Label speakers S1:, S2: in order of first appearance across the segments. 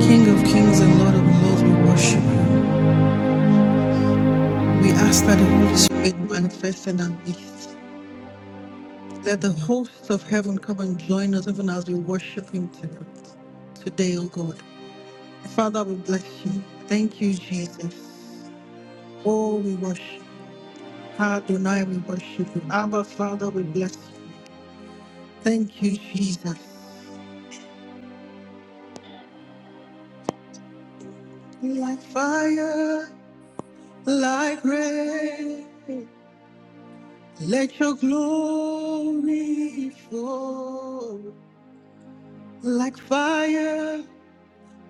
S1: King of kings and Lord of lords, we worship you. We ask that the Holy Spirit manifest in our midst. Let the hosts of heaven come and join us even as we worship him tonight. today O God. Father, we bless you. Thank you, Jesus. Oh, we worship. you. Adonai, we worship you. Abba, Father, we bless you. Thank you, Jesus. Like fire, like rain, let your glory fall. like fire,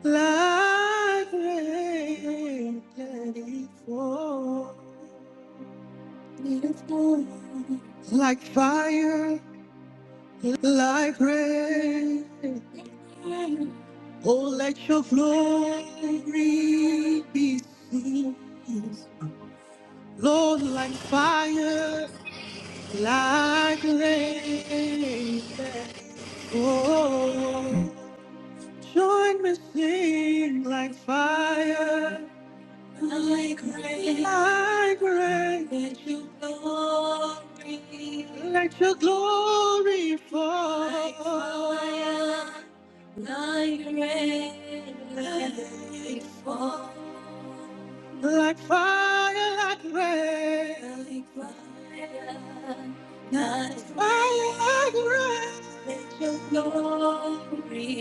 S1: like rain, let it fall. Let it fall. Like fire, like rain, oh, let your glory be seen. Lord, like fire, like rain, let it
S2: Hmm.
S1: fall. Join me, sing like fire. Like rain, like rain, let your glory, let your glory fall. Like fire, like rain, let it fall. Like fire, like rain, like fire, like fire, like rain. Let your glory,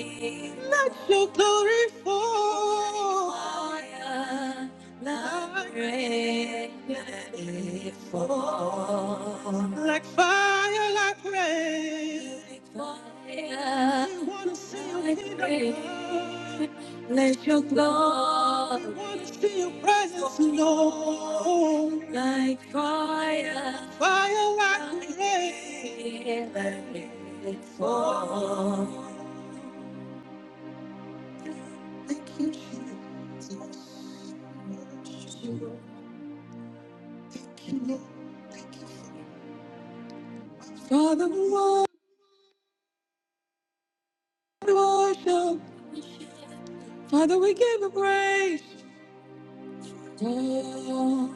S1: let your glory fall. Like fire. Like fire, like rain. We wanna see your kingdom. Let your glory. We wanna see your presence, Lord. Like fire, fire, like rain. Let it fall. Thank you, Jesus. Thank you, Lord. Thank you, Lord. Thank you. Father, we worship. Father, we give you praise. Oh,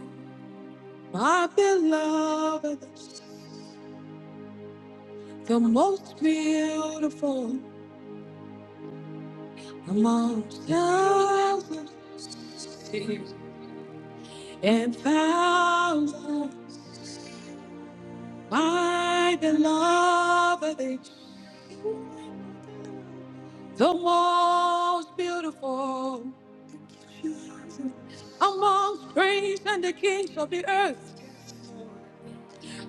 S1: my beloved, the most beautiful amongst thousands and thousands. My beloved, the most beautiful amongst kings and the kings of the earth,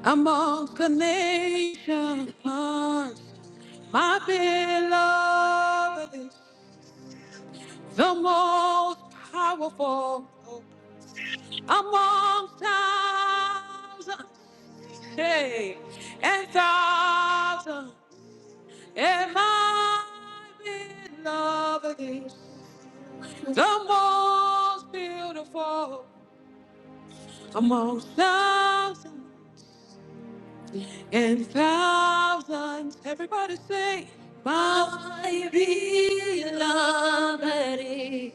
S1: amongst the nations. My beloved the most powerful among thousands, hey, and thousands, and my beloved is the most beautiful among thousands and thousands. Everybody say, my beloved is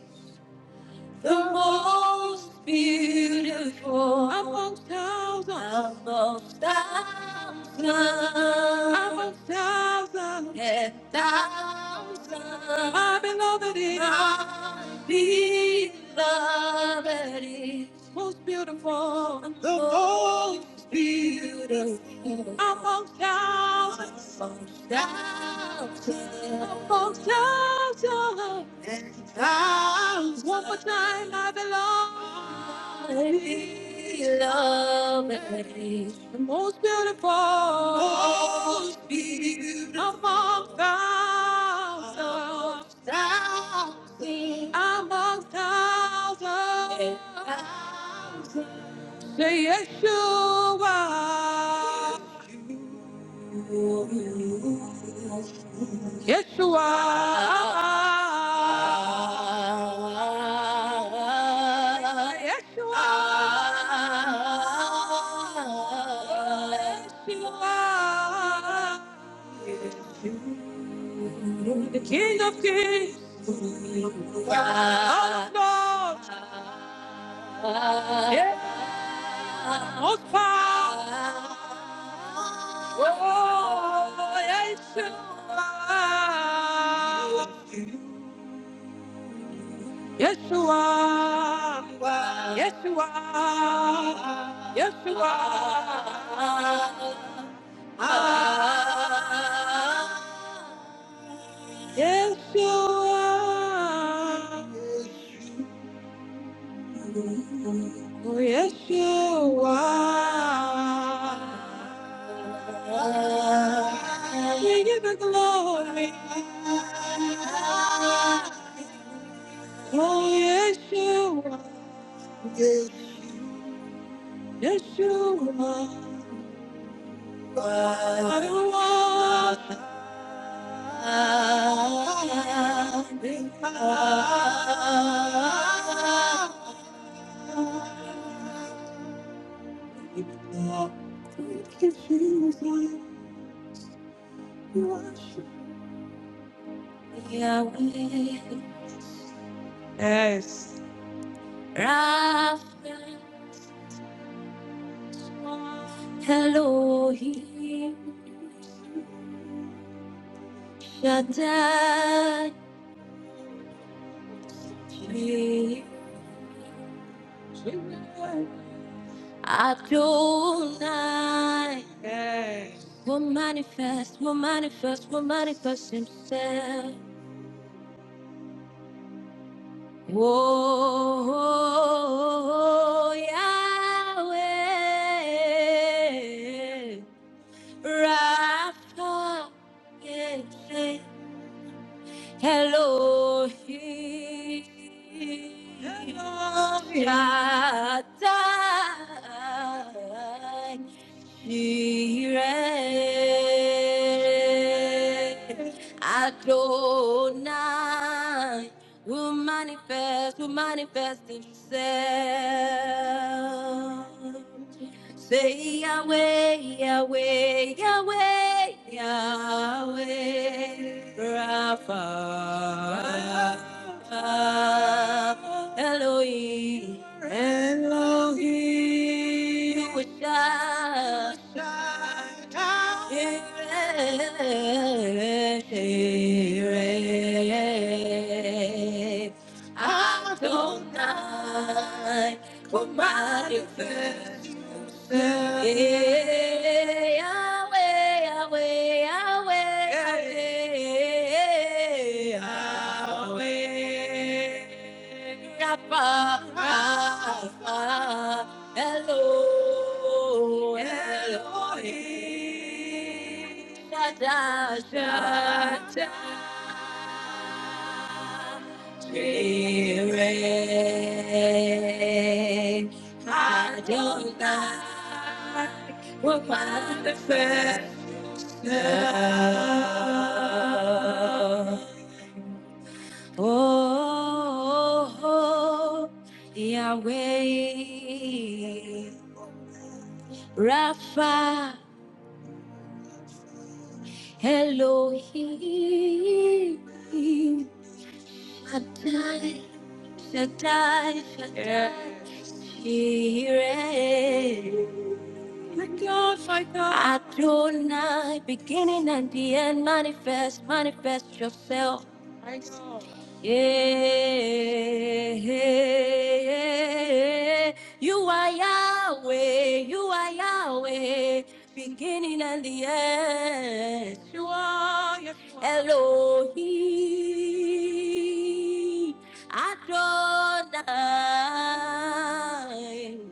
S1: the most beautiful amongst thousands, amongst thousands, amongst thousands, and thousands. My beloved is, my beloved is most beautiful, the most beautiful amongst thousands, amongst thousands, amongst thousands. Thousands. One more time, I belong. I belong. The most beautiful. Most beautiful. Among thousands. Thousands. Among thousands. Thousands. Say Yeshua. Yeshua. Yeshua. Yeshua. The King of Kings. Lord of Lords. Yeah. Most powerful. Oh, Yeshua. Yeshua, Yeshua, Yeshua, Yeshua, oh Yeshua, we give you glory, oh Yeshua, Yeshua. Yes. Elohim Shaddai Adonai will manifest, will manifest, will manifest himself. Oh, Yahweh, Rapha, yeah, yeah. Elohim. Shaddai. Jireh. Adonai will manifest, will manifest himself. Say Yahweh, Yahweh, Yahweh, Yahweh, Rapha, Rapha, Elohim, Elohim, Shaddai, Yireh, Yireh, Adonai, come manifest Yahweh, Yahweh, Yahweh, Yahweh. Rapha, Rapha, Elo, Elohim. Shaddai, Shaddai. Jireh, Adonai, will manifest now. Oh, oh, oh, Yahweh, Rapha, Elohim, Adonai. Shaddai, Shaddai, Jireh. My God, my God. Adonai, beginning and the end, manifest, manifest yourself. Yeah, yeah, yeah. you are Yahweh, you are Yahweh, beginning and the end. You are Elohim, Adonai,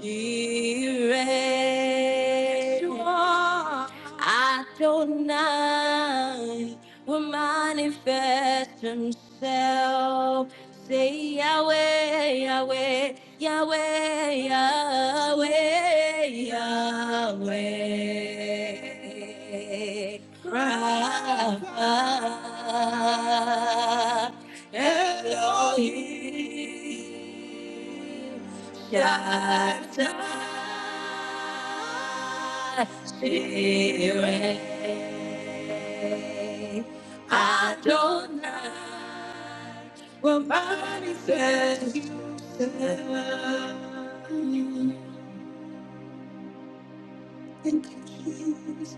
S1: Yireh Adonai will manifest himself. Say Yahweh, Yahweh, Yahweh, Yahweh, Yahweh. Rafa, Elohim. Jireh, Adonai, will manifest himself. And Jesus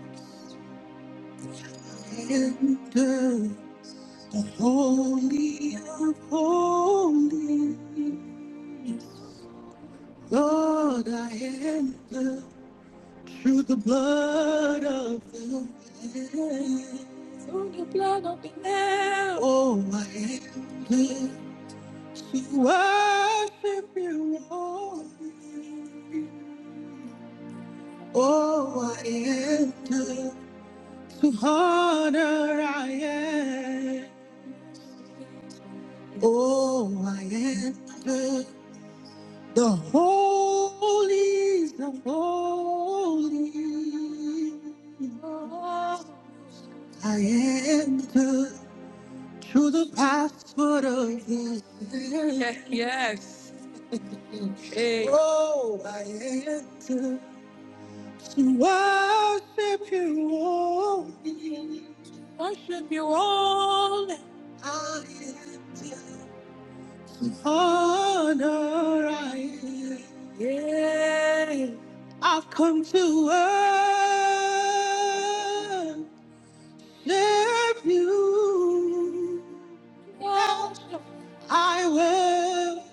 S1: enter holy of holy. Lord, I enter. Through the blood of the Lamb. Through the blood of the Lamb. Oh, I am cleansed to worship you, Lord. Oh, I enter to honor I am. Oh, I enter the holies of holies. I enter To the passport but of this. Yes. Hey. Oh, I enter to worship you all. Worship you all. I enter. Honor I enter. Yeah. I've come to worship you. Worship. I will.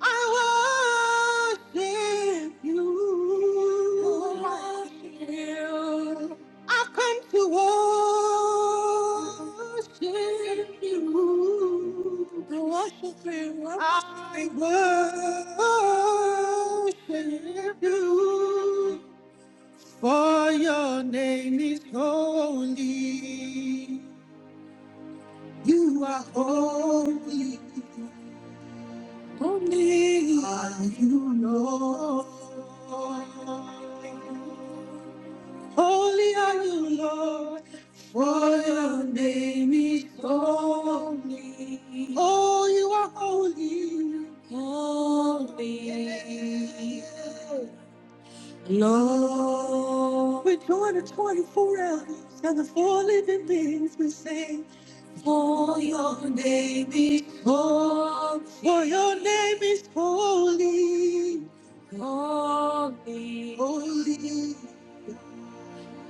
S1: I worship you. I worship you. I've come to worship you. I worship you. I worship you. For your name is holy. You are holy. Only you Lord. Holy are you, Lord, for your name is holy. Oh, you are holy. Holy. Lord. We join the 24 elders and the four living beings. We sing. For your name is holy. For your name is holy. Holy. Holy.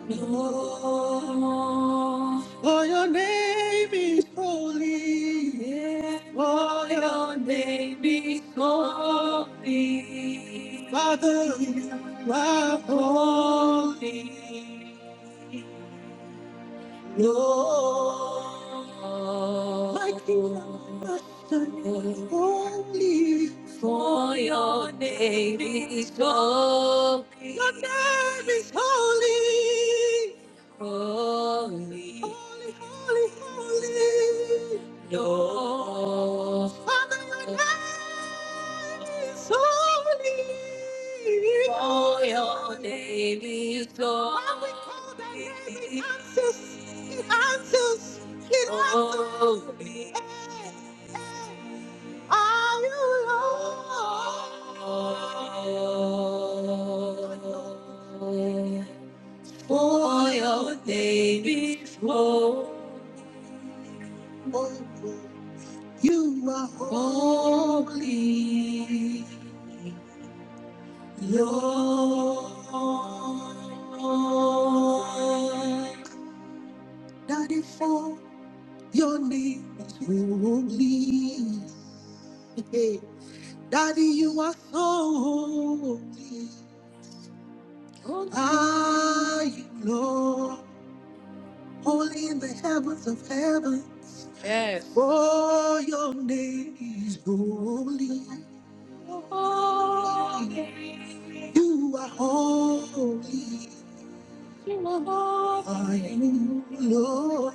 S1: Lord. For your name is holy. Yeah. For your name is holy. Father, you are holy. No, my kingdom must stand only for your name is holy. Your name is holy. Holy, holy, holy, holy. No, Father, your name holy. For your name is holy. When we call that name, it answers. It answers. It answers. Holy. Are you Lord? For your name is holy. You are holy, Daddy, for your name is holy. Hey, Daddy, you are so holy. Are you Lord? Holy in the heavens of heaven. Yes. Oh, your name is holy. Holy. You are holy. You are holy. Are you Lord?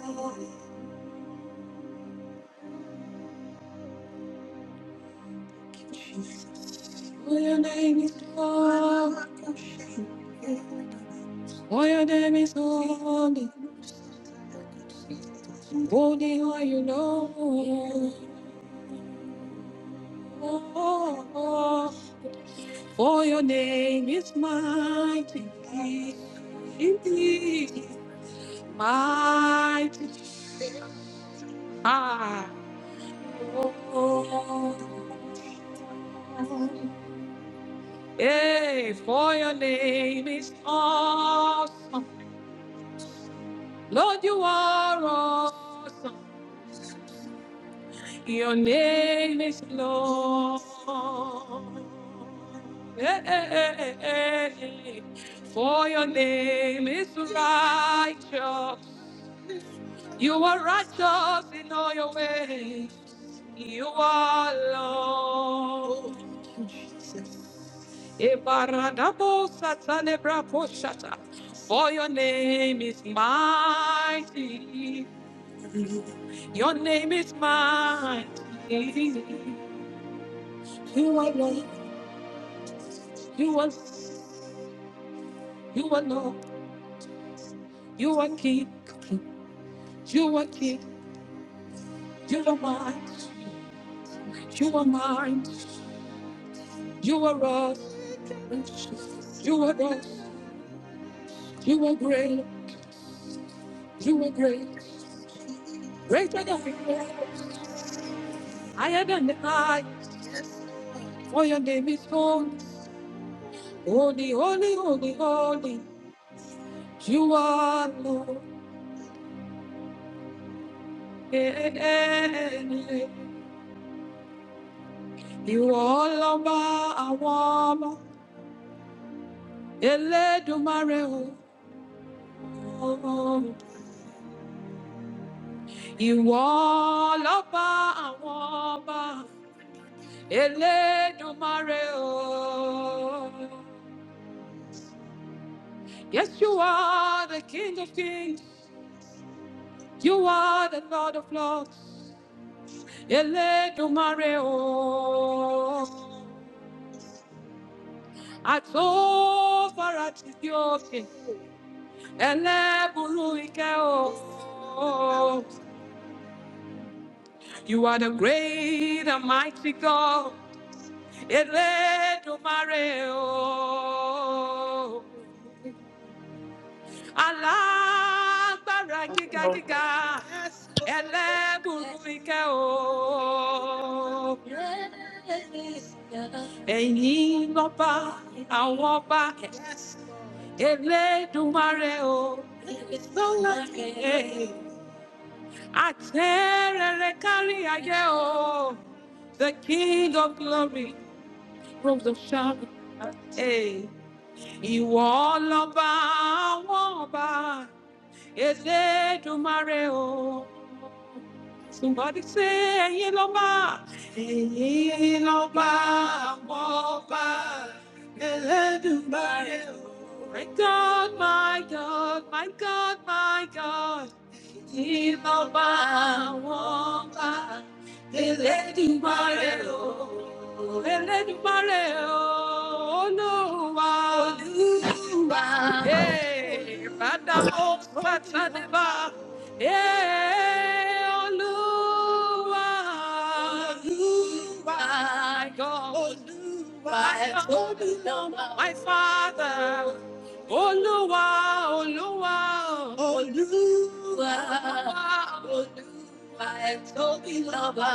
S1: Oh, your name is Lord. Oh, your name is holy. Holy are you, Lord. Oh, For your name is mighty, indeed, mighty. Ah, oh, hey, for your name is awesome. Lord, you are awesome. Your name is Lord. Hey, hey, hey, hey, hey. For your name is righteous. You are righteous in all your ways. You are Lord. Ebaradabo satanebrako shata. For your name is mighty. Your name is mighty. You are Lord. You are you are Lord. You are King. You are King. You are mine. You are mine. You are us. You are us. You are great. You are great. Greater than higher than the high, for your name is holy. Holy, holy, holy, holy. You are Lord. Eh, eh, eh, eh. You are Lord, I want. Elédùmarè o. You are Lord, I want. Elédùmarè o. Yes, you are the King of Kings. You are the Lord of Lords. Elédùmarè o, àtòfara ti di òkè, ẹlẹ́bùrú ìkẹ́ o. You are the great and mighty God, Elédùmarè o. alágbára gíga gíga Yes, ẹlẹ́bùrú ìkẹ́ o. ẹ̀yin lọ́ba àwọn ọba Yes, o. no like Eh, àtẹ́rẹrẹ kárí ayé o. the king of glory from the shadow. Hey, ìwọ lọ́ba àwọn ọba. Elédùmarè o. Somebody say, ẹ̀yin lọ́ba, ẹ̀yin lọ́ba, àwọn ọba, Elédùmarè My God, my God, my God, my God ìbọ̀wá wọn bá elédìgbọ́rẹ̀ o elédìgbọ́rẹ̀ o olúwa olúwa ee bàdàbò bàtàdébà ee olúwa olúwa my God. My Father, my Father, Olúwa, Olúwa, Olúwa, Olúwa, ẹ̀tọ́bílọ́ba.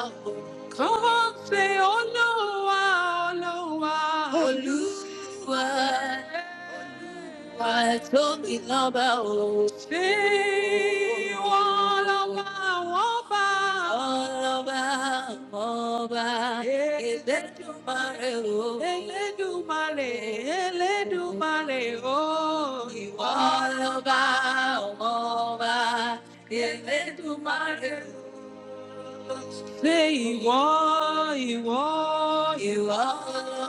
S1: Come on, say Olúwa, Olúwa, Olúwa, why don't we love our See all over, over. All over, over. Elédùmarè o. Elédùmarè, Elédùmarè oh, Ìwọ lọba, ọmọba. Elédùmarè ìwọ ìwọ ìwọ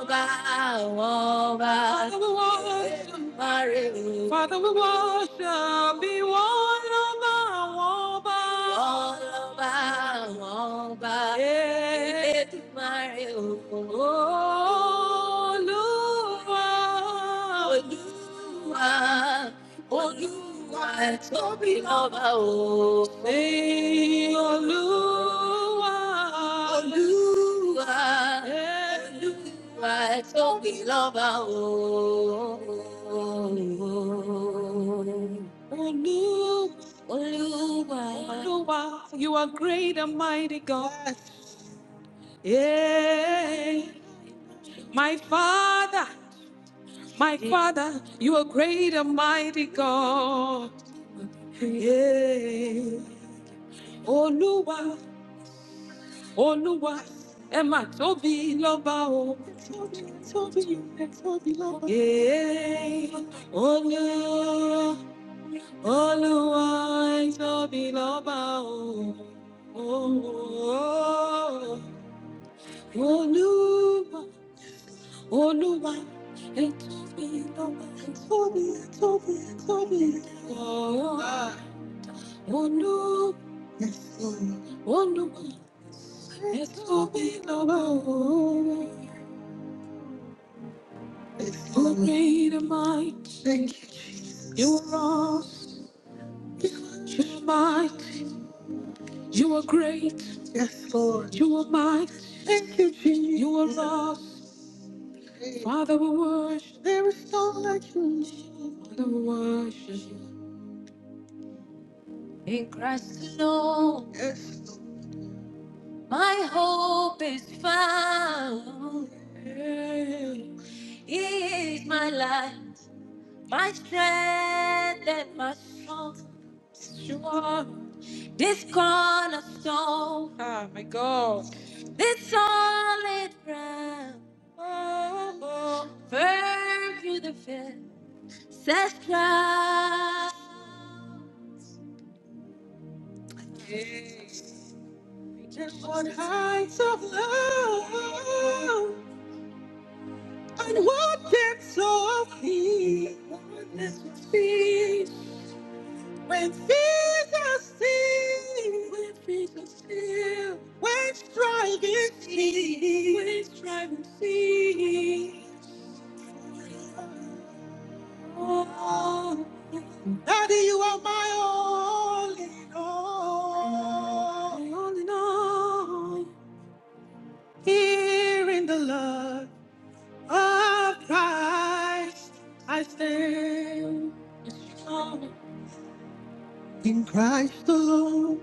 S1: ọba àwọn ọba. Father we worship. Mare o. Father we worship ìwọ ọlọ́ba àwọn ọba. Ìwọ ọlọ́ba àwọn ọba. Elédùmarè o. Olúwa. Olúwa, Olúwa tóbi lọ́ba o. Ẹ̀yin Olúwa, Olúwa, Olúwa tóbi lọ́ba o. Olúwa, Olúwa, Olúwa, you are great and mighty God. Yes. Yeah. My Father. My Father, you are great and mighty God. Yeah. Oluwa, Oluwa, ẹ mà tóbi lọ́ba o. Tóbi, tóbi, ẹ tóbi lọ́ba. Yeah. Olu, Oluwa, ẹ tóbi lọ́ba o. Oh, Oluwa, Oluwa, ẹ tóbi lọ́ba. Ẹ tóbi, tóbi, ẹ Wonder, wonder what it will be Lord. You made a might. Thank you, Jesus. You are awesome. You are might. You are great. Yes, Lord. You are might. Thank you, Jesus. You are awesome. Father, we worship. There is none like you. Jesus. Father, we worship. In Christ alone. Yes. Lord. My hope is found. He is my light, my strength, and my song. You are this cornerstone. Ah, my God. This solid ground. Oh, firm through the fence. On heights of love. And what can so feel? Wonders with feet. When fears are still, when fears are still, when striving cease, when striving cease. Oh, Daddy, you are my all in all. My all in all. Here in the love of Christ, I stand. In Christ alone,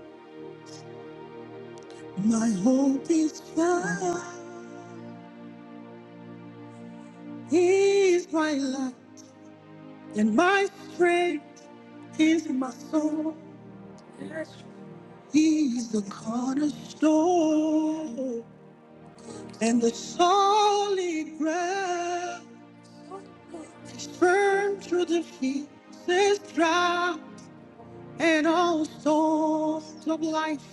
S1: my hope is found. He is my life and my strength. He is my soul. He is the cornerstone and the solid ground. He's firm through the feet, says drought and all storms of life.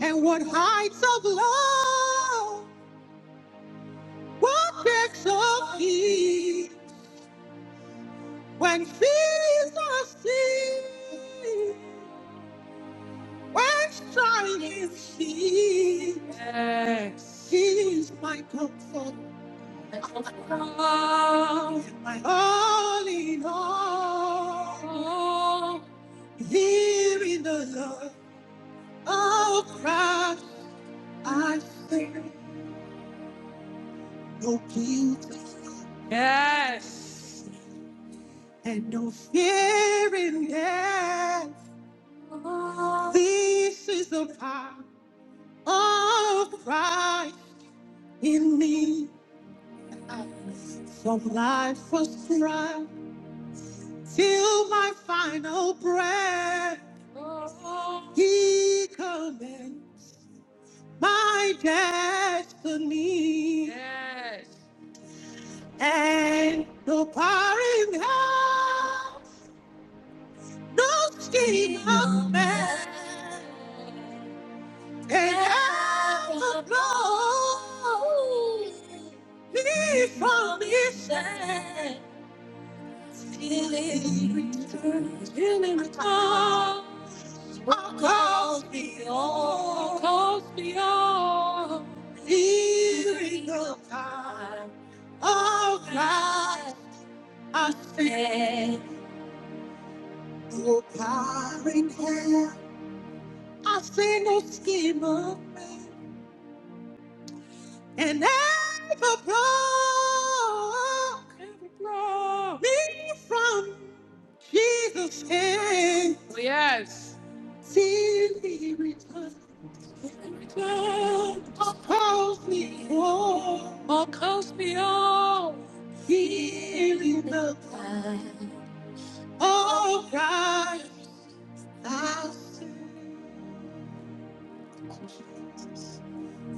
S1: And what heights of love? What makes of peace when fears are seen? When strife is seen? Yes. He is my comfort. My comfort. My all in all. all. Here in the love of Christ, I feel no guilt. Yes. And no fear in death. This is the power of Christ in me. From life was right till my final breath. He commands my destiny. Yes. And no power in hell, no
S3: But
S1: scheme of man And I know He promises He'll return, He'll return. What calls me on, calls me on. Healing the time of Christ, I stand. No power in hell, I see no scheme of man. and never broke Never broke. me from Jesus' hand. Oh, yes. Till he returns, Return. calls me home. Oh, calls me home. Here in the time, oh God, I'll seek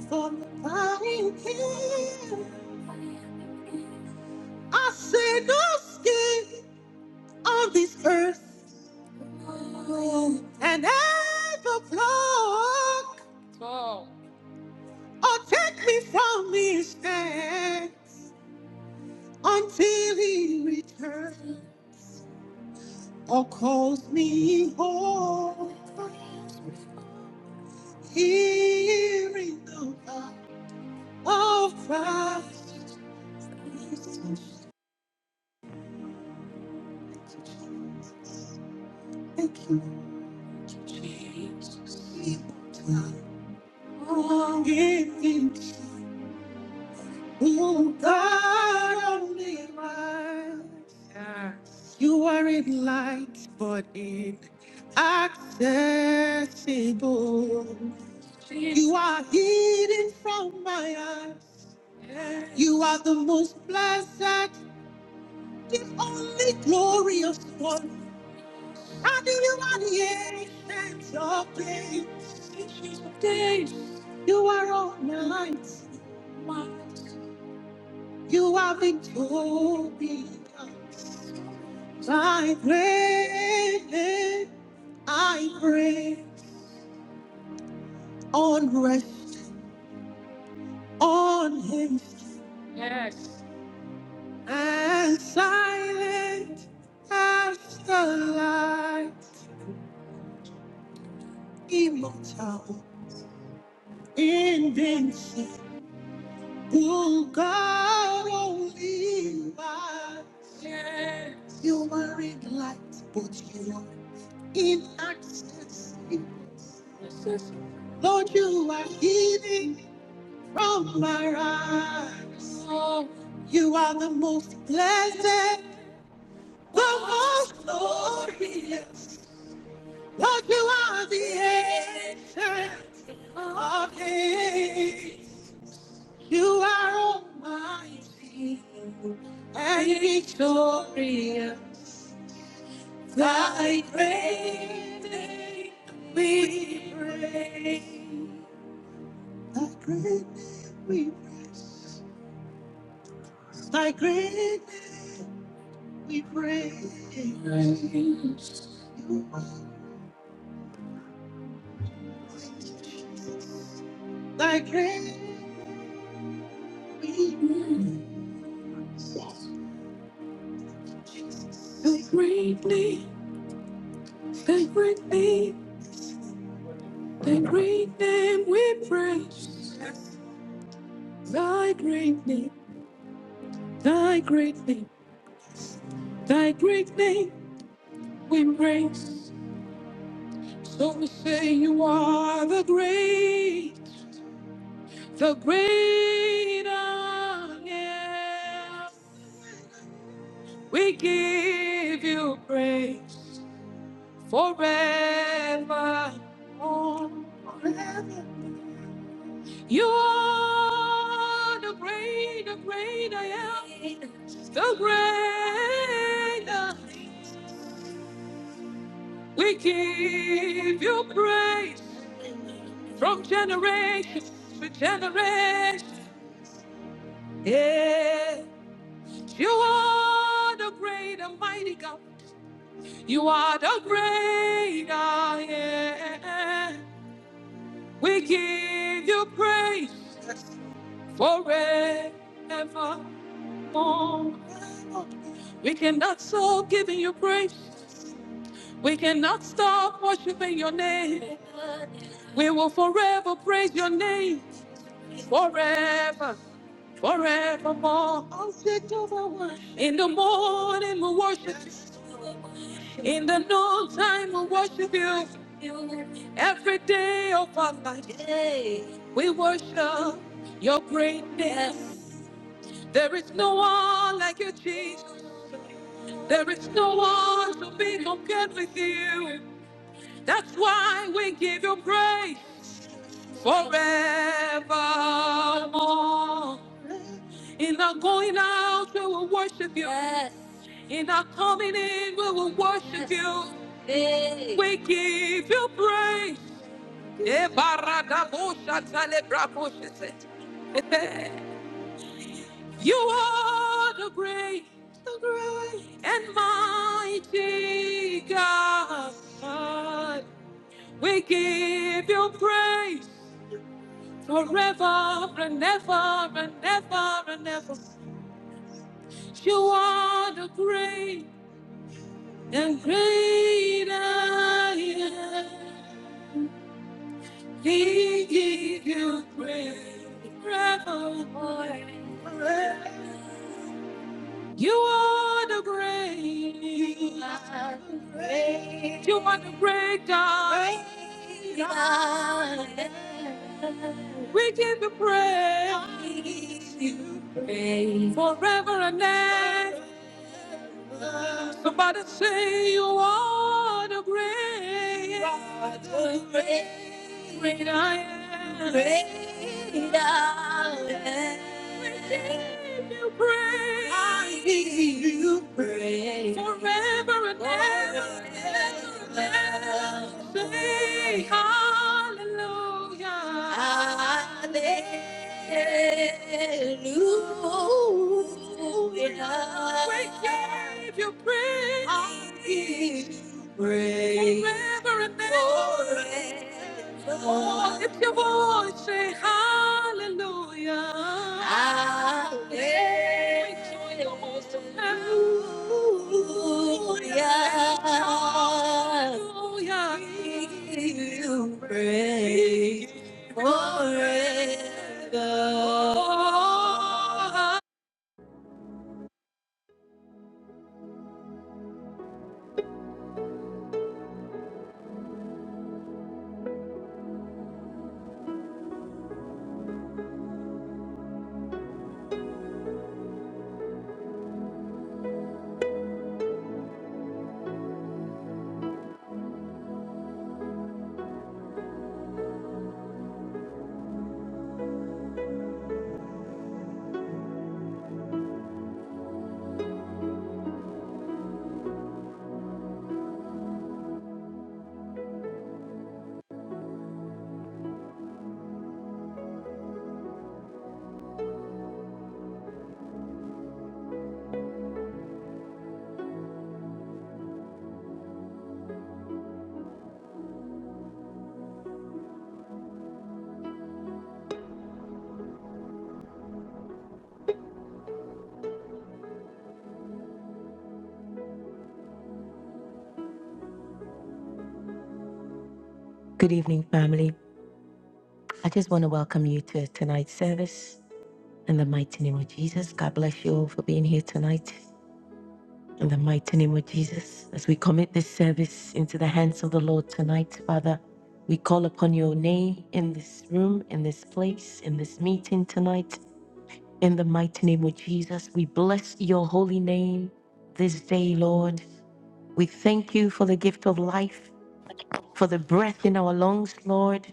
S1: for the dying king. I say no skin. of this earth and ever flock. Oh, take me from his hand until he returns or calls me home. Hearing the cry of Christ and keep on giving to God only lies. You are in light, but in accessible. You are hidden from my eyes. You are the most blessed, the only glorious one. And you are the ancient of days. Ancient of days. You are all night. You are victorious. I pray, I pray on rest on him. Yes. And silent as the light, immortal, invincible God only by Yes. You were in light, but you are inaccessible. Lord, you are hidden from my eyes. Oh. You are the most blessed, the most glorious. But you are the answer of days. You are almighty and victorious. Thy great name we praise. Thy great name we praise. Thy great name we praise. Praise. Thy great name. Great name. Thy great name. Thy great name we praise. Thy great name. Thy great name, thy great name we embrace. So we say you are the great, the great I am. We give you praise forever. on. You are the great, the great I am. The great I am. We give you praise from generation to generation. Yeah, you are the great and mighty God. You are the great I am. We give you praise forevermore. We cannot stop giving you praise. We cannot stop worshiping your name. We will forever praise your name forever, forevermore. In the morning we worship you. In the noontime, we worship you. Every day of our life, we worship your greatness. Yes. There is no one like you, Jesus. There is no one to be compared with you. That's why we give you praise forevermore. In our going out, we will worship you. Yes. In our coming in, we will worship Yes. you. We give you praise Eh, You are the great, the great and mighty God. We give you praise forever and ever and ever and ever. You are the great and great I am. We give you praise forever. and ever. You are the great. God. You are the great God. Great God. We give you praise You praise forever and ever. Somebody say you are the great. You are the great. Great I am. Great I am. We give you praise. I give you praise. Forever and ever. Forever and ever. Say hallelujah. Hallelujah. We give you praise. I give you praise. Forever and ever. Forever. Oh, lift your voice, say hallelujah. Hallelujah. Join Hallelujah. Hallelujah. Give you praise. Good evening, family. I just want to welcome you to tonight's service in the mighty name of Jesus. God bless you all for being here tonight in the mighty name of Jesus. As we commit this service into the hands of the Lord tonight, Father, we call upon your name in this room, in this place, in this meeting tonight. In the mighty name of Jesus, we bless your holy name this day, Lord. We thank you for the gift of life. for the breath in our lungs, Lord,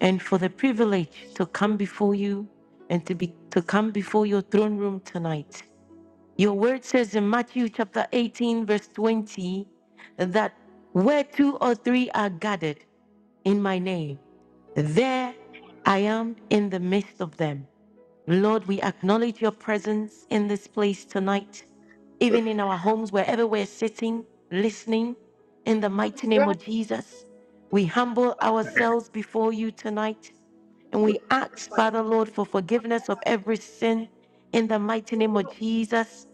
S1: and for the privilege to come before you and to be to come before your throne room tonight. Your word says in Matthew chapter 18, verse 20, that where two or three are gathered in my name, there I am in the midst of them. Lord, we acknowledge your presence in this place tonight, even in our homes, wherever we're sitting, listening. In the
S4: this
S1: mighty
S4: guy,
S1: name of
S4: um,
S1: Jesus, we humble ourselves before you tonight and
S4: this is
S1: we
S4: pretty
S1: ask,
S4: funny.
S1: Father Lord, for
S4: One guy
S1: forgiveness of
S4: actually,
S1: every sin in the mighty name
S4: they
S1: of
S4: don't
S1: Jesus,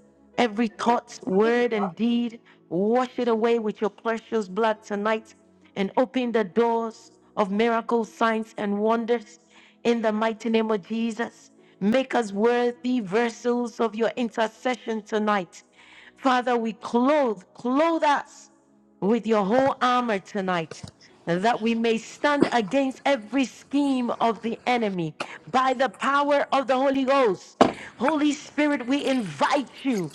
S4: say
S1: every
S4: the name.
S1: thought,
S4: I think it's
S1: word,
S4: Josh
S1: and deed, wash it away with your precious blood tonight and open the doors of miracles, signs, and wonders. In the mighty name of Jesus, make us worthy vessels of your intercession tonight. Father, we clothe, clothe us with your whole armor tonight, that we may stand against every scheme of the enemy by the power of the Holy Ghost. Holy Spirit, we invite you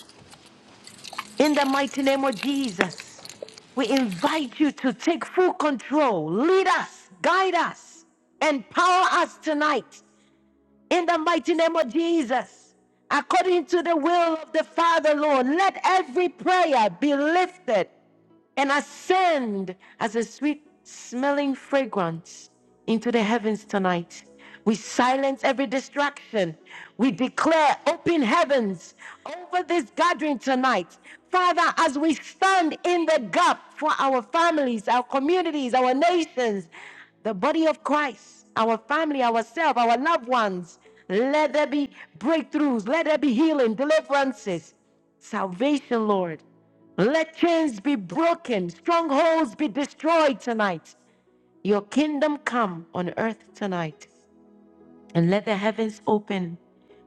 S1: in the mighty name of Jesus. We invite you to take full control, lead us, guide us, empower us tonight in the mighty name of Jesus. According to the will of the Father, Lord, let every prayer be lifted and ascend as a sweet smelling fragrance into the heavens tonight. We silence every distraction. We declare open heavens over this gathering tonight. Father, as we stand in the gap for our families, our communities, our nations, the body of Christ, our family, ourselves, our loved ones, let there be breakthroughs, let there be healing, deliverances, salvation, Lord. Let chains be broken, strongholds be destroyed tonight. Your kingdom come on earth tonight and let the heavens open.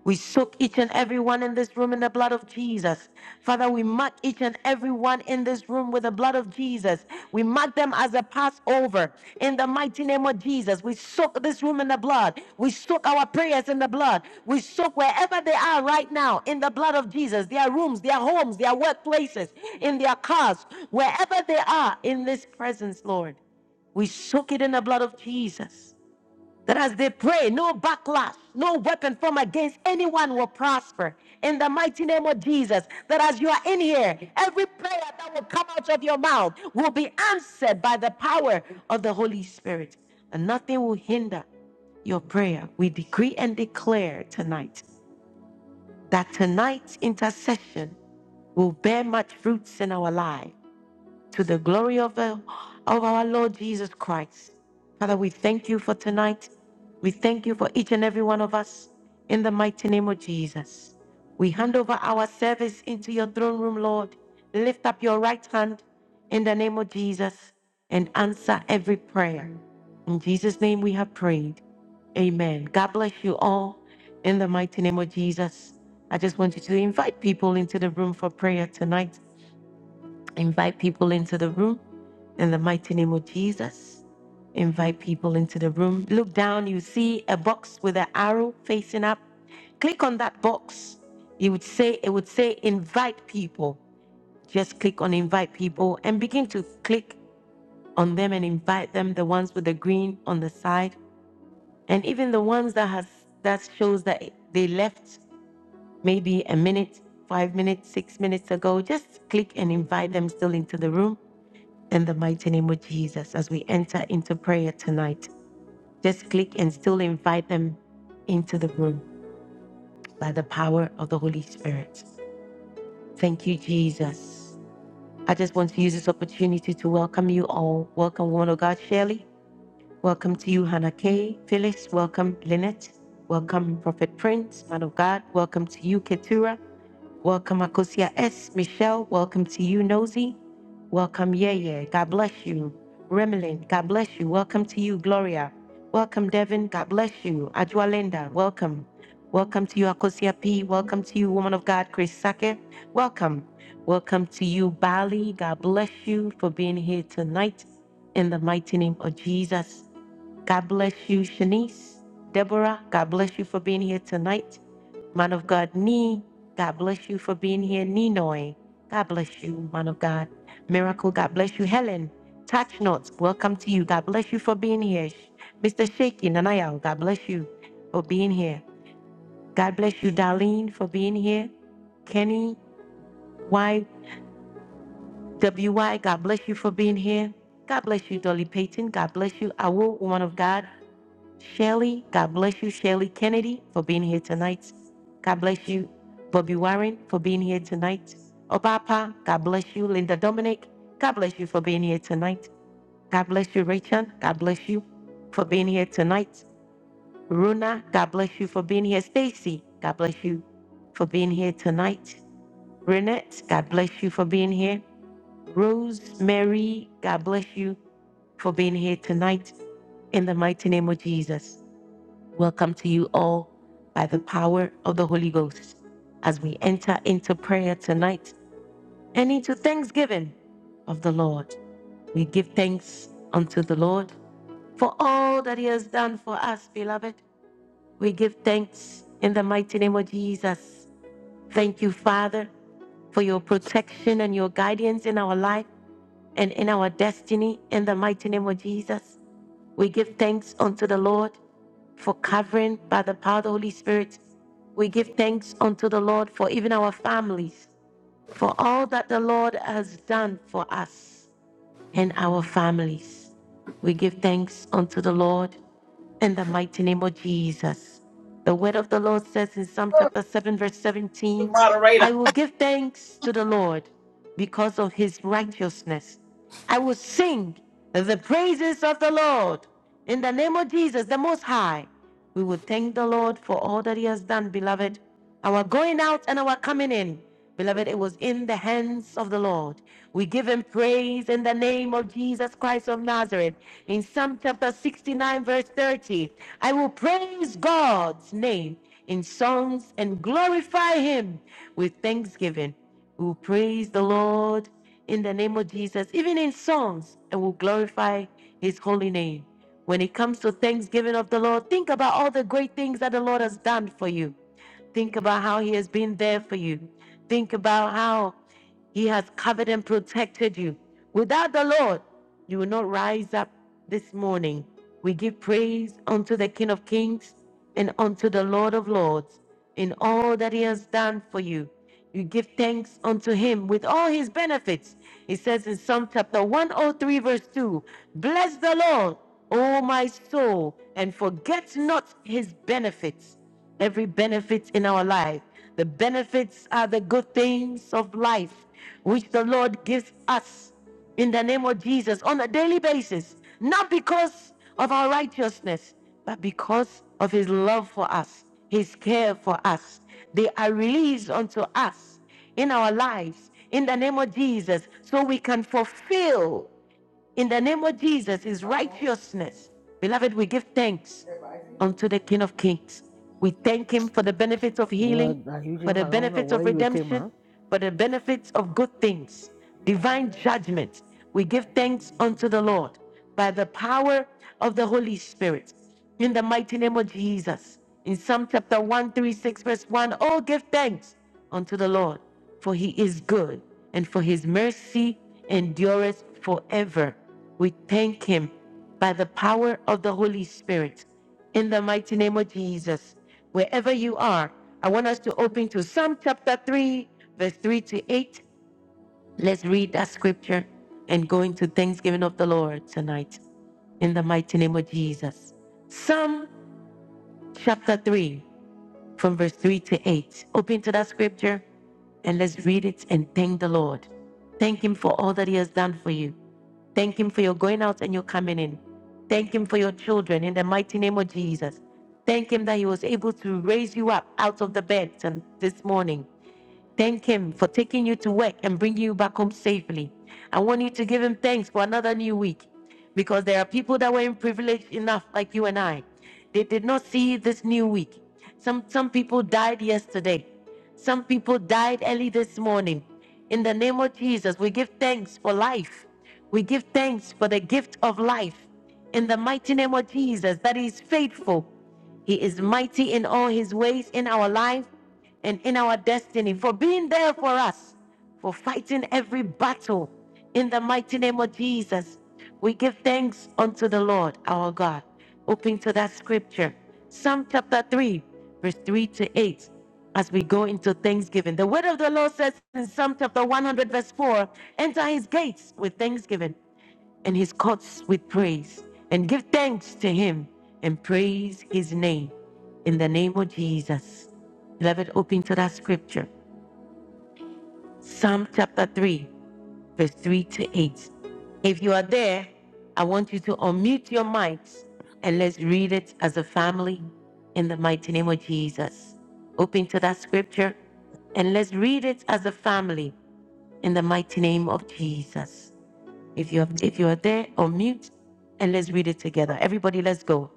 S1: We soak each and every one in this room in the blood of Jesus. Father, we mark each and every one in this room with the blood of Jesus. We mark them as a Passover in the mighty name of Jesus. We soak this room in the blood. We soak our prayers in the blood. We soak wherever they are right now in the blood of Jesus, their rooms, their homes, their workplaces, in their cars, wherever they are in this presence, Lord. We soak it in the blood of Jesus that as they pray, no backlash, no weapon formed against anyone will prosper. In the mighty name of Jesus, that as you are in here, every prayer that will come out of your mouth will be answered by the power of the Holy Spirit, and nothing will hinder your prayer. We decree and declare tonight that tonight's intercession will bear much fruits in our lives to the glory of, the, of our Lord Jesus Christ. Father, we thank you for tonight. We thank you for each and every one of us in the mighty name of Jesus. We hand over our service into your throne room, Lord. Lift up your right hand in the name of Jesus and answer every prayer. In Jesus' name we have prayed. Amen. God bless you all in the mighty name of Jesus. I just want you to invite people into the room for prayer tonight. Invite people into the room in the mighty name of Jesus. Invite people into the room. Look down, you see a box with an arrow facing up. Click on that box. You would say it would say invite people. Just click on invite people and begin to click on them and invite them, the ones with the green on the side. And even the ones that has that shows that they left maybe a minute, five minutes, six minutes ago. Just click and invite them still into the room in the mighty name of Jesus as we enter into prayer tonight. Just click and still invite them into the room by the power of the Holy Spirit. Thank you, Jesus. I just want to use this opportunity to welcome you all. Welcome, woman of God, Shirley. Welcome to you, Hannah Kay. Phyllis, welcome, Lynette. Welcome, Prophet Prince, man of God. Welcome to you, Keturah. Welcome, Akosia S. Michelle, welcome to you, Nosy. Welcome, Yeye. God bless you. Remlin, God bless you. Welcome to you, Gloria. Welcome, Devin. God bless you. Ajualinda, welcome. Welcome to you, Akosia P. Welcome to you, woman of God, Chris Sake. Welcome. Welcome to you, Bali. God bless you for being here tonight in the mighty name of Jesus. God bless you, Shanice. Deborah, God bless you for being here tonight. Man of God, Nee, God bless you for being here. Ninoy, God bless you, man of God. Miracle, God bless you. Helen, Touch Notes, welcome to you. God bless you for being here. Sh- Mr. Shaky, Nanayao, God bless you for being here. God bless you, Darlene, for being here. Kenny, Y, WY, God bless you for being here. God bless you, Dolly Payton. God bless you, Awo, woman of God. Shelley, God bless you, Shelley Kennedy, for being here tonight. God bless you, Bobby Warren, for being here tonight. Obapa, God bless you, Linda Dominic, God bless you for being here tonight. God bless you, Rachel, God bless you for being here tonight. Runa, God bless you for being here. Stacy, God bless you for being here tonight. Renette, God bless you for being here. Rosemary, God bless you for being here tonight in the mighty name of Jesus. Welcome to you all by the power of the Holy Ghost as we enter into prayer tonight and into thanksgiving of the Lord. We give thanks unto the Lord for all that He has done for us, beloved. We give thanks in the mighty name of Jesus. Thank you, Father, for your protection and your guidance in our life and in our destiny in the mighty name of Jesus. We give thanks unto the Lord for covering by the power of the Holy Spirit. We give thanks unto the Lord for even our families, for all that the Lord has done for us and our families. We give thanks unto the Lord in the mighty name of Jesus. The word of the Lord says in Psalm
S5: Oh,
S1: chapter 7, verse
S5: you
S1: 17,
S5: moderator.
S1: I will give thanks to the Lord because of his righteousness. I will sing the praises of the Lord in the name of Jesus, the Most High. We will thank the Lord for all that he has done, beloved. Our going out and our coming in. Beloved, it was in the hands of the Lord. We give him praise in the name of Jesus Christ of Nazareth. In Psalm chapter 69, verse 30, I will praise God's name in songs and glorify him with thanksgiving. We will praise the Lord in the name of Jesus, even in songs, and will glorify his holy name. When it comes to thanksgiving of the Lord, think about all the great things that the Lord has done for you. Think about how He has been there for you. Think about how He has covered and protected you. Without the Lord, you will not rise up this morning. We give praise unto the King of Kings and unto the Lord of Lords in all that He has done for you. You give thanks unto Him with all His benefits. He says in Psalm chapter 103, verse 2 Bless the Lord, O my soul, and forget not His benefits every benefit in our life. The benefits are the good things of life, which the Lord gives us in the name of Jesus on a daily basis, not because of our righteousness, but because of His love for us, His care for us. They are released unto us in our lives in the name of Jesus so we can fulfill in the name of Jesus, his righteousness. Beloved, we give thanks unto the King of Kings. We thank him for the benefits of healing,
S6: Well, I usually
S1: for
S6: if
S1: the
S6: I don't know
S1: benefits
S6: where
S1: of
S6: you would take ma.
S1: redemption, for the benefits of good things, divine judgment. We give thanks unto the Lord by the power of the Holy Spirit. In the mighty name of Jesus. In Psalm chapter 136, verse 1, oh, give thanks unto the Lord for he is good, and for his mercy endureth forever. We thank him by the power of the Holy Spirit. In the mighty name of Jesus, wherever you are, I want us to open to Psalm chapter 3, verse 3 to 8. Let's read that scripture and go into thanksgiving of the Lord tonight. In the mighty name of Jesus. Psalm chapter 3 from verse 3 to 8. Open to that scripture and let's read it and thank the Lord. Thank Him for all that He has done for you. Thank Him for your going out and your coming in. Thank Him for your children in the mighty name of Jesus. Thank Him that He was able to raise you up out of the bed and this morning. Thank Him for taking you to work and bringing you back home safely. I want you to give Him thanks for another new week because there are people that weren't privileged enough, like you and I. They did not see this new week. Some, some people died yesterday, some people died early this morning. In the name of Jesus, we give thanks for life. We give thanks for the gift of life. In the mighty name of Jesus, that He is faithful. He is mighty in all His ways in our life and in our destiny, for being there for us, for fighting every battle. In the mighty name of Jesus, we give thanks unto the Lord our God. Open to that scripture, Psalm chapter 3, verse 3 to 8, as we go into thanksgiving. The word of the Lord says in Psalm chapter 100, verse 4 enter his gates with thanksgiving and his courts with praise, and give thanks to him and praise his name in the name of Jesus. Beloved, open to that scripture, Psalm chapter 3, verse 3 to 8. If you are there, I want you to unmute your mics and let's read it as a family in the mighty name of Jesus. Open to that scripture and let's read it as a family in the mighty name of Jesus. If you're if you are there, unmute and let's read it together. Everybody, let's go.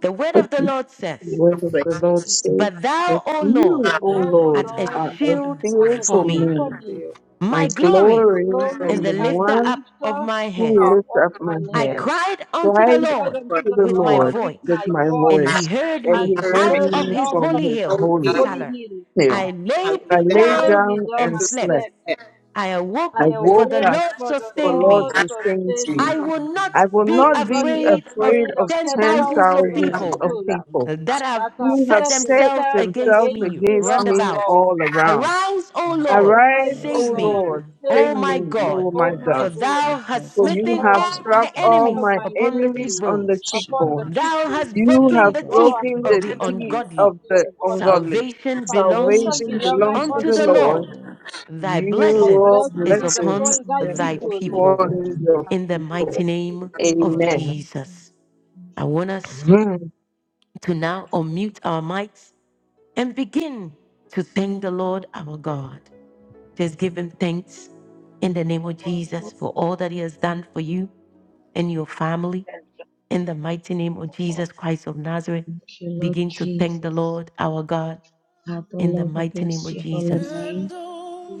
S1: The word of the Lord says,
S3: where the Lord
S7: says
S3: says,
S1: But
S3: But
S1: thou, O Lord,
S3: you,
S8: But
S3: O
S7: I
S8: thou, O
S7: lay
S3: Lord,
S1: art a
S8: Lord,
S3: are
S7: down
S3: a
S1: shield
S7: and
S8: art
S3: shield
S8: a
S7: slept.
S1: for
S3: for
S8: shield
S1: me,
S3: me,
S8: for me,
S3: my
S1: my
S8: my
S1: glory
S3: glory,
S1: and
S3: and the
S8: glory
S1: the
S8: and the
S1: lifter
S3: one
S1: up of
S8: lifter
S1: my head.
S3: who
S8: up
S3: lifts
S8: of
S3: up
S8: my
S3: my
S1: I
S8: head.
S3: head.
S1: cried unto
S8: I
S1: the
S3: Cried
S8: cried
S1: Lord
S5: For
S8: unto
S3: to
S8: the
S3: the
S1: with my
S8: Lord
S3: Lord
S8: with
S3: with
S1: voice,
S8: my
S3: my
S1: and
S8: voice,
S1: he
S3: voice,
S1: heard
S3: and
S8: and
S1: me
S3: he
S8: he
S5: heard
S3: heard
S5: me.
S1: out
S7: I
S8: led
S1: of
S7: did
S8: me
S3: me
S1: his
S8: out
S3: from
S8: of
S1: holy
S3: his
S8: his
S1: hill,
S5: Oh,
S3: holy
S5: heal.
S8: holy
S1: Salah.
S8: hill.
S3: hill.
S1: I
S5: I lay
S1: laid
S4: Phoenix.
S3: I
S1: me
S8: I
S3: lay
S5: down
S8: laid
S1: down
S8: me
S3: down
S8: down
S1: and
S3: and
S8: and
S1: slept.
S3: slept.
S8: slept.
S5: at
S1: I awoke,
S3: I
S5: my
S8: I
S5: weight.
S1: for
S3: woke
S1: the
S8: awake,
S3: up,
S1: Lord
S8: for the
S3: for
S1: sustained
S3: Lord
S8: Lord
S1: me.
S3: sustains
S8: sustained
S7: trust
S3: me.
S1: I
S8: me.
S1: will
S7: in
S1: not
S3: I will
S8: I
S1: be
S8: will
S3: not be
S4: Um,
S7: two
S8: not be
S1: afraid of
S3: afraid
S8: afraid
S4: he
S3: of
S8: of
S1: ten
S8: ten
S3: ten
S1: thousands
S8: thousands
S1: of
S4: afraid
S8: of
S3: thousands
S4: of
S7: thousand.
S1: people
S3: of
S4: ten
S8: people
S7: four.
S4: thousand.
S3: people
S1: that have
S8: that have
S3: who have
S1: set
S8: set
S3: set
S1: themselves
S8: themselves
S1: against
S3: themselves
S8: against
S1: me
S8: me
S3: against
S8: round
S3: me
S1: roundabout.
S8: about.
S3: all around.
S1: Arise, O
S7: My
S1: Lord,
S3: Arise,
S8: Arise,
S7: Lord
S8: O
S1: save
S3: O
S7: saved
S1: me,
S7: me.
S8: Lord,
S3: Lord,
S8: save
S3: save
S1: O my
S8: me,
S3: me,
S1: God,
S3: O
S7: My
S3: my
S8: O
S7: God,
S8: my
S1: for
S3: God,
S8: God,
S1: thou
S7: you have
S1: hast
S3: for
S8: for
S3: you
S1: smitten
S8: thou
S3: have
S8: hast
S1: all
S7: troubled
S3: struck
S1: my
S8: smitten
S7: every
S3: all
S8: all
S1: enemies
S3: my
S8: mine
S1: upon the
S3: enemies
S8: enemies
S3: on the
S1: cheekbones.
S7: ship.
S8: upon the
S3: cheekbone.
S1: Thou hast
S8: cheekbone.
S7: You
S3: You
S7: have
S1: broken
S3: have
S1: the
S7: brought
S8: Thou
S1: teeth
S8: hast
S3: broken
S7: the
S1: of
S3: the
S1: the
S8: broken
S7: thing
S8: the
S3: teeth
S7: of
S8: teeth of
S1: ungodly.
S3: of
S8: the
S3: the
S7: earth.
S8: ungodly.
S3: ungodly.
S1: Salvation
S8: Salvation
S1: belongs
S3: Salvation
S7: Salvation
S8: belongeth
S3: belongs to
S1: unto
S3: the
S9: The
S8: unto
S7: belongs
S1: the
S7: to
S8: the
S7: the
S9: Lord,
S3: Lord.
S1: Lord.
S8: Lord.
S7: Lord.
S1: Thy
S7: Your
S9: your
S8: Thy
S1: blessing
S3: Your
S7: blessings
S9: blessing
S8: blessing
S1: is
S7: are
S8: is
S9: is
S1: upon
S3: blessings
S8: upon thy
S9: upon
S3: is
S9: your
S7: upon
S1: thy
S7: your
S8: people.
S9: people
S1: people
S7: people.
S3: upon your
S8: Selah.
S1: in the mighty
S8: Amen.
S3: people.
S8: Thank
S1: name
S9: in
S8: you,
S1: of
S8: Lord.
S9: Jesus'
S7: Amen.
S3: Amen.
S9: mighty
S1: Jesus.
S9: name. Amen.
S1: I want us to now unmute our mics and begin to thank the Lord our God. Just give him thanks in the name of Jesus for all that he has done for you and your family.
S4: Yes, you
S1: In the mighty name of Jesus Christ of Nazareth,
S10: Thank you, Lord
S1: begin to thank the
S10: Jesus.
S1: Lord our God
S10: Father,
S1: in the
S10: Lord, we
S1: mighty name
S10: bless
S1: of
S10: your holy
S1: Jesus.
S10: name.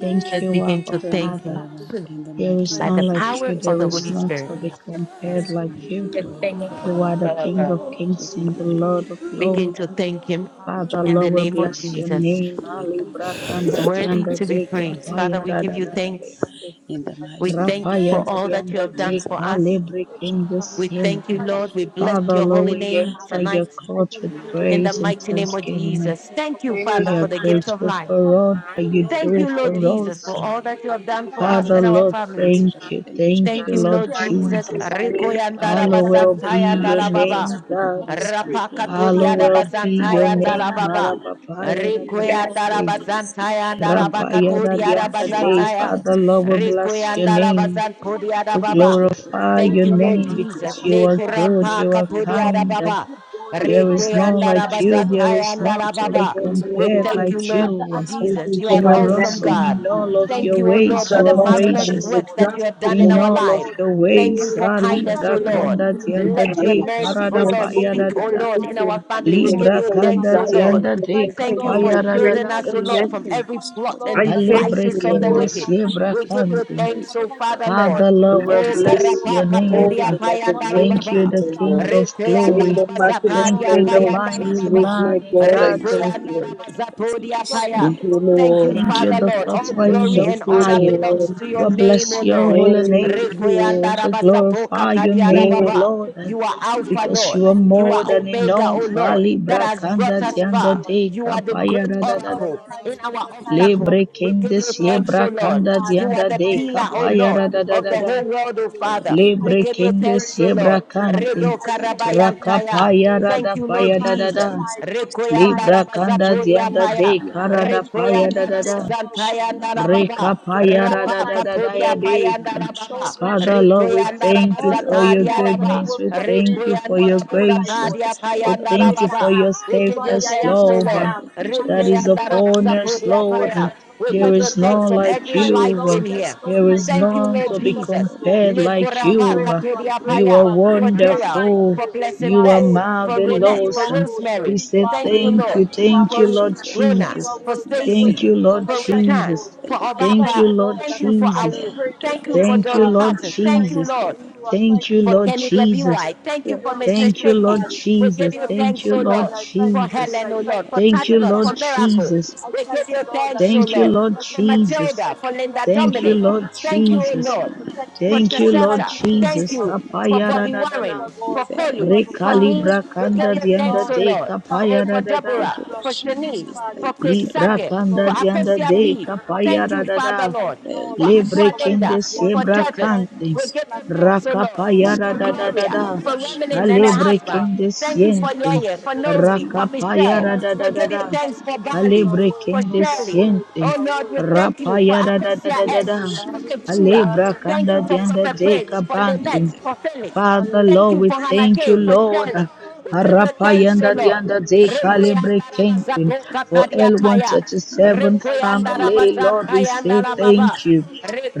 S10: Thank
S1: Let's
S10: you,
S1: begin
S10: Abba
S1: to
S7: Heavenly
S1: thank
S8: thank
S1: him
S10: Father.
S8: you,
S7: Father, in the
S8: Jesus.
S10: There
S7: mighty
S10: is
S1: by
S7: name
S8: Thank
S7: of
S1: the
S10: none
S8: you,
S10: like
S7: Jesus
S1: power
S10: you.
S8: Savior.
S7: Christ
S1: of
S10: There
S1: the
S7: of
S8: Thank
S10: is
S1: Holy
S8: you,
S10: none
S7: Nazareth,
S1: Spirit.
S7: the
S10: to
S4: can
S10: be
S7: Lord,
S4: see it.
S10: compared
S7: bless
S8: Praise
S7: your
S10: like
S8: you,
S7: name
S10: you.
S7: and
S8: beautiful
S7: glorify
S8: Lord. I
S7: your
S10: You are
S7: name.
S10: the
S8: thank
S7: Lord.
S8: you,
S10: King of
S8: Lord. I
S7: We
S10: kings
S7: give
S10: and
S8: worship
S7: you
S10: the
S8: you,
S7: honor, we give
S10: Lord
S8: Lord.
S10: of
S8: I
S7: you
S1: Begin
S10: lords.
S8: glorify
S7: thanks
S1: to
S8: you,
S1: thank
S8: Lord. You
S1: him
S7: and joy
S10: Father,
S8: magnify,
S1: in
S7: in
S1: the
S10: Lord,
S8: you
S7: the
S1: name
S10: we
S1: of
S7: goodness
S10: bless
S8: glorify.
S10: your
S7: and
S1: Jesus.
S7: wonder
S10: name.
S8: Lord,
S7: of
S8: I
S10: Ali
S8: thank
S7: heaven,
S8: you for my
S7: heavenly
S1: is
S8: life.
S10: brakanda
S8: I thank
S1: worthy
S7: Father.
S10: dianda
S8: you
S1: to
S8: for
S7: Jesus,
S1: be
S8: my
S10: de
S7: God,
S8: children,
S1: praised.
S7: deserve
S8: my
S7: the
S1: Father,
S10: kapaya
S7: best
S1: we
S10: da
S1: give
S10: da
S7: of
S1: you
S7: my
S10: da
S8: grandchildren.
S10: da
S8: I
S7: Father.
S8: thank you
S1: thanks.
S8: for
S10: de.
S8: my
S7: In the
S8: brothers, my
S1: We
S7: mighty
S8: sisters,
S7: name
S1: thank
S7: of
S8: my
S1: you
S8: mom.
S10: Rapaya
S1: for
S10: da
S7: Jesus
S1: all
S7: Christ
S1: that
S7: of
S1: you
S10: dianda
S8: Thank
S1: have
S8: you for
S1: done
S10: de
S8: my
S7: Nazareth,
S1: for
S7: we
S1: us.
S8: siblings,
S7: thank
S8: my
S7: you,
S10: kalibri
S4: It's
S10: king
S7: Jehovah,
S1: We
S10: this
S8: family.
S7: the
S1: thank
S7: Lord,
S1: you,
S8: Father,
S7: and
S8: I
S1: Lord. We
S8: thank
S7: the
S8: you
S1: bless
S8: for the
S7: Almighty.
S4: just
S10: Father,
S1: your
S8: gift
S10: Lord,
S4: the
S1: holy
S8: of
S10: we
S8: my
S4: monthly
S1: name
S8: life.
S10: enter
S7: Father, we have
S10: your
S4: overview.
S1: tonight
S7: done
S8: I
S10: court
S8: thank
S7: so
S10: with
S8: you
S4: Everything
S8: for
S4: is
S7: mighty
S4: in
S1: in
S7: with
S4: this
S1: the
S7: the
S10: praise and
S4: thing.
S8: preserving
S1: mighty
S8: me, for
S1: name
S7: mighty
S1: of
S10: thanksgiving.
S8: protecting
S1: Jesus.
S8: me,
S4: The
S8: for
S1: Thank you,
S4: planner is
S1: Father,
S10: We
S4: in.
S10: are
S1: for the
S8: providing.
S1: gift of
S10: grateful
S1: life.
S7: God.
S10: for
S4: The
S8: Thank
S10: all
S8: you
S4: weekly
S8: for
S10: that
S8: your
S7: Happy
S10: you
S4: planner
S7: health,
S4: is
S8: loving
S1: Thank
S10: do
S1: you,
S4: right
S1: Lord
S4: there.
S8: kindness,
S10: for
S8: your
S1: Jesus, for
S10: us.
S7: Jehovah,
S8: tender
S1: all
S7: in
S1: that you have
S8: mercy.
S4: Monthly
S1: done
S4: is
S1: for
S7: the
S4: right
S8: Thank
S7: name of
S1: us
S4: there.
S8: you
S4: The
S10: Father,
S1: and our
S7: Jesus
S4: monthly
S10: Lord,
S8: to
S1: families.
S4: overview.
S7: Christ.
S10: thank you.
S7: Thank you,
S10: Thank
S7: Jehovah,
S1: Thank
S10: you,
S1: you,
S8: taking
S7: the
S10: Lord
S1: Lord
S8: care
S4: Hard
S8: of
S4: work
S8: me,
S1: Jesus.
S8: O
S10: Jesus.
S8: God.
S7: Lord,
S4: compliance.
S8: Thank
S1: Rekoyandara
S4: Oh,
S8: you that
S7: We
S4: good.
S8: you
S10: Hallowed
S8: go
S7: thank
S1: bazantaya
S10: be
S7: you,
S8: before
S7: Lord
S10: your
S8: me
S1: andala
S8: and you make
S1: baba.
S7: Jesus,
S10: name,
S8: every
S7: for the
S10: God.
S8: crooked way
S7: mercy. We
S8: straight.
S7: thank you,
S8: Thank
S7: King
S8: you
S1: Rapakaturiada
S8: that
S7: of
S10: Hallowed
S8: you
S10: be your
S8: exalt
S1: bazantaya
S7: Forever,
S8: every
S1: andala
S10: name.
S8: valley and
S1: baba.
S8: you lift
S7: We
S8: up the
S10: Marabapaya da
S4: And
S10: da
S4: you can
S10: da
S7: thank
S8: mountain in
S7: the
S4: add.
S8: the
S10: ya
S7: people
S1: Rekoyandara
S8: mighty
S10: de.
S7: in the
S8: name of
S7: mercy.
S1: bazantaya
S8: Jesus.
S1: andala
S7: In the
S10: Rapaya
S8: Thank
S7: mighty
S10: da
S8: you
S7: name
S10: di
S8: for
S1: bakaturiada
S8: who
S7: of
S10: an da
S8: you are.
S10: de.
S8: I
S7: Jesus
S1: bazantaya.
S8: thank
S10: Father,
S8: you,
S7: Christ of
S10: Lord, we
S8: Jesus. I
S7: Nazareth,
S10: bless
S7: we
S8: thank
S10: your
S8: you
S7: thank you
S8: for
S1: Rekoyandara
S8: the
S7: for
S10: name.
S8: truth. I
S7: the
S8: thank you
S7: mighty
S8: for
S1: bazanturiada
S10: We
S8: the
S7: name,
S8: blood.
S1: baba.
S10: glorify
S7: Jehovah.
S8: Thank
S1: Thank
S10: your
S8: you
S1: you,
S8: for
S4: Okay.
S7: We
S1: Lord
S10: name
S8: being
S7: give you
S1: Jesus.
S10: because
S8: Jehovah
S7: honor,
S10: you
S1: Le
S7: we
S10: are
S7: give
S8: God.
S7: you
S10: good,
S7: glory,
S1: kurampa
S10: you are
S8: Thank you
S7: Lord.
S8: for
S1: katodia da
S10: kind,
S8: being a
S10: and
S1: baba.
S8: good God, a
S7: You are
S10: there is
S8: mighty
S1: Rekwe
S7: Lord
S10: none
S8: God. You
S1: andara
S8: are
S10: like you.
S7: Jesus.
S8: Jehovah
S10: There
S8: God.
S1: bazataya
S10: is
S8: You are
S10: none
S7: We
S1: andara
S8: Jehovah
S7: give
S10: to
S7: you
S10: be
S3: Oh,
S1: baba.
S7: praise, O
S3: Lord,
S1: We
S3: I
S8: you
S10: compared
S7: God,
S8: are
S7: and
S1: thank
S3: thank
S1: you,
S10: like
S7: deserve
S3: you.
S8: at
S1: Lord
S8: the I
S10: you.
S7: praise,
S8: am
S3: Thank
S8: that
S7: mighty
S1: Jesus.
S3: you
S8: I
S1: You
S3: for
S1: are
S10: You
S1: an
S3: my
S8: am.
S10: are
S7: Jehovah.
S1: awesome
S3: name.
S10: awesome
S1: God.
S10: in
S8: You
S7: In
S8: are
S7: the
S10: all of
S7: mighty
S3: Thank
S1: Thank
S3: you
S10: your
S1: you, O
S7: name
S8: mighty. You are
S1: Lord,
S10: ways.
S3: for
S1: for
S7: of
S10: You
S3: the
S1: the
S10: are
S3: Lord
S7: Jesus
S8: powerful,
S3: I
S8: you are
S1: marvelous
S3: have
S7: Christ
S8: Lord
S3: a
S10: gracious
S1: works
S7: of
S1: that you
S7: Nazareth,
S3: job
S1: have
S3: to
S8: I
S1: done in
S10: in
S1: our
S8: thank
S3: do.
S10: all
S8: you,
S10: of
S1: life.
S7: we
S8: Lord, for
S10: your
S7: have
S8: who
S3: Oh,
S7: been
S8: you
S1: Thank
S8: are.
S1: you
S10: ways.
S3: in
S1: for
S10: Ah,
S8: I
S3: the
S1: kindness,
S8: thank
S1: O
S10: Libra
S8: you,
S3: name of
S8: Lord,
S1: Lord.
S10: kanda
S8: for who
S7: magnified,
S8: you
S3: Jesus,
S8: are.
S10: tianda
S1: Let your
S3: Father.
S10: de
S8: I thank
S1: mercy,
S8: you,
S1: O
S10: karada
S8: Lord
S3: Thank
S7: Jesus.
S1: Lord,
S3: you
S10: paya
S8: God,
S7: In the
S3: for
S10: da
S1: speak,
S8: for
S3: your
S1: O
S8: my
S1: Lord,
S7: mighty
S1: in
S8: life.
S7: name of
S8: I
S1: our
S3: provision.
S8: thank
S1: family.
S8: you,
S1: We
S7: Jesus
S3: Thank
S8: Lord,
S1: give
S3: you
S10: Libra
S8: for
S1: you
S3: for
S8: my
S3: your
S1: thanks,
S10: kanda
S1: O
S7: You
S8: family.
S7: are
S1: Lord.
S3: guidance.
S10: tianda de
S8: Thank
S3: Lord.
S8: you,
S1: Thank
S3: Thank
S1: you
S3: you
S1: for
S8: Lord.
S3: for
S10: kapaya
S7: King
S10: da da
S3: grace
S1: shielding
S10: da.
S8: Thank
S1: us, O
S8: you,
S3: and
S8: Lord,
S1: Lord,
S8: that
S1: from
S8: you
S3: mercy.
S1: every
S7: Jesus,
S8: promised,
S7: you are
S1: plot and
S3: I
S8: Lord, that I
S7: marvelous,
S8: am
S3: thank
S10: Halebre
S7: you
S3: you,
S7: are
S1: devices of the
S10: kende
S7: great,
S8: alive
S3: Lord.
S1: wicked.
S8: and
S7: Lord
S8: well,
S10: siebra
S1: We
S7: Jesus,
S1: give
S8: Lord.
S7: we
S1: you
S10: kante.
S7: praise
S1: thanks,
S8: I
S1: O
S7: our
S8: thank you
S1: Father,
S8: that I
S7: God.
S1: Lord.
S10: Father,
S8: can
S10: Lord,
S3: Thank
S7: We
S8: breathe
S10: we
S8: on
S1: O
S8: my
S7: desire to
S10: bless
S3: you
S8: own.
S10: your
S1: karapa
S3: for
S7: thank you, thank
S8: I
S3: all
S10: name.
S7: you,
S1: katodia
S3: the
S8: thank you that all
S7: thank
S1: payanda
S7: you, thank
S8: my
S1: la
S10: Thank you,
S3: revelation,
S1: baba.
S10: the
S8: faculties
S7: you,
S3: oh
S8: are
S10: King
S3: Lord.
S10: of
S8: working.
S1: Rekoyanda
S3: In
S10: glory.
S8: I
S1: la
S3: the
S8: thank you,
S3: matchless
S7: thank
S10: Thank
S8: Lord,
S1: bazatadia
S10: you,
S3: name
S10: the
S3: of
S8: for
S1: payanda la
S8: taking
S10: mighty
S7: you,
S3: Jesus,
S8: care
S1: baba.
S8: of
S3: my
S7: King
S10: man
S7: of
S8: me,
S10: in
S8: Lord.
S3: God, I
S7: Kings,
S10: battle.
S3: thank
S8: Thank
S7: thank
S1: Rekoyanda
S7: you,
S8: you,
S1: la
S3: you.
S8: Lord.
S7: King of Kings, and
S8: If
S1: bazatodia
S8: it
S7: this
S8: wasn't
S7: song
S1: paya.
S8: for
S7: is
S3: Thank
S7: to
S8: the
S3: you,
S8: Lord
S7: in
S8: on my
S1: Thank you,
S3: Lord.
S10: Thank
S8: side,
S7: the
S10: you,
S8: I
S1: Father,
S8: don't
S10: the
S8: know
S1: Lord.
S8: where
S7: mighty
S10: fourth
S8: would
S1: All
S8: I
S7: name
S10: one
S3: I
S7: of
S8: be.
S10: in
S1: glory
S10: the
S3: thank
S1: and
S7: Jesus
S3: you,
S1: honor
S8: Oh
S10: fire.
S7: Christ of
S8: God,
S3: Lord.
S1: belongs
S8: I
S1: to
S8: just
S1: your
S10: We
S8: want to
S7: Nazareth,
S1: name,
S7: we
S10: bless
S1: O
S8: thank
S10: your
S8: you
S1: Lord.
S7: praise
S3: Thank
S8: for,
S7: you,
S10: holy
S8: for your
S10: name.
S7: we thank
S3: you.
S8: greatness,
S10: We
S7: you,
S8: for your
S10: glorify
S8: goodness,
S10: your
S7: we
S8: for
S10: name,
S8: your
S3: Let's
S10: Lord, uh,
S1: You are
S8: faithfulness,
S7: praise the mighty name of Jesus,
S8: for
S7: in the
S8: your
S7: mighty name
S1: Alpha,
S8: loving
S10: because
S1: Lord.
S10: you
S7: of
S10: are
S7: Jesus Christ,
S8: kindness,
S1: You
S8: for
S10: more
S1: are
S8: your
S10: than
S8: tender
S1: Omega,
S8: mercy.
S10: enough.
S1: O Lord,
S10: Ali
S1: that has
S10: brakanda
S1: brought
S8: For
S1: us
S8: Hallelujah.
S10: dianda
S8: You
S1: far.
S8: are
S10: de
S1: You are
S8: You
S1: the
S7: now,
S8: are
S10: kapaya
S1: great
S10: da
S8: good
S10: da da
S8: all
S10: da
S8: the
S1: oracle
S10: da.
S8: time
S1: in
S8: and
S1: our
S7: like
S8: all the time
S7: you
S8: you are
S1: obstacle.
S10: Lebre
S8: good.
S1: We give
S10: kende
S7: Yawa,
S1: you
S8: You are
S10: sie
S8: a
S1: thanks, O
S8: great, great
S1: Lord.
S10: brakanda
S8: Father.
S1: You are
S10: dianda
S1: the
S10: de
S8: I
S1: pillar, O
S8: exalt you,
S10: kapaya
S1: Lord,
S10: da
S8: Father
S10: da da
S1: of
S8: God.
S10: da
S1: the
S8: I
S10: da.
S1: whole
S8: worship
S1: world,
S8: you,
S1: O
S8: Lord.
S1: Father.
S8: I
S1: We
S10: Lebre
S8: just
S1: give
S8: want
S1: you
S8: to
S10: kende
S1: thanks,
S8: praise
S1: O
S8: you
S10: sie
S8: for who
S1: Lord.
S8: you are.
S10: brakante.
S1: Redo
S8: I just want to bless your
S1: karabayantaya.
S10: Rakapaya
S8: name.
S10: da
S8: I
S10: da
S1: Thank
S8: just
S1: you,
S8: want to
S1: Lord
S10: paya da da
S1: Jesus.
S10: da.
S8: magnify, glorify,
S10: Libra
S8: exalt
S10: kanda
S8: you, O God.
S10: dianda de
S1: Rekoyandarabazapodiapaya.
S8: I
S10: karada
S8: thank you for your
S10: paya
S7: and
S1: Rekoyanda
S10: da
S7: I
S10: da
S8: goodness.
S10: da.
S8: You are a good, good
S1: Rabazantayanda
S8: Father.
S1: Rababa,
S8: There is
S7: was
S10: Rekapaya
S8: no one
S1: Rapa
S8: like you,
S1: Katodia
S8: Jehovah.
S1: Payanda
S10: Rekapayadadadadayadeka.
S8: There
S7: Lord,
S8: is no
S1: Rababa,
S8: one
S7: trust with
S8: like
S7: you.
S8: you,
S10: Father, Lord, we
S8: Jesus.
S1: Rekoyanda
S10: thank you
S8: All
S7: You
S8: the
S7: are
S10: for
S8: other
S10: your
S1: Rabazatadia
S8: gods are
S7: faithful, O
S8: the
S1: Raba,
S10: goodness. We
S8: works of
S7: Lord,
S8: men,
S7: in
S10: thank
S7: the
S10: you
S8: but you
S10: for
S1: Rekoyanda
S8: are
S10: your
S8: the
S7: mighty name
S8: most
S7: of
S8: high
S10: grace.
S8: God.
S7: Jesus
S1: Rabazatadia
S8: You
S7: Christ
S8: are
S10: We
S7: of
S8: the
S1: Payanda
S10: thank
S8: great
S10: you
S8: I
S7: Nazareth.
S10: for
S1: Rababa.
S10: your
S8: am.
S1: We
S8: You
S1: give
S8: are
S1: you
S7: I
S8: the
S10: steadfast
S8: I am
S7: give
S1: thanks,
S7: you
S1: O
S8: that
S7: the
S10: love
S8: I
S10: uh,
S1: Lord.
S8: am.
S7: faith and
S8: I
S10: that
S8: just
S7: salvation
S8: want
S10: is
S8: to
S1: Rekoyanda
S7: to
S8: worship
S7: the
S8: you.
S10: upon
S8: I
S7: Lord
S8: just
S10: us,
S8: want
S1: Rabazatodia
S8: to
S7: and
S10: Lord.
S8: praise you.
S10: Uh,
S1: Paya.
S8: I
S7: Father.
S8: just want
S1: We
S8: to
S7: In
S10: There
S1: give
S8: thank
S7: the
S1: you
S8: you,
S10: is
S8: Lord.
S1: thanks
S10: none
S7: mighty
S1: of
S7: name of
S10: like
S1: every
S8: Thank you,
S1: life
S10: you.
S7: Jesus
S10: Uh,
S1: in
S8: Lord. There is
S1: here.
S7: Christ of
S8: none
S10: There
S8: like
S10: is
S8: you,
S1: Thank
S7: Nazareth,
S8: none
S1: you,
S8: to
S10: none to
S1: Lord
S7: Lord,
S10: be
S7: we
S8: compare to
S1: Jesus.
S8: you,
S7: thank
S8: Lord.
S7: you.
S10: compared
S8: You
S10: like
S7: We
S8: are
S7: give
S1: Lekorapa
S10: you.
S7: you,
S8: great,
S10: Uh,
S8: you
S7: we give
S8: are
S7: you,
S1: Katodia
S7: we give
S8: great,
S10: You
S8: you
S10: are
S1: Paya,
S8: are
S1: for
S8: great, you are
S7: you
S1: Gerald,
S8: mighty,
S10: wonderful.
S7: glory.
S8: O
S1: for
S8: God. You
S1: Blessing
S10: You
S8: are
S10: are
S1: Bess,
S8: holy.
S1: for
S7: In the
S8: Only
S7: name
S1: Renette,
S8: you
S7: of
S1: for
S10: marvelous.
S8: are
S10: Um,
S8: holy,
S7: Jesus.
S10: We
S1: Rosemary.
S8: only you
S10: say
S8: are
S7: In
S1: Thank you,
S7: the
S8: holy,
S10: thank you.
S8: only
S1: Lord
S7: mighty
S8: you are
S10: Thank
S7: name
S10: you,
S7: of
S1: for
S8: holy.
S10: Lord
S7: Jesus
S8: Only
S1: Rona,
S8: you
S7: Christ
S10: Jesus.
S8: are
S7: of
S1: for
S8: worthy. I
S1: Stacy,
S10: Thank
S8: worship
S10: you,
S7: Nazareth,
S8: you,
S7: thank
S8: Lord.
S10: Lord
S7: you,
S8: I
S1: for
S8: thank you,
S1: Richard,
S7: Father.
S8: Lord.
S10: Jesus.
S1: for
S7: Thank
S8: I
S7: you,
S10: Thank
S8: thank
S10: you,
S1: Obapa.
S8: you,
S10: Lord
S8: Lord,
S1: Thank
S8: that I
S1: you
S8: can
S1: for
S8: come to
S10: Jesus.
S1: our,
S8: praise your
S1: thank you
S7: intolerance
S8: name,
S1: for
S7: and
S8: O
S10: Thank you,
S1: Dolly
S8: God.
S7: disability
S10: Lord
S7: of
S1: Parton.
S7: my
S1: Thank
S8: Thank
S1: you,
S8: you
S10: Jesus.
S8: for
S1: Lord
S8: who you are.
S7: problem.
S10: Thank
S8: Thank
S10: you,
S8: you,
S1: for
S8: Lord.
S10: Lord
S1: Kenny
S8: Good, good
S10: Jesus.
S8: Father.
S1: Glebiwai. Thank you
S7: When
S8: You
S1: for
S8: are a
S7: I'm
S8: good,
S1: Mr.
S10: Thank
S7: single,
S8: good
S10: you,
S1: Shaky.
S10: Lord
S8: Father.
S7: tennis,
S1: We give
S10: Jesus.
S1: you
S7: and
S8: Your
S7: then I
S8: good
S10: Thank
S1: thanks,
S10: you,
S1: O
S7: never
S10: Lord
S1: Lord,
S8: Father,
S7: got
S8: I thank
S1: for
S8: you, Lord.
S10: Jesus.
S1: Helen,
S8: I
S1: O
S7: big
S8: thank
S1: Lord,
S7: up
S1: for
S8: you, Lord.
S10: Thank
S1: Touch
S7: messages
S10: you,
S8: I
S10: Lord
S1: for
S8: thank
S7: as well
S8: you, Lord.
S7: as
S1: Miracle.
S10: Jesus.
S8: I
S7: message
S1: We
S7: to
S8: thank
S1: give
S8: you,
S1: you
S7: find
S8: Lord,
S7: out
S8: that
S1: thanks, O
S10: Thank
S7: and
S10: you,
S1: Lord,
S8: it
S7: find
S10: Lord
S7: out
S8: wasn't
S1: for
S8: for you the
S7: what's
S10: Jesus.
S1: Matilda,
S7: wrong.
S1: for
S8: enemy
S7: Okay.
S8: would
S1: Linda
S8: have
S10: Thank
S8: stolen
S10: you,
S8: me
S1: Dominic.
S8: up,
S7: Maybe
S10: Lord
S7: that's
S1: Thank
S8: but
S1: you,
S7: me,
S1: O
S8: you
S7: and
S8: yet
S10: Jesus.
S8: to
S1: Lord,
S7: then I
S8: protect me,
S7: tell
S1: for
S8: O
S7: him
S10: Thank you,
S8: God.
S7: about Jesus
S10: Lord
S8: Thank
S1: Tresetta.
S8: you, Jehovah
S7: Christ
S1: Thank
S10: Jesus.
S7: of
S8: God.
S1: you for
S7: Nazareth.
S10: Apayara
S8: Thank
S1: Bobby
S10: da
S8: you,
S10: da da.
S1: Warren,
S8: Jehovah
S7: We
S8: God.
S1: for
S7: thank
S8: Thank you,
S1: Kolu,
S7: you,
S8: our
S7: Lord
S1: for
S8: Father.
S1: me.
S7: Jesus.
S10: Recalibra
S7: We
S1: We
S7: thank
S1: give
S10: kanda
S1: you
S8: Thank you,
S7: you,
S10: dianda
S1: thanks,
S8: Lord.
S1: O
S8: I
S10: de
S8: give
S1: Lord.
S8: you
S7: Abba.
S8: thanks
S1: Oh,
S8: and I
S1: for
S10: kapayara
S8: give
S10: da
S8: you
S10: da.
S8: praise.
S7: Thank
S1: Deborah,
S7: you,
S8: You
S7: Lord
S8: are
S1: for
S8: good, good
S1: Shanice,
S7: Jesus.
S8: Father.
S1: for
S7: Thank you,
S1: Chris
S7: dear Lord.
S10: Libra
S8: Thank
S1: Sake,
S8: you,
S10: kanda
S1: for
S8: Lord.
S7: Spirit. Thank
S8: Thank
S7: you.
S10: dianda
S8: you,
S1: Akosia
S8: Lord,
S10: de
S8: for
S1: B.
S8: my
S7: Lord Jesus.
S8: family.
S1: Thank
S10: kapayara
S1: you,
S10: da
S1: Father,
S10: da.
S8: Thank
S1: Lord
S8: you,
S7: the
S8: Lord,
S1: for
S7: James
S10: Lebre
S8: for my
S1: Atualinda,
S10: kende
S8: loved
S7: and
S8: ones,
S1: for
S10: siebra
S8: Lord.
S1: Devin.
S7: victorious
S8: Thank
S7: in
S8: you for
S10: kante.
S1: We
S8: this
S1: give you thanks,
S8: platform.
S1: O Lord,
S7: In the
S8: Thank
S10: Rakapayara
S1: for
S8: you,
S10: da da
S8: Lord,
S7: mighty
S10: da
S1: Gloria,
S8: for what
S10: da.
S8: you
S7: name
S1: for
S7: of
S8: are doing in
S1: Remelin
S8: our
S1: and her
S7: Jesus
S8: life,
S10: Alebre
S8: O
S7: Christ,
S1: husband.
S8: God.
S10: kende
S1: Thank you
S7: yes,
S1: for
S8: Thank you
S10: siente.
S8: for
S1: Yeye, for
S8: preserving us,
S1: Nosy,
S7: you
S1: for
S7: are
S8: Lord.
S7: my
S1: Michelle.
S10: Rakapayara
S8: Thank
S10: da
S7: fellows
S8: you,
S1: We
S10: da da
S1: give
S8: Lord.
S1: you
S8: I
S10: da.
S7: tonight
S1: thanks
S8: thank
S7: and
S8: you,
S1: for
S8: Lord.
S7: for
S8: You
S1: Bali,
S8: are
S7: to
S10: Alebre
S8: worthy,
S1: for
S10: kende
S8: Lord.
S7: receive
S8: You are
S1: Shirley.
S8: worthy.
S10: siente.
S8: You
S1: Oh
S8: are
S1: Lord, we
S8: worthy.
S1: thank you for
S8: Hallelujah.
S7: from the
S10: Rapayara
S7: mighty
S10: da da
S1: Akosia
S10: da da
S7: name
S1: S,
S10: da.
S8: Hallelujah.
S7: of
S1: for
S7: Jesus
S8: Hallelujah.
S1: Keturah.
S10: Alebra
S7: Christ
S1: Thank
S8: Hallelujah.
S10: kanda
S1: you
S7: of
S1: for
S8: Hallelujah.
S10: dianda
S1: Prophet
S7: Nazareth.
S10: de
S1: Prince, for
S7: In
S1: Lynette,
S10: kapante.
S7: the
S8: Hallelujah.
S1: for
S7: God of
S8: Hallelujah.
S1: Felix.
S10: Father,
S1: Thank
S10: Lord,
S1: you
S8: Hallelujah.
S10: we
S1: for Hannah
S7: Christ,
S10: thank
S8: Hallelujah.
S10: you,
S1: Gay, for
S8: Praise the
S10: Lord.
S1: Shirley.
S8: Lord. Praise the
S1: We give
S8: Lord.
S1: you
S7: in
S1: thanks,
S7: the
S1: O
S10: Rapayanda
S8: Praise
S1: Lord.
S7: mighty
S8: the
S7: name
S10: dianda
S7: of
S10: de
S8: Lord.
S7: Jesus of
S8: Praise
S7: Nazareth,
S10: calibre
S8: the name of
S10: kente.
S1: Rekoyandarabazako
S8: God.
S10: For l one
S1: kakadiapaya.
S10: thirty seven
S7: you are
S8: Thank you,
S7: worthy,
S8: Lord.
S10: family,
S7: mighty
S10: Lord,
S7: God,
S10: we
S8: Thank
S10: say
S8: you, Lord. Thank you, Lord.
S1: Rekoyandarabazantayandalababa.
S10: thank you.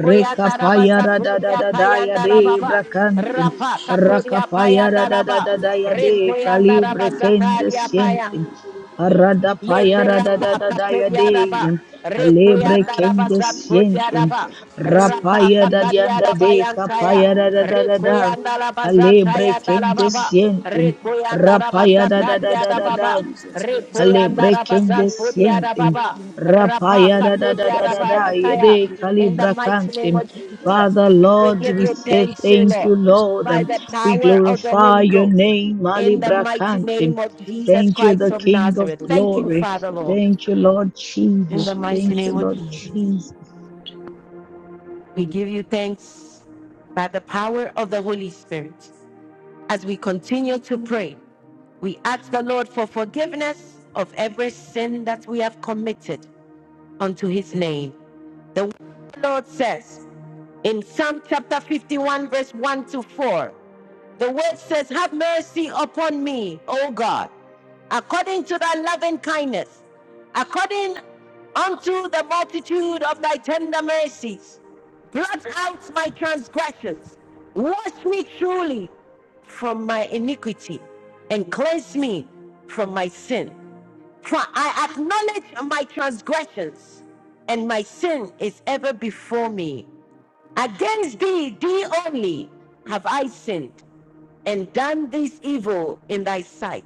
S8: Thank you, Lord.
S10: da da da da da
S8: Thank you,
S10: ya
S7: In
S10: de
S7: the
S8: Lord. Thank you,
S10: brakantim.
S7: name
S8: Lord.
S1: Rapa
S7: of Jesus,
S10: Rakapaya da da
S8: We
S10: da
S1: katodiapayandalaba.
S10: da
S8: praise
S10: da ya
S8: you, Lord.
S10: de
S8: Thank
S10: calibre
S8: you, Lord. Thank you,
S1: Rekoyandarabazakadiapaya.
S10: kendescientim.
S8: Lord.
S7: in
S10: Arada
S1: Le
S8: Thank
S10: paya
S8: you,
S10: da da
S8: Lord.
S10: da
S1: korapa
S10: da
S8: Thank
S10: da
S8: you,
S10: ya
S8: Lord.
S10: de
S1: kakodiadaba.
S8: Thank you,
S7: the
S8: Lord.
S10: calibre
S8: Thank you,
S1: Rekoyandaraba
S7: mighty name
S8: Lord.
S7: of
S10: kendescientim.
S1: zankodiadaba.
S7: Jesus
S8: Thank you,
S7: Christ.
S8: Lord.
S1: Rapa
S8: Thank
S10: Rapaya
S8: you,
S10: da
S8: Lord. Thank you, Lord.
S10: dianda
S1: kakadiadaba
S10: de
S7: In
S1: yantaya.
S10: capaya da da da da da.
S8: Hallelujah.
S1: Rekoyandaraba
S10: Alebre
S1: zantaya
S8: Hallelujah.
S1: dalababa.
S10: kendescientim.
S8: Hallelujah.
S1: Rekoyandaraba
S8: Hallelujah.
S7: the
S10: Rapaya da da
S7: mighty
S10: da da da
S7: name of
S10: da.
S1: zatadiadababa.
S7: Jesus Christ,
S8: Hallelujah.
S7: not
S1: Rekoyandaraba
S7: just
S10: Alebrekende
S8: Hallelujah.
S10: siente.
S8: Hallelujah.
S1: zankodiadababa. Rapa
S10: Rapaya da, da,
S8: Hallelujah.
S10: da, da,
S1: kakodiadaba
S10: da,
S8: Hallelujah.
S10: alebrekendesientem,
S1: yantaya.
S10: rapayadadadadadayede
S1: In the
S8: Hallelujah.
S1: mighty name
S10: calibracantem.
S1: of
S8: thank you
S7: them.
S1: Jesus,
S10: Father,
S8: Jesus. this
S1: we
S8: is
S10: Lord,
S7: The
S1: give
S8: my
S10: we
S1: you
S8: name,
S7: combination
S10: say
S8: Lord.
S1: thanks, O
S7: of
S10: thank
S7: Jesus
S1: Lord,
S10: you,
S7: Christ,
S10: Lord.
S1: by the
S7: sinners,
S10: We
S1: power of the
S10: glorify
S1: Holy
S7: and
S10: your
S1: Ghost
S7: God,
S10: name,
S1: in the
S7: Lord,
S1: mighty
S10: alibracantem.
S1: name of Jesus
S10: Thank you,
S1: Christ
S10: the
S7: we
S1: of
S10: King of
S1: Nazareth.
S7: so
S1: Thank you,
S7: of
S10: glory.
S1: Father Lord,
S7: fellowship.
S10: Thank you, Lord
S1: in the
S10: Jesus.
S1: mighty
S10: Thank you,
S1: name
S7: Jesus,
S9: Jesus'
S1: of
S7: we
S10: Lord
S7: bless
S9: mighty name.
S1: Jesus.
S10: Jesus.
S7: you, Lord.
S1: We give you thanks by the power of the Holy Spirit. As we continue to pray, we ask the Lord for forgiveness of every sin that we have committed unto his name. The Lord says in Psalm chapter 51, verse 1 to 4. The word says, Have mercy upon me, O God, according to thy loving kindness, according unto the multitude of thy tender mercies. Blot out my transgressions. Wash me truly from my iniquity and cleanse me from my sin. For I acknowledge my transgressions, and my sin is ever before me. Against thee, thee only, have I sinned and done this evil in thy sight.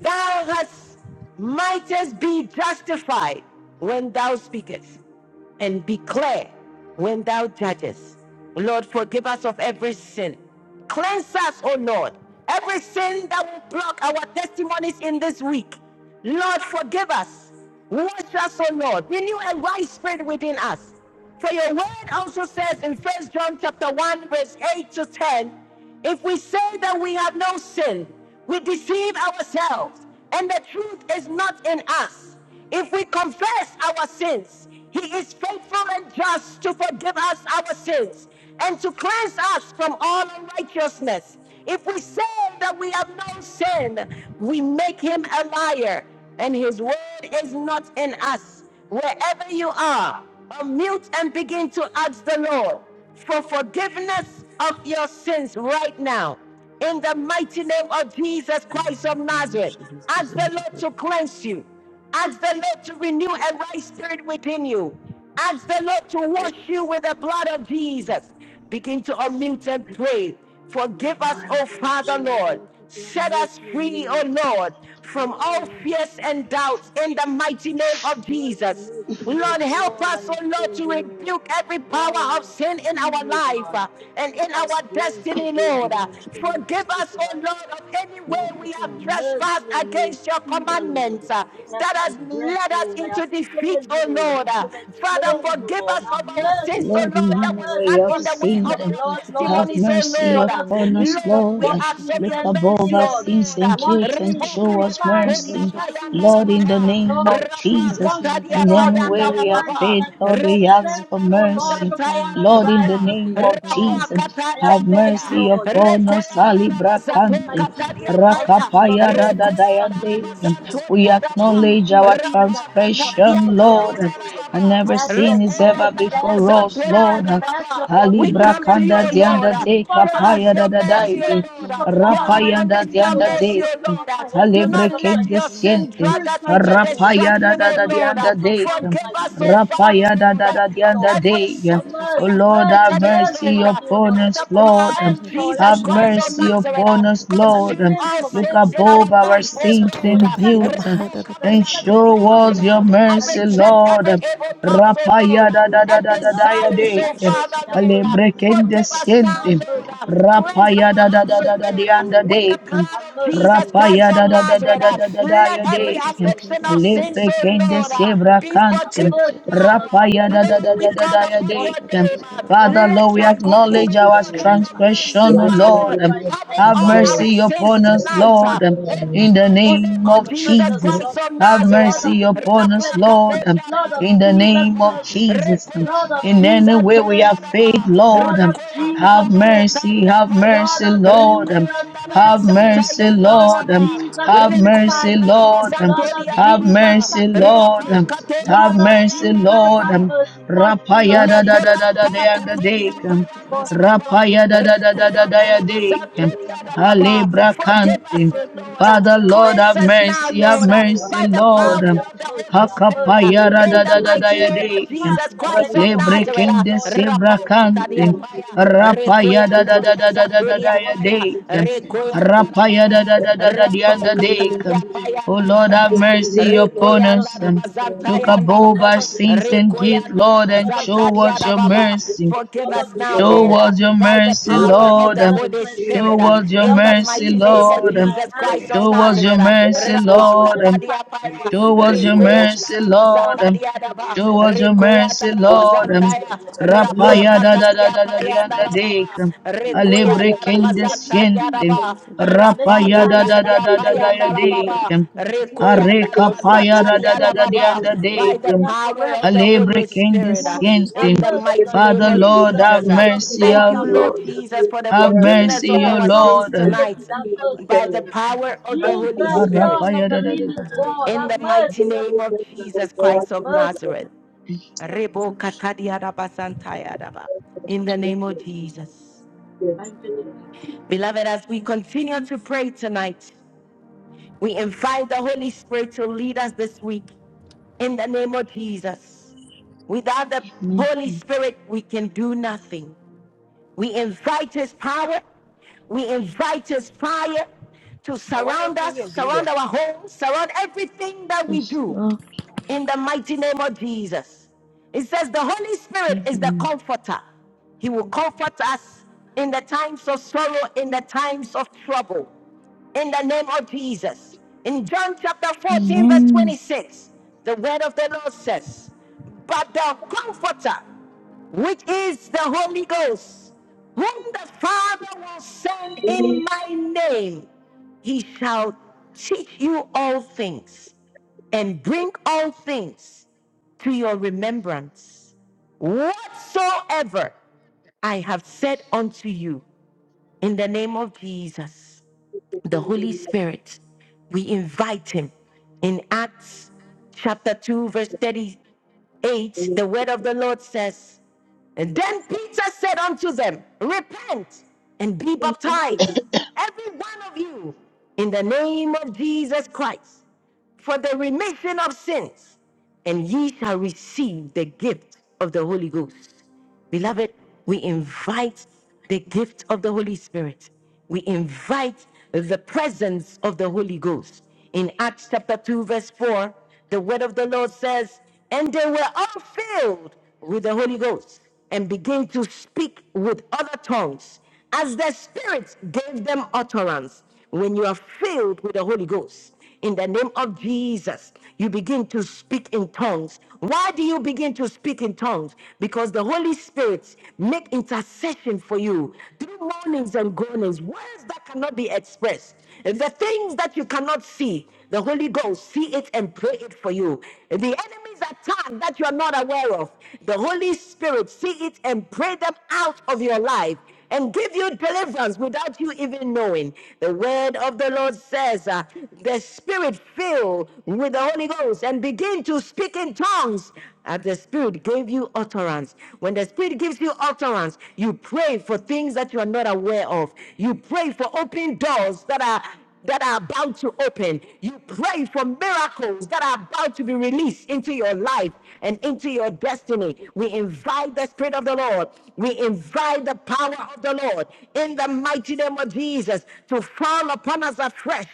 S1: Thou hast mightest be justified when thou speakest, and be clear when thou judgest. Lord, forgive us of every sin. Cleanse us, O Lord, every sin that will block our testimonies in this week. Lord, forgive us. Wash us, O Lord. Renew a right spirit within us. For your word also says in First John chapter 1, verse 8 to 10, if we say that we have no sin, we deceive ourselves, and the truth is not in us. If we confess our sins, He is faithful and just to forgive us our sins and to cleanse us from all unrighteousness. If we say that we have no sin, we make Him a liar, and His word is not in us. Wherever you are, unmute and begin to ask the Lord for forgiveness of your sins right now. In the mighty name of Jesus
S7: In the
S1: Christ of
S7: mighty name of
S1: Nazareth,
S7: Jesus, this is
S1: ask
S7: the
S1: the
S7: word
S1: Lord
S7: of
S1: to cleanse you. Ask the Lord to renew a right spirit within you. Ask the Lord to wash you with the blood of
S7: In
S1: Jesus. Begin to unmute and pray.
S7: the
S4: My
S1: Forgive
S7: mighty
S1: us,
S4: mind
S1: O
S8: Mercy,
S7: name of
S1: Father
S7: Jesus,
S8: Lord.
S1: Lord.
S8: Mercy, Lord.
S1: Set us
S8: Mercy on me,
S1: free, O
S8: Lord.
S1: Lord, from
S8: Lord,
S1: all
S8: have
S1: fears and
S8: mercy,
S1: doubts in the
S8: Lord.
S1: mighty name of
S8: Mercy,
S1: Jesus.
S8: mercy,
S1: Lord,
S7: our
S8: mercy,
S7: spirits
S1: help
S8: Lord, I
S1: us, oh
S8: have
S1: Lord,
S8: failed
S1: to
S8: you, Lord.
S1: rebuke every
S8: Lord, I
S1: power of
S8: have
S1: sin in
S8: seen
S1: our
S8: you,
S1: life
S8: God.
S1: uh,
S8: I
S1: and
S8: have
S1: in our
S8: transgressed
S1: destiny,
S8: against
S7: will
S1: Lord.
S7: be
S8: you,
S1: Uh,
S8: Lord. I come
S7: light.
S1: Forgive
S8: before you
S1: us, oh
S8: tonight,
S1: Lord,
S8: Lord.
S1: of any
S7: In the
S1: way
S8: I ask
S7: mighty
S8: you
S1: we
S8: to
S1: have
S8: have
S7: name of Jesus,
S8: mercy
S1: trespassed
S8: on me, a
S1: against your
S8: sinner,
S7: working
S8: Lord.
S1: commandments
S7: for
S1: uh,
S7: us.
S8: I have
S1: that has
S8: transgressed,
S1: led us
S8: Lord. I
S1: into
S8: have
S1: defeat,
S8: failed you,
S1: oh
S8: Lord, in
S1: Lord. Uh,
S8: so
S9: And because
S8: many
S9: of the
S1: Father,
S8: ways,
S9: Father
S8: oh
S1: forgive
S9: God,
S8: God.
S1: us
S8: Have
S9: forgive
S1: of
S9: us
S7: Make
S1: our
S7: our
S9: because
S1: sins,
S8: mercy
S9: of
S1: oh
S8: on
S9: our
S10: Lord,
S8: me.
S1: Lord,
S9: sins
S10: in
S8: Have
S9: and
S1: that
S10: know
S9: our
S1: will
S10: where
S8: mercy.
S1: stand
S10: you have
S1: in
S8: Wash
S1: the
S9: trespasses.
S8: me
S1: way
S8: with
S9: Father
S10: seen
S1: of
S8: your
S10: them.
S9: Lord
S1: our
S9: God,
S8: blood,
S9: forgive
S8: Lord.
S9: us
S10: Have
S9: our
S1: testimonies, oh
S10: mercy
S9: trespasses,
S1: Lord.
S8: Blood of
S9: Father
S10: upon
S9: God.
S10: us,
S8: Jesus,
S1: Lord,
S10: Lord.
S1: we
S8: wash
S9: As we
S1: ask
S8: me,
S9: forgive
S1: of
S9: our
S10: Look
S1: your
S8: cleanse
S9: trespass
S8: me,
S10: above
S1: mercy,
S9: against
S10: our
S1: oh
S9: us,
S8: Lord.
S9: Father
S10: sins
S9: Lord
S10: and
S1: Lord.
S9: God, we
S8: Wash
S10: guilt
S9: pray
S10: and
S8: me,
S9: that we
S10: show
S9: come
S10: us
S9: before
S8: purify
S9: you.
S8: me,
S10: mercy.
S9: Wash us, Father
S8: saturate
S10: Lord,
S9: God.
S10: in
S8: me with
S10: the
S8: your
S10: name
S8: blood.
S10: of
S9: Wash us
S10: Jesus,
S8: Wash
S9: cleaner
S8: me,
S9: than
S10: in
S8: Lord,
S10: any
S9: snow,
S8: till
S10: way
S9: Father
S8: I'm
S10: we
S9: God.
S10: have
S8: white
S9: Wash us
S10: failed,
S8: and
S9: with
S10: Lord,
S9: hyssop,
S8: snow.
S10: we
S9: Father God.
S10: ask
S8: Cleanse
S10: for
S1: Rekoyanda
S8: me,
S9: Everything
S8: O
S9: that we
S8: Lord,
S9: may
S10: mercy.
S8: from
S9: have done
S8: all
S9: in
S10: Lord,
S9: thought,
S7: work
S10: in
S9: word,
S10: the
S9: or
S10: name
S9: deed,
S8: unrighteousness,
S10: of
S9: Father
S8: Lord.
S9: Lord
S10: Jesus,
S9: God.
S7: of
S8: I have
S10: have
S7: Jesus.
S8: failed you,
S7: Save
S10: mercy
S9: Beautiful
S8: Lord.
S7: us.
S10: upon
S9: mercy,
S10: us,
S9: Father
S10: Ali
S7: Jehovah,
S9: God.
S8: Forgive
S9: Father
S8: my
S10: Brakante,
S9: Lord
S7: give my
S8: sins,
S9: God.
S8: Lord. All sins,
S9: Lord,
S10: Rakapaya
S9: in your
S8: unknowing sins
S9: mercy,
S8: and
S10: Radadayande.
S9: hear
S8: unknown
S9: our
S7: Jesus. in the
S9: prayers.
S8: sins.
S7: mighty
S10: We
S9: Father God, upon
S10: acknowledge
S9: your
S8: Willful
S9: we
S10: our
S8: sins and
S1: Rapa
S8: sins
S9: come
S8: I'm not
S1: katadia
S10: transgression,
S9: before you.
S8: aware
S10: Lord,
S8: of,
S1: payanda
S7: name of
S1: la
S8: Lord.
S7: Jesus,
S10: and
S1: baba.
S9: I
S10: every
S8: I ask
S9: send
S8: your
S9: this
S10: sin is
S9: Lord to
S10: ever
S1: Rekoyanda
S9: come
S8: mercy.
S1: la
S8: I ask
S10: before
S9: before
S8: your
S9: your
S10: us,
S1: bazanteria
S8: pardon.
S1: la
S9: presence.
S10: Lord.
S8: I ask your
S1: baba.
S9: We
S1: We
S10: Alibra
S9: bow our
S1: come to
S8: forgiveness,
S1: you,
S10: kanda
S8: Lord.
S1: O
S9: sins,
S8: Wash
S1: Lord.
S10: dianda
S9: Father
S8: me
S9: God. I
S10: de
S9: pray
S1: Show
S9: that your
S8: thoroughly
S1: us
S10: kapaya da
S1: your
S10: da
S9: sins will
S8: and
S9: wipe
S1: mercy, O
S10: daide.
S9: them
S8: cleanse me
S9: far
S8: from
S1: Lord.
S9: away
S1: Your
S8: all
S9: from
S8: my
S9: us,
S10: Rapayanda
S9: Father
S8: sins,
S9: Lord.
S1: unconditional
S8: O
S10: dianda
S9: God.
S8: Lord, from
S1: mercy,
S10: de.
S8: the
S1: O
S8: crown of
S1: Lord.
S8: my head to
S1: Do
S8: the
S9: Father,
S1: not
S10: Alebre
S8: sole of my
S1: let
S10: kende
S8: feet.
S1: your
S9: blot it
S1: sin
S10: siente.
S9: out,
S1: drag us
S9: white
S8: Purify
S9: and
S1: into
S8: my
S9: snow,
S8: body,
S9: here,
S10: Rapaya
S9: that
S10: da
S1: destruction,
S9: was
S10: da
S8: purify
S1: O
S9: a
S10: da
S8: my
S9: toll
S1: Lord.
S9: of
S10: dianda
S8: soul,
S9: a
S8: my
S10: de.
S8: mind,
S9: hicassatar
S8: my
S1: Forgive
S9: of
S1: us,
S7: Forgive
S9: a
S1: O
S9: head,
S8: spirit.
S9: that was
S8: Wash
S9: a
S1: Father,
S10: Rapaya
S8: me,
S10: da
S9: toll
S1: Lord,
S9: of
S10: da
S8: cleanse
S9: a
S10: da the
S8: me,
S1: of
S10: other
S8: Lord.
S9: hicassatar
S1: every
S9: of
S10: day.
S9: a head,
S8: Have
S1: sin
S9: that
S1: that
S9: was a
S10: Oh
S1: we
S8: mercy,
S1: have
S10: Lord, have
S8: mercy,
S1: committed, O
S8: mercy
S10: mercy
S1: Lord.
S8: on me, O
S10: upon
S8: Lord
S1: By
S10: us,
S8: Jesus.
S1: the
S8: I
S10: Lord.
S1: blood
S8: repent,
S1: of
S8: Lord. I
S1: Jesus
S10: Have
S8: repent
S1: Christ
S8: of
S1: of
S10: mercy
S8: my sin.
S1: Nazareth,
S10: upon us,
S8: I
S10: Lord.
S1: consume
S8: repent
S1: all
S8: for my
S10: Look
S1: sins in
S8: children.
S1: our
S8: I
S10: above our
S8: repent
S1: life,
S8: for my
S1: oh
S10: sins
S1: Lord.
S10: and
S8: grandchildren. I repent for
S10: guilt
S8: my
S1: Rebo
S8: kids. I
S10: and
S1: kabaya
S8: repent for my
S1: todia
S10: show us
S8: family.
S10: your
S1: paya. I
S8: I
S10: mercy,
S8: repent for
S1: reject
S8: my
S10: Lord.
S1: every
S8: mother,
S1: evil
S8: Lord.
S1: thought, oh
S8: I'm
S1: Lord,
S10: Rapaya
S8: mercy
S10: da
S9: Isatora
S10: da
S8: on
S10: da
S8: us,
S1: and
S10: da da
S8: Lord.
S9: bahigara
S8: I'm
S10: da
S8: mercy.
S1: desires,
S10: day.
S1: oh
S9: basatora
S8: I'm mercy.
S9: bahigara
S1: Father,
S8: I'm
S1: Lord.
S8: mercy
S10: Alebre
S8: on
S9: satara
S8: my
S10: kende
S1: Forgive
S9: bahora
S8: country,
S1: us
S8: America.
S9: bahira
S1: now,
S8: I'm
S10: siente.
S9: katara
S8: mercy
S1: Lord.
S8: on the
S9: basatora
S8: people.
S1: Cleanse
S10: Rapaya
S1: our
S10: da
S9: bahira
S10: da
S8: I'm
S10: da
S1: hearts, oh
S10: da
S9: katara
S8: mercy
S10: da
S8: on
S10: the
S8: the
S1: Lord,
S8: whole
S9: basitora
S10: other
S1: with
S8: world.
S10: day.
S1: the blood
S8: I'm
S1: of
S8: mercy,
S1: Jesus
S8: Lord.
S1: Christ
S10: Rapaya
S8: I'm
S1: of
S10: da da da
S8: mercy,
S10: da
S1: Nazareth.
S10: da
S8: Lord.
S10: da da da
S1: Let
S10: ya
S8: Have
S9: bahigara
S1: every
S10: de.
S8: mercy, Lord, for
S1: addiction
S8: the
S9: basatora
S1: of
S8: sake of
S9: bahigara
S1: sins,
S10: Lepre
S8: this
S1: oh
S10: kende
S8: sorrowful
S9: basatora
S1: Lord,
S8: passion.
S10: sebra
S9: bahira
S1: be
S9: bakara
S8: Have
S10: kantem.
S1: forgiven
S9: badadora
S8: mercy on
S1: now.
S8: us
S9: bahira
S8: and on
S10: Rapaya
S8: the
S10: da da
S8: whole
S9: katatara
S10: da
S1: Lord, we
S10: da
S8: world.
S10: da
S1: call
S10: da
S9: basatora
S10: ya
S1: upon your
S10: de.
S8: Wash
S9: bahira
S8: me,
S1: name.
S8: Jesus.
S9: basatara
S8: Wash
S9: bahira
S10: Father,
S8: me,
S10: Lord,
S1: Let
S10: we
S1: your
S8: wash
S9: basatora
S8: me,
S1: grace,
S8: wash
S10: acknowledge
S1: oh
S9: bahira
S10: our
S1: Lord,
S8: me.
S1: and
S9: basatora
S1: your
S8: I
S9: bahira
S1: mercy,
S10: transgression, O
S8: purify you,
S1: Father,
S10: Lord.
S8: purify you from
S1: pardon
S8: the
S10: Have
S8: top
S1: all
S8: of my
S1: our
S10: mercy
S8: head to the
S1: sins
S10: upon
S8: top
S9: Hela
S10: us,
S8: of my
S1: tonight.
S10: Lord,
S8: feet,
S9: kasatara bahira
S8: Jesus.
S1: In the
S10: in the
S1: mighty
S9: basotoro
S8: Wash me
S1: name
S10: name
S8: with
S1: of
S10: of
S9: bahigara
S8: the
S1: Jesus
S8: precious
S9: basotoro
S10: Jesus.
S1: Christ
S8: blood,
S1: of
S9: bahigara
S10: Have
S8: Jesus,
S1: Nazareth.
S8: blood of
S9: katotoro
S10: mercy
S8: Jesus,
S10: upon
S9: bahigara
S10: us,
S8: cleanse me.
S9: basotoro
S10: Lord, um,
S8: Blood
S9: bahigara
S8: of
S10: in the
S9: satara
S8: Jesus,
S10: name
S9: bahira
S10: of
S8: cleanse me.
S9: basotoro
S10: Jesus. um,
S8: Blood
S1: Rekoyanda
S9: bahira
S1: Baba, Rekoyanda
S8: of
S10: In any
S8: Jesus,
S9: basotoro
S10: way we
S1: Bazantonia
S9: bahira
S10: have
S8: cleanse
S10: faith,
S1: Baba,
S9: basotoro
S8: me.
S10: Lord,
S8: Blood
S9: bahigara
S10: um,
S8: of
S9: satara
S1: Rekoyanda
S8: Jesus,
S10: have
S9: basotoro
S8: cleanse me.
S10: mercy,
S9: bahigara
S1: Bakataria
S10: have
S8: Blood
S1: Paya,
S9: basotoro
S10: mercy,
S8: of
S9: bahira
S10: Lord. um,
S8: Jesus,
S1: Rekoyanda
S10: Have
S8: cleanse me.
S10: mercy,
S1: Bazantaya
S9: basatara
S8: Blood of
S10: Lord.
S9: bahira
S10: um,
S1: Baba,
S8: Jesus,
S9: basotoro
S10: Have
S7: God,
S9: bahira
S8: purify
S10: mercy,
S8: me.
S1: Rekoyanda
S9: basotoro
S10: Lord. um,
S9: bahira
S8: Blood of
S1: Bazantonia
S9: bakara
S10: Have
S8: Jesus,
S9: basotoro
S1: Baba,
S10: mercy,
S9: bahira
S8: saturate
S9: bada
S10: Lord.
S8: me.
S1: Rapa
S10: um,
S9: basotoro
S10: Have
S1: Katodia
S8: Blood of
S9: sita
S10: mercy,
S1: Paya
S8: Jesus,
S10: Lord.
S8: have
S1: Baba.
S10: um,
S8: mercy. Wash me,
S10: Rapaya
S8: Lord
S10: da
S1: Le
S10: da da
S8: Jesus.
S10: da
S9: satara
S10: da
S1: korampa
S9: bahira
S10: da da
S8: Wash me,
S10: da
S1: katodia
S9: basotoro
S8: wash
S10: um,
S8: me,
S9: bahigara
S1: payanda
S8: wash
S1: la
S8: me,
S7: Nazareth,
S9: basotoro
S8: wash
S1: baba.
S8: me.
S10: Rapaya da da
S9: bahigara
S10: da da da
S8: Have
S10: da
S9: basotoro
S1: Rekoyanda
S10: da
S1: la
S8: glory,
S9: bahigara
S8: have
S10: da
S8: your
S10: um,
S8: way,
S9: basotoro
S1: basantodia
S8: have
S1: da
S9: bahigara
S8: mercy,
S1: baba.
S8: Lord.
S10: Halebra
S1: Forgive
S8: Mercy,
S9: Hira
S1: us, O
S9: basatora
S8: mercy,
S1: Lord.
S7: Nazareth,
S8: mercy,
S10: Father,
S9: bahigara
S8: have
S10: Lord,
S1: Cleanse
S10: have
S9: basatora
S8: mercy,
S1: us
S8: Lord.
S1: now,
S10: mercy, have
S1: Lord,
S8: Have
S7: so
S8: mercy,
S10: mercy,
S1: by the
S8: have
S10: Lord.
S1: power
S8: mercy, have
S1: of the
S8: mercy,
S1: Holy
S8: have
S1: Spirit.
S8: mercy,
S10: Hakapaya da
S1: In
S10: da
S8: mercy,
S1: the
S10: da da
S8: mercy.
S1: mighty
S10: ya
S8: I
S1: name
S8: beg
S1: of
S8: your
S10: de.
S1: Jesus
S8: pardon, I beg
S1: Christ
S8: your
S1: of
S10: Lebre
S8: forgiveness,
S1: Nazareth.
S10: kende
S8: Lord
S1: Rapa
S10: sevra
S8: Jesus.
S1: katadia
S10: kante.
S8: Wash me,
S1: paya.
S8: Jesus.
S10: Rapaya da
S1: Rekoyanda
S10: da
S1: la
S10: da
S8: Wash
S10: da
S8: me,
S10: da da da
S8: Jesus.
S10: da
S1: basantodia
S10: ya
S8: Wash me,
S1: paya.
S10: de.
S8: Jesus.
S1: Rekoyanda
S8: Wash
S1: la
S8: me,
S10: Rapaya
S1: baba
S10: da da
S8: Jesus.
S10: da da da
S1: rapa
S10: da da
S8: Wash
S10: de.
S1: katadia
S10: Oh
S1: payanda la
S10: Lord,
S8: me,
S10: have
S1: baba
S8: Jesus.
S10: mercy upon
S8: Blood of
S1: rekoyanda
S10: us.
S1: la
S8: Jesus, wash
S1: bazanta
S10: Look
S7: in the
S1: yanda la
S10: above
S1: ba
S8: Blood
S10: our
S8: of
S10: sins
S8: Jesus,
S10: and
S8: wash
S10: guilt,
S8: me.
S1: rekoyanda la
S10: Lord,
S8: Blood
S10: and
S8: of
S1: bazanta
S10: show
S8: Jesus,
S1: dia
S10: us
S1: da
S10: your
S8: saturate
S1: baba
S8: me.
S10: mercy.
S1: forgive
S8: Blood of
S1: us now
S8: Jesus,
S10: Show
S1: lord
S8: cleanse
S1: uh,
S10: us
S8: me.
S10: your
S1: by the
S10: mercy,
S8: Blood of
S1: power of
S10: Lord.
S1: the
S8: Jesus,
S1: holy
S8: cleanse me.
S1: spirit
S10: Show
S1: uh,
S10: us your
S1: in
S8: Blood
S1: the
S8: of
S10: mercy,
S1: mighty
S8: Jesus,
S1: name
S7: mercy
S1: of
S8: cleanse
S10: Lord.
S8: my
S1: jesus
S9: bahigara
S8: hands,
S1: christ
S8: my
S1: of
S10: Show us
S8: eyes,
S10: your
S1: nazareth
S8: my
S1: uh,
S9: basatora
S8: ears,
S10: mercy,
S8: my
S1: rapa
S9: bahira
S8: body, every
S10: Lord.
S8: part
S1: katadia
S8: of my
S7: and
S1: paya
S8: body that
S10: Show
S8: sin
S10: us
S7: faith
S10: your
S9: Isotoro
S8: against you.
S1: rekoyanda
S10: mercy,
S1: la
S9: Bahikatoro
S10: Lord.
S1: bazanta
S8: Wash
S10: Um,
S8: it
S1: dia
S8: with
S1: da
S9: Bahikata
S8: your blood,
S9: Kotoro
S10: Show
S8: Lord
S10: us your
S8: Jesus.
S1: ba
S9: Bahikata
S10: mercy,
S9: Tapata
S3: Thank
S8: Wash
S10: Lord.
S8: me
S9: Sotoro
S8: with
S10: Um,
S3: you.
S8: your
S1: Dalabazantaya,
S9: Bahila
S8: blood, Jesus.
S3: Thank
S9: Masotoro
S10: Rapaya da da
S9: Bahila
S10: da
S1: Rapakatadia
S10: da da
S9: Pasotoro
S10: da
S1: Payanda
S10: da
S1: Lababa,
S10: da
S8: Purify
S9: Bahila
S10: Alebre
S1: Rekoyanda
S8: me.
S10: kende
S8: Make me
S9: Potopotoro
S1: Rabazantadia
S10: siente.
S8: clean,
S10: Um,
S8: O
S9: Bahikata
S1: Raba,
S8: Lord.
S9: Pasotoro
S8: Make me
S9: Bahikata
S10: Rapaya da
S9: Pototoro
S8: whiter
S10: da da
S8: than
S1: Rapakatadia
S10: da da
S8: snow,
S9: Bahila
S10: da ya
S8: Lord
S1: Payanda
S10: de.
S9: Pasotoro
S1: Lababa,
S8: Jesus.
S10: um,
S9: Bahikata
S8: Wash
S9: Pasotoro
S8: me,
S10: Are
S1: Rekoyanda
S8: Jesus.
S9: Bahila
S10: kapaya da
S9: Pasotoro
S10: da
S1: Rabazatadia
S10: da
S8: Lord,
S10: da
S8: like
S9: Bahikata
S10: da
S8: thee,
S1: Rababa,
S10: da
S8: Lord.
S9: Pasotoro
S10: de.
S1: by the
S8: We
S9: Bahila
S10: um,
S8: are
S1: power
S8: forever
S1: of the
S8: before
S10: Alebre
S1: Holy
S8: thee.
S9: Yata
S10: kende
S1: Spirit, uh,
S8: Wash,
S9: Bakotoro
S8: have
S10: siente.
S1: in
S9: Bahila
S10: Um,
S1: the
S9: Doro
S8: mercy
S9: Bahila
S8: on
S1: mighty
S8: me.
S1: name
S10: Father,
S9: Pasotoro
S1: of
S9: Bahikata
S10: Lord,
S8: Jesus,
S10: have
S1: Jesus. uh.
S8: Son of
S10: mercy,
S8: God,
S1: Thank
S10: O
S1: you,
S8: have
S9: Pasotoro
S1: Lord
S10: Lord.
S8: mercy on me.
S1: Jesus, for the
S9: Pasotoro
S10: Have
S1: forgiveness
S9: Bahikata
S10: mercy,
S1: of
S8: Jesus,
S10: O
S1: our
S8: Son
S9: Potoro
S8: of
S1: sins
S10: Lord. Um,
S1: tonight,
S8: David, have
S7: by
S8: mercy
S1: by
S8: on
S1: the
S8: me.
S9: In
S1: power
S9: Jesus'
S1: of
S9: mighty
S1: the
S9: name.
S1: Holy
S8: Jesus, Son
S1: Spirit,
S8: of
S10: Rapaya
S9: Yata
S8: the
S10: da
S9: koto
S10: da
S9: toro
S10: da da.
S8: living
S7: your
S8: God,
S1: in
S8: have
S1: the
S7: command,
S1: mighty
S8: mercy on
S1: name
S8: me,
S1: of
S8: Jesus.
S1: Jesus
S7: we are
S1: Christ of
S8: Mercy,
S1: Nazareth.
S7: in
S8: mercy,
S7: your spirit.
S1: In the name of
S8: thank you, Jesus.
S1: Jesus.
S8: Thank you, Jesus.
S1: Beloved, as we continue to pray tonight, we invite the Holy Spirit to lead us this week in the name of Jesus. Without the Holy Spirit, we can do nothing. We invite His power, we invite His fire to
S11: But why that
S1: surround
S11: thing
S1: us,
S11: just be there?
S1: surround our home, surround everything that we
S10: Yes,
S1: do.
S10: Lord.
S1: in the mighty name of Jesus. It says the Holy Spirit is the
S10: Amen.
S1: comforter. He will comfort us in the times of sorrow, in the times of trouble, in the name of Jesus. In John chapter 14, verse
S10: Amen.
S1: 26, the word of the Lord says, But the comforter, which is the Holy Ghost, whom the Father will send in my name, he shall teach you all things and bring all things to your remembrance whatsoever I have said unto you in the name of Jesus, the Holy Spirit. We invite him in Acts chapter 2, verse 38. The word of the Lord says, And then Peter said unto them, Repent and be baptized, every one of you, in the name of Jesus Christ for the remission of sins, and ye shall receive the gift of the Holy Ghost. Beloved, we invite the gift of the Holy Spirit. We invite the presence of the Holy Ghost. In Acts chapter 2, verse 4, the word of the Lord says, And they were all filled with the Holy Ghost and began to speak with other tongues as the Spirit gave them utterance. When you are filled with the Holy Ghost, in the name of Jesus, you begin to speak in tongues. Why do you begin to speak in tongues? Because the Holy Spirit make intercession for you through moanings and groanings, words that cannot be expressed. The things that you cannot see, the Holy Ghost see it and pray it for you. The enemy's attack that you are not aware of, the Holy Spirit see it and pray them out of your life and give you deliverance without you even knowing. The word of the Lord says, uh, the Spirit fill with the Holy Ghost and begin to speak in tongues as the Spirit gave you utterance. When the Spirit gives you utterance, you pray for things that you are not aware of. You pray for open doors that are that are about to open. You pray for miracles that are about to be released into your life and into your destiny. We invite the Spirit of the Lord. We invite the power of the Lord in the mighty name of Jesus to fall upon us afresh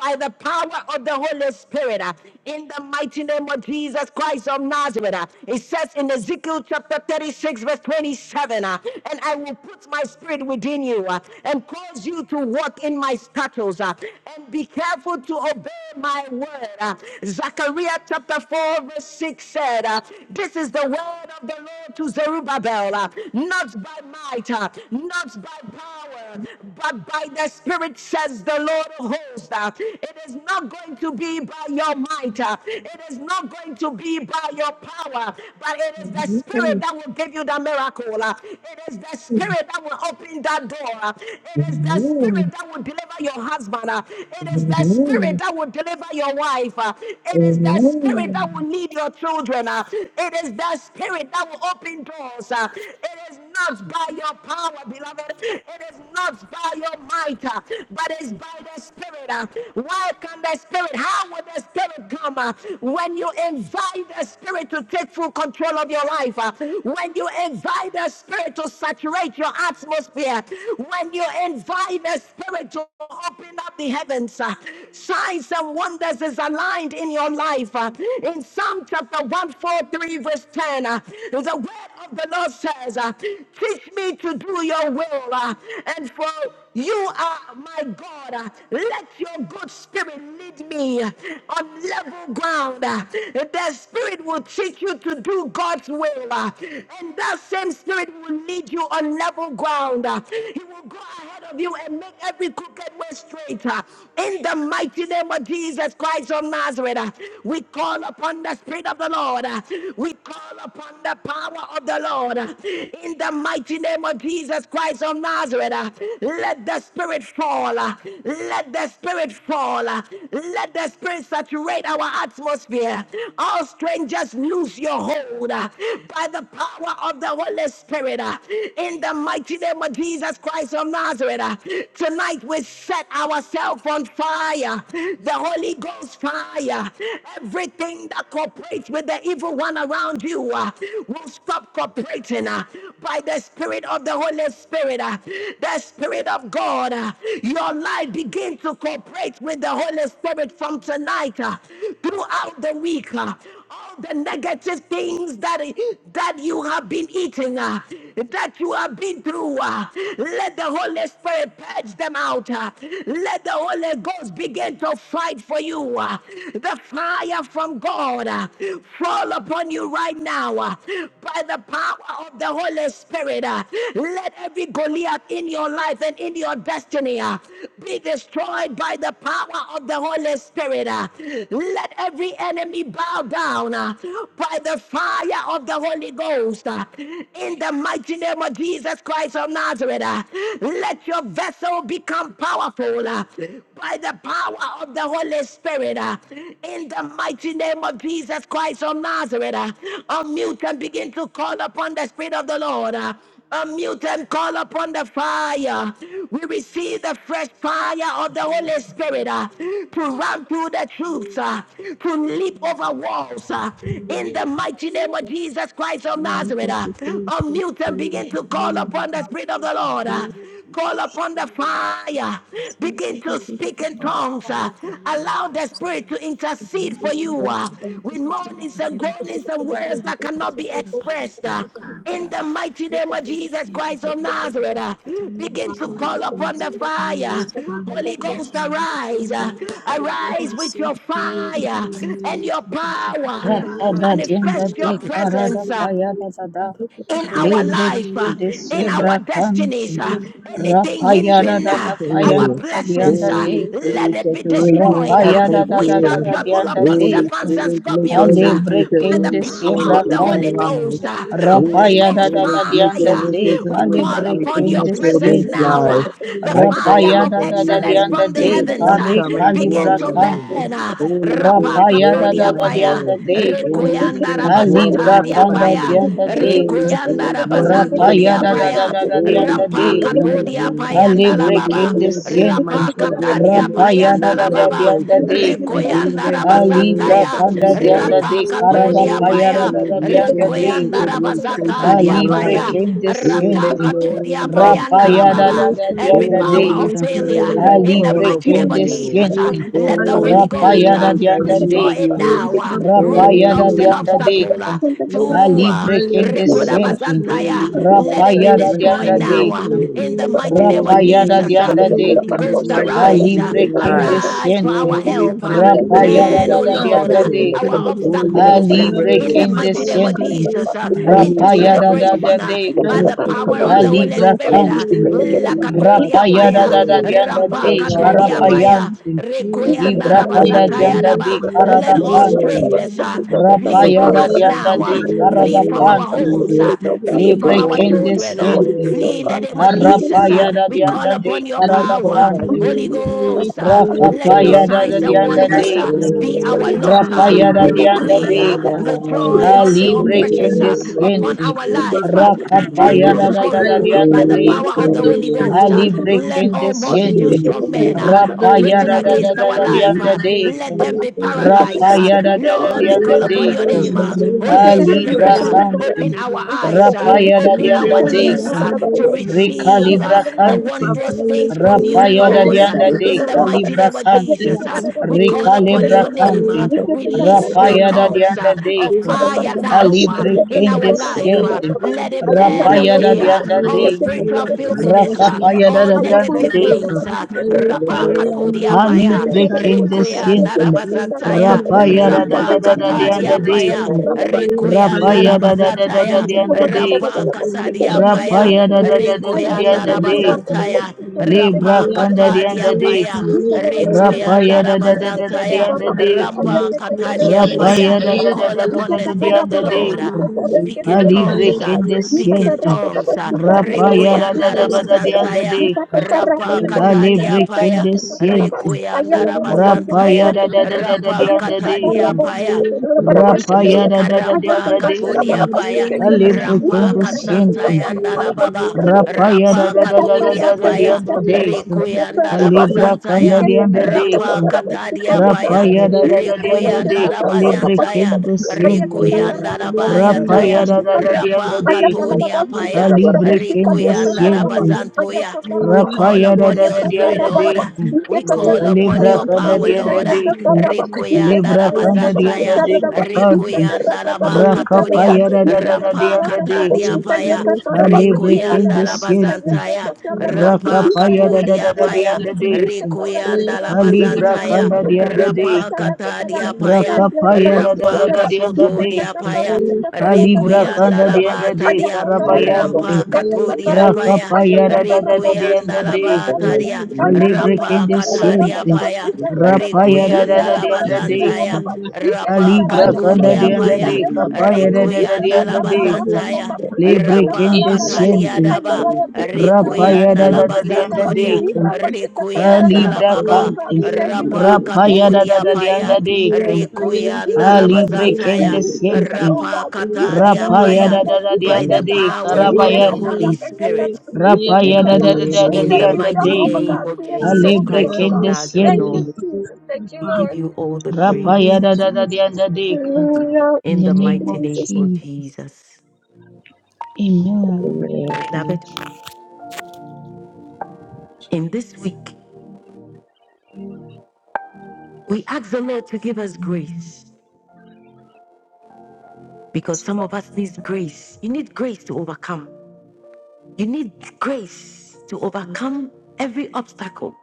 S1: by the power of the Holy Spirit uh, in the mighty name of Jesus Christ of Nazareth. uh, It says in Ezekiel chapter 36, verse 27, uh, and I will put my spirit within you uh, and cause you to walk in my statutes uh, and be careful to obey my word. uh." Zechariah chapter 4, verse 6 said, uh, This is the word of the Lord to Zerubbabel, uh, not by might, uh, not by power, but by by the Spirit, says the Lord of hosts. Uh, It is not going to be by your might, uh, it is not going to be by your power, but it is the Spirit that will give you the miracle. Uh, It is the Spirit that will open that door. Uh, It is the Spirit that will deliver your husband. Uh, It is the
S3: you.
S1: Spirit that will deliver your wife. Uh, It is the Spirit that
S3: Amen.
S1: will lead your children. Uh, It is the Spirit that will open doors. Uh, It is not by your power power, beloved. It is not by your might, uh, but it's by the Spirit. uh. Why can the Spirit? How will the Spirit come uh, when you invite the Spirit to take full control of your life? uh, When you invite the Spirit to saturate your atmosphere? When you invite the Spirit to open up the heavens? uh, Signs and wonders is aligned in your life. uh. In Psalm chapter 143, verse 10, uh, the way word of the Lord says, uh, Teach me to do your will. uh, And for you are my God. uh, Let your good spirit lead me uh, on level ground. uh, The spirit will teach you to do God's will. uh, And that same spirit will lead you on level ground. uh, He will go ahead of you and make every crooked way straight. uh, In the mighty name of Jesus Christ of Nazareth, uh, we call upon the spirit of the Lord. Lord. We call upon the power of the Lord in the mighty name of Jesus Christ of Nazareth. Let the Spirit fall. Let the Spirit fall. Let the Spirit saturate our atmosphere. All strangers, lose your hold by the power of the Holy Spirit in the mighty name of Jesus Christ of Nazareth. Tonight we set ourselves on fire. The Holy Ghost fire fire. Everything that cooperates with the evil one around you uh, will stop cooperating uh, by the Spirit of the Holy Spirit, uh, the Spirit of God. uh, your life begins to cooperate with the Holy Spirit from tonight uh, throughout the week. uh, all the negative things that that you have been eating, uh, that you have been through. uh, let the Holy Spirit purge them out. uh, let the Holy Ghost begin to fight for you. uh, the fire from God uh, fall upon you right now uh, by the power of the Holy Spirit. uh, let every Goliath in your life and in your destiny destiny uh, be destroyed by the power of the Holy Spirit. uh. Let every enemy bow down uh, by the fire of the Holy Ghost. uh. In the mighty name of Jesus Christ of Nazareth, uh, let your vessel become powerful uh, by the power of the Holy Spirit. uh. In the mighty name of Jesus Christ of Nazareth, uh, unmute and begin to call upon the Spirit of the Lord. uh. Unmute and call upon the fire. We receive the fresh fire
S8: Son
S1: of
S8: of
S1: the
S8: the
S1: Holy
S8: living
S1: Spirit
S8: God,
S1: uh,
S8: show
S1: to run through the troops, uh, to leap over walls. uh,
S12: In the
S1: in
S12: name
S1: the
S12: of
S1: mighty name of
S12: Jesus,
S1: Jesus Christ of
S12: I am
S1: Nazareth,
S12: such
S1: uh,
S12: a grateful
S1: unmute
S12: for
S1: and
S12: your
S1: begin to
S7: In
S1: call
S8: It
S12: opinion
S8: is
S1: upon
S12: and
S1: the
S8: from
S1: Spirit of
S8: heaven
S1: the
S8: to
S7: the
S1: Lord.
S8: speak
S1: uh,
S8: the
S12: your glory.
S7: mighty
S8: holy,
S7: name
S1: Call
S7: of
S8: the
S1: upon the
S8: holy and the
S1: fire.
S7: Jesus,
S8: spirit to
S1: Begin to
S8: speak
S1: speak
S8: heaven.
S1: in
S7: oh,
S1: tongues.
S8: Fire
S1: uh,
S7: and
S8: of the
S7: the
S8: Holy
S7: Holy
S1: Allow
S8: Ghost,
S7: Ghost,
S1: the
S8: fire of
S1: Spirit
S8: the
S1: to
S7: in
S1: intercede for
S8: fire of the
S1: you
S7: the
S1: uh,
S8: Holy Ghost,
S1: with
S8: fire
S7: name
S8: of the
S7: of
S1: moanings
S9: Over
S8: Holy
S1: and
S9: here,
S8: Ghost,
S1: groanings
S8: fire
S1: and words that
S8: of
S1: cannot be
S8: the Holy Ghost,
S1: expressed. uh,
S7: your
S8: fire of
S7: command,
S1: In
S7: that
S1: the
S7: I
S1: mighty name of
S8: the Holy Ghost, fire of the Holy Ghost, fire of the Holy Ghost, fire of the Holy
S1: Jesus Christ of
S7: say, oh,
S1: Nazareth, uh,
S12: And your
S1: begin to
S12: family,
S1: call
S7: wonderful
S1: upon
S7: is
S1: the
S12: salvation,
S7: the
S12: your
S1: fire.
S12: family,
S1: Holy Ghost,
S7: Lord's
S12: suffering.
S8: Ghost, burn the fire of
S1: arise.
S12: The
S1: uh,
S12: i
S8: the
S7: by
S12: of the
S1: Arise with your
S12: agency, fire, and
S13: Thank
S1: fire
S12: family,
S1: and
S12: your
S1: your
S8: Holy Ghost,
S12: family.
S1: power
S8: burn
S12: Here
S1: and
S12: is
S10: Rakada
S12: the
S10: dienda
S1: manifest
S12: prayer
S1: your
S10: de karada
S1: presence. uh,
S10: payada dada.
S1: in
S8: the
S12: Kabo
S1: our
S8: fire of
S10: Libre
S8: all
S1: life,
S12: Shali
S8: the
S1: uh,
S10: kinde
S8: Spirit,
S1: in
S12: Papa,
S1: our
S10: siebra
S1: destinies,
S10: kanti.
S1: uh,
S12: Labana
S8: all of
S1: anything
S8: the Holy Ghost, burn fire of
S12: Bade
S10: Rapayada
S1: hindering
S12: Shali
S1: uh,
S10: dada
S12: Pali,
S1: our
S3: Amen.
S10: payanda
S12: Kabo
S1: blessings,
S10: dianda
S1: uh,
S12: Shali
S3: Holy
S10: dek.
S12: Pali
S1: let
S3: Spirit,
S1: it be
S12: Papa,
S3: saturate my
S1: destroyed.
S8: all
S1: uh.
S10: Rapayada
S8: burn
S1: We
S12: Alakali
S10: dada
S1: shall
S3: atmosphere.
S10: dada
S12: Bade
S1: trample
S10: dianda
S1: upon
S3: Holy
S10: dek.
S12: Shali
S1: serpents
S12: Pali
S1: and
S3: Spirit, make
S8: all
S1: scorpions
S8: of
S12: Bade,
S1: uh,
S3: every
S8: the
S10: Alibre
S3: crooked
S1: by
S8: heavenly
S1: the
S10: kinde
S3: way
S12: Laka
S8: realm, the
S1: power
S3: straight
S10: siebra
S1: of
S12: Shali
S1: the
S3: in my
S1: Holy
S10: kanti.
S12: Pali
S3: life.
S1: Ghost.
S12: Kabo
S1: uh.
S12: Shali
S1: Holy
S3: Holy
S10: Rapayada
S12: Bade,
S1: Ghost
S13: you.
S3: Spirit,
S10: dada
S3: make a
S10: dianda
S1: fire,
S3: miracle
S10: dek.
S1: we
S12: Alaka Shali
S3: way
S13: Thank
S1: call
S10: Alibre
S12: Pali
S3: take
S1: upon
S3: in
S1: your
S3: my
S10: kinde
S1: presence
S3: children's
S12: Kabo
S10: siente.
S1: now.
S3: lives.
S1: uh, The
S3: I
S1: fire
S3: call
S1: of
S10: Rapayada
S3: upon
S10: dada
S3: you,
S1: excellence
S3: Holy
S10: dianda
S1: from the
S10: dek.
S3: Spirit,
S1: heavens
S3: come,
S1: uh,
S10: Kare
S3: come and
S12: Shali
S1: begin
S3: dwell
S10: kalibra
S1: to
S3: in me.
S10: kanti.
S1: burn. uh.
S3: Holy Spirit,
S1: Rapaka
S10: Rapaya
S3: dwell
S10: da
S3: in
S10: da
S1: Kodia
S12: Pali
S3: my
S10: da
S1: Paya,
S10: dianda
S3: home.
S8: Holy Ghost,
S10: dekan.
S3: Holy
S1: Rekoyanda
S12: Papa,
S3: Spirit,
S12: Thank you.
S3: dwell
S10: Ali
S3: in
S1: Rabazata
S3: my
S12: Thank
S10: brakanda
S3: family.
S10: dianda
S1: Diapaya,
S3: Holy
S10: dekan.
S1: Rekoyanda
S3: Spirit, dwell in
S1: rabazanto
S3: my
S10: Rapaya da da
S3: marriage.
S10: da
S1: diapaya.
S10: da da
S3: Holy
S10: dianda
S1: Rampa
S3: Spirit,
S10: dekan.
S3: lead
S1: katodia
S3: me.
S10: Ali
S1: payanda la
S3: Holy
S1: baba.
S10: brekende
S3: Spirit, lead my
S10: siente.
S1: Rapa
S3: children and
S1: katadia
S3: make
S10: Rapaya
S3: them
S10: da
S1: payanda
S3: make
S10: da
S1: la
S10: da
S3: right
S1: baba.
S10: dianda
S3: choices.
S10: dekan.
S3: In
S1: Rekoyanda
S3: the
S10: Ali
S3: name of
S1: rabazataya.
S10: brakanda
S3: Jesus.
S10: dianda
S1: Rapa
S10: dekara da
S1: katodia
S3: Holy
S10: paya da
S1: paya.
S10: da
S3: Spirit,
S10: da
S3: make
S10: dianda
S3: every
S1: Rekoyanda
S10: dekan.
S3: crooked way straight in my
S1: rabazatadia
S10: Alibre
S1: paya.
S3: life. In
S1: Rata
S3: the
S10: kendesciente.
S1: katodia
S3: name of
S1: payanda la
S10: Rapaya da
S3: Jesus.
S10: da
S1: baba.
S10: da
S13: you.
S1: Every
S10: dianda
S1: power
S3: Holy
S1: of
S10: deca.
S1: failure
S3: Spirit, I
S13: Thank
S12: you.
S1: in the
S10: Alibre
S3: call
S1: mighty name
S3: upon
S1: of Jesus.
S3: you.
S12: Thank
S1: uh,
S10: kendesciente.
S1: Let the Holy
S3: Holy
S1: Ghost
S10: Rapaya da
S1: uh,
S3: Spirit, I
S10: dianda
S3: need
S1: destroy it
S10: deca.
S1: now.
S3: you.
S1: uh,
S10: Rapayada da
S1: Roadblocks and
S3: Holy
S10: dianda
S1: obstacles
S10: deca.
S1: uh, to Yeshua.
S10: Alibre
S1: Rekoda
S3: Spirit,
S10: kendesciente.
S3: Holy
S1: bazantaya.
S3: Spirit,
S1: Let it be
S10: Rapaya da
S3: saturate
S1: destroyed
S10: dianda
S3: my
S1: now. uh,
S10: deca.
S3: workplace.
S1: In the mighty name of
S3: Holy
S10: Rapayada da
S3: Spirit,
S1: Jesus. uh.
S10: dianda
S3: lead me
S1: Holy
S3: to
S10: deca.
S3: make
S1: Ghost,
S3: right
S1: arise.
S3: choices
S1: uh,
S10: Alibre
S3: in life.
S1: Arise for our
S10: kendesciente.
S3: Holy
S1: help. uh.
S3: Spirit, I
S10: Rapaya
S3: need
S10: da
S1: Turn,
S3: your
S10: da
S1: O
S10: da
S1: Lord,
S10: dianda
S1: uh,
S3: protection.
S1: our
S10: deca.
S3: Holy
S1: obstacles uh,
S10: Alibre
S1: in
S3: Spirit,
S1: the mighty name of
S10: kendesciente.
S1: Jesus uh,
S3: I need
S1: into
S3: my
S10: Rapayada da
S3: goodness,
S10: da
S1: celebration
S3: my
S1: uh,
S10: de
S1: by
S3: goodness,
S1: the
S3: my
S1: power of the
S3: protection.
S1: Holy
S10: Alibra
S1: Spirit.
S3: Holy
S1: uh.
S10: canting.
S3: Spirit, be with my
S1: Lakatodia
S10: Rapayada
S1: paya.
S10: da da
S3: children.
S10: dianda
S1: Rampa
S10: de
S3: Surround
S8: the
S12: you.
S8: Holy
S1: katodia
S8: Ghost,
S3: them.
S8: the
S13: you.
S1: paya.
S10: carapayanting.
S13: Thank
S12: Thank
S1: Rekoyanda
S3: Holy
S10: Libra canda
S8: Holy
S3: Spirit,
S1: rabazataya
S10: dianda
S8: Ghost,
S10: de
S1: daba. Let
S10: carada
S3: lead
S1: all
S10: panting.
S3: them.
S1: strangers uh, flee
S3: Take
S1: from
S3: your
S10: Rapayada
S1: us
S10: dianda
S1: now.
S3: churches
S1: uh,
S10: de
S3: in the
S1: Flee
S10: carada
S3: name
S1: from
S3: of
S1: our
S10: panting.
S1: homes.
S3: Jesus.
S1: uh, Flee from
S10: Libre
S1: our
S3: Holy
S1: children. uh,
S10: candescenting.
S1: Flee in
S3: Spirit,
S1: the name of Jesus. uh,
S10: Arapayada
S1: We
S3: we
S1: call
S10: dianda de
S1: upon your
S10: carada
S3: call
S1: power.
S3: out
S10: panting.
S3: to
S1: Holy
S3: you.
S1: Ghost, uh,
S3: I
S1: let
S3: call
S1: your
S3: out to
S10: Rakapayada da
S1: signs and
S10: dianda
S3: you,
S1: wonders
S10: de.
S1: uh,
S3: Holy
S1: be
S3: Spirit.
S1: our lot.
S3: I
S1: uh, We
S10: Rapayada
S3: invite
S10: dianda
S3: you
S1: decree
S3: in my
S1: uh,
S10: deka,
S1: the
S3: life.
S1: joy of the
S10: Ali
S3: make
S1: oppressors
S10: brekende
S1: uh,
S3: a
S1: upon
S10: siente.
S1: our
S3: reconciliation,
S1: life uh, be turned to
S10: Rakapayada da da da
S1: sorrow by
S10: dianda
S1: the
S3: Holy
S1: power
S10: deka,
S1: of the Holy
S3: Spirit,
S1: Ghost. uh,
S10: Ali
S1: Let
S12: you.
S10: brekende
S1: all multitude
S10: siente.
S1: strong
S12: Yeteke
S1: men uh,
S12: kado
S13: you.
S1: operating
S10: Rapayada
S12: yande
S10: da da
S1: against
S10: da
S1: our
S12: bado
S10: da
S12: ya
S1: life,
S10: dianda
S1: uh,
S12: kado
S10: beka.
S1: let them
S12: chale
S1: be
S12: pala
S13: Thank
S1: paralyzed.
S12: baba.
S1: uh,
S10: Rapayada da da
S1: Lord, we
S12: Bado
S10: dianda
S1: call upon your
S12: yande
S10: deka.
S1: name. uh,
S12: shade ya
S1: Holy
S12: bado
S1: Spirit,
S10: Alibra
S12: chale
S1: uh,
S12: pala
S1: open
S10: Kante,
S1: our
S12: baba.
S1: eyes, uh,
S12: Aya
S10: Rapayada
S1: open
S12: kende
S10: Dianda
S1: our
S12: yanda
S1: ears
S10: Dekam,
S1: uh,
S12: kado
S1: to
S12: shade baba.
S1: receive uh,
S10: Recalibra
S1: the
S12: Aya
S10: Kante,
S1: wondrous
S12: papale
S1: things from
S12: pale
S1: you,
S10: Rapayada
S12: pale
S1: Lord. uh,
S10: Dianda
S12: pala
S10: De
S1: in the
S12: baba
S1: mighty
S12: baba.
S10: Calibra
S1: name of
S8: the
S12: Aya
S10: Kante,
S1: Jesus, uh,
S8: Holy
S1: we
S12: papale
S1: call upon
S12: pale
S10: Recalibra
S1: your
S12: pale
S1: name.
S12: ya
S1: uh,
S10: Kante,
S12: kado
S1: release
S12: shade
S1: your
S12: ya
S10: Rapayada
S12: baba.
S1: tongues uh,
S10: Dianda
S1: of
S12: Aya
S10: Dekam,
S12: baba
S1: fire
S12: baba
S1: now uh,
S12: shade
S10: Alibre
S1: in
S12: bado
S1: our
S10: Kende
S1: life.
S12: chale
S1: uh,
S10: Siente,
S12: pala
S1: let it
S12: baba.
S1: burn
S10: Rapayada
S1: away
S12: Aya
S1: uh,
S10: Dianda
S12: pale
S1: all
S10: Dekam,
S12: pale
S1: spiritual
S12: ya kado
S1: filthiness, uh,
S12: shade
S13: you.
S1: all
S10: Rakapayada
S12: baba.
S13: Alla
S10: Dianda
S1: negative
S13: polizia
S12: Thank
S13: da
S10: Dekam.
S1: things. Uh,
S13: basti che te che te
S1: Rapa
S13: che te
S1: katodia
S13: I se
S10: Ali
S1: paya,
S13: te rada da
S10: prekende
S13: polizia che
S1: rikuya
S13: te che
S10: siente.
S13: te che te rada
S1: ndarabazataya,
S13: da
S10: Rapaya da
S13: I
S10: da
S1: rampa
S10: da da da de
S1: katadia
S10: anda
S1: paya.
S10: deka.
S13: Thank you.
S1: Rikuyanda
S10: Rapaya da da da da da
S1: Rabazataya,
S10: de anda deka.
S1: Rampa Katadia Paya,
S10: Rapaya da da da da da de
S1: Rikuyanda
S10: anda
S3: Thank
S10: deka.
S1: Rabazantaya,
S10: Libra
S1: Rampa
S10: kanda de
S1: Katadia
S10: anda
S1: Paya,
S10: deka. Rapaya
S1: Rikuyanda
S10: da da da da da de
S1: Rabazantaya,
S10: anda deka.
S1: Rampa Katadia Paya.
S10: Rapaya da da da
S1: Call
S10: da da
S1: upon
S10: da
S1: the
S10: da de
S1: Spirit of the
S10: anda
S1: Lord. uh,
S10: deka.
S1: Speak in
S10: Ali
S1: tongues, uh,
S10: prekende
S1: speak in
S10: siente.
S1: tongues, uh,
S10: Rapaya da da
S1: Rikuyanda
S10: da da da de anda
S12: you.
S1: Rabazantaya,
S10: deka.
S1: Rampa
S12: Thank
S10: Ali
S1: Katadia Paya,
S10: prekende siente.
S1: Rikuyanda
S13: Ayala no conte
S10: Rapaya
S13: terra
S1: Rabazantaya,
S10: yada
S13: que se
S10: da da da da
S1: Rapa
S10: da
S13: ayala que
S10: da
S13: se
S1: Katadia
S10: da.
S13: robo,
S1: Paya.
S13: pero para baixo
S10: Rapa
S13: que
S10: yada
S1: Lika
S10: da da da
S1: rampa
S10: da da.
S1: katudia paya,
S10: Alebre
S1: rampa
S10: kende siente.
S1: kasantaya andala baba,
S10: Rapaya da
S1: rapa
S10: da da da da
S1: katudia
S10: da da
S1: paya,
S10: da da.
S1: rikuyandara
S10: Alebra kanda
S1: bazantaya,
S10: da da da.
S1: rampa katadia paya,
S10: Rapaya da da da da da de
S1: rikuyandara
S10: calibre
S1: bazantaya,
S12: you.
S10: kende siente.
S12: Thank
S1: rikuyandara
S10: Rapaya
S1: bayataya,
S10: da da da da da
S1: rapa
S10: de
S1: katudia paya,
S10: alibre kende
S1: rikuyandara
S10: siente.
S1: bazantoya. We call
S10: Rapaya da
S1: upon
S10: da
S1: your
S10: da da
S1: spirit,
S10: da
S13: Ayah
S1: Lord.
S10: de
S1: We call upon
S8: Ghost,
S10: Libra
S1: your
S10: kanda
S1: power,
S10: dianda
S1: Lord.
S10: deka.
S1: Rikuyanda
S10: Libra kanda dianda
S1: Rabazantaya,
S10: deka panti.
S1: Rikuyanda Laba
S10: Rakapaya
S1: Katuria,
S10: paya da da da da
S1: Rampa
S10: dianda deka.
S1: Katadia Paya,
S10: Alibre
S1: Rikuyanda
S10: kende siente.
S1: Labazantaya, Rampa
S10: Rakapaya paya da da da
S1: Katuria
S10: da
S1: Paya,
S10: dianda
S12: you.
S10: deka.
S1: Rikuyanda
S12: Bless you.
S10: Alibra
S1: Labazantaya,
S10: kanda dianda
S1: Rapa
S10: deka.
S1: Katadia Paya,
S10: Rakapaya paya da da da
S1: Rampa
S10: da dianda
S1: kasutodia
S10: deka.
S1: paya.
S10: Alibra
S1: Rikuyanda
S10: kanda
S1: la
S10: dianda deka
S1: bataria. Rampa
S10: rabayante.
S1: katuria paya.
S10: Rakapaya da da da da da da
S1: Rikuyanda la
S10: da.
S13: Ayam
S1: bataria.
S13: Oh God,
S10: Ali
S13: we
S10: breaking
S1: Rampa
S10: the
S13: thank
S10: chain.
S1: kataria paya.
S10: Rapaya da da
S1: Rikuyanda
S10: da
S1: la
S10: da da
S3: you.
S10: da.
S1: bazantaya. Rapa
S10: Ali brakanda
S1: katudia
S10: da da
S1: paya.
S10: da. Kapaya da da da da
S1: Rikuyanda la
S10: da da.
S1: bazantaya.
S10: Libre
S1: Rapa
S10: quien
S1: katadia
S10: desciende,
S1: daba.
S10: rapaya
S1: Rikuyanda
S10: da
S1: la
S10: da da de anda
S1: bazanturia.
S10: deca, a
S1: Rikuyanda la
S10: libra
S1: baba.
S10: cante,
S13: you,
S1: Rapa
S13: Jesus.
S12: Thank you.
S13: Thank
S10: rapaya
S13: you,
S10: da da
S1: katudia
S10: da de
S13: Jesus.
S12: Love
S10: anda
S1: paya.
S13: Thank you,
S12: you,
S10: deca,
S13: Jesus. Thank you,
S12: fire,
S1: Rikuyanda
S10: a
S1: la
S12: fire,
S13: Jesus. Oh God,
S10: libre
S12: fire,
S10: quien
S13: thank
S1: basantaya,
S12: fire,
S13: you, Jesus.
S12: baby.
S10: desciende,
S13: Oh
S1: rapa
S12: Love
S1: katadia
S12: you,
S10: rapaya
S1: paya,
S12: Baba,
S10: da da da de
S12: Baba.
S1: by
S10: anda
S1: the
S13: God,
S10: deca,
S12: I
S1: power
S13: we
S1: of
S13: thank
S12: love
S1: the Holy
S12: you,
S10: rabayante,
S12: fire,
S1: Spirit.
S12: fire,
S10: Rapaya da da da
S12: Kadosh,
S10: da da
S1: In
S10: the
S12: Baba,
S1: the
S10: and
S13: you,
S10: the
S1: mighty
S10: dick.
S12: Baba.
S13: Jehovah
S1: name
S13: God.
S1: of
S13: Be
S10: A
S12: Ah,
S1: Jesus
S13: exalted,
S12: Baba,
S10: libre
S1: Christ
S13: oh
S1: of
S13: God.
S12: Kadosh,
S1: Nazareth,
S13: Thank
S12: fire,
S1: Lord,
S13: you,
S10: siente.
S13: Jesus. Thank
S12: fire,
S13: you,
S1: we
S12: fire.
S1: give
S13: Lord.
S1: you all the
S12: In The name
S10: Rapaya
S1: praise.
S12: of
S10: da da da the and
S12: Jesus.
S10: the dick.
S13: Hallelujah.
S10: In
S1: In
S10: the
S1: the
S13: Thank
S10: name
S13: you,
S1: mighty
S10: of
S13: Jesus.
S1: name of
S10: Jesus.
S1: Jesus.
S10: Amen.
S1: David, in this week, we ask the Lord to give us grace because some of us need grace. You need grace to overcome. You need grace to overcome every obstacle.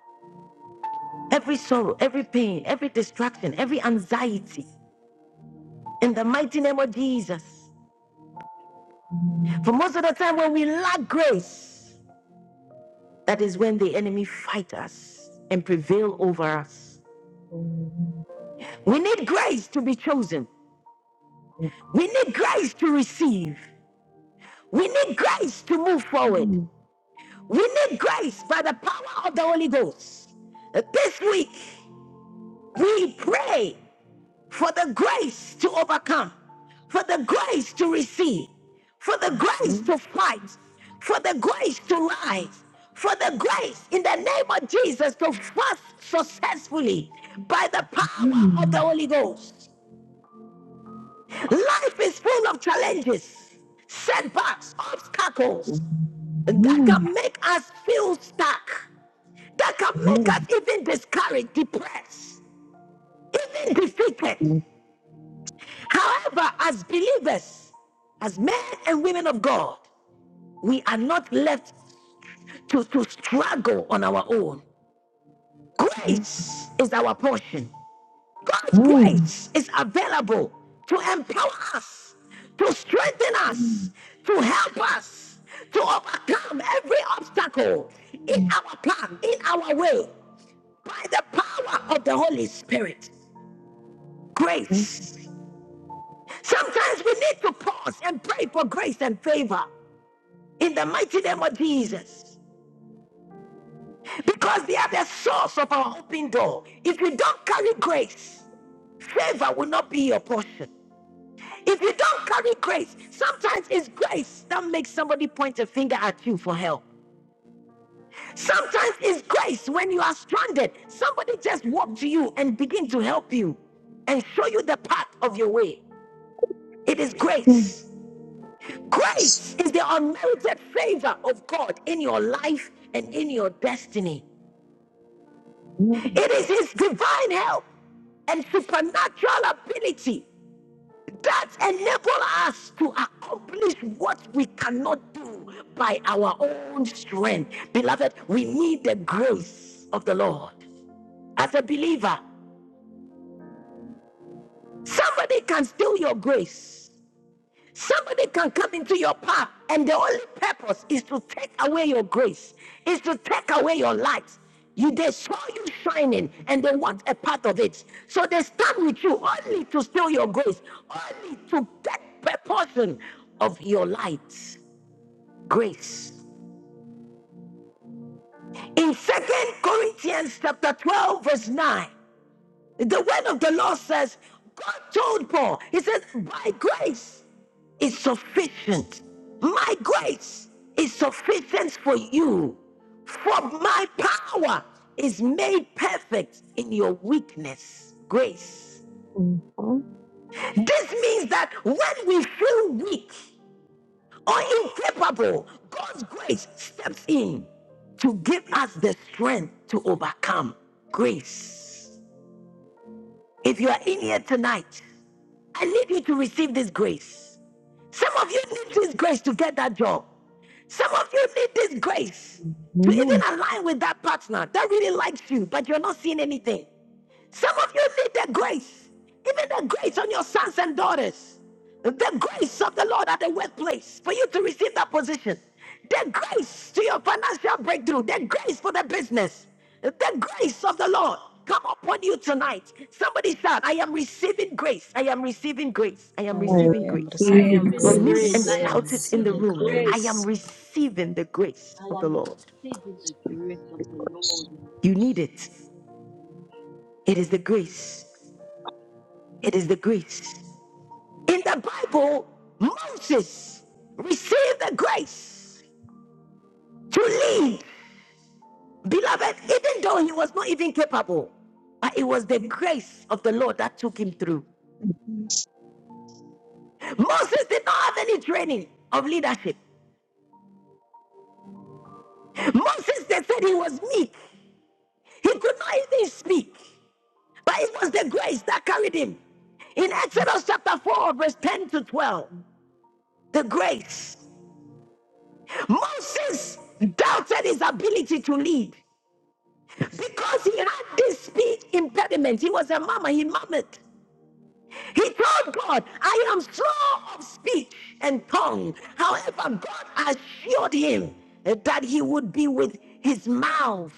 S1: every sorrow, every pain, every distraction, every anxiety in the mighty name of Jesus. For most of the time, when we lack grace, that is when the enemy fights us and prevail over us. We need grace to be chosen. We need grace to receive. We need grace to move forward. We need grace by the power of the Holy Ghost. This week, we pray for the grace to overcome, for the grace to receive, for the grace to fight, for the grace to rise, for the grace in the name of Jesus to fast successfully by the power of the Holy Ghost. Life is full of challenges, setbacks, obstacles that can make us feel stuck, that can make us even discouraged, depressed, even defeated. However, as believers, as men and women of God, we are not left to, to struggle on our own. Grace is our portion. God's grace is available to empower us, to strengthen us, to help us to overcome every obstacle in our plan, in our way, by the power of the Holy Spirit. Grace. Sometimes we need to pause and pray for grace and favor. in the mighty name of Jesus. Because they are the source of our open door. If you don't carry grace, favor will not be your portion. If you don't carry grace, sometimes it's grace that makes somebody point a finger at you for help. Sometimes it's grace when you are stranded. Somebody just walk to you and begin to help you and show you the path of your way. It is grace. Grace is the unmerited favor of God in your life and in your destiny. It is His divine help and supernatural ability that enable us to accomplish what we cannot do by our own strength. Beloved, we need the grace of the Lord. As a believer, somebody can steal your grace. Somebody can come into your path, and the only purpose is to take away your grace, is to take away your light. You they saw you shining and they want a part of it. So they stand with you only to steal your grace, only to take a portion of your light. Grace. In Second Corinthians chapter 12, verse 9, the word of the Lord says, God told Paul, He says, by grace is sufficient. My grace is sufficient for you, for my power is made perfect in your weakness. Grace. This means that when we feel weak or incapable, God's grace steps in to give us the strength to overcome. Grace. If you are in here tonight, I need you to receive this grace. Some of you need this grace to get that job. Some of you need this grace to even
S3: Amen.
S1: align with that partner that really likes you, but you're not seeing anything. Some of you need the grace, even the grace on your sons and daughters, the grace of the Lord at the workplace for you to receive that position, the grace to your financial breakthrough, the grace for the business, the grace of the Lord come upon you tonight. Somebody shout, I am receiving grace, I am receiving grace, I am
S3: I
S1: receiving
S7: I
S3: am
S7: am
S1: grace.
S7: receiving
S8: receiving
S1: Or
S3: grateful.
S1: mute
S8: grace.
S1: and
S8: I
S7: grace, I
S8: am
S7: am
S1: shout it in the
S7: receiving
S8: receiving
S1: room. I
S8: grace.
S1: am
S7: grace.
S1: receiving the grace
S8: I
S1: of the
S8: am
S1: Lord.
S8: receiving the grace of the Lord.
S1: You need it. It is the
S8: Receive
S1: grace. It is the grace. In the Bible, Moses received the grace to lead. Beloved, even though he was not even capable, but it was the grace of the Lord that took him through. Moses did not have any training of leadership. Moses, they said he was meek. He could not even speak, but it was the grace that carried him. In Exodus chapter 4, verse 10 to 12, the grace. Moses doubted his ability to lead. because he had this speech impediment. He was a mama, he murmured. He told God, I am slow of speech and tongue. However, God assured him that he would be with his mouth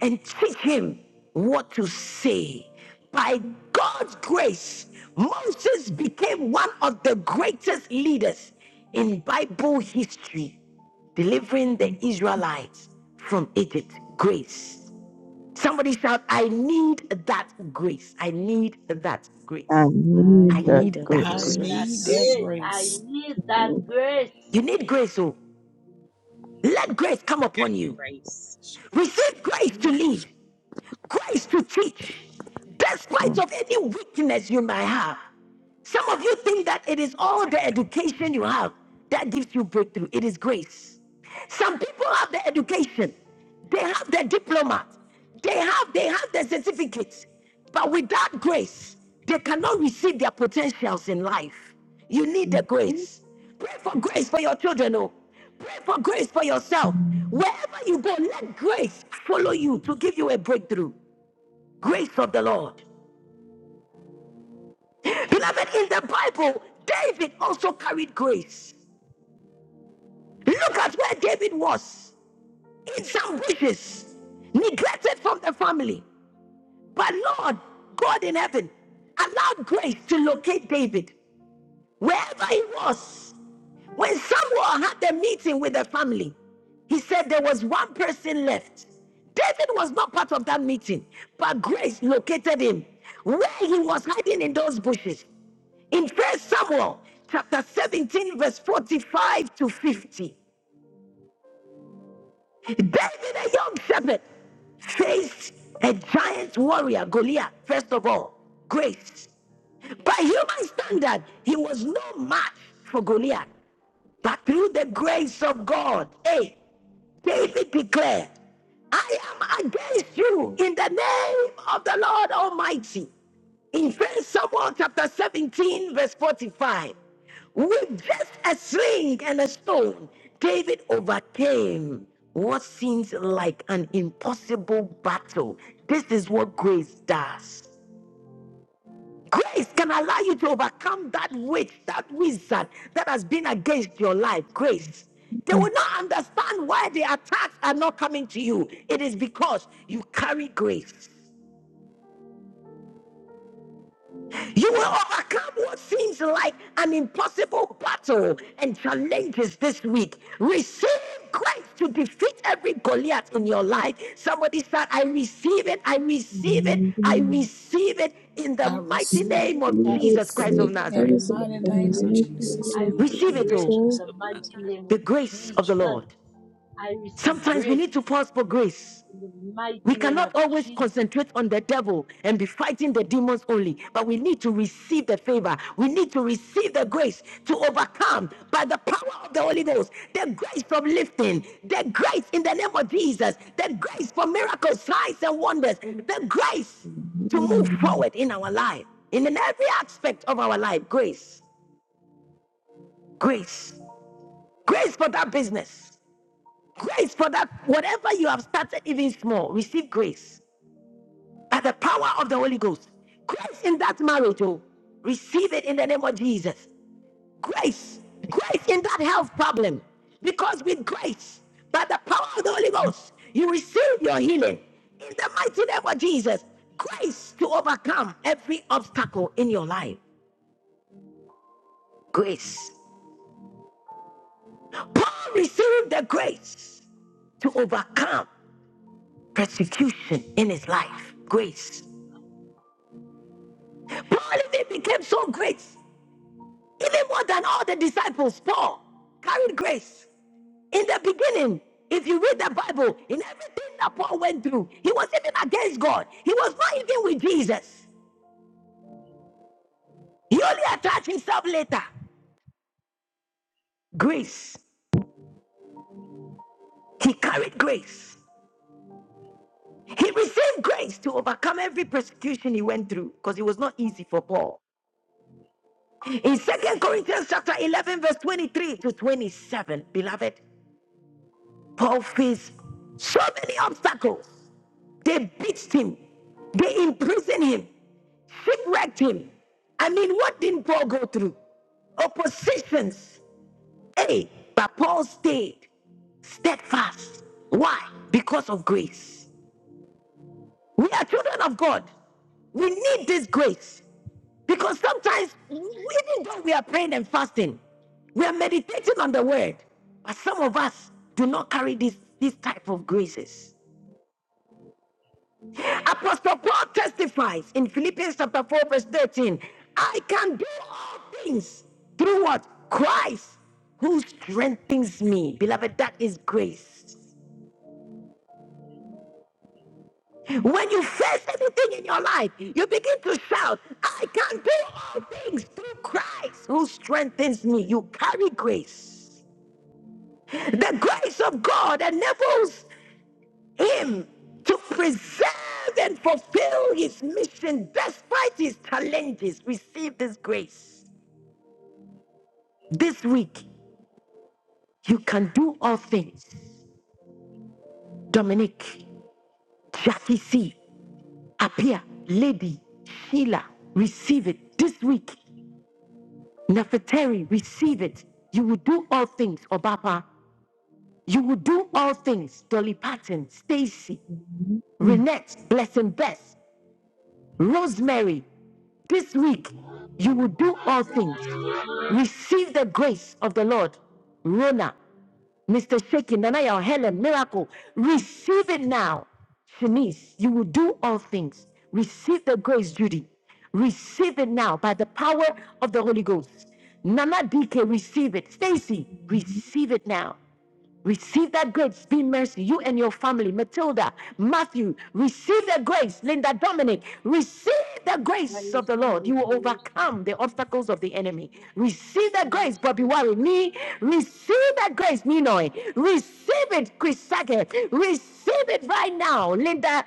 S1: and teach him what to say. By God's grace, Moses became one of the greatest leaders in Bible history, delivering the Israelites from Egypt. Grace. Somebody shout, I need that grace. I need that
S3: I
S1: grace.
S7: I
S1: I
S3: need that
S7: need
S1: need
S7: that
S1: that
S5: I
S3: grace.
S8: that
S1: grace.
S5: need that
S7: grace.
S8: grace. I
S5: grace.
S8: need that grace.
S1: You need grace, oh. Let grace come upon you.
S14: grace.
S1: Receive grace to lead, grace to teach,
S3: I
S1: despite of any weakness you might have. Some of you think that it is all the education you have that gives you breakthrough. It is grace. Some people have the education, they have the diploma, they have they have the certificates, but without grace, they cannot receive their potentials in life. You need the grace. Pray for grace for your children. Oh, pray for grace for yourself. Wherever you go, let grace follow you to give you a breakthrough. Grace of the Lord. Beloved, in the Bible, David also carried grace. Look at where David was in some bushes, neglected from the family. But Lord, God in heaven, allowed grace to locate David wherever he was. When Samuel had the meeting with the family, he said there was one person left. David was not part of that meeting, but grace located him where he was hiding in those bushes. in first samuel chapter 17 verse 45 to 50 david a young shepherd faced a giant warrior goliath first of all grace by human standard he was no match for goliath but through the grace of god hey david declared i am against you in the name of the lord almighty In First Samuel chapter 17, verse 45, with just a sling and a stone, David overcame what seems like an impossible battle. This is what grace does. Grace can allow you to overcome that witch, that wizard that has been against your life. Grace. They will
S3: receive
S1: not understand why the attacks are not coming to you. It is because you carry grace. You will overcome what seems like an impossible battle and challenges this week. Receive grace to defeat every Goliath in your life. Somebody said, I receive it, I receive it, I receive it in the
S5: I
S1: mighty
S5: receive
S1: name
S5: it.
S1: of
S5: I
S1: Jesus Christ of
S5: receive it
S7: I
S8: I
S5: in
S1: Nazareth.
S5: the
S7: receive
S5: mighty
S8: receive
S7: it, I
S5: name of
S7: receive
S8: grace.
S7: in the mighty
S5: Jesus.
S8: I
S7: name of
S8: receive
S1: Receive it,
S7: Jesus
S1: oh,
S8: grace in
S7: Christ
S8: the
S3: it.
S7: of
S8: mighty
S7: Nazareth.
S8: name of
S1: the grace of the
S8: Jesus.
S1: Lord.
S8: I receive
S1: Sometimes we
S8: grace
S1: need to pause for grace.
S8: in the mighty
S1: We
S8: name
S1: cannot
S8: of
S1: always
S8: Jesus.
S1: concentrate on the devil and be fighting the demons only, but we need to receive the favor. We need to receive the grace to overcome by the power of the Holy Ghost, the grace from lifting, the grace in the name of Jesus, the grace for miracles, signs, and wonders, the grace to move forward in our life, in every aspect of our life. Grace, grace, grace for that business, grace for that whatever you have started, even small. Receive grace by the power of the Holy Ghost. Grace in that marriage, oh, receive it in the name of Jesus. Grace, grace in that health problem, because with grace, by the power of the Holy Ghost, you receive your healing in the mighty name of Jesus. Grace to overcome every obstacle in your life. Grace. Paul received the grace to overcome persecution in his life. Grace. Paul even became so great even more than all the disciples, Paul carried grace. In the beginning, if you read the Bible, in everything that Paul went through, he was even against God. He was not even with Jesus. He only attached himself later. Grace. He carried grace. He received grace to overcome every persecution he went through because it was not easy for Paul. In Second Corinthians chapter 11, verse 23 to 27, beloved, Paul faced so many obstacles They beat him. They imprisoned him, shipwrecked him. I mean, what didn't Paul go through? Oppositions. Hey, but Paul stayed steadfast. Why? Because of grace. We are children of God. We need this grace because sometimes, even though we are praying and fasting, we are meditating on the word, but some of us do not carry this, this type of graces. Apostle Paul testifies in Philippians chapter 4, verse 13 I can do all things through what? Christ who strengthens me. Beloved, that is grace. When you face anything in your life, you begin to shout, I can do all things through Christ who strengthens me. You carry grace. The grace of God enables him to preserve and fulfill his mission despite his challenges. Receive this grace. This week, you can do all things. Dominic, Jackie C, Apia, Lady, Sheila, receive it this week. Nefertari, receive it. You will do all things, Obapa. You will do all things, Dolly Parton, Stacy, Renette, Blessing Bess, Rosemary. This week, you will do all things. Receive the grace of the Lord. Rona, Mr. Shaky, Nanaya, Helen, Miracle, receive it now. Shanice, you will do all things. Receive the grace, Judy. Receive it now by the power of the Holy Ghost. Nana DK, receive it. Stacy, receive it now. Receive that grace. Be mercy. You and your family. Matilda, Matthew, receive the grace. Linda, Dominic, receive the
S8: I
S1: grace of the
S8: receive
S1: Lord.
S8: it.
S1: You
S8: I
S1: will
S8: receive it.
S1: overcome the obstacles of the enemy. Receive
S8: I
S1: the grace, Bobby
S8: receive it.
S1: Warren. Me, receive that grace, Minoy. Receive it, Chris Sackett. Receive Receive it right now, Linda.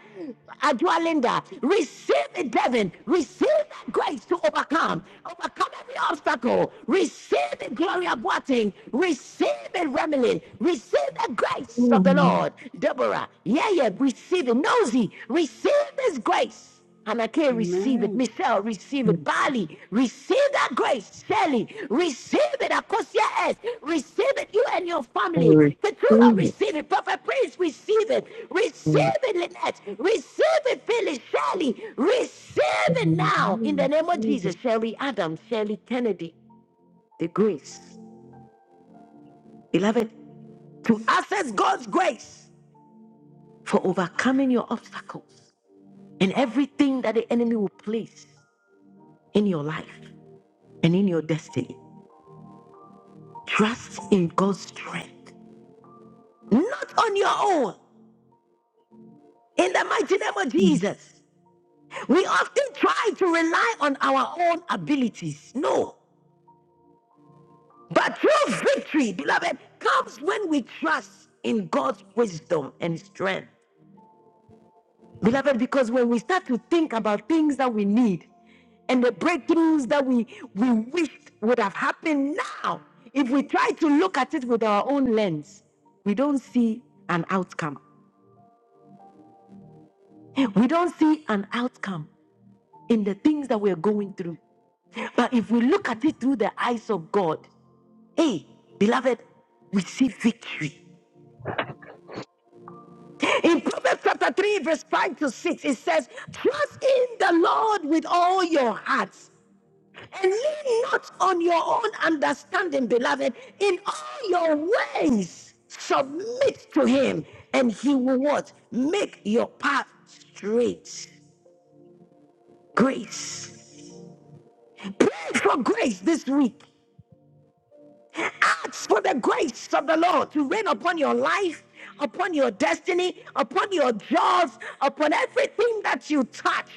S1: Adua Linda. Receive it, Devin. Receive that grace to overcome. Overcome every obstacle. Receive it, Gloria Boating. Receive it, Remelin. Receive the grace of the
S3: Lord.
S1: Lord. Deborah. Yeah, yeah. Receive it. Nosy. Receive this grace. And I can't receive it.
S7: Amen.
S1: Michelle, receive it. Bali, receive that grace. Shelly, receive it. Akosia S, receive it. You and your
S3: I
S1: family. Keturah,
S3: receive it.
S1: receive it. Prophet Prince, receive it.
S3: I
S1: Receive it, Lynette. Receive it, Phyllis. Shelly, receive it now. In the name of Jesus, Shelly Adams, Shelly Kennedy, the grace. Beloved, to access God's grace for overcoming your obstacles and everything that the enemy will place in your life. and in your destiny. Trust in God's strength, not on your own. In the mighty name of Jesus, we often try to rely on our own abilities. No, but true victory, beloved, comes when we trust in God's wisdom and strength. Beloved, because when we start to think about things that we need, and the breakthroughs that we we wished would have happened now if we try to look at it with our own lens we don't see an outcome We don't see an outcome in the things that we're going through. But if we look at it through the eyes of God, hey, beloved, we see victory. In Proverbs chapter 3, verse 5 to 6, it says, Trust in the Lord with all your hearts and lean not on your own understanding, beloved. In all your ways, submit to Him, and He will what? Make your path straight. Grace. Pray for grace this week. Ask for the grace of the Lord to rain upon your life, upon your destiny, upon your jobs, upon everything that you touch.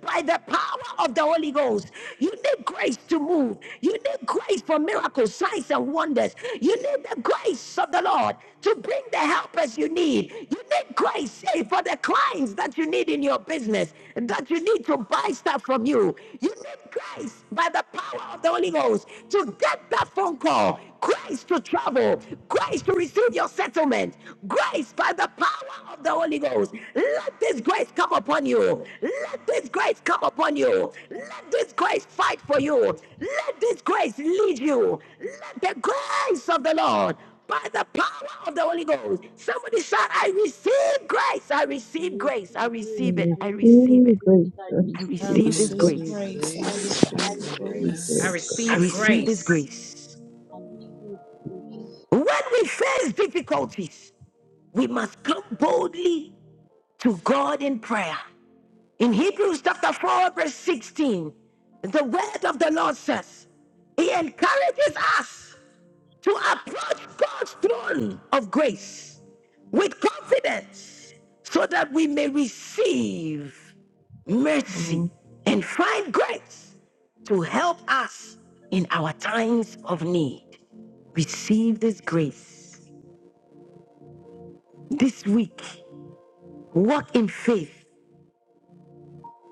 S1: By the power of the Holy Ghost, you need grace to move. You need grace for miracles, signs, and wonders. You need the grace of the Lord to bring the helpers you need. You need grace eh, for the clients that you need in your business, that you need to buy stuff from you. You need grace by the power of the Holy Ghost to get that phone call grace to travel, grace to receive your settlement, grace by the power of the Holy Ghost. Let this grace come upon you. Let this grace come upon you. Let this grace fight for you. Let this grace lead you. Let the grace of the Lord by the power of the Holy Ghost. Somebody shout, I receive grace. I
S8: I
S1: receive grace.
S8: receive
S1: I
S8: grace.
S1: receive it.
S8: I
S1: I
S8: receive
S1: receive
S3: receive
S1: it.
S8: grace.
S3: great
S8: I
S1: I
S3: grace.
S8: receive
S5: I
S1: receive
S3: Lord,
S7: I
S1: this
S8: grace.
S3: that
S5: receive
S7: receive
S1: grace.
S5: grace. I
S8: I
S7: grace. I
S8: receive
S5: receive
S7: receive it.
S3: you
S7: I
S8: grace. I
S7: receive
S14: I
S3: grace
S5: grace.
S1: I
S14: receive
S8: receive
S3: us.
S7: grace.
S1: receive
S8: grace.
S1: this
S14: grace.
S1: grace.
S8: I receive grace.
S1: When we face difficulties, we must come boldly to God in prayer. In Hebrews chapter 4, verse 16, the word of the Lord says, He encourages us to approach God's throne of grace with confidence so that we may receive mercy
S3: Oh,
S1: and find grace to help us in our times of need receive this grace this week. Walk in faith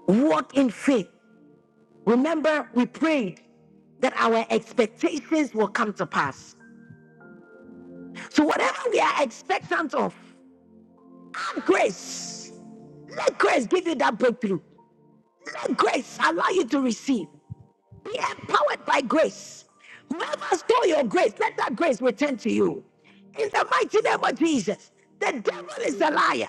S1: Walk in faith. Remember, we prayed that our expectations will come to pass. So, whatever we are expectant of, have grace. Let grace give you that breakthrough. Let grace allow you to receive. Be empowered by grace. Whoever stole your grace, let that grace return to you. In the mighty name of
S8: Amen.
S1: Jesus, the
S8: I
S1: devil is
S8: receive
S1: a
S8: it.
S1: liar.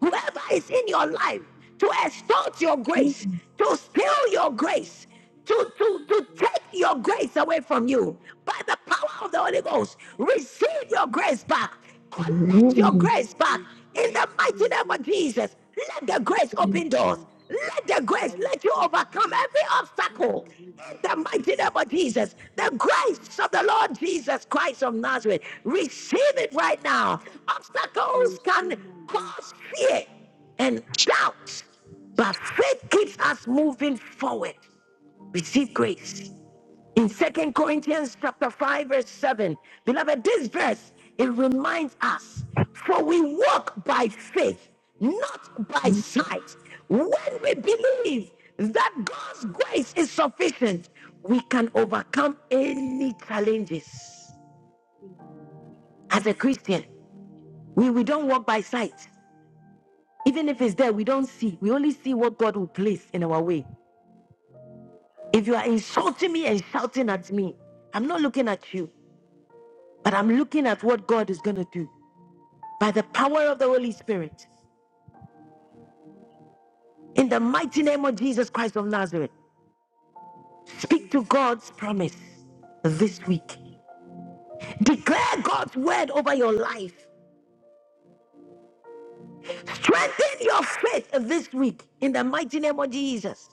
S1: Whoever is in
S8: I
S1: your life
S8: receive it.
S1: to extort your grace,
S8: Jesus.
S1: to steal your
S8: Yes,
S1: grace, to, to, to
S8: yes.
S1: take your grace away from you by the power of the Holy Ghost, receive your grace back.
S3: I
S8: I
S1: Collect
S3: love
S1: your
S8: receive my
S1: grace back
S8: grace. I
S1: in the
S8: receive
S1: mighty
S8: my
S1: name of
S8: grace. Now.
S1: Jesus. Let
S8: I
S1: the grace
S8: receive
S3: you.
S1: open
S8: my
S1: doors.
S8: grace.
S1: Let the
S8: I
S1: grace let you
S8: receive my
S1: overcome
S8: grace.
S1: every
S8: I receive
S1: obstacle,
S8: my grace.
S1: in
S8: Now.
S1: the mighty name of
S8: I
S1: Jesus,
S8: receive
S1: the
S8: my. I
S1: grace of the Lord Jesus Christ of Nazareth, receive it right now. Obstacles can
S8: receive my grace.
S1: cause fear and doubt, but faith keeps us moving forward. Receive grace in
S8: I
S1: second
S8: receive the
S1: corinthians chapter 5 verse 7 beloved this verse it reminds us for we walk by faith not by sight when we believe that god's grace is sufficient we can overcome any challenges
S8: grace.
S1: as a christian we, we don't walk by sight even if it's there we don't see we only see what god will place in our way if you are insulting me and shouting at me i'm not looking at you But I'm looking at what God is going to do by the power of the Holy Spirit. In the mighty name of Jesus Christ of Nazareth,
S8: Grace.
S1: speak
S8: Grace.
S1: to God's promise this week. Declare God's word over your life. Strengthen your faith this week in the mighty name of Jesus.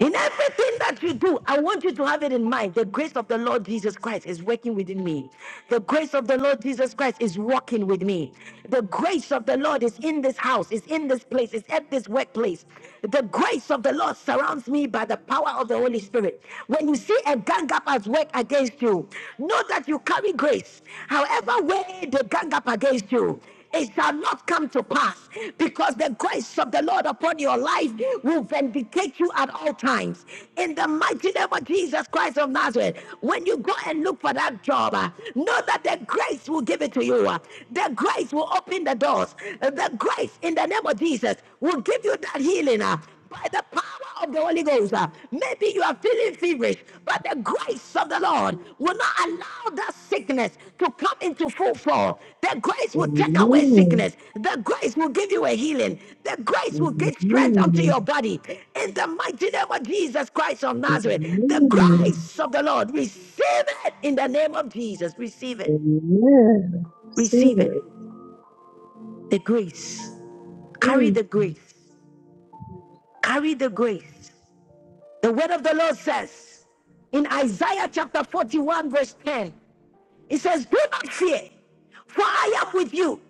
S1: In everything that you do, I want you to have it in mind. The grace of the Lord Jesus Christ is working within me. The grace of the Lord Jesus Christ is walking with me. The grace of the Lord is in this house, is in this place, is at this workplace. The grace of the Lord
S8: Grace.
S1: surrounds me by the power of the Holy Spirit. When you see a gang up at work against you, know that you carry grace. However, way they gang up against you, it shall not come to pass because the grace of the Lord upon your life will vindicate you at all times. In the mighty name of Jesus Christ of Nazareth, when you go and look for that job, uh, know that the grace will give it to you. uh, The grace will open the doors. uh, The grace in the name of Jesus will give you that healing. uh, by the power of the Holy Ghost.
S8: Full
S1: uh,
S8: of grace.
S1: Maybe you are feeling
S8: Full of
S1: feverish,
S8: grace.
S1: but the grace of the Lord
S8: Full of
S1: will
S8: grace.
S1: not
S8: Full of
S1: allow
S8: grace.
S1: that
S8: Full of grace.
S1: sickness to come into full flow. The grace will take away
S3: Amen.
S1: sickness. The grace will give you a healing. The grace will give
S8: Full of grace. Full of grace. Full
S1: strength
S8: of
S1: unto
S3: Amen.
S1: your body.
S8: grace.
S1: In the mighty
S8: full
S1: name
S8: of
S1: of
S8: grace,
S1: Jesus Christ of Nazareth, the
S8: I
S3: Amen.
S1: grace
S8: receive,
S1: of the Lord,
S8: I
S1: receive it in the name of Jesus. Receive it.
S3: Amen. Receive
S1: Receive it.
S3: it.
S8: receive
S1: The
S8: the Lord,
S1: grace. Carry
S3: Amen.
S1: the grace.
S8: Jesus,
S1: Carry the grace. The word of the Lord says in Isaiah chapter 41, verse 10, it says, Do not fear, for I am with you.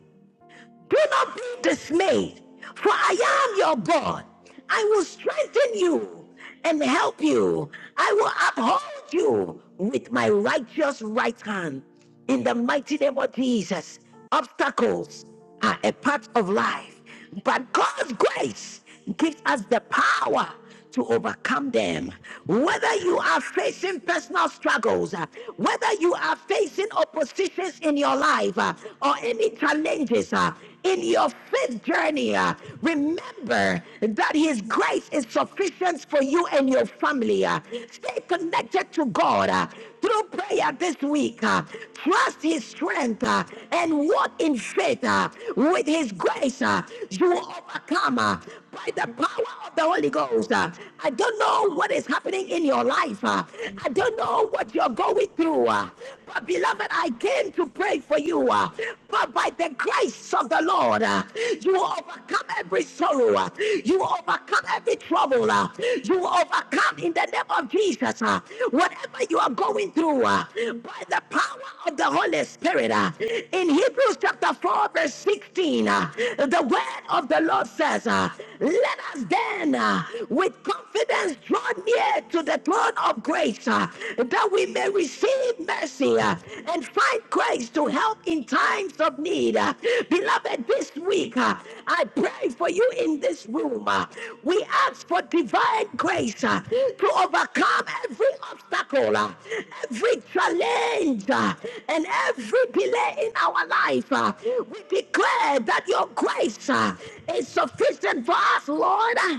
S1: Do not be dismayed, for I am your God. I will strengthen you and help you. I will uphold you with my righteous right hand. In the mighty name of Jesus, obstacles are a part of life. But God's grace gives us the power to overcome them. Whether you are facing personal struggles, uh, whether you are facing oppositions in your life uh, or any
S8: Jesus,
S1: challenges uh, in your faith journey, uh, remember that His grace is sufficient for you and your family. uh. Stay
S8: the Lord. Amen. Let's go
S1: connected to
S8: with the
S1: God uh, through prayer this week. uh. Trust His strength uh, and walk in faith uh, with His his grace, uh, you overcome uh, by the power of the Holy Ghost. uh. I don't know what is happening in your life. uh. I don't know what you're going through. uh. But beloved, I came to pray for you. uh. But by the grace of the Lord, uh, you overcome every sorrow. uh. You overcome every trouble. uh. You overcome in the name of Jesus. uh, Whatever you are going through, uh, by the power of the Holy Spirit. uh, In Hebrews chapter 4, verse 16, uh, the word of the Lord says, uh, Let us then uh, with confidence draw near to the throne of grace uh, that we may receive mercy uh, and find grace to help in times of need. Uh, beloved, this week uh, I pray for you in this room. uh, we ask for divine grace uh, to overcome every obstacle, uh,
S8: gospel of
S1: every
S8: the
S1: challenge, uh, and every delay in our life. Uh, uh, we declare that your grace uh, is sufficient for us, Lord. Uh,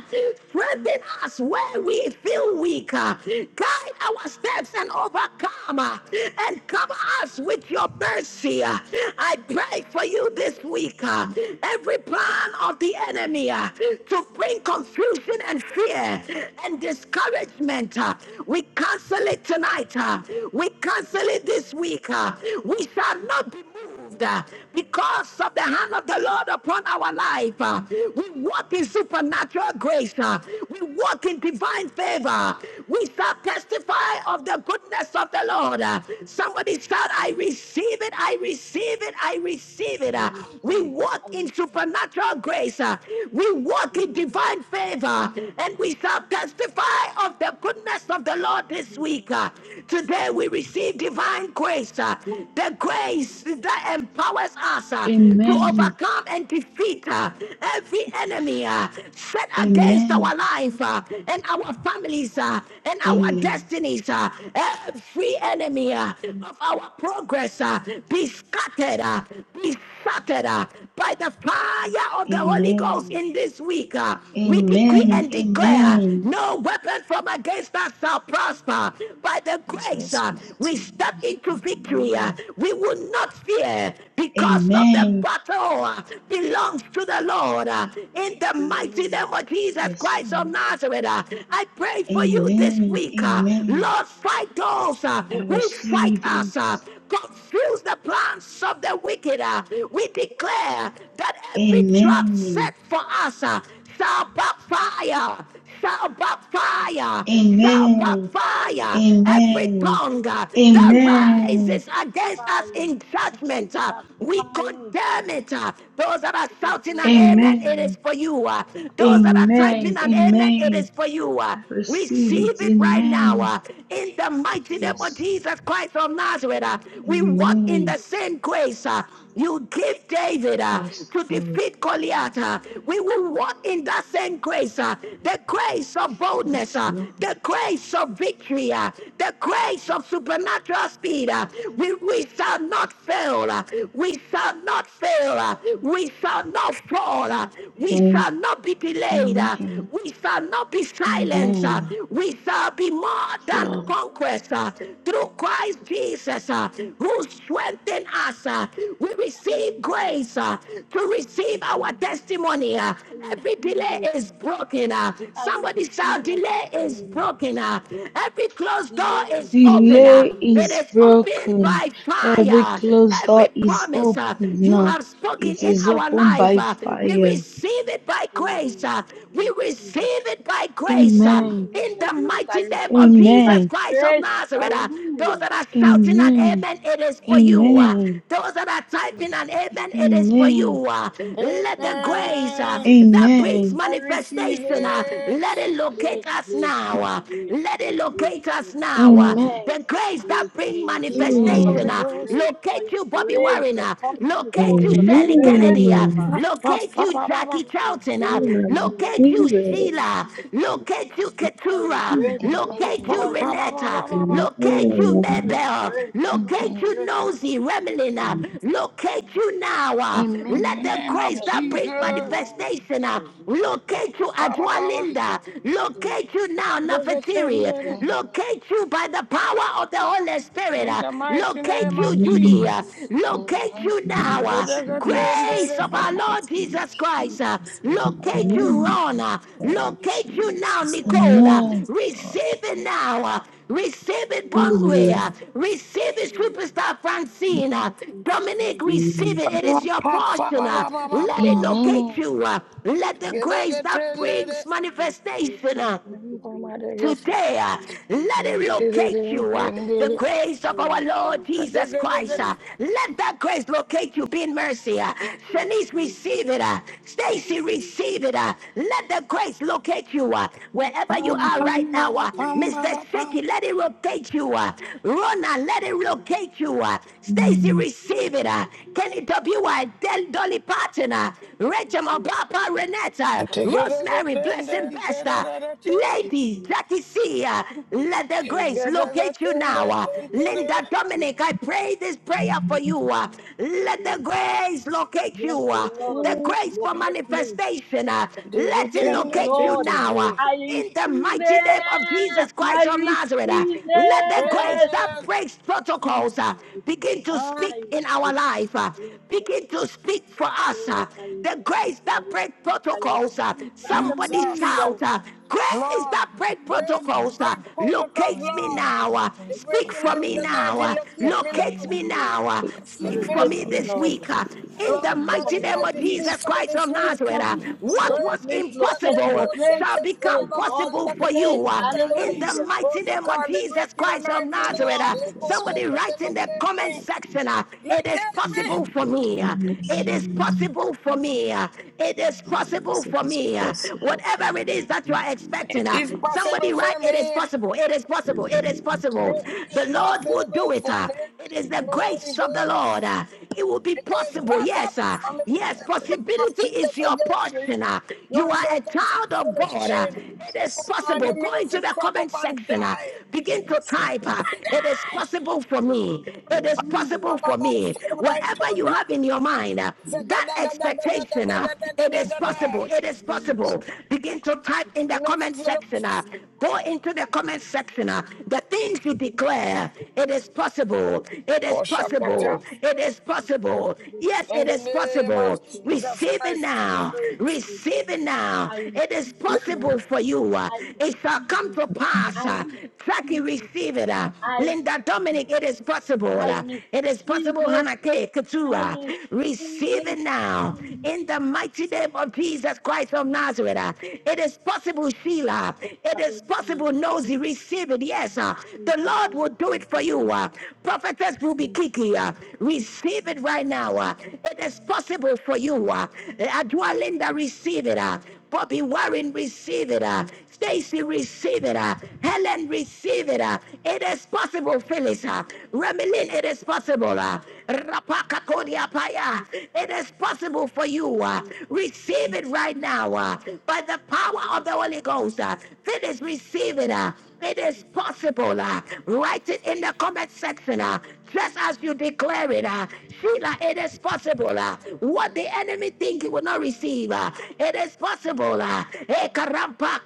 S1: Strengthen us where we feel weak. uh, Guide our steps and overcome uh, and cover us with your mercy. uh. I pray for you this week. uh, Every plan of the enemy uh, to bring confusion and fear and discouragement, uh, we cancel it tonight. uh, We cancel it
S8: Lord.
S1: this week. uh, We shall not be moved moved uh, because of the hand of the Lord upon our life. uh, We walk in supernatural grace. uh, We walk in divine favor. We shall testify of the goodness of the Lord. uh, Somebody shout, I receive it, I receive it, I receive it.
S8: I
S1: uh, We
S8: receive
S1: walk in supernatural grace. uh, We walk in divine favor. And we shall testify of the goodness of the Lord this week. uh. Today we receive divine grace. uh, The grace grace that empowers us uh, to
S10: Amen.
S1: overcome and defeat uh, every enemy uh, set
S10: Amen.
S1: against
S10: Amen.
S1: our life uh, and our families uh, and our
S10: Amen.
S1: destinies. uh, every enemy uh, of our progress uh, be scattered, uh, be scattered started uh, by the fire of the Holy Ghost
S10: Amen.
S1: in this week. uh, we decree and
S10: Amen.
S1: declare
S10: Amen.
S1: no weapon from against us shall prosper. By the grace,
S7: Jesus'
S1: uh, we
S7: mighty
S1: step
S7: name.
S1: into victory. uh,
S7: Amen.
S1: we will not fear because of the
S10: Amen.
S1: battle uh, belongs to the Lord. uh, in the mighty name of Jesus
S10: Yes,
S1: Christ of
S10: Lord.
S1: Nazareth, uh, I pray for you this
S10: Amen.
S1: week. uh,
S10: Amen.
S1: Lord, fight those uh,
S10: I
S1: who fight
S10: receive
S1: us
S10: it.
S1: us, uh, confuse the plans of the wicked. uh. we declare that every trap set
S10: Amen.
S1: for us uh, shall backfire, shall
S8: the
S1: backfire, shall
S10: Amen.
S8: fire,
S1: backfire.
S8: the
S1: Every
S10: Amen.
S1: tongue
S8: fire,
S1: uh, that
S10: Amen.
S1: rises against us
S8: fire,
S1: in judgment, uh,
S8: the
S1: we
S8: fire.
S1: condemn it. uh. those that are
S8: Let's go
S1: shouting an
S8: with the
S1: amen, it is
S10: Amen.
S1: for you. uh. those that are
S8: fire. I
S1: typing
S10: Amen.
S1: an amen, it
S10: Amen.
S1: is for you. uh.
S10: I receive
S1: Receive
S10: it.
S1: it right now
S10: Amen.
S1: uh, in the mighty name
S8: receive,
S1: of
S10: Yes.
S1: Jesus Christ of
S8: I
S1: Nazareth. uh,
S8: receive,
S1: we
S8: I
S1: walk in the
S10: Amen.
S8: receive.
S1: same grace uh, you give David uh,
S8: Yes,
S10: Yes,
S1: to
S10: Lord.
S1: defeat
S8: yes,
S1: Goliath. uh, we will walk in the same grace uh, the grace of boldness,
S10: Yes,
S1: uh,
S10: Lord.
S1: the grace of victory, uh, the
S8: yes,
S1: grace of
S8: Lord.
S1: supernatural speed. uh, we, we shall not fail. uh, we shall not fail. uh, we shall not fall. uh, we
S10: Amen.
S1: shall not not be delayed. uh,
S10: Amen.
S1: We shall not be silenced. uh,
S10: Amen.
S1: We shall be more than
S10: So,
S1: conquest uh, through Christ Jesus, uh, who strengthened us. uh, We receive
S8: Hallelujah.
S1: grace uh, to receive
S8: Thank you,
S1: our
S8: Lord.
S1: testimony. uh,
S8: I
S1: Every delay
S8: receive it.
S1: is broken. uh,
S8: I
S1: Somebody
S8: receive
S1: shout,
S8: my
S1: delay is
S8: testimony.
S1: broken. uh, Every closed door
S8: Delay is
S1: is open. uh,
S8: broken.
S10: delay
S8: Delay
S1: It
S10: is
S1: is
S8: is broken.
S1: opened
S10: broken.
S1: by
S10: Every
S1: fire.
S10: closed
S1: Every
S10: door is
S1: promise
S10: open
S1: uh, you
S10: now.
S1: have spoken
S10: It
S1: working in
S10: is
S1: our
S10: opened
S1: life.
S10: by
S1: uh, we
S10: fire.
S1: receive it by grace. uh,
S8: Hallelujah. I
S1: we
S8: receive it.
S1: receive it by grace.
S8: I
S1: uh,
S10: Amen.
S8: receive it
S1: in
S8: by
S1: the
S8: grace. I
S1: mighty name of
S8: receive it by
S1: Jesus
S10: Amen.
S1: Christ of
S8: grace.
S1: Nazareth, uh, those
S8: Hallelujah.
S1: that are shouting an
S10: Amen.
S1: amen, it is for you. uh,
S10: Amen.
S1: those that are
S8: I receive
S1: typing
S8: it
S1: an
S8: by
S1: amen,
S8: grace.
S1: it is for
S10: Amen.
S1: you. uh, let
S8: By
S1: the
S8: grace.
S1: grace uh,
S15: Amen.
S1: that
S8: I receive
S1: brings
S10: Amen.
S15: I
S8: it by
S15: receive
S1: manifestation,
S8: grace.
S1: uh,
S15: it.
S1: let it locate
S8: Grace,
S1: us
S8: grace,
S1: now.
S8: God's
S1: uh,
S8: grace.
S1: let
S8: For
S1: it
S8: your grace
S1: locate
S8: upon
S1: us
S8: me.
S1: now. uh,
S10: Amen.
S1: the
S8: For your
S1: grace that
S8: grace, for
S1: brings
S8: your grace, for
S10: Amen.
S1: manifestation,
S15: Holy
S8: your
S1: uh,
S15: Ghost.
S8: grace, for
S1: Locate
S8: your
S1: you, Bobby
S8: grace
S1: Warren. uh,
S8: upon me. For
S1: Locate you,
S8: your
S1: Shirley
S8: grace,
S3: Amen.
S1: Kennedy.
S8: oh
S1: uh,
S8: God.
S15: In
S1: Locate you, Jackie
S8: Fire
S1: Charlton. uh,
S8: grace,
S3: Amen.
S10: Amen.
S8: fire
S1: Locate you,
S3: Receive
S8: grace,
S3: it.
S1: Sheila. Locate you,
S8: fire grace, fire
S1: Keturah.
S3: Receive
S8: grace,
S3: it.
S8: Lord,
S1: Locate you,
S10: Amen.
S8: fire
S1: Renetta.
S8: grace,
S3: Amen.
S1: Locate you,
S3: Amen.
S8: fire
S1: Maybell.
S8: grace, fire
S1: Locate
S10: Amen.
S1: you,
S8: grace, Lord,
S1: Nosy, Remelin. uh, Locate you now.
S10: Amen.
S1: uh,
S10: Amen.
S1: Let
S15: the
S1: the
S15: name of
S1: grace
S8: fire
S1: that
S8: grace,
S1: brings
S15: Jesus.
S8: fire
S10: Amen.
S8: grace,
S1: manifestation. uh,
S8: fire grace,
S1: Locate you, Ajua Linda.
S8: fire grace, fire grace, fire
S1: Locate you
S8: grace, fire grace, fire grace, fire grace, fire
S1: now, Nefertiri. Locate
S10: Amen.
S1: you by the the power of the Holy Spirit,
S15: In
S1: uh,
S15: the mighty
S1: locate
S15: name
S1: you,
S15: of
S1: Judy.
S3: Amen.
S1: uh,
S15: Jesus.
S1: locate you
S3: Receive
S1: now.
S7: In
S1: uh,
S7: Jesus,
S1: grace
S7: in
S1: of
S7: the
S1: our Lord
S7: mighty name
S1: Jesus Christ, uh,
S7: of Jesus.
S1: locate you,
S7: Amen.
S3: it.
S1: Rona.
S7: Thank
S1: locate
S7: you,
S1: you now,
S7: Jesus. Thank you,
S1: Nicola.
S7: mighty
S10: Amen.
S7: God.
S1: Receive it now. uh, Receive it, Bonway. uh,
S3: Amen.
S8: grace,
S1: Receive it,
S8: fire
S1: Superstar Francine. uh,
S8: grace,
S1: Dominic,
S8: fire grace.
S1: receive it. It is your portion.
S8: Thank you, Jesus. Thank you,
S1: uh, Let
S8: Jesus.
S1: it
S8: Thank
S1: locate
S10: Amen.
S1: you.
S8: you,
S1: uh, Let the grace that brings
S8: Mr. Grace. Oh,
S1: manifestation.
S8: thank
S1: uh,
S8: you, Mr. Grace.
S1: Today, uh,
S8: Fire grace,
S1: let it
S8: fire
S1: locate you. uh, the grace of our Lord
S8: grace,
S1: Jesus
S8: fire
S1: Christ. uh,
S8: grace, fire
S1: let
S8: grace.
S1: that grace locate you. Be in mercy. Uh,
S8: We
S1: Shanice,
S8: agree.
S1: receive it. Uh,
S8: We agree. We
S1: Stacy,
S8: agree.
S1: receive it. Uh, let the grace locate you. Uh, wherever you are
S8: Hallelujah.
S1: right now,
S8: Thank
S1: uh,
S8: you, Lord.
S1: Mr.
S8: Thank you,
S1: Shiki, let
S8: Lord.
S1: it
S8: We thank
S1: locate you.
S8: you,
S1: Uh,
S8: Jesus.
S1: Rona,
S8: We
S1: let it
S8: thank you,
S1: locate you.
S8: Jesus.
S1: Uh, Stacy,
S3: Amen.
S8: We
S1: receive it.
S8: thank
S1: Uh,
S8: you, Jesus.
S1: Kenny
S8: We
S1: W.
S8: thank
S1: uh,
S8: you, Jesus.
S1: Del Dolly Partner,
S8: We
S1: Rachel
S8: thank you, Jesus.
S1: Mopapa, Renetta,
S15: I take it as a
S1: Rosemary,
S15: ten,
S1: Blessing
S15: ten, ten, ten,
S1: Besta.
S15: ten, ten.
S8: We thank you,
S1: Ladies
S8: Jesus.
S1: that is here,
S8: We
S1: let the
S15: You
S8: thank
S1: grace
S15: get as a
S1: locate you now.
S15: a
S1: Uh,
S8: we thank
S1: Linda
S8: you,
S1: Dominic,
S8: Jesus,
S1: I
S8: Lord.
S1: pray this prayer for
S8: Thank-
S1: you. Uh, Let the
S8: Yes,
S1: grace locate
S8: yes,
S1: you. Uh,
S8: Lord.
S1: The
S15: You
S1: grace for
S8: Locate me.
S1: manifestation, uh, let
S15: get
S1: it
S8: Yes,
S15: ten, ten,
S1: locate you
S15: ten
S8: Lord.
S1: now. Uh,
S15: today.
S8: I
S1: In the
S8: receive
S1: mighty name of
S8: it.
S1: Jesus
S8: I
S1: Christ of Nazareth, uh,
S8: receive
S1: let the grace
S8: it.
S1: that
S15: Amen.
S1: breaks
S8: I
S1: protocols uh,
S8: receive it.
S1: begin to
S15: Ah,
S8: I
S1: speak in
S8: receive
S1: our
S8: it.
S1: life. uh,
S8: Yes,
S1: begin
S8: Lord.
S1: to speak
S8: Yes,
S1: for us.
S8: Lord,
S1: uh,
S8: I
S1: the
S8: receive,
S1: grace
S8: I
S1: that break
S8: receive, I
S1: protocols. uh,
S8: receive.
S1: Somebody
S15: Jesus.
S8: Hallelujah.
S1: shout, uh, grace
S15: Lord,
S1: that break
S15: break
S9: up a
S15: that
S8: Hallelujah.
S1: protocols. uh,
S15: break
S9: cover.
S15: protocols,
S1: Locate
S9: Right,
S1: me
S15: Lord.
S9: Grace,
S8: This
S1: now.
S9: that
S1: uh,
S15: The
S9: voice
S8: is
S1: Speak
S15: breaking
S8: beautiful
S1: for
S15: and
S1: me
S15: the
S9: protocols.
S8: for
S1: now.
S15: 19,
S1: uh,
S9: Speak
S15: locate me
S9: for me
S15: now.
S1: Locate me
S8: me,
S9: now.
S1: now. uh,
S8: Lord.
S7: Speak for
S15: Locate
S1: Speak
S7: me
S15: me
S9: Now,
S15: now.
S1: for
S9: in
S8: Locate
S1: me
S7: now.
S8: me,
S9: the
S1: this
S9: name of
S7: Locate
S1: week.
S8: Lord.
S7: for
S1: uh,
S7: me
S9: Jesus,
S1: in
S9: speak
S1: the
S7: now.
S9: for
S8: Speak
S15: Lord
S9: me
S15: God
S8: for
S9: this
S1: mighty
S8: me
S7: Speak
S9: week.
S1: name
S8: this
S1: of
S7: for me
S15: Almighty,
S8: week.
S15: speak
S7: this
S1: Jesus
S15: for
S7: week.
S15: me
S1: Christ of
S15: this
S8: Speak
S15: week.
S8: for
S1: Nazareth, uh,
S8: me
S9: It is
S8: this
S7: Praise of
S1: what
S8: week.
S7: the
S1: was
S9: possible
S7: Lord,
S8: Grace,
S15: Praise that
S8: locate
S15: they
S7: O
S8: me.
S1: impossible
S9: for me. You're
S8: Grace,
S1: shall
S9: right.
S7: God,
S1: become
S15: Sheketela
S7: in
S8: grace,
S7: the
S15: Mama
S8: God's
S1: possible
S15: Kanda
S7: mighty name
S1: for
S7: of
S8: grace.
S1: you.
S15: Kataya
S1: uh,
S7: Jesus
S15: Kataya.
S1: In the
S7: Christ.
S8: Hallelujah.
S1: mighty name of
S15: Protocol, the
S1: Jesus
S15: breaking
S1: Christ of
S15: anointing,
S7: and
S1: Nazareth,
S15: Lord.
S1: uh,
S8: Jesus,
S15: Echo
S7: Jesus'
S1: somebody
S8: Jesus,
S15: Shekete,
S1: write in
S7: mighty
S1: the
S15: locate
S7: name,
S1: comment
S7: we
S15: me.
S7: pray.
S1: section, uh, it is
S15: Locate
S7: in the
S1: possible
S15: me.
S1: for
S8: Jesus.
S7: mighty
S1: me.
S7: name
S1: uh,
S7: of
S1: It is
S7: Jesus.
S3: Amen.
S1: possible possible for me. uh, It is
S7: Oh,
S1: possible
S7: yes,
S1: for
S7: it is
S1: me. uh,
S7: possible for
S1: Whatever it
S7: me
S1: is that you
S7: in
S1: are
S7: the
S15: It
S1: expecting, uh,
S7: mighty
S15: is
S7: name of
S15: possible
S1: somebody write,
S15: for
S1: It
S7: Jesus.
S1: is
S15: me.
S1: possible. It is possible.
S7: In the
S1: It is
S7: mighty
S1: possible.
S15: It
S7: name of
S1: The
S15: is
S1: Lord
S7: Jesus,
S1: will
S15: possible
S1: do it.
S15: for
S1: uh,
S15: me.
S1: It is the
S15: Holy
S1: grace
S7: Jesus,
S1: of the
S7: my
S15: Ghost.
S1: Lord. uh, It will be
S15: It is
S1: possible. Yes.
S15: possible
S1: uh,
S15: for me.
S1: Yes.
S7: God,
S15: The
S7: Lord,
S15: blood of
S1: Possibility
S15: Jesus
S1: is your
S15: against you.
S1: portion. uh,
S15: You
S1: You are a child
S15: uncircumcised
S1: of
S7: my
S1: God. uh,
S15: Philistine.
S1: It
S15: I
S1: is
S7: Jesus.
S15: command
S8: Impossible
S1: possible.
S15: you,
S1: Go
S8: for
S15: mirrors
S8: me.
S1: into
S15: to
S1: the
S15: crack
S1: comment
S15: up and
S1: section. uh,
S15: die.
S1: Begin to
S7: Yes, I
S1: type. uh,
S7: pray
S1: It is possible
S8: Possible
S1: for
S8: for me.
S1: me. It
S7: in
S1: is
S7: the
S15: By,
S8: Hallelujah.
S1: possible for
S15: by
S1: me.
S15: fire, by
S7: mighty
S1: Whatever you
S15: thunder.
S1: have in your mind, uh, that that expectation, uh, it is
S15: Zagadagadagadagadagadagada.
S7: name
S1: possible.
S8: Possible
S1: It
S8: for
S1: is
S8: me.
S7: of Jesus.
S1: possible. Begin to type
S8: It
S1: in the
S15: No
S8: is
S1: comment
S15: physical.
S8: possible
S1: section.
S8: for
S1: uh,
S8: me.
S1: go into
S8: It
S1: the
S8: is
S1: comment
S8: possible
S1: section. uh,
S8: for me.
S1: the things you
S8: It is
S1: declare,
S8: possible
S1: it
S8: for
S1: is
S8: me. It
S1: possible.
S8: is
S1: It is
S8: possible for
S15: Koshakata.
S1: possible.
S8: me.
S1: It is
S8: It is
S1: possible.
S8: possible
S1: Yes,
S8: for
S1: it
S15: In the
S8: me.
S1: is
S8: It is
S15: name of
S1: possible.
S8: possible for
S15: Jesus
S8: me.
S1: Receive it
S15: Christ of
S8: It is
S1: now.
S15: Nazareth.
S8: possible for
S1: Receive it
S8: me.
S1: now.
S8: I
S1: It is
S8: receive it
S1: possible
S8: now.
S1: for you. uh,
S8: I
S1: it shall
S8: receive
S1: come
S8: it.
S1: to pass.
S8: I
S1: Uh, Jackie,
S8: receive it.
S1: receive it. uh,
S8: I
S1: Linda
S8: receive
S1: Dominic,
S8: it.
S1: it is
S8: I
S1: possible. uh, it is
S8: receive it.
S1: possible. Hannah K.
S8: I
S1: Katura,
S8: receive it.
S1: receive
S8: I receive it.
S1: even now, in the mighty name of Jesus Christ of Nazareth. uh, It is possible, Sheila. It is possible,
S8: Hallelujah.
S1: Nosy. Receive it. Yes, uh,
S8: Thank
S1: the
S8: you,
S1: Lord will
S8: Lord.
S1: do it
S8: Thank
S1: for
S8: you,
S1: you.
S8: Lord.
S1: uh. Prophetess Ruby
S8: Thank you,
S1: Kiki,
S8: Jesus.
S1: uh, receive it right now. uh.
S8: It
S1: It
S8: is
S1: is possible for you. uh. Adua Linda, receive it. uh. Bobby Warren, receive it. uh. Stacy, receive it. uh, Helen, receive it. uh, It is possible, Phyllis. uh, Remelin, it is possible. uh, Rapakakodiapaya,
S8: possible
S1: It is
S8: for me.
S1: possible for you. uh,
S8: Thank you,
S1: Receive it right now uh, by the power
S8: Jesus,
S1: of the
S8: Jesus,
S1: Holy Ghost. uh,
S8: Jesus,
S1: Phyllis, receive it. uh, It is
S8: Jesus,
S1: possible.
S8: Jesus.
S1: uh,
S8: Jesus.
S1: Write it in the comment section. uh,
S8: Hallelujah.
S1: Just as you
S8: It is possible. It is possible. It is possible. Oh, it is possible. It is
S1: declare it. uh, Sheila, it is possible. uh, What the enemy think you will not receive. uh, It is possible. uh, eh, karampa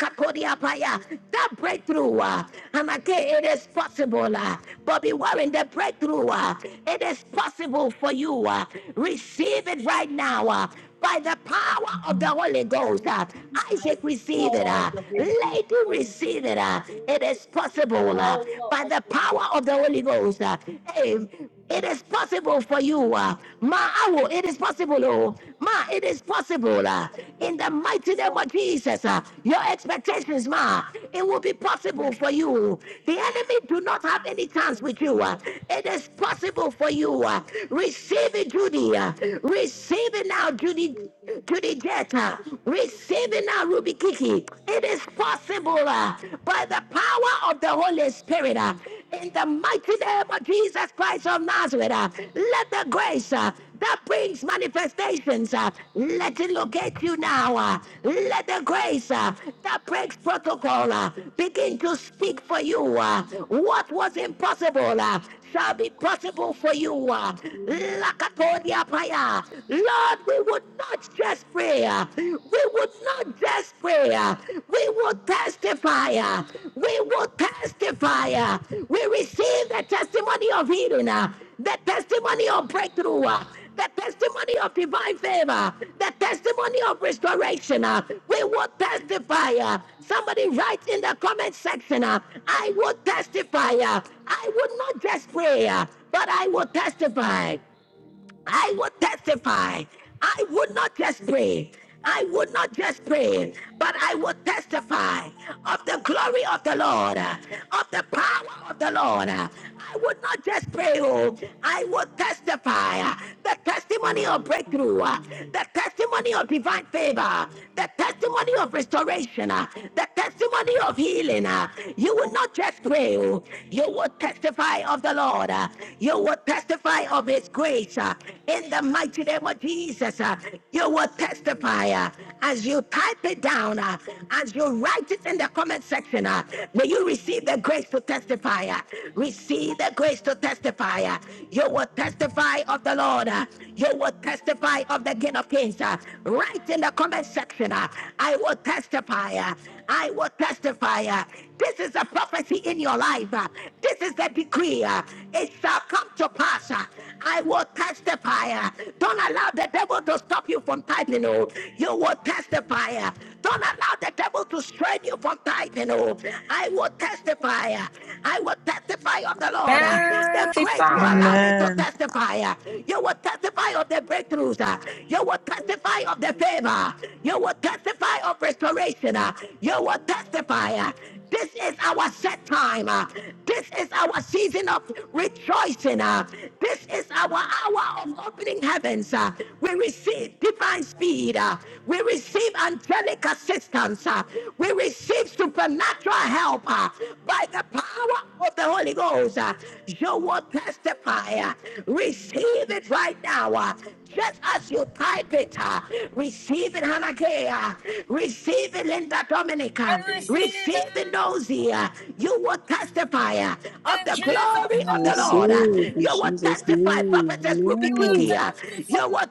S1: That breakthrough. uh, And
S8: possible.
S1: again, it is possible. uh, But be warned, the breakthrough, uh, it is possible for you. uh, Receive it right now. uh, By the power of the Holy
S8: I
S1: Ghost, uh,
S8: receive it. I receive it by
S1: Isaac
S8: the
S1: received it.
S8: power of
S1: uh,
S8: the Holy Ghost.
S1: Lady
S8: I receive it by
S1: received it. uh, It is
S8: the
S1: possible uh,
S8: power
S1: by
S8: of
S1: the
S8: the Holy Ghost.
S1: power of the Holy Ghost. uh, Hey,
S8: I
S1: it is
S8: receive it By the power of
S1: possible for
S8: the Holy
S1: you. uh,
S8: Ghost.
S1: Ma,
S8: I
S1: awo,
S8: receive it
S1: it is possible. Oh, ma, it is possible. uh,
S8: by the
S1: in the mighty
S8: power
S1: name
S8: of
S1: of Jesus, uh, your expectations, ma, it will be possible for
S8: Jesus.
S1: you.
S8: Jesus,
S1: The enemy
S8: Jesus.
S1: do not have any chance
S8: Thank
S1: with
S8: you,
S1: you. uh,
S8: Lord.
S1: it is possible for you. uh,
S8: It
S1: receive
S8: is
S1: it, Judy. uh,
S8: possible.
S1: receive it now, Judy
S8: Possible. for
S1: to the debt, uh,
S8: Amen,
S1: receiving a Ruby Kiki. It is possible uh, by the power of the Holy Spirit. uh, in the mighty name of Jesus Christ of Nazareth, uh, let the grace uh, that brings manifestations, uh, let it locate you now. uh, let the grace uh, that breaks protocol uh, begin to speak for you. uh, what was impossible uh, shall be possible for you. uh,
S8: amen.
S1: Lakatodia Paya. Lord, we would not just pray. uh, We would not just pray. uh, We would testify. uh, We would testify. uh, We receive the testimony of healing, uh, the testimony of
S8: Hallelujah.
S1: breakthrough, uh, the testimony of divine favor, the testimony of restoration. uh, We would testify. uh, Somebody write in the comment section, uh, I would testify. uh, I would not just pray, uh, but I will testify. I will testify. I would not just pray. I would not just pray, but I will testify of the glory of the Lord, uh, of the power of the Lord. uh. I would not just pray, oh, I will testify uh, the
S8: I
S1: testimony of
S8: will
S1: breakthrough, uh,
S8: testify.
S1: the
S8: I
S1: testimony testimony of divine favor,
S8: will
S1: the testimony
S8: testify.
S1: of restoration, uh, the
S8: I
S1: testimony of healing. uh, You will not just dwell, you will testify of the Lord, uh, you will testify of His grace uh, in the mighty name of Jesus. uh, You will
S8: will Hallelujah. Hallelujah. You are worthy to
S1: testify uh, as you type it down, uh, as you write it in the comment section. uh, May you receive the grace to testify, uh, receive the grace to testify. uh, You will testify of the Lord. uh, you will testify of the King of Kings. uh, Write in the comment section. uh, I will testify. uh, I will testify. uh, This is a prophecy in your life. uh, This is the decree. uh, It shall come to pass. uh, I will testify. uh, Don't allow the devil to stop you from tithing. oh. You will testify.
S8: be
S1: uh,
S8: praised.
S1: Don't allow the devil to
S8: I
S1: strain you from tithing. oh. I will testify. uh, I will
S8: will testify. I
S1: testify
S8: will
S1: of the Lord. uh,
S8: testify. I
S1: The
S8: will
S1: grace will
S8: testify.
S16: Magnify.
S8: I will testify
S1: allow
S8: of
S1: me
S8: the
S1: to
S17: Amen.
S8: Lord.
S1: testify. uh,
S8: I will
S1: You will
S8: testify
S1: testify
S8: of
S1: of the
S8: the Lord.
S1: breakthroughs. uh, You
S8: I
S1: will
S8: will
S1: testify
S8: testify of
S1: of
S8: the
S1: the
S8: Lord.
S1: favor. You will testify of restoration. uh, You will testify. uh, This is our set time. uh, This is our season of rejoicing. uh, This is our hour of opening heavens. uh, We receive divine
S8: Testify.
S1: speed. uh, We receive angelic assistance. uh,
S8: Hallelujah.
S1: We receive supernatural
S8: Hallelujah.
S1: help uh, by the power of the Holy
S8: Thank you,
S1: Ghost uh,
S8: Jesus.
S1: you will
S8: Lord.
S1: testify. uh,
S8: Thank you, Lord.
S1: Receive
S8: Thank
S1: it
S8: you,
S1: right
S8: Lord.
S1: now. uh, Just as
S8: We
S1: you type
S8: praise
S1: it,
S8: you,
S1: uh,
S8: Lord.
S1: receive it, Hanakea.
S8: Hallelujah.
S1: Receive it, Linda
S8: Hallelujah.
S1: Dominica.
S15: I
S8: Praise
S15: receive it
S1: Receive it, Nosy. uh, You will testify
S8: Jesus.
S1: uh, of
S15: in
S1: the
S7: I
S15: Jesus'
S1: glory of the
S15: name.
S1: Lord. uh,
S7: receive
S8: Hallelujah. Praise Jesus.
S7: in
S1: You will
S7: Jesus'
S1: testify,
S7: name.
S8: I
S1: Prophetess
S15: I
S1: Ruby
S15: will
S8: will
S1: Kiki.
S7: Amen. In
S1: uh,
S15: testify.
S1: You
S8: testify.
S1: will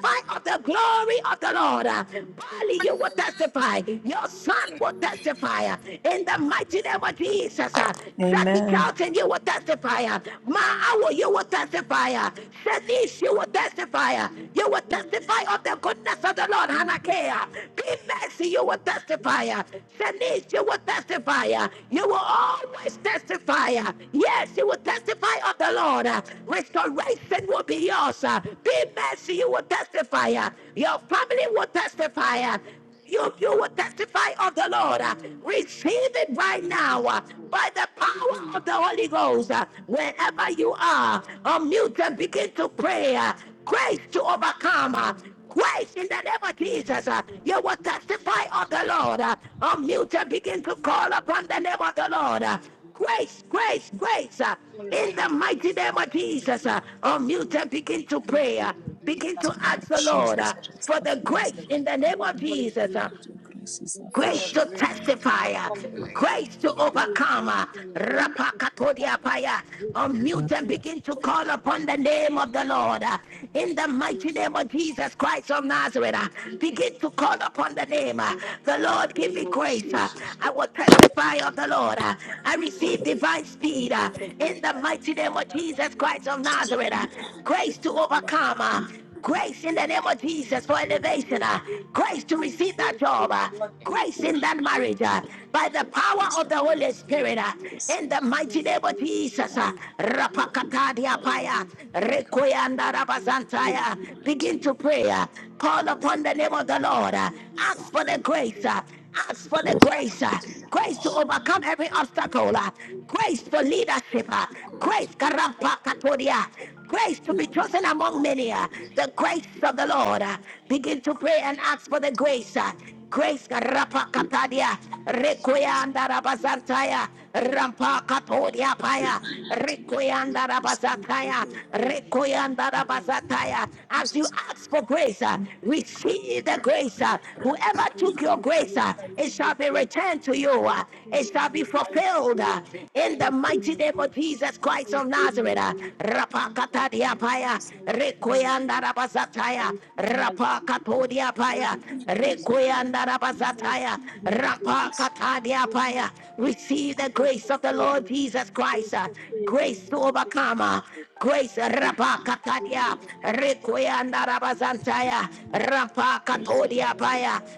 S8: I will
S1: of the glory
S8: testify.
S1: of the
S8: I
S1: Lord. uh,
S8: will
S1: Bali, you
S8: testify.
S1: will
S8: I will testify of the
S1: testify.
S8: goodness of
S1: Your
S8: the Lord,
S1: son
S8: the
S1: will
S8: glory of the
S1: testify
S8: Lord.
S1: uh, in the
S8: I will
S1: mighty name of Jesus.
S8: testify.
S1: Jesus. Uh, Jackie
S17: Amen.
S8: Hallelujah.
S1: Charlton, you will
S8: Hallelujah.
S1: testify. Uh, Ma
S8: Hallelujah.
S1: Awo, you will testify. Uh, Shanice, you will
S8: Hallelujah. Hallelujah.
S1: testify. Uh, you will
S8: Hallelujah.
S1: testify of the
S8: Hallelujah.
S1: goodness of the Lord.
S8: Jesus.
S1: Hanakea. Be
S8: Jesus.
S1: mercy, you will
S8: Jesus. Jesus.
S1: testify. Uh, Shanice, you will testify. Uh, you will always testify. Uh, yes, you will testify of the Lord. Uh, restoration will be yours. Uh, be mercy, you will testify. Uh, your family will testify. Uh, you, you will testify of the Lord. Uh,
S8: Hallelujah.
S1: Receive it right
S8: I will
S1: now uh,
S8: testify.
S1: by the power of
S8: Hallelujah.
S1: the Holy Ghost. Uh, Wherever you are, unmute and begin to pray. uh, Grace to overcome. uh,
S8: Hallelujah.
S1: Grace in the name of
S8: The
S1: Jesus.
S8: Lord
S1: uh,
S8: God
S1: You
S8: of
S1: will
S8: for the
S1: testify
S8: grace
S1: of
S8: of
S1: the
S8: the Lord,
S1: Lord. uh, Unmute and
S8: for your
S1: begin to
S8: grace,
S1: call
S8: for
S1: upon the name of the Lord. uh,
S8: your grace,
S1: Grace,
S8: Jesus.
S1: grace, grace. uh,
S8: for your
S1: in the
S8: grace, for
S1: mighty
S8: your
S1: name of
S8: grace, for your
S1: Jesus, uh,
S8: grace, for your
S1: unmute
S8: grace.
S1: and begin to
S8: I
S1: pray. uh,
S8: receive your grace.
S1: Begin
S8: I
S1: to
S7: the name
S8: receive
S1: ask
S7: of
S1: the
S8: your grace
S1: Lord
S8: in
S1: uh,
S7: Jesus
S8: the
S7: Christ
S8: mighty
S1: for
S7: of
S8: name
S1: the
S8: of
S1: grace
S7: Nazareth,
S8: Jesus.
S1: in the
S7: our
S1: name
S8: Lord,
S1: of
S8: for your
S1: Jesus.
S8: grace
S1: uh,
S7: God,
S8: over
S7: your
S8: me.
S7: grace is
S8: Lord,
S1: grace
S8: send your
S7: sufficient.
S1: to
S8: grace over me.
S1: testify,
S8: Lord,
S1: uh,
S8: pour out your grace.
S1: grace to
S8: For
S7: In
S8: your
S1: overcome.
S8: grace,
S1: uh,
S8: for your grace to testify.
S1: Rapakatodiapaya.
S8: Grace to
S7: the name of
S1: Unmute and
S8: overcome.
S1: begin to call
S8: I
S1: upon the
S8: need your
S1: name of
S8: grace,
S1: the
S8: Lord.
S1: Lord uh,
S8: I
S1: in
S8: need
S1: the
S8: your
S1: mighty
S8: grace,
S1: name
S8: Lord.
S1: of
S8: Jesus.
S1: Jesus Christ of
S8: God, you
S1: Nazareth. uh,
S8: are grace to be
S1: Begin to
S8: before
S1: call
S8: by
S1: upon
S8: your
S1: the
S8: grace to
S1: name. uh, The
S8: testify. You
S1: Lord,
S8: are
S1: give me
S18: name
S8: grace to
S18: of
S1: grace.
S8: praise
S1: uh,
S8: you.
S18: Jesus.
S1: I will
S8: You are God
S1: testify
S8: for
S1: of
S8: your
S1: the Lord.
S8: grace,
S1: uh, I
S8: praise the
S1: receive
S8: faith
S1: divine speed
S8: for
S1: uh,
S8: your
S1: in
S8: grace
S1: the
S8: that is
S1: mighty name
S8: given
S1: of
S8: by you,
S1: Jesus
S8: praise in
S1: Christ
S8: the
S1: of
S8: mighty
S7: Jesus
S8: name
S1: Nazareth.
S8: of
S1: uh,
S8: Jesus.
S1: Grace
S7: Christ
S1: to
S8: And we
S1: overcome. uh,
S8: give you
S1: Grace in the
S8: grace
S1: name
S8: to
S1: of
S8: the throne.
S1: Jesus for
S8: Grace,
S1: elevation.
S8: grace,
S1: uh,
S8: grace, God,
S1: Grace to
S8: grace,
S1: receive that
S8: grace,
S1: job.
S8: grace,
S1: uh,
S8: God, grace,
S1: grace in that
S8: grace,
S1: marriage uh,
S7: of
S1: by the
S7: Nazareth,
S1: power
S8: grace,
S1: of the Holy
S8: grace, grace,
S1: Spirit uh,
S8: grace.
S1: in
S7: so
S1: the
S8: For
S1: mighty
S8: your
S1: name of
S8: grace, for your
S1: Jesus.
S7: hard
S1: uh,
S8: grace, for your grace,
S7: with my
S1: Rapakatadia
S7: Father
S8: for
S7: to
S8: your
S1: Paya,
S8: grace, for
S7: take
S1: Rekoyanda
S8: your
S7: in
S1: Rabazantaya.
S8: grace, for your grace,
S7: the mighty
S1: Begin
S7: name
S1: to
S7: of
S8: for
S1: pray. uh, Call
S7: Christ
S1: upon
S7: of
S1: the name
S7: Nazareth.
S1: of
S8: your grace, for your
S1: the
S8: grace,
S1: Lord. uh, Ask
S8: for
S1: for the
S7: In
S1: grace.
S8: your grace, for your grace. for your
S1: uh,
S8: grace, for
S1: Ask for
S8: your
S1: the
S8: grace,
S7: the
S1: grace. uh,
S7: mighty name
S8: Grace I
S1: Grace
S7: of
S1: to
S8: receive grace, I
S1: overcome every
S8: receive grace,
S1: obstacle. uh, Grace for leadership. uh,
S7: Almighty
S8: I
S7: God,
S8: receive your
S1: Grace,
S8: grace, I receive
S1: Karampakatodia. Grace to
S7: in
S1: be
S7: the
S1: chosen
S7: mighty
S8: grace, I
S1: among
S7: name
S1: many. uh,
S7: of
S8: receive
S1: The grace of the Lord. uh, Begin to pray and ask for the grace. uh, Grace Rapa Katadia,
S7: Jesus,
S1: Requianda Rabazantaya, Rampa Katodia
S7: in the mighty name
S1: Paya,
S7: of Jesus,
S1: Requianda
S7: Jesus, the
S1: Rabazataya,
S7: name
S1: Requianda
S7: of
S1: Rabazataya. As you
S7: Jesus,
S1: ask for grace, uh,
S7: the great
S1: receive the grace. uh, Whoever took your
S7: nation,
S1: grace, uh, it shall be returned to you. uh, It shall be
S7: Jesus,
S1: fulfilled uh, in the mighty
S8: my
S1: name of
S8: grace,
S1: Jesus
S7: all
S8: I
S1: Christ of
S8: receive my
S1: Nazareth. uh,
S8: grace, the
S1: Rapa
S8: mighty
S7: beauty,
S1: Katadia
S8: name of
S1: Paya,
S7: Jesus,
S1: Requianda
S8: Jesus. I
S1: Rabazataya,
S8: receive my
S1: Rapa
S8: grace.
S1: Katodia
S8: I
S1: Paya. Paya,
S8: receive my
S7: Jesus,
S8: grace.
S7: just Jesus,
S8: I
S1: Requeandarabazataya,
S8: receive my grace. I receive
S7: the
S8: my grace.
S1: rapa
S7: grace of
S1: katadia
S8: Grace for
S1: Paya.
S8: speed,
S1: Receive
S8: grace
S1: the
S8: grace
S1: grace
S8: for
S1: of the Lord
S8: favor,
S1: Jesus Christ,
S8: grace
S1: uh,
S8: for favor in
S1: grace
S8: the
S1: to
S8: mighty name of
S1: overcome. uh,
S8: Jesus.
S1: Grace
S7: the name
S8: Grace for
S1: Rapakatadia,
S7: of
S8: the form, grace for my
S1: Requiandarabasantaya,
S8: battle.
S7: grace of
S8: Oh,
S1: Rapakatodia
S8: Lord,
S1: Paya,
S7: the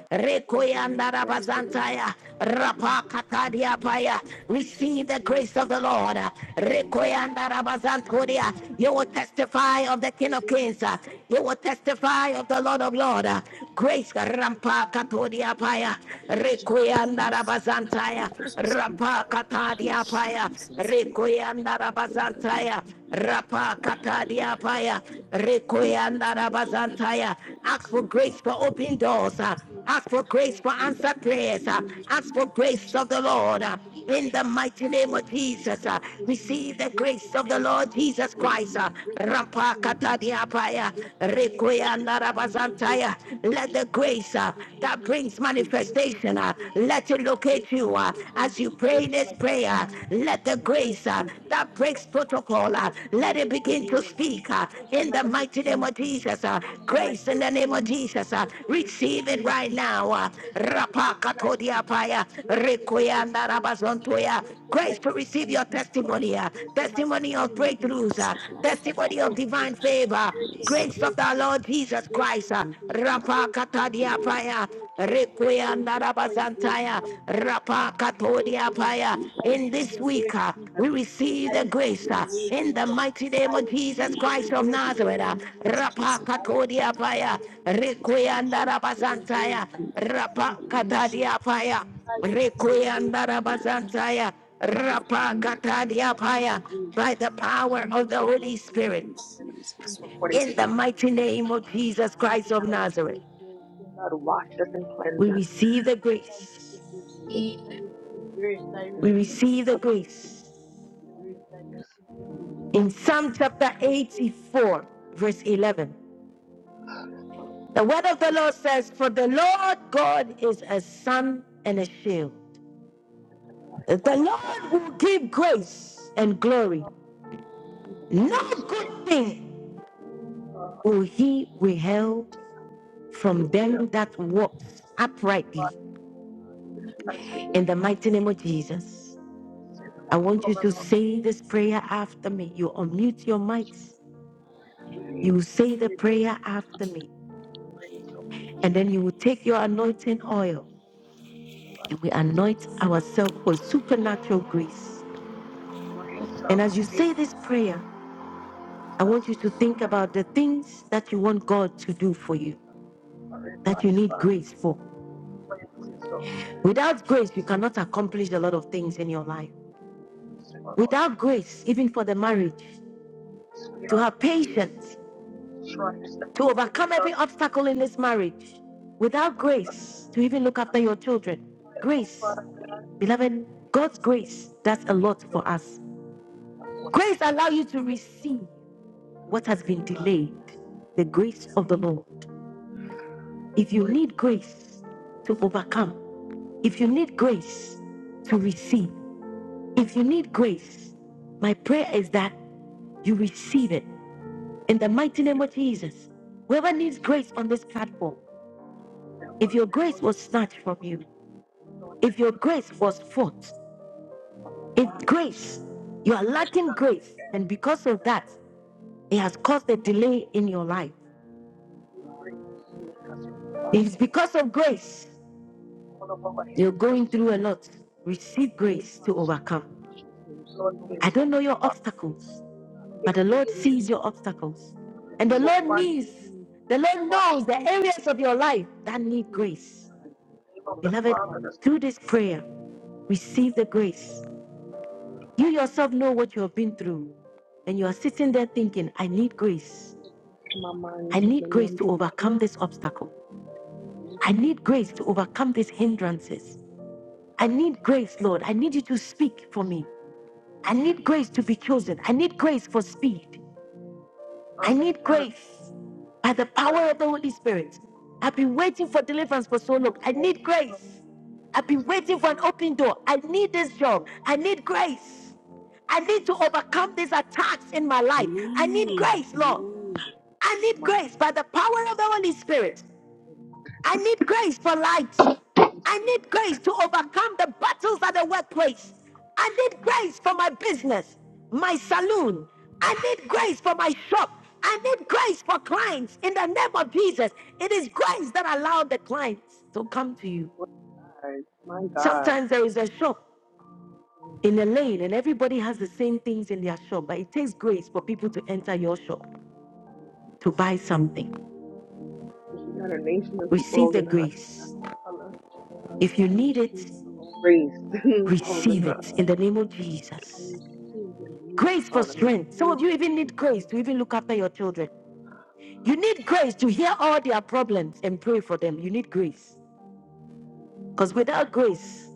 S8: thank you,
S1: Requeanda
S8: Lord.
S7: grace
S8: Thank
S7: of
S8: you,
S7: the
S8: Lord.
S1: Rabazantaya,
S7: daily
S8: Thank
S1: rapa
S8: you, Jesus.
S1: katadia
S8: Thank you,
S1: Paya.
S7: of
S8: Lord.
S7: Jesus,
S1: Receive the grace of
S8: Hallelujah.
S1: the Lord. uh,
S7: thank you,
S8: Hallelujah.
S1: Requiandarabazantodia.
S8: Hallelujah.
S1: You will
S8: Hallelujah.
S1: testify of the King of
S7: Jesus,
S1: Kings. uh,
S8: Hallelujah. Oh,
S1: You will testify of the Lord of of
S8: thank you.
S1: Lord. uh, Grace
S8: I
S1: Rampa
S8: thank you.
S1: Katodia Paya,
S7: message,
S8: I
S7: change,
S8: thank
S7: hope,
S1: Requianda
S8: you. I
S7: and
S1: Rabazantaya,
S7: compassion,
S8: thank you.
S7: speak,
S1: Rampa Katadia Paya,
S7: Jesus,
S8: Thank you,
S1: Requianda
S7: my
S8: Jesus.
S7: heavenly,
S1: Rabazantaya,
S8: Thank you, Lord.
S1: Rapa
S8: Thank you,
S1: Katadia
S8: Jesus.
S1: Paya,
S7: my
S8: Thank you,
S7: In the
S8: Jesus.
S7: mighty
S1: Requianda
S8: Thank you,
S1: Rabazantaya.
S8: Jesus.
S1: Ask for
S8: Thank you,
S1: grace for
S8: Jesus.
S1: open doors. uh,
S8: Praise,
S1: Ask for grace
S8: praise,
S1: for
S8: praise,
S1: answer prayers. uh,
S7: name
S8: oh
S7: of
S8: Lord.
S1: Ask for
S8: Yes,
S7: Jesus,
S1: grace
S7: just
S8: Lord.
S1: of the
S8: For
S1: Lord.
S7: not
S8: grace
S1: uh,
S8: to
S1: In
S8: open
S1: the
S8: doors
S1: mighty
S8: and
S1: name
S7: your
S1: of
S8: favor.
S7: friends,
S1: Jesus,
S7: correct.
S1: uh,
S8: Open
S1: receive
S8: doors.
S1: the
S8: Grace for
S1: grace of the
S8: favor.
S1: Lord
S8: Grace for
S1: Jesus
S7: In the
S8: open
S1: Christ. uh,
S8: doors.
S7: mighty
S8: Grace for
S7: name of
S8: opportunity.
S7: Jesus,
S1: Rapakatadiapaya,
S8: Grace for help.
S4: is
S8: Grace for financial
S1: Rekoyandarabazantaya.
S8: breakthrough.
S1: Let the
S8: Grace
S1: grace
S8: for
S1: uh,
S8: what I
S1: that
S8: need.
S1: brings
S7: in the
S8: Grace
S7: mighty
S8: for
S1: manifestation,
S8: my
S1: uh,
S8: children.
S1: let
S7: name
S1: it
S8: Grace
S1: locate
S8: for
S1: you
S8: my
S1: uh,
S7: of Jesus,
S8: open
S1: as you
S8: doors. Grace
S1: pray
S8: for
S1: this
S8: my
S1: prayer.
S8: testimony.
S1: Let the
S8: Grace
S1: grace
S8: for
S1: uh,
S7: in
S8: my
S7: the mighty
S1: that
S8: testimony.
S1: breaks protocol, uh, uh,
S8: Grace for my
S1: let it
S8: open
S1: begin to
S8: doors.
S1: speak uh,
S8: Grace for
S1: in
S8: my
S1: the mighty name of
S8: opportunity.
S1: Jesus. uh,
S8: Grace for my
S1: grace in the name
S8: breakthrough.
S1: of Jesus. uh,
S8: Grace for my
S1: receive it right
S8: prosperity.
S1: now. Uh,
S8: Grace for my prosperity.
S1: Rapakatodiapaya,
S8: Grace for my prosperity.
S1: Rekoyandarabazontoya.
S8: Grace for
S1: grace
S8: my
S1: to receive your
S8: opportunity.
S1: testimony, uh,
S8: Grace for my
S1: testimony of
S8: opportunity.
S1: breakthroughs, uh,
S7: name of
S4: the
S8: Grace for
S4: verse
S8: my
S7: Father,
S1: testimony of
S4: that
S8: breakthrough.
S1: divine
S4: worship you,
S1: favor.
S8: Grace
S7: who
S8: for
S7: is
S8: my
S7: so
S1: Grace of the
S4: God,
S8: breakthrough.
S4: in
S1: Lord Jesus
S8: Grace for
S1: Christ.
S8: my
S1: uh,
S8: children.
S1: Rapa
S8: Grace, grace,
S7: in
S1: katadia
S7: the
S8: grace. In
S1: paya.
S8: God's grace, fire, grace.
S1: Requianda
S8: Oh, fire, grace,
S1: rabazantaya.
S8: fire, grace. I
S1: Rapa
S8: receive your grace,
S1: katodia
S8: Lord.
S1: paya.
S8: I
S7: mighty
S1: In
S8: receive
S1: this
S8: your
S1: week,
S8: grace,
S1: uh, we
S8: Jesus.
S4: every sin
S1: receive
S8: I
S4: and
S1: the
S4: be
S8: receive
S1: grace.
S4: bind
S7: name
S8: your
S1: uh,
S7: of
S4: it
S7: Jesus,
S8: grace,
S1: in the
S8: Lord.
S1: mighty
S8: I
S1: name of
S4: and be
S7: in
S1: Jesus
S8: receive
S7: the
S8: your
S1: Christ
S7: mighty
S1: of
S4: stopped
S8: grace,
S7: name
S1: Nazareth, uh,
S8: Lord. I
S7: of Jesus, just
S1: Rapa
S8: receive,
S7: of
S8: I
S7: my
S8: receive,
S1: Katodia Paya,
S8: hallelujah.
S7: Christ,
S8: I
S1: Requianda
S8: receive your grace.
S1: Rabazantaya,
S7: in the mighty
S8: I
S1: Rapa
S4: every
S7: name
S8: receive
S7: of
S8: your
S7: Jesus,
S8: grace.
S1: Katadia Paya,
S8: I
S7: of the
S8: receive your grace.
S1: Requianda Rabazantaya,
S8: Thank
S7: Lord,
S8: you,
S7: of
S1: Rapa
S8: Jesus.
S7: the Lord,
S1: Katadia
S8: Thank you for
S1: Paya,
S8: grace.
S1: by the power
S8: Thank you
S1: of the
S8: for
S1: Holy
S8: grace,
S1: Spirit.
S8: Lord.
S7: in
S4: restoration in our sleep,
S8: Thank
S7: Jesus'
S8: you for
S4: according
S8: your
S4: to
S1: In
S7: mighty
S1: the
S7: name.
S8: grace,
S4: Psalms
S1: mighty
S8: Lord.
S1: name of
S4: 4,
S1: Jesus
S4: lie
S8: Thank
S4: us
S8: you
S1: Christ of
S8: for
S4: down.
S8: your
S4: The
S1: Nazareth,
S8: grace, Lord. Thank
S4: blood
S8: you for your
S4: wash us and
S8: grace, Lord.
S4: cleanse
S1: we
S4: us.
S1: receive the
S4: And I
S8: Thank you,
S1: grace.
S8: grace.
S4: lead us
S8: I receive grace. I
S4: and
S8: receive
S1: We
S8: the
S4: come to
S1: receive the grace.
S8: grace. I receive the
S1: In Psalm chapter
S8: Thank you.
S1: 84, verse 11, the word of the Lord says, For the Lord God is a sun and a shield. The Lord will give grace and glory. No
S4: you.
S1: good thing will he withhold
S4: We
S1: from
S4: bless
S1: them that walk uprightly.
S4: As we
S1: In the mighty name of Jesus.
S4: sit
S1: I
S4: come
S1: want you to
S4: around
S1: say this prayer after me. You unmute your mics.
S4: with
S1: You say the
S4: with
S1: prayer after me.
S4: of the
S1: And then
S4: truth,
S1: you will take your anointing oil and we
S4: righteousness,
S1: anoint ourselves with supernatural grace.
S4: grace of
S1: And as you say
S4: faith,
S1: this prayer, I want
S4: us,
S1: you to
S4: Lord,
S1: think about the things that you want God to do for you,
S4: forever
S1: that you
S4: and
S1: need
S4: ever.
S1: grace for. Without grace, you cannot accomplish a lot of things in your life. Without grace, even for the marriage, to have patience
S4: assurance that
S1: to
S4: you
S1: overcome
S4: not
S1: every obstacle in this marriage. Without
S4: know that
S1: grace to even look after
S4: as
S1: your children.
S4: no
S1: Grace,
S4: Father
S1: beloved, God's grace does a
S4: is
S1: lot
S4: your
S1: for us.
S4: that was
S1: Grace allows you
S4: used
S1: to receive
S4: to
S1: what has
S4: to
S1: been
S4: God,
S1: delayed, the
S4: body
S1: grace
S4: that
S1: of the
S4: will
S1: Lord. If you
S4: break
S1: need grace to overcome, if you need grace to receive, if you need grace, my
S4: and
S1: prayer is
S4: drink
S1: that you receive it in the mighty name
S4: hatred
S1: of Jesus.
S4: that
S1: Whoever
S4: will
S1: needs
S4: shed,
S1: grace on this platform,
S4: that
S1: if
S4: will
S1: your
S4: never
S1: grace was
S4: lose
S1: snatched from you,
S4: none
S1: If
S4: that
S1: your grace
S4: cleanse
S1: was fault,
S4: for your
S1: if
S4: mind,
S1: grace, you are lacking
S4: spirit,
S1: grace, and because
S4: God,
S1: of
S4: and
S1: that, it has caused a delay in your life.
S4: You bring healing as you wash
S1: If it's
S4: away
S1: because of grace,
S4: all of our head
S1: you're
S4: to the
S1: going through
S4: soul.
S1: a lot. Receive grace to
S4: Wash us,
S1: overcome.
S4: wash us.
S8: I
S4: Lord,
S8: receive my
S1: I don't
S4: vessels,
S1: know
S8: grace.
S1: your obstacles,
S8: I
S1: but the
S4: every
S8: receive
S1: Lord
S4: inch
S8: grace.
S1: sees your obstacles.
S4: of our
S1: And the
S8: I
S1: Lord
S4: body,
S1: needs,
S8: receive my grace.
S1: the Lord
S4: wash
S1: knows the areas of your life
S8: I
S1: that need
S8: receive
S1: grace.
S4: by the name of the
S1: Beloved,
S4: Father, the
S1: through this
S4: Son,
S1: prayer, receive the grace. You yourself know what you have been through, and you are sitting there thinking, I need grace.
S4: My mind
S1: I
S4: is
S8: this.
S4: a
S1: need grace
S4: million
S1: to
S8: Lord.
S4: dollars.
S1: overcome this obstacle.
S8: Yes,
S1: I
S8: Lord.
S1: need grace to overcome these hindrances. I need grace, Lord. I need you to speak for me. I need grace to be chosen. I need grace for speed. I
S4: I'm
S1: need
S4: trying to
S1: grace by the
S4: feel
S1: power of the Holy Spirit. I've been waiting for deliverance for so long. I
S4: Yeah,
S1: need grace. I've been waiting
S8: Yes,
S1: for an
S8: Lord.
S1: open door. I need this job. I need grace. I need to overcome these attacks in my life. I need
S7: Amen.
S1: grace, Lord.
S7: Amen.
S1: I need
S4: My
S1: grace by the power of the Holy Spirit. I need grace for light. I need grace to overcome the battles at the workplace. I need grace for my business, my saloon. I need grace for my shop. I need grace for clients in the name of Jesus. It is grace that allowed the clients to come to you.
S4: What a My God.
S1: Sometimes there is a shop
S8: Yes, Lord,
S1: in a lane and everybody has the same things in their shop, but it takes grace for people to enter your shop to buy something.
S4: But She got a nation of people
S1: Receive the
S4: holding her. up. I
S1: grace.
S4: don't her. got a
S1: If you
S8: I
S4: whole,
S1: need it,
S8: receive
S4: a whole
S8: grace.
S4: race
S8: I
S4: holding
S1: receive
S4: her.
S1: it
S4: up.
S8: receive
S1: in
S8: it.
S1: the name of
S8: I
S1: Jesus.
S8: receive the grace.
S1: Grace for
S4: Oh, I mean,
S1: strength.
S8: I
S1: Some of you even
S8: receive
S1: need grace to
S8: grace.
S1: even look after your children. You
S8: Yes,
S1: need grace to
S8: Lord.
S1: hear all
S8: Yes,
S1: their
S8: Lord.
S1: problems and pray for them. You need grace. Because without grace,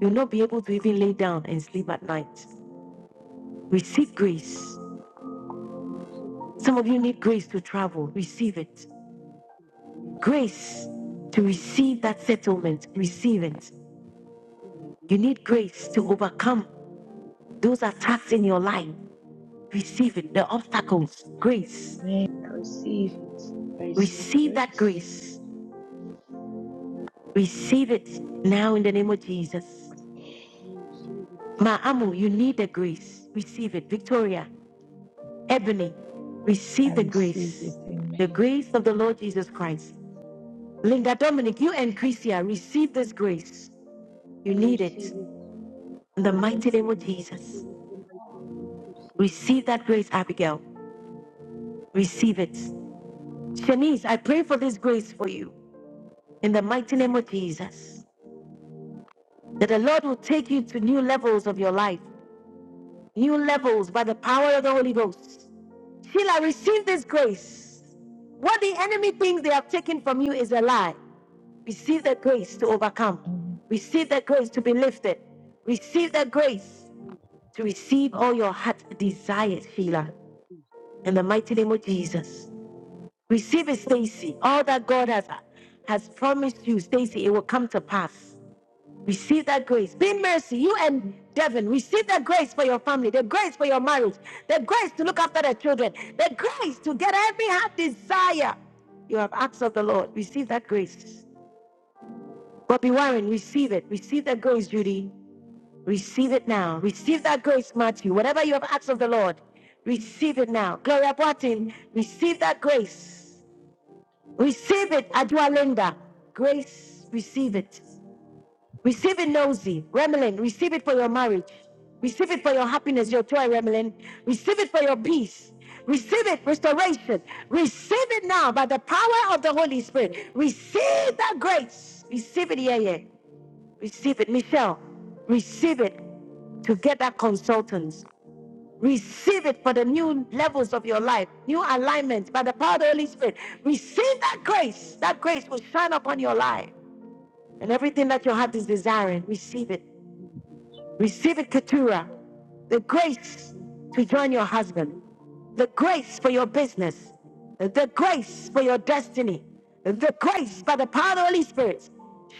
S1: you'll not be able to even lay down and sleep at night. Receive grace.
S8: I receive grace. I receive grace.
S1: Some of you need grace to travel. Receive it.
S8: I receive grace.
S1: grace to
S8: Lord, I
S1: receive
S8: receive
S1: that
S8: grace.
S1: settlement. Receive it.
S8: What is
S1: You
S8: this?
S1: need
S8: What
S1: grace to overcome those attacks in your life. Receive it. The obstacles.
S8: is
S1: Grace.
S10: Amen. I receive it. I receive
S1: Receive
S8: this?
S1: that
S10: grace.
S1: grace. Receive it now in the name of Jesus.
S8: What is this? I receive it.
S1: Ma'amu, you need the grace. Receive it. Victoria, Ebony,
S10: I
S1: receive the
S10: receive it.
S1: grace. The
S10: Amen.
S1: grace of the Lord Jesus Christ. Linda Dominic, you and Chrisia, receive this grace.
S8: I
S1: You need
S8: receive
S1: it.
S8: it.
S1: In the
S19: Amen.
S1: mighty
S8: Yes,
S1: name of
S8: Lord. I
S1: Jesus.
S8: receive it for my children. and Christy. I
S1: Receive
S8: receive it.
S1: that grace, Abigail. Receive it. Shanice, I pray for this grace for you in the mighty name of Jesus. That the Lord will take you to new levels of your life, new levels by the power of the Holy Ghost. Sheila, receive this grace. What the enemy thinks they have taken from you is a lie. Receive the grace to overcome.
S10: Amen.
S1: Receive the grace to be lifted. Receive the grace
S8: Please,
S1: to
S8: please,
S1: receive all your heart desires, Sheila, in the
S8: please, please,
S1: mighty name of Jesus. Receive it,
S8: please, please,
S1: Stacy. All
S8: please,
S1: that God has has promised you, Stacy, it will come to pass. Receive that grace. Be in mercy. You and Devin, receive that grace for your family, the grace for your marriage, the grace to look after the children, the grace to get every heart desire you have asked of the Lord. Receive that grace. Bobby Warren, receive it. Receive that grace, Judy. Receive it now. Receive that grace, Matthew. Whatever you have asked of the Lord, receive it now. Gloria Boatin, receive that grace. Receive it, Adwalinda.
S8: Lord.
S1: Grace, receive it. Receive it, Nosy. Remelin, receive it for your marriage. Receive it for your happiness, your joy, Remelin. Receive it for your peace. Receive it, restoration. Receive it now by the power of the Holy Spirit. Receive that grace. Receive it, yeah, yeah. Receive it, Michelle. Receive it to get that consultant. Receive it for the new levels of your life, new alignments by the power of the Holy Spirit. Receive that
S8: Thank you, Lord.
S1: grace. That grace will shine upon your
S8: Thank you,
S1: life
S8: Lord.
S1: and everything
S8: Thank
S1: that
S8: you,
S1: your heart is
S8: Lord.
S1: desiring. Receive it.
S8: Thank you, Jesus.
S1: Receive it,
S8: Thank you,
S1: Keturah.
S8: Lord.
S1: The grace
S8: Thank you,
S1: to join your
S8: Lord. Thank
S1: husband,
S8: you, Lord.
S1: the grace for your business,
S8: Thank
S1: the
S8: you,
S1: grace for
S8: Lord.
S1: your destiny, the grace
S8: Thank
S1: by
S8: you,
S1: the power of the
S8: Jesus.
S1: Holy Spirit.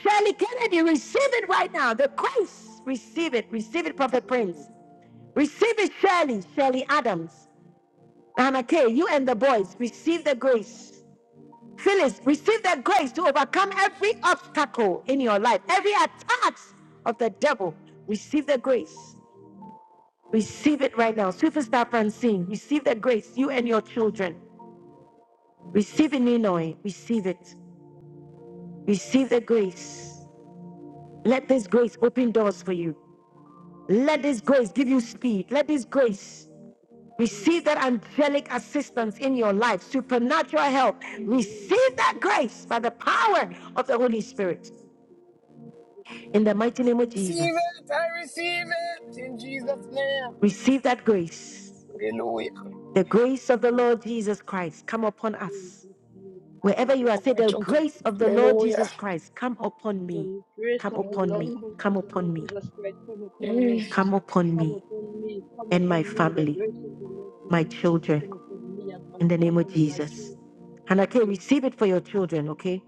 S1: Shirley Kennedy, receive it right now. The grace, receive it. Receive
S8: Thank you, Lord.
S1: it,
S8: Thank
S1: Prophet
S8: you,
S1: Prince.
S8: Lord.
S1: Receive it, Shirley, Shirley Adams. Amate,
S8: Thank
S1: you
S8: you,
S1: and the
S8: Lord.
S1: boys, receive the grace. Phyllis, receive the grace to overcome every obstacle in your life, every attack of the devil. Receive the grace. Receive it right now. Superstar Francine, receive the grace, you and your children. Receive it, Ninoy. Receive it. Receive the grace. Let this grace open doors for you.
S8: Thank
S1: Let
S8: you,
S1: this
S8: Jesus.
S1: grace give you speed. Let this grace Receive
S8: Jesus.
S1: that angelic
S8: Jesus.
S1: assistance in your life, supernatural help.
S8: Amen.
S1: Receive that grace by the power of the Holy Spirit. In the mighty name of
S15: Receive
S1: Jesus,
S15: it. I receive it in Jesus' name.
S1: receive that grace.
S15: Hallelujah.
S1: The grace of the Lord
S8: Hallelujah.
S1: Jesus Christ come upon
S8: Praise
S1: us. Wherever you are, say,
S15: Glory
S1: The
S15: to God.
S1: grace of the Lord
S15: Hallelujah.
S1: Jesus Christ come upon me,
S8: The grace
S1: come
S8: of the
S1: upon
S8: Lord,
S1: me,
S15: Mm.
S8: come
S1: come
S8: of the Lord
S1: upon me,
S8: Jesus Christ, come upon
S15: Mm.
S8: me.
S1: come upon me
S8: Come upon me. Come
S1: and my
S8: upon me. The
S1: family,
S8: grace of the Lord
S1: my
S8: Jesus Christ,
S1: children,
S8: come upon me and my
S1: in the name of
S8: family, my
S1: Jesus.
S8: children, my
S1: And okay,
S8: children.
S1: receive it for your children, okay?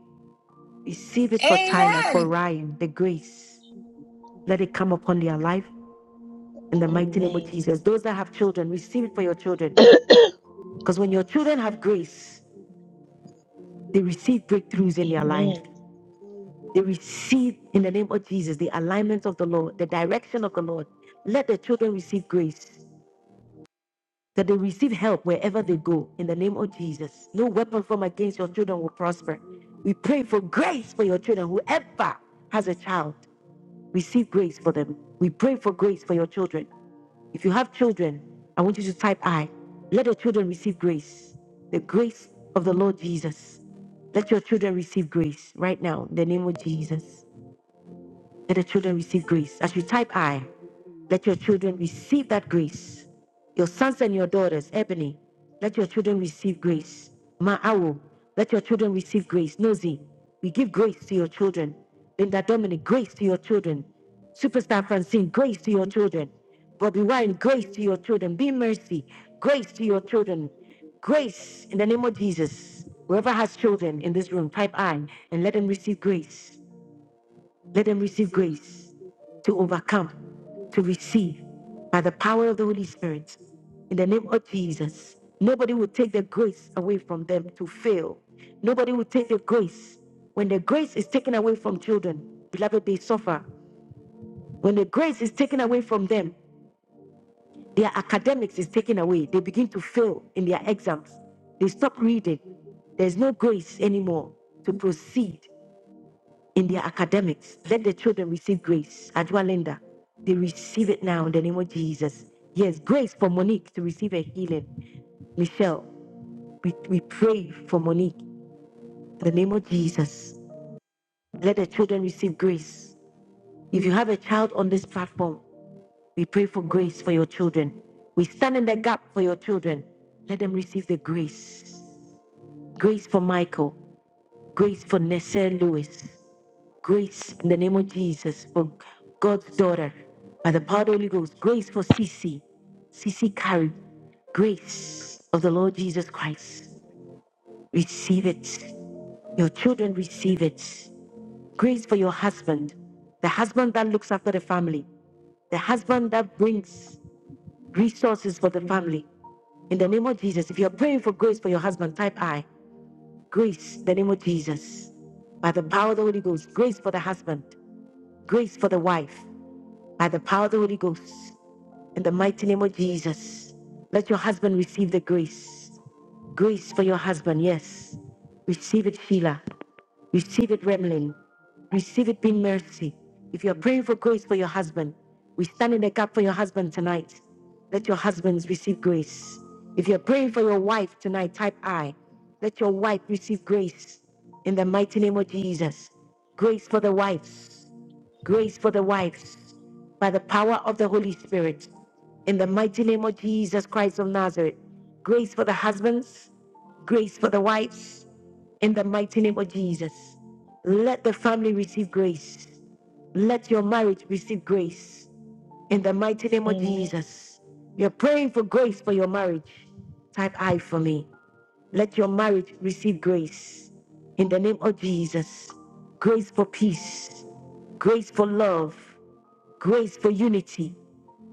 S1: Receive it
S8: Hallelujah.
S1: for Tyler, for
S16: Amen.
S8: Hallelujah.
S1: Ryan, the grace.
S8: Jesus,
S1: Let
S8: Jesus,
S1: it come upon
S8: Jesus.
S1: their life in the mighty name
S8: Hallelujah.
S1: of
S10: Amen.
S1: Jesus. Those that have children, receive it for
S8: Thank
S1: your
S8: you,
S1: children.
S8: Jesus.
S10: Amen.
S8: Thank you,
S1: Because when your
S8: Lord.
S1: children have grace,
S8: Well,
S1: they receive breakthroughs in their life. They receive, in the name of Jesus, the alignment of the Lord, the direction of the Lord. Let the children receive grace, that they receive help wherever they go, in the name of Jesus. No weapon formed against your children will prosper. We pray for grace for your children, whoever has a child. Receive grace for them. We pray for grace for your children. If you have children, I want you to type I. Let your children receive grace. The grace of the Lord Jesus. Let your children receive grace right now in the name of Jesus. Let the children receive grace. As you type I, let your children receive that grace. Your sons and your daughters, Ebony, let your children receive grace. Ma'awo, let your children receive grace. Nosy, we give grace to your children. Linda Dominic, grace to your children. Superstar Francine, grace to your children. Bobby Wine,
S8: Yes,
S1: grace to your children. Be mercy, grace to your children. Grace in the name of Jesus. Whoever has children in this room, type I and let them receive grace. Let them receive grace to overcome, to receive by the power of the Holy Spirit. In the name of Jesus, nobody will take the grace away from them to fail. Nobody will take the grace. When the grace is taken away from children, beloved, they suffer. When the grace is taken away from them, their academics is taken away. They begin to fail in their exams. They stop reading. There's no grace anymore to proceed in their academics. Let the children receive grace. Ajua Linda, they receive it now in the name of Jesus. Yes, grace for Monique to receive a healing. Michelle, we, we pray for Monique in the name of Jesus. Let the children receive grace. If you have a child on this platform, we pray for grace for your children. We stand in the gap for your children. Let them receive the grace. Grace for Michael. Grace for Nessa Lewis. Grace in the name of Jesus for God's daughter. By the power of the Holy Ghost, grace for Sisi. Sisi carry grace of the Lord Jesus Christ. Receive it. Your children receive it. Grace for your husband. The husband that looks after the family. The husband that brings resources for the family. In the name of Jesus. If you're praying for grace for your husband, type I. Grace, in the name of Jesus by the power of the Holy Ghost, grace for the husband, grace for the wife, by the power of the Holy Ghost. In the mighty name of Jesus, let your husband receive the grace. Grace for your husband, yes. Receive it, Sheila. Receive it, Remlin. Receive it, being mercy. If you're praying for grace for your husband, we stand in the gap for your husband tonight. Let your husbands receive grace. If you're praying for your wife tonight, type I. Let your wife receive grace in the mighty name of Jesus. Grace for the wives grace for the wives by the power of the Holy Spirit. In the mighty name of Jesus Christ of Nazareth, grace for the husbands, grace for the wives, in the mighty name of Jesus. Let the family receive grace. Let your marriage receive grace. In the mighty name of
S10: Amen.
S1: Jesus. You're praying for grace for your marriage. Type I for me. Let your marriage receive grace. In the name of Jesus. Grace for peace grace for love, grace for unity,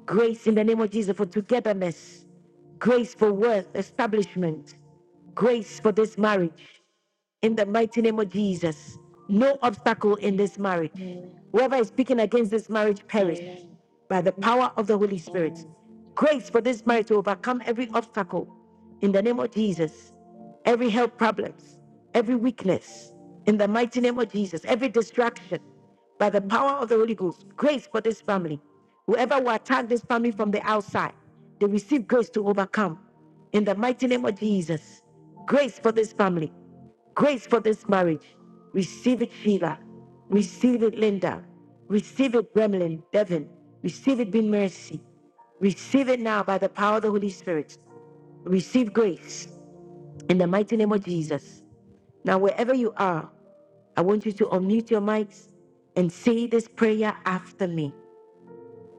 S1: grace in the name of Jesus for togetherness, grace for work establishment, grace for this marriage, in the mighty name of Jesus. No obstacle in this marriage.
S10: Amen.
S1: Whoever is speaking against this marriage, perish
S10: Amen.
S1: by the power of the Holy Spirit.
S10: Amen.
S1: Grace for this marriage to overcome every obstacle in the name of Jesus. Every health problems, every weakness in the mighty name of Jesus. Every distraction by the power of the Holy Ghost. Grace for this family. Whoever will attack this family from the outside, they receive grace to overcome in the mighty name of Jesus. Grace for this family. Grace for this marriage. Receive it, Sheila. Receive it, Linda. Receive it, Gremlin, Devin. Receive it, Be Mercy. Receive it now by the power of the Holy Spirit. Receive grace in the mighty name of Jesus. Now, wherever you are, I want you to unmute your mics and say this prayer after me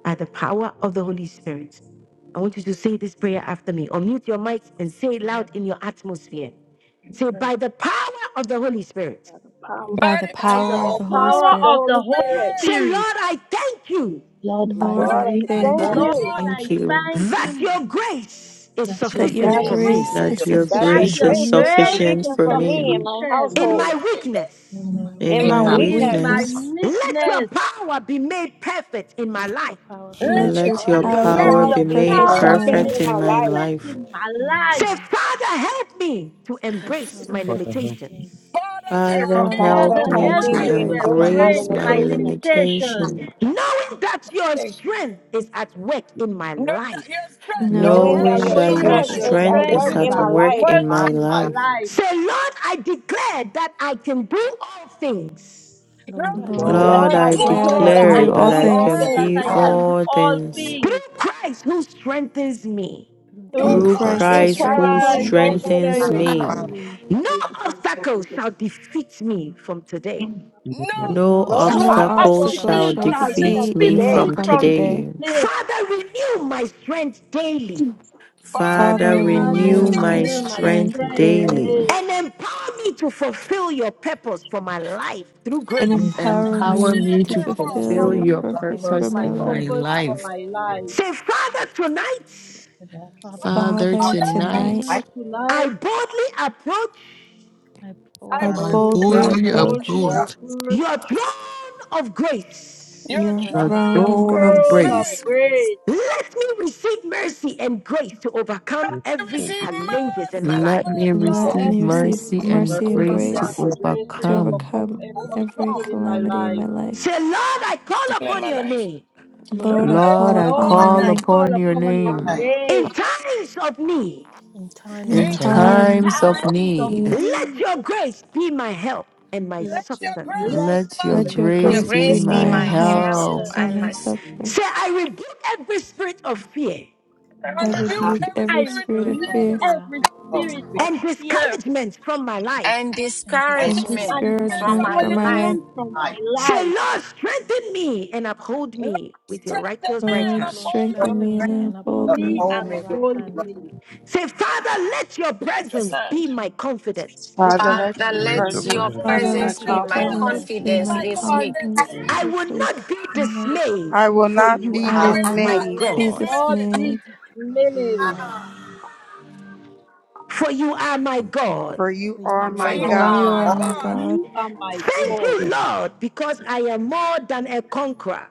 S1: by the power of the Holy Spirit. I want you to say this prayer after me. Unmute your mics and say it loud in your atmosphere. Say, by the power of the Holy Spirit.
S4: I got the power.
S20: by
S15: By
S20: the
S15: the
S8: By the
S21: by
S20: power
S15: power
S20: of
S21: the
S20: the
S22: Paul.
S20: Holy
S15: of
S21: power
S15: the
S21: of the
S20: Spirit.
S8: power of
S15: Holy
S8: the
S21: Holy
S8: Holy
S21: Spirit.
S15: Spirit,
S1: Say,
S8: Spirit,
S1: Lord, I thank you
S10: Lord, I
S4: Lord,
S20: Lord,
S4: I
S21: Lord,
S20: I
S4: tell
S21: I
S15: Lord, I
S10: thank
S20: thank
S21: thank
S5: More
S10: you.
S20: you
S8: Lord,
S15: thank
S21: you
S15: you.
S23: Thank
S8: I
S23: you
S8: thank
S1: that
S8: you
S1: your grace is
S10: that
S9: Thank
S10: your
S20: that
S9: you
S20: your
S21: that,
S1: sufficient
S9: that
S15: your
S1: for
S9: your
S10: grace is
S1: me
S20: grace
S9: grace
S20: is
S9: is
S23: that
S5: to
S15: grace
S23: your
S10: sufficient for
S21: that
S8: that
S21: your
S9: sufficient
S10: me.
S20: sufficient
S23: grace
S8: your
S20: for
S23: is
S22: Self-sufficient.
S21: grace
S20: me
S21: is
S5: be.
S8: grace
S23: sufficient
S8: is
S21: sufficient
S23: for
S21: for me and
S23: me
S21: my
S9: for
S8: sufficient
S1: in
S15: is
S9: me
S1: my
S21: household,
S15: sufficient.
S1: weakness.
S9: in
S10: You
S9: my
S23: in
S21: in
S15: in
S5: Yeah,
S20: in
S21: my
S23: my
S9: weakness.
S20: my
S5: I
S15: my
S8: in
S21: weakness.
S8: my
S23: weakness.
S20: weakness.
S1: Let your
S8: weakness.
S1: power be made perfect in my
S9: Let your
S1: life.
S9: power be
S15: Let
S9: made
S20: Let your
S15: your
S23: Let
S21: Let
S23: your
S22: Your
S21: your
S20: power
S9: perfect
S22: power.
S20: be
S8: Let
S15: covenant
S23: power
S8: your
S21: power
S20: made
S23: be
S21: be
S22: your
S21: made
S23: made
S15: perfect
S20: perfect
S15: in
S20: in
S8: power
S15: my
S20: my
S8: be
S21: perfect
S15: life.
S20: life.
S8: made
S23: perfect
S21: in my
S23: in my
S21: life.
S8: perfect
S23: life.
S8: in my
S9: in my
S8: life.
S1: Say,
S9: life.
S1: Father, help me to
S9: So,
S1: embrace
S9: Father,
S1: my
S9: help
S22: Father,
S9: me
S22: help
S9: to
S1: limitations,
S15: Father,
S9: break
S15: help
S19: Father,
S23: Father,
S15: me
S19: help
S20: Father,
S15: to
S21: Father,
S9: limitation,
S23: help
S8: Father,
S20: help
S23: me
S21: help
S20: me
S8: help
S21: me
S23: to
S21: to
S8: me
S15: embrace
S8: to
S20: embrace my
S21: embrace
S5: I
S21: my
S8: embrace
S23: embrace my
S8: my
S20: limitations,
S21: limitation,
S8: limitations,
S23: limitation,
S1: knowing that your
S15: this.
S1: strength is at work in my
S15: Know that your
S1: life.
S15: strength
S9: knowing
S15: is
S22: me
S15: at
S20: knowing
S9: that
S21: knowing
S22: knowing
S9: your
S21: that
S15: work
S20: that
S22: that
S23: knowing
S20: your
S21: your
S15: in
S23: that
S15: my
S8: knowing
S9: strength
S23: your
S8: that
S20: strength
S21: strength
S20: is
S8: your
S9: is
S15: life.
S20: at
S21: is
S9: at
S21: at
S20: work
S23: strength
S9: work
S8: strength
S20: in
S23: is
S21: work
S20: my
S8: is
S9: in
S21: in
S23: at
S9: my
S5: receive
S8: at
S20: life.
S21: my
S5: my life has been
S9: life.
S23: work
S21: life.
S23: in
S8: work
S5: my
S23: my
S8: in my
S5: life.
S23: life.
S8: life.
S1: Say, Lord, I declare that I can do all things
S4: I
S9: Lord,
S15: Lord,
S4: can
S5: You
S9: I
S4: do
S22: you
S20: Lord,
S4: all
S22: the
S15: I
S5: know
S20: I
S9: declare
S23: Lord,
S21: Lord,
S4: things
S9: that
S21: I
S9: I
S23: I
S9: can
S20: declare
S15: declare
S9: do
S20: that
S21: declare
S20: I
S8: Lord,
S15: I
S21: that
S9: all
S20: can
S21: I
S23: declare
S15: can
S8: I
S20: do
S21: can
S15: do
S20: all
S23: that
S21: be
S23: I
S9: things
S15: all
S21: all
S8: declare
S20: things
S23: can
S8: that
S21: things
S23: be
S8: I
S15: things.
S5: all me.
S8: can do
S23: all
S8: all
S23: things
S8: things
S1: through Christ who strengthens me.
S9: through
S15: You
S20: in
S21: through,
S22: true
S23: through
S9: Christ
S22: Christ.
S9: who
S20: Christ
S15: Christ
S20: who
S21: through
S8: in
S15: who
S23: Christ
S21: Christ
S23: who
S9: strengthens
S20: strengthens
S21: who
S8: Christ
S15: strengthened
S20: me.
S9: me.
S8: who
S15: me.
S24: thousand
S21: strengthens
S23: strengthens
S21: me.
S8: strengthens
S23: me.
S8: me.
S1: No
S24: seven
S1: obstacle shall defeat me from
S4: now.
S1: today.
S15: No
S23: No
S4: So,
S9: No
S21: No
S22: awesome
S15: obstacle
S8: No
S20: No
S15: shall
S9: obstacle
S23: obstacle
S21: obstacle
S15: defeat
S9: shall
S21: can
S20: obstacle
S15: me
S23: shall
S8: obstacle
S20: shall
S9: befit
S15: from
S21: defeat
S8: shall
S9: me
S21: me
S15: today.
S21: from
S23: defeat
S9: from
S20: defeat
S8: defeat
S23: me
S9: today.
S20: me
S21: today.
S8: me
S23: from
S20: from
S8: from
S20: today.
S23: today.
S8: today.
S1: Father, renew my strength daily
S9: Father,
S15: Father,
S23: Father,
S20: Father,
S9: renew
S15: renew
S9: my
S15: my
S8: Father,
S23: renew
S20: renew
S9: strength
S15: strength
S20: my
S23: my
S8: reveal
S9: daily
S8: my
S15: daily.
S20: strength
S23: strength
S8: strength
S20: daily
S23: daily.
S1: and
S8: daily.
S1: empower me to fulfill your purpose for my life through
S15: Give me,
S20: and
S9: and
S10: And
S15: Lord, to
S1: grace.
S10: empower
S20: empower
S10: me
S9: empower
S10: to
S23: Empower
S15: fulfill
S9: me
S20: me
S15: your
S9: to
S23: me
S20: to
S10: fulfill
S23: to
S10: your
S9: fulfill your
S20: fulfill
S15: purpose.
S23: fulfill
S8: Empower
S20: your
S8: me
S23: your
S8: to
S9: purpose
S10: plan,
S9: in
S20: purpose
S8: fulfill
S5: Perfect
S20: for
S23: purpose
S9: my
S8: my
S20: my
S9: life.
S23: in
S5: for
S23: my
S20: life.
S9: In
S8: purpose
S5: my life.
S8: for
S23: life.
S8: my life.
S1: Say, Father, tonight
S10: Lord. Father, I ask that
S9: Father,
S10: my
S4: Father,
S23: Father,
S9: tonight
S5: I
S20: Father,
S4: to-
S15: Tonight,
S20: tonight
S8: Father,
S23: tonight
S1: I
S8: tonight
S1: boldly approach
S9: I
S4: I
S9: bo-
S15: I
S20: I
S5: I
S23: I
S15: bow
S4: boldly,
S9: boldly
S5: can
S20: boldly
S8: I
S5: only
S23: boldly
S9: approach
S20: approach
S8: boldly
S5: hold
S23: approach
S8: approach
S1: your throne of
S15: Your
S9: your
S1: grace.
S20: your
S9: throne
S23: the
S9: of
S20: throne
S8: your
S15: triumphs,
S20: of
S23: throne
S9: grace.
S23: of
S8: throne
S20: grace.
S8: of
S23: grace.
S15: grace.
S8: grace.
S1: Let me receive mercy and grace to overcome
S15: You
S1: every
S22: of the
S15: receive
S1: challenges in
S15: mercy
S1: my
S15: and
S1: life.
S23: Let me
S15: grace,
S9: Let
S5: that
S20: Let
S15: Lord.
S9: me
S8: Let
S23: receive
S20: me
S9: receive
S8: me
S20: receive
S23: mercy
S8: receive
S23: and
S9: mercy
S5: verse
S20: mercy and
S9: and
S5: in
S23: grace
S8: mercy
S23: to
S22: world.
S9: grace
S20: grace
S8: and grace to
S9: to
S20: to
S23: overcome.
S8: overcome
S20: overcome
S9: overcome
S8: every
S20: every
S8: obstacle
S15: Overcome.
S8: in my
S20: calamity in my
S8: life.
S20: life.
S1: Say, Lord,
S9: that
S1: I
S9: we have
S1: call
S15: Discipline
S9: in
S1: upon
S15: my
S9: my
S1: your
S9: life.
S15: life.
S1: name
S9: Lord,
S20: Lord,
S9: I
S20: I
S15: Lord, I
S23: Lord,
S20: call
S9: call
S15: call
S23: I
S15: upon
S9: upon
S20: upon
S9: your
S20: your
S15: your
S8: Lord,
S23: call
S15: name.
S8: I
S20: name
S9: name
S8: call
S23: upon your
S8: upon your
S5: your
S23: name
S5: name
S8: name
S1: in times of need.
S9: in times
S22: In
S20: in
S5: and
S9: of
S15: In
S23: in
S22: time
S9: need.
S22: of
S8: in
S15: times
S20: time
S15: of
S23: times
S20: of
S23: of
S15: need,
S8: times of
S23: need.
S20: need.
S1: Let
S8: need.
S1: your grace be my help and my
S15: let
S9: Let your
S15: your grace
S8: Let
S15: be
S9: grace
S1: substance.
S23: Let
S15: my
S23: your
S15: life.
S8: your
S20: Let
S9: be
S20: your
S22: church,
S16: Your
S9: my
S23: grace
S20: grace
S23: be
S20: be
S9: help
S16: grace
S8: grace
S16: be
S8: be
S23: my
S20: my
S9: and
S16: my
S9: my
S8: my
S20: help
S16: help
S23: help.
S9: substance.
S8: help.
S20: and
S16: and
S20: my
S16: my
S8: Um,
S16: s-
S20: succor.
S1: Say, I rebuke every spirit of fear
S9: I
S15: I
S20: I
S22: I
S4: I refer
S15: rebuke
S22: repeat,
S9: rebuke
S20: rebuke
S15: every
S8: I
S20: every
S9: every
S15: spirit
S20: spirit
S15: of
S20: of
S9: spirit
S8: rebuke
S9: of
S15: fear
S20: fear
S9: fear
S8: every
S5: your
S8: spirit of
S1: and
S8: fear
S1: discouragement from my life.
S16: and
S9: and
S15: and
S5: love.
S20: and
S16: discouragement
S9: discouragement
S8: and
S9: upon
S15: discouragement
S9: my
S16: from
S4: it
S15: from
S20: discouragement
S16: my
S15: my
S9: life.
S20: from my
S15: life.
S20: life.
S16: life.
S8: discouragement from my life.
S1: Say, Lord, strengthen me and uphold
S15: Lord,
S1: me with your
S15: strengthen
S1: righteous
S15: me
S1: right
S15: and
S20: Lord,
S1: hand.
S9: Lord,
S15: uphold me.
S20: strengthen
S8: Lord,
S9: strengthen
S20: me
S9: me
S20: and
S9: and
S8: strengthen
S20: uphold
S9: uphold me
S8: me
S20: me.
S9: with
S8: and
S9: your right
S8: uphold
S9: hand.
S8: me.
S1: Say, Father, let your
S15: With your
S1: presence be
S15: hand.
S1: my confidence this
S25: Father,
S1: week.
S9: Father,
S16: Father,
S25: let your
S9: let
S22: let
S16: let
S22: your prayer
S25: presence
S16: your
S22: be
S9: your
S8: Father,
S25: be
S15: Father,
S20: Father,
S8: let
S25: my
S15: let
S9: presence
S16: presence
S20: let
S8: your
S9: be
S16: be
S20: your
S15: your
S9: my
S16: my
S25: confidence.
S8: presence
S20: presence
S15: presence
S9: confidence
S15: be
S8: be
S20: be
S9: this
S16: confidence
S20: my
S15: my
S9: week.
S8: my
S16: this week.
S15: confidence this
S20: confidence
S1: I
S15: week.
S8: confidence.
S1: will
S20: this week,
S1: not be
S20: in my life.
S4: to you.
S1: dismayed,
S25: I will
S4: Word
S1: for
S4: of
S25: not
S9: I
S4: your
S1: you
S9: will
S25: be
S20: I
S9: not
S15: I
S5: I
S1: are
S20: will
S15: will
S9: be
S20: not
S1: my
S8: I
S15: not
S25: dismayed,
S15: be
S9: dismayed,
S8: will
S20: be
S1: God.
S8: not
S15: dismayed,
S8: be
S20: dismayed,
S9: for you
S8: dismayed,
S9: are with me.
S1: For you are my God.
S25: for
S9: For
S25: you
S9: you
S16: Oh
S25: are
S15: for
S25: my
S9: are
S16: my
S15: you
S20: for
S5: will
S9: my
S15: are
S20: you
S25: God.
S4: peace.
S15: my
S20: are
S9: God.
S16: God.
S4: I
S8: for
S20: my
S15: God.
S4: hope
S20: God.
S8: you are
S4: you have
S8: my
S1: Thank
S8: God.
S1: you, Lord, because I am more than a conqueror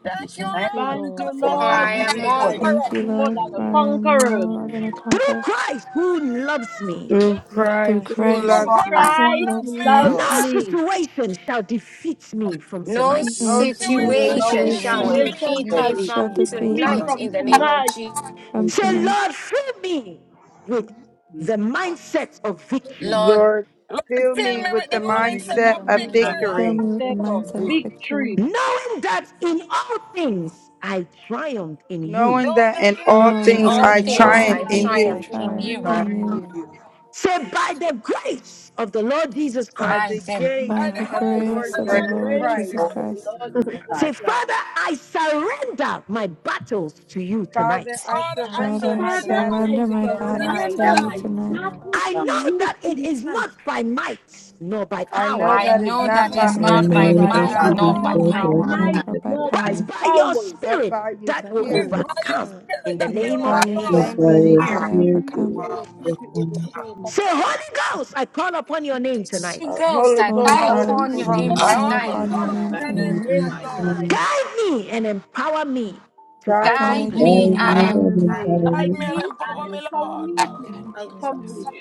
S15: Thank you,
S9: Thank
S5: thank
S9: you,
S15: Lord,
S8: Thank you,
S9: Lord,
S15: because I
S5: for
S15: am
S9: for
S16: For
S9: I am
S8: Lord,
S5: that
S16: I
S15: more than
S9: more
S15: a
S16: am
S9: than
S8: because
S9: a
S16: on
S5: for
S8: I
S5: the
S8: am
S20: Thank
S15: conqueror.
S20: you,
S9: conqueror
S8: more
S20: Lord,
S8: than a
S20: for I am
S8: conqueror.
S20: more than a
S1: through
S20: conqueror
S1: Christ who loves me.
S25: Through
S9: through
S20: through
S25: Christ
S9: Christ
S25: who
S9: who
S15: You
S8: Through
S20: Christ
S9: loves
S25: loves
S9: me.
S5: pride
S15: Christ
S25: me,
S15: who
S20: who
S8: Christ
S15: loved
S20: loves
S8: who
S15: me.
S20: me.
S8: loves
S5: of
S1: No
S8: me,
S1: situation shall defeat me from
S16: no
S15: No
S1: tonight.
S25: no
S20: No sin-
S8: no
S15: situation
S9: No
S25: situation
S5: no
S15: shall
S16: situation shall
S25: shall
S15: defeat
S20: situation
S9: situation
S15: me.
S9: shall
S8: situation
S16: defeat
S25: defeat
S16: me
S5: situation
S8: shall
S25: me
S9: defeat
S20: shall
S16: from
S9: me
S8: keep
S9: from
S20: defeat
S8: me
S20: me
S16: tonight
S5: that
S9: tonight.
S8: from
S16: in the name
S25: from
S16: of
S8: tonight.
S16: Jesus.
S20: from
S25: something
S1: Say,
S25: else.
S20: tonight.
S1: Lord, fill me with
S5: you
S1: the
S5: not.
S1: mindset of victory,
S16: Lord,
S25: Lord,
S15: Lord,
S25: fill
S15: fill
S25: me
S15: me
S9: Lord,
S25: with
S15: with
S25: the
S15: the
S9: fill
S8: Lord,
S9: me
S5: Let
S8: give
S9: with
S15: mindset
S25: mindset
S9: the
S15: of
S25: of
S8: me
S20: Lord,
S8: the
S5: my
S15: victory.
S9: mindset
S20: fill
S25: victory,
S9: of
S20: me with a
S8: mindset of
S9: victory,
S20: mindset of
S5: sick
S8: victory
S20: victory.
S1: knowing that in all things I triumph in you.
S25: knowing
S15: Knowing
S25: that
S15: that
S25: in
S15: in
S25: all
S15: all
S20: Lord,
S9: knowing
S16: in
S15: things
S25: things
S9: that
S15: I
S20: knowing
S16: all
S20: that
S25: I
S9: in
S20: in
S9: all
S16: things
S8: knowing
S20: all
S25: triumph
S15: triumph
S16: I
S8: that
S9: things
S25: in
S8: in
S20: things I
S9: I
S16: triumph
S25: you.
S8: all
S16: in
S20: triumph
S9: triumph
S16: you.
S8: things
S5: turn
S20: in
S9: in
S8: I
S20: you.
S5: from
S9: you.
S5: you.
S8: join
S1: Say,
S8: in
S1: by the grace of the Lord Jesus
S25: By
S16: By
S25: the
S1: Christ.
S16: them
S25: gate
S15: by
S20: By
S15: the
S9: By
S20: the
S9: the
S25: of the
S5: The
S15: grace
S8: by
S15: of
S9: grace
S20: grace
S25: Lord
S9: of
S15: the
S20: of
S8: the
S9: the
S20: the
S5: great
S15: Lord
S9: Lord
S25: Jesus
S20: Lord
S15: Jesus
S8: grace
S9: Jesus
S20: Jesus
S5: Lord
S25: Christ,
S8: of the
S9: Christ,
S20: Christ,
S8: Lord Jesus
S5: God,
S1: Say, Father,
S8: Christ.
S1: I surrender my battles to you
S25: Father,
S15: Christ.
S1: tonight.
S25: I
S15: Father, I
S9: Father,
S25: surrender
S20: Father,
S9: I
S20: I
S25: my
S8: Father,
S15: surrender my
S25: battles
S9: surrender
S8: I
S20: surrender
S25: to
S20: my
S25: you
S15: vitals
S9: my
S15: to
S5: my
S20: battles
S15: you
S25: tonight.
S20: to
S9: battles
S8: surrender
S5: baptism,
S20: you
S9: to
S8: my
S15: tonight.
S9: you
S20: tonight.
S9: tonight.
S8: battles
S1: I
S8: to
S1: know
S8: you
S1: that it is
S8: tonight.
S1: not by might nor by
S25: I
S1: power,
S25: know
S5: all
S16: I
S15: Know
S25: that it's
S16: know
S15: that
S9: I
S15: is
S25: not
S16: that
S25: by
S9: know
S15: not
S16: it's
S20: And
S8: I
S9: that
S15: by
S9: it
S20: Lord,
S16: not
S25: might
S20: I
S9: is
S25: nor
S16: by
S8: know
S20: know
S25: by
S15: might
S9: not
S20: that
S3: Almighty,
S15: nor
S8: that
S9: by
S20: it's
S16: might
S15: by
S5: my
S20: not
S16: nor
S25: power,
S3: we
S8: it's
S20: by
S9: might
S16: by
S8: not
S15: power,
S3: serve
S8: by
S20: mi-
S9: nor by
S16: power
S5: my
S20: might
S3: our
S8: might
S9: power,
S20: or by
S8: nor by
S1: but
S20: power,
S1: by your
S8: power,
S25: but
S1: spirit
S25: by your
S1: that
S9: but
S1: will
S15: but
S20: or-
S9: by
S15: it's
S3: God,
S25: spirit.
S9: your
S15: by your
S1: overcome
S9: Spirit
S15: spirit
S1: in the
S9: that
S15: that
S20: but
S9: I
S15: we
S20: it's
S1: name
S9: will
S1: of
S20: by
S5: body
S25: In
S20: your
S25: the
S15: overcome.
S3: As
S8: but
S5: of
S3: I
S25: name
S9: overcome
S8: by
S25: of
S1: Jesus.
S8: your
S20: Spirit
S3: anoint
S20: that
S25: Jesus.
S20: I
S5: spirit,
S8: spirit,
S20: overcome.
S8: by your spirit we overcome.
S1: Say, Holy Ghost, I call upon your name
S15: Jesus.
S16: Holy
S25: Uh,
S1: tonight.
S16: Ghost,
S25: Holy
S16: I
S9: Holy
S20: Holy
S25: Ghost,
S16: call
S9: Ghost,
S25: I
S5: Holy
S9: I
S16: upon
S8: Holy
S16: your
S9: call
S20: Ghost,
S5: Ghost,
S25: call
S20: I
S16: name
S9: upon your
S8: Ghost,
S5: I
S25: upon
S15: I
S20: call
S25: your
S15: am
S9: name
S8: I
S15: going
S16: tonight.
S15: to
S25: name
S20: upon
S15: call
S20: your
S8: call
S9: tonight.
S25: tonight.
S20: name
S15: upon
S5: remain
S15: your
S8: upon your
S15: name
S20: tonight.
S8: name
S15: tonight,
S5: tonight.
S15: Lord.
S8: tonight.
S1: Guide me and empower me to
S25: Guide me
S16: Guide
S20: Guide
S1: accomplish
S25: and
S20: me,
S16: me
S4: God.
S16: and empower.
S20: empower
S25: empower
S20: me,
S9: Guide
S25: me.
S8: Guide
S15: Guide me
S9: me
S15: and
S8: me
S15: empower
S9: and
S8: and
S15: me,
S9: empower
S8: empower
S15: Lord.
S9: me
S8: me to
S20: guide me
S9: to
S8: accomplish.
S15: Jesus,
S9: accomplish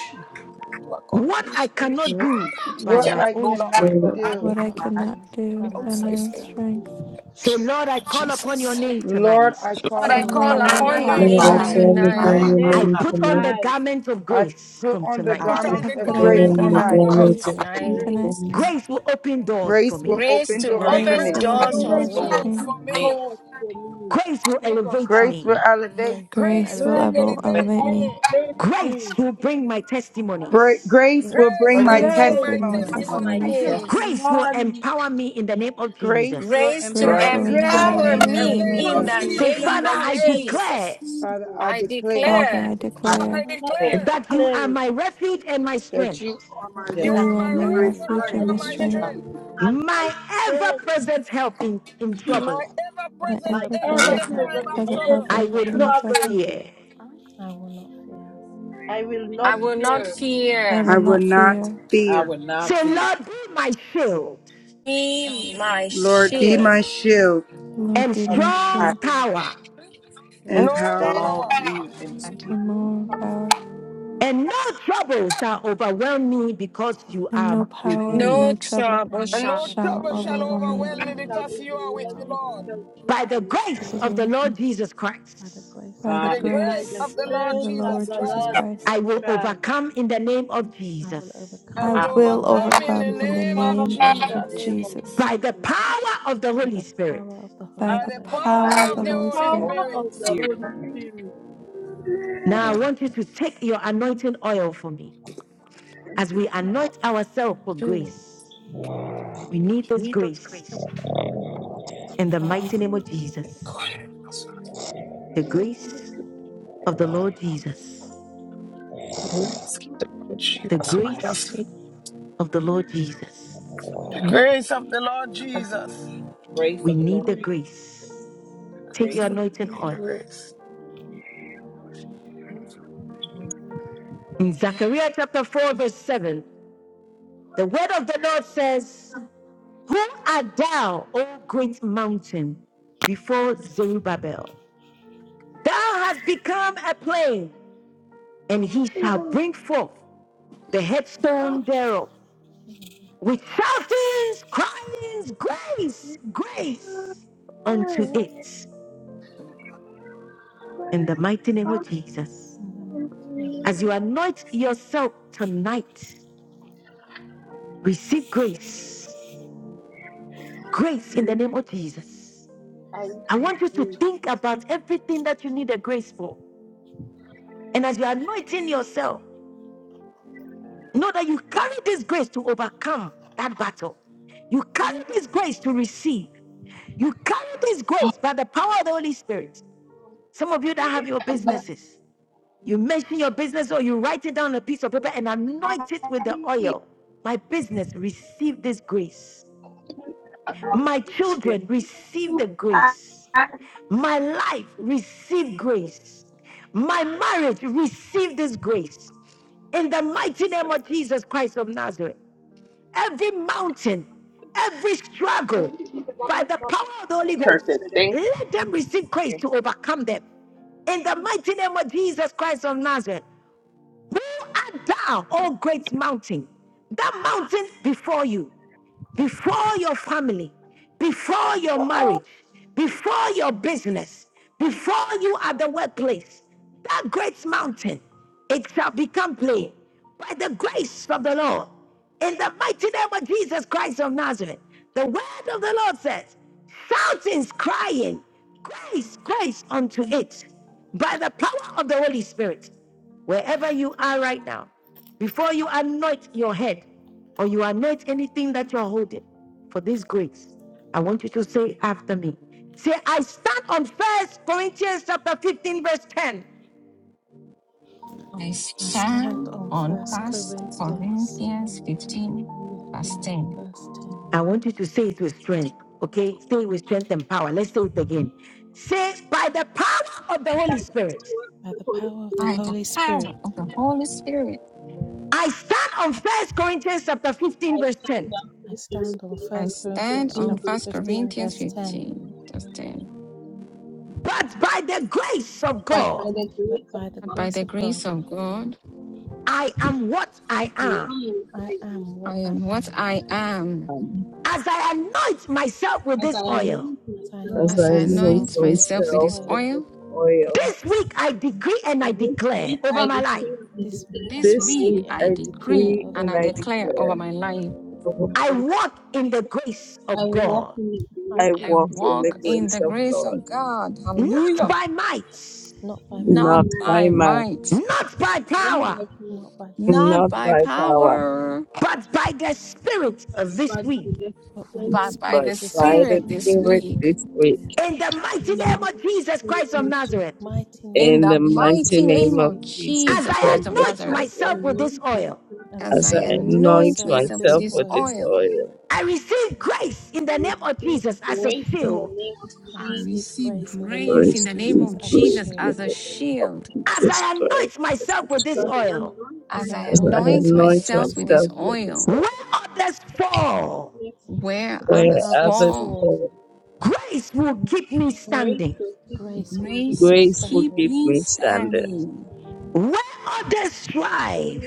S15: to
S1: what
S4: Please
S1: I
S15: accomplish
S4: pray
S15: what
S1: cannot
S15: you get-
S1: do
S15: what we
S1: by
S25: What
S1: my
S15: cannot
S25: I
S15: do,
S1: own
S25: cannot
S15: Lord,
S1: strength.
S9: what
S5: What
S20: in
S5: I
S9: I
S25: do.
S20: what I
S9: cannot
S5: like,
S20: cannot
S9: do
S15: in the
S9: by
S20: do
S9: my
S20: by
S8: I
S20: my
S9: own
S20: own
S15: unsafely.
S8: cannot
S9: self.
S20: strength.
S8: do.
S1: Say, Lord, I
S15: Lord
S1: call upon your
S15: Jesus.
S1: name
S25: Lord,
S1: tonight.
S25: I
S15: Lord,
S25: call
S20: So,
S15: I
S16: I
S9: Lord,
S15: call
S9: I
S16: call
S25: upon
S20: Lord,
S25: your
S15: upon
S20: I
S9: call
S15: your
S16: upon
S8: Lord,
S16: your
S25: name
S20: call
S5: I
S8: I
S15: name
S9: upon
S20: upon
S8: call
S16: name
S20: your
S5: call
S25: tonight.
S15: tonight,
S20: name
S9: your
S15: oh
S8: upon
S5: the
S20: tonight.
S9: name
S8: your
S15: God.
S16: tonight.
S5: name
S1: I
S8: name
S9: tonight.
S5: tonight.
S1: put on the
S8: tonight
S1: garment of
S25: I
S1: grace
S25: put
S9: I
S1: from
S25: on
S9: put
S25: the
S15: I
S9: on the
S1: tonight.
S5: I
S15: put on
S20: I
S25: garments
S15: the
S9: garment
S25: of
S20: put
S8: and
S9: of
S20: on the
S25: grace
S8: put
S15: garment
S8: on
S15: of
S8: the
S9: grace.
S20: garment
S25: tonight.
S20: of
S15: grace.
S8: garment
S20: grace
S8: of
S20: from
S16: Tonight.
S8: grace.
S20: tonight.
S1: Grace will open doors for
S25: Grace will
S1: me.
S16: Grace
S25: open
S16: to
S25: doors
S9: Grace
S5: great
S25: for
S9: will
S20: Grace
S16: open
S25: me.
S15: Grace
S20: will
S9: open
S15: will
S16: doors
S20: open
S16: for
S9: doors
S8: Grace
S9: for
S20: doors
S15: open
S8: to
S5: Lord
S20: for
S16: me.
S9: me.
S15: doors
S5: for
S20: me.
S8: open
S15: for
S5: me.
S15: me.
S8: doors for me.
S1: Grace will elevate
S25: Grace will
S1: me.
S25: elevate
S9: Grace will
S25: me.
S20: Grace
S15: Grace
S20: will
S15: will
S9: elevate
S8: Grace
S20: evel-
S9: me.
S8: to
S5: Let
S15: elevate
S20: elevate me.
S15: me.
S8: elevate
S1: Grace
S8: me.
S1: will bring my
S25: Gra-
S1: testimonies.
S25: Grace will
S9: Grace
S15: Grace
S9: will
S25: bring
S5: mercy
S4: grace
S25: my
S15: will
S9: bring
S20: Grace
S9: my
S4: with
S20: will
S15: bring
S8: Grace
S15: my
S20: bring
S8: to
S20: my
S5: be
S25: testimonies.
S8: bring
S9: testimonies.
S8: my
S5: my
S15: testimonies.
S20: testimonies.
S5: test.
S1: Grace
S16: Yes.
S1: will
S8: testimony.
S1: empower me in the name of
S25: Grace will
S1: Jesus.
S16: Grace to
S20: Grace
S9: Grace
S5: Great
S25: empower
S20: will
S15: Grace
S9: will
S25: me
S15: will
S5: for
S25: in
S5: the
S25: the
S20: empower
S8: Grace
S9: empower
S16: empower
S15: empower
S20: me
S8: to
S25: name
S20: in
S9: me
S15: me
S20: the
S15: in the
S9: in
S25: of
S9: the
S16: me
S20: name of
S15: name
S16: in
S9: name
S8: empower
S9: of
S15: of
S25: Jesus.
S16: the
S8: me
S20: Jesus.
S1: Say,
S9: Jesus.
S8: in
S16: name
S1: Father,
S8: the
S15: Jesus.
S16: of
S1: I
S8: name of
S1: declare
S16: Jesus.
S25: Father,
S8: Jesus.
S25: I
S16: I
S9: Father,
S25: declare
S5: Father.
S20: Father,
S9: I
S16: declare
S20: I
S5: I
S9: declare
S15: I
S20: declare
S8: Father, I
S5: declare
S15: declare.
S1: that you are
S8: declare
S1: my refuge and my
S25: that
S1: strength,
S25: you are my
S9: that you
S20: that
S15: You
S5: that
S9: are
S8: that
S20: you
S15: are
S25: refuge
S9: my
S20: are
S15: my
S20: my
S25: and my
S8: you
S15: refuge
S9: refuge
S8: are
S20: refuge
S15: and you
S20: and
S25: strength.
S9: and
S20: my
S15: are
S9: my
S15: my
S8: my
S20: strength,
S9: strength
S15: strength,
S8: refuge and my
S1: my ever
S8: strength,
S1: present help in, in trouble.
S15: my ever
S20: my
S9: my
S8: my
S15: present
S9: ever
S20: ever
S15: help in
S8: ever
S9: present
S15: the
S20: present
S5: Yes,
S9: help
S15: time
S8: present
S15: of
S20: present
S8: help
S15: trouble.
S9: in
S1: I
S8: in
S20: helping
S1: will
S20: in
S9: trouble.
S1: not
S20: trouble.
S8: trouble.
S1: fear.
S9: I will not fear.
S8: I will
S16: I
S8: not
S16: will not
S8: fear
S20: I
S16: fear.
S25: I
S20: will
S25: will
S20: not
S25: not
S20: fear.
S5: I
S25: fear.
S5: would not
S1: Say,
S5: fear.
S1: Lord, be my shield
S9: I
S16: Be
S9: will
S16: my
S9: not
S25: Lord,
S4: God.
S25: be
S9: fail.
S16: shield.
S25: my shield
S8: Lord,
S20: Lord,
S1: and
S8: is
S20: be
S9: God
S20: my
S8: give
S9: be
S8: us
S9: my
S1: strong
S20: shield
S9: shield,
S8: strength,
S1: tower,
S9: with
S5: In
S25: and
S5: the
S9: all
S15: No
S25: power
S9: my
S5: strong,
S9: power,
S15: power
S5: even in the sweet
S20: and
S8: new
S20: moral
S8: power,
S20: power,
S1: and no trouble shall overwhelm me because you
S20: and
S1: are
S20: no
S1: with
S20: power,
S16: No
S20: no
S1: me.
S20: trouble
S16: trouble
S9: and
S15: and
S9: no
S16: shall.
S15: no
S20: shall
S9: trouble
S8: and
S15: trouble
S9: shall
S15: shall
S8: no
S20: overwhelm me
S15: overwhelm
S8: trouble
S15: me
S9: overwhelm me
S8: shall
S15: because you
S9: because
S15: are
S9: you
S15: with
S8: overwhelm
S15: me,
S9: are
S8: me
S9: with
S15: Lord.
S9: me.
S8: because you
S1: By
S8: are
S1: the
S8: with
S1: grace
S8: me.
S20: because
S1: of
S20: you're
S1: the
S20: with
S1: Lord
S20: me.
S1: Jesus Christ,
S9: By the grace
S20: By
S9: of
S15: By
S20: the
S9: the
S15: the
S5: body,
S9: Lord
S4: Jesus
S8: By
S15: grace
S8: the
S9: Jesus
S15: of
S20: grace
S15: the Lord
S20: of the
S9: Christ,
S8: grace of
S15: Jesus
S20: Lord
S8: the
S20: Jesus
S8: Lord
S15: Christ,
S20: Christ.
S1: I
S8: Jesus
S1: will
S8: Christ,
S1: overcome in the name of
S9: I will
S1: Jesus.
S4: in
S15: I
S4: the
S9: overcome
S20: I
S15: will
S5: I
S4: name
S9: in the
S20: will
S8: I
S9: name
S15: overcome
S9: of
S15: in
S8: will
S15: the
S20: overcome in
S9: Jesus,
S20: the
S15: name of
S8: overcome
S20: name
S8: in
S5: am
S8: the
S20: of
S15: Jesus.
S8: name of
S20: Jesus
S1: by the
S8: Jesus.
S1: power of the
S9: by
S1: Holy
S9: the
S1: Spirit.
S9: power of the
S20: by
S15: By
S9: Holy
S5: by
S20: the
S15: the
S5: the
S9: Ghost.
S8: By
S20: power of
S15: power
S5: power of
S20: the
S15: of the
S8: the
S20: Holy
S15: Holy
S5: the
S20: Spirit.
S5: Holy
S8: power of the
S5: Spirit.
S8: Holy Spirit,
S1: Now I want you to take your anointing oil for me as we anoint ourselves for
S15: Spirit.
S1: grace. We need this grace
S15: Mm.
S1: in the
S9: Thank
S1: mighty
S9: you,
S1: name of Jesus.
S15: God, grace of
S1: The grace of the Lord Jesus.
S15: The Lord Jesus.
S1: The
S15: Somebody else.
S1: grace of the Lord Jesus.
S15: The
S5: 24
S15: grace of the Lord Jesus.
S5: grace
S1: We
S5: of the
S1: need
S5: Lord,
S1: the grace. Take
S5: grace
S1: your
S15: Grace,
S5: of
S15: Lord.
S5: the Lord.
S1: anointing
S15: Need the
S1: oil.
S15: grace.
S1: In Zechariah chapter 4, verse 7, the word of the Lord says, Who art thou, O great mountain, before Zerubbabel? Thou hast become a plain, and he shall bring forth the headstone thereof
S9: Lord.
S1: with shoutings, cryings, grace, grace unto it. In the mighty name of Jesus,
S9: in the mighty name of
S1: as
S9: Jesus
S1: you anoint yourself tonight, receive grace,
S8: receive
S1: grace in the name of Jesus.
S8: I
S9: Christ,
S1: I
S9: in the name
S8: receive
S1: want you to
S9: of
S8: grace,
S9: Jesus.
S1: think about everything that you need a grace for. And as you're anointing yourself, Know that you carry this grace to overcome that battle. You carry this grace to receive. You carry this grace by the power of the Holy Spirit. Some of you that have your businesses, you mention your business or you write it down on a piece of paper and anoint it with the oil. My business, receive this grace. My children,
S4: of
S1: receive the grace. My life, receive grace. My marriage, receive this grace. In the mighty name of Jesus Christ of Nazareth. every mountain, every struggle, by the power of the
S4: Jesus.
S1: Holy Ghost,
S4: Perfect. Thank
S1: let them receive
S4: you.
S1: grace to overcome them. In the mighty name of Jesus Christ of Nazareth, who art thou, O great mountain? That mountain before you before your family, before your marriage, before your business, before you at the workplace, that great mountain, it shall become plain by the grace of the Lord. In the mighty name of Jesus Christ of Nazareth, the word of the Lord says, shoutings, crying, grace, grace unto it by the power of the Holy Spirit wherever you are right now, before you anoint your head or you anoint anything that you're holding for this grace, I want you to say after me. Say, I stand on First Corinthians chapter 15, verse 10.
S16: I
S9: I stand
S16: stand
S9: on
S16: on
S9: First
S16: First
S9: Corinthians
S16: Corinthians 15, verse
S9: 15,
S16: 10.
S9: verse 10.
S1: I want you to say it with strength, okay? Say it with strength and power. Let's say it again. Say, by the power of the Holy
S12: That
S1: Spirit,
S12: forward
S9: By
S12: the
S9: the
S12: Holy
S9: power of the
S16: By
S12: Spirit.
S16: the
S9: Holy
S16: power
S9: Spirit,
S16: of the Holy Spirit,
S1: I stand on First Corinthians chapter 15,
S12: I
S1: verse 10.
S12: stand up
S9: I
S12: to
S9: stand on
S12: the
S16: I
S9: First
S12: chapter
S16: stand
S9: Corinthians
S12: 15,
S16: on
S9: chapter
S16: First
S12: verse 1.
S9: 15,
S16: Corinthians
S9: verse 10.
S16: 15, verse 10.
S1: But by the grace of
S12: But
S1: God,
S12: by the
S9: But
S12: grace of
S9: by the
S16: But
S12: God,
S16: By
S9: grace
S16: the
S9: of
S16: grace
S9: God,
S16: of God,
S1: I am what I
S12: I
S1: am
S12: am
S9: I
S12: inside me,
S9: am
S16: I
S9: what I
S16: am what
S9: am.
S16: I am
S1: as I anoint myself with
S12: as I
S1: this oil,
S12: anoint
S9: As I
S12: myself to
S16: as
S9: anoint
S16: I
S12: this man.
S16: anoint
S9: myself with
S16: myself
S9: this
S16: with
S3: myself
S16: His
S3: with
S9: oil,
S3: this
S16: oil.
S3: oil,
S1: this week I decree and
S12: This
S1: I declare
S12: week
S1: over
S12: I
S1: my life
S9: thi-
S12: declare the
S9: this week
S12: declare
S9: I
S16: This
S12: over
S3: this
S12: my
S9: decree
S16: week,
S3: week
S12: life.
S9: and
S16: I
S9: I
S3: I
S9: declare
S16: decree
S3: decree
S9: over
S16: and
S3: and
S16: I
S9: my
S3: I
S9: life,
S16: declare
S3: declare
S16: over my life.
S3: over my
S1: I
S3: life.
S1: walk in the grace
S12: I
S1: of
S12: will walk
S1: God,
S12: in the
S9: I
S3: I
S12: grace of
S16: I
S9: walk
S3: walk
S9: in the
S12: God.
S3: in the
S16: walk
S9: grace of
S16: in the
S3: grace of
S9: God,
S16: grace
S3: God,
S16: of God. Hallelujah.
S1: not by might,
S9: not
S12: He
S9: by might,
S12: will
S16: not
S3: not
S12: not
S3: by
S16: by
S3: might,
S16: might,
S1: not by
S12: not
S1: power,
S12: by me,
S9: not by power,
S16: not
S3: not
S16: by
S3: by power.
S16: power,
S1: but by the Spirit of this
S12: but by
S1: week.
S12: the
S9: but by the
S12: grace
S16: but by
S3: but
S9: Spirit
S16: the
S12: of
S9: this
S12: His
S3: by
S9: week.
S3: the
S16: Spirit
S12: Spirit.
S16: this
S3: Spirit
S16: week.
S3: this week
S1: In the mighty
S12: In the
S1: name of
S12: mighty
S1: Jesus Christ
S12: name
S1: of
S9: In
S12: of
S9: the
S1: Nazareth,
S12: Jesus
S9: mighty
S12: Christ of
S16: In
S3: in
S9: name
S16: the
S3: the
S9: of
S12: Nazareth,
S3: mighty
S16: mighty
S9: Jesus
S16: name
S9: this
S3: name of
S16: of
S9: week,
S3: Jesus
S1: as
S16: Jesus
S1: I
S3: Christ
S16: Christ of
S3: of
S1: anoint
S12: I
S16: Nazareth,
S1: myself
S3: Nazareth.
S12: will
S1: with
S12: not
S1: this
S12: be
S1: oil,
S9: As I
S16: as I
S3: As I
S12: afraid.
S9: anoint
S3: anoint
S16: anoint
S9: myself with
S16: myself with
S9: this
S3: myself
S16: this
S3: with
S9: oil,
S3: this
S16: oil,
S3: oil,
S1: I receive grace in
S12: I
S1: the name of
S12: receive
S1: Jesus as a
S12: grace in the
S1: shield.
S12: name of
S9: I
S16: I
S9: receive
S12: Jesus in
S16: receive
S12: this
S9: grace in the
S12: day.
S9: name
S16: grace
S9: of
S16: in
S3: praise
S16: the name
S3: be
S9: Jesus
S16: of
S9: as a
S3: praise
S16: Jesus
S3: in
S9: shield.
S16: as a
S3: the name of
S16: shield.
S1: As
S3: Jesus
S1: I
S3: Christ.
S1: anoint
S3: as it
S1: myself with this
S3: is.
S12: because I
S1: oil,
S12: anoint
S9: As
S16: As
S9: I
S16: I
S3: As
S12: myself
S3: I
S9: anoint
S12: with this
S16: anoint
S9: myself
S3: anoint
S9: with
S16: myself
S9: this
S16: with this
S3: myself
S9: oil,
S3: with this
S16: oil,
S1: where
S3: oil,
S1: others fall,
S12: week.
S16: where
S9: where
S3: where
S16: others
S9: others
S3: others
S16: fall,
S9: fall,
S3: fall,
S1: Grace will keep me
S12: grace
S1: standing.
S12: to keep me
S9: grace will keep
S12: from
S16: grace
S9: me
S16: will
S3: grace will
S16: keep
S9: standing.
S3: keep
S16: me
S3: me standing.
S16: standing.
S1: Where others strive,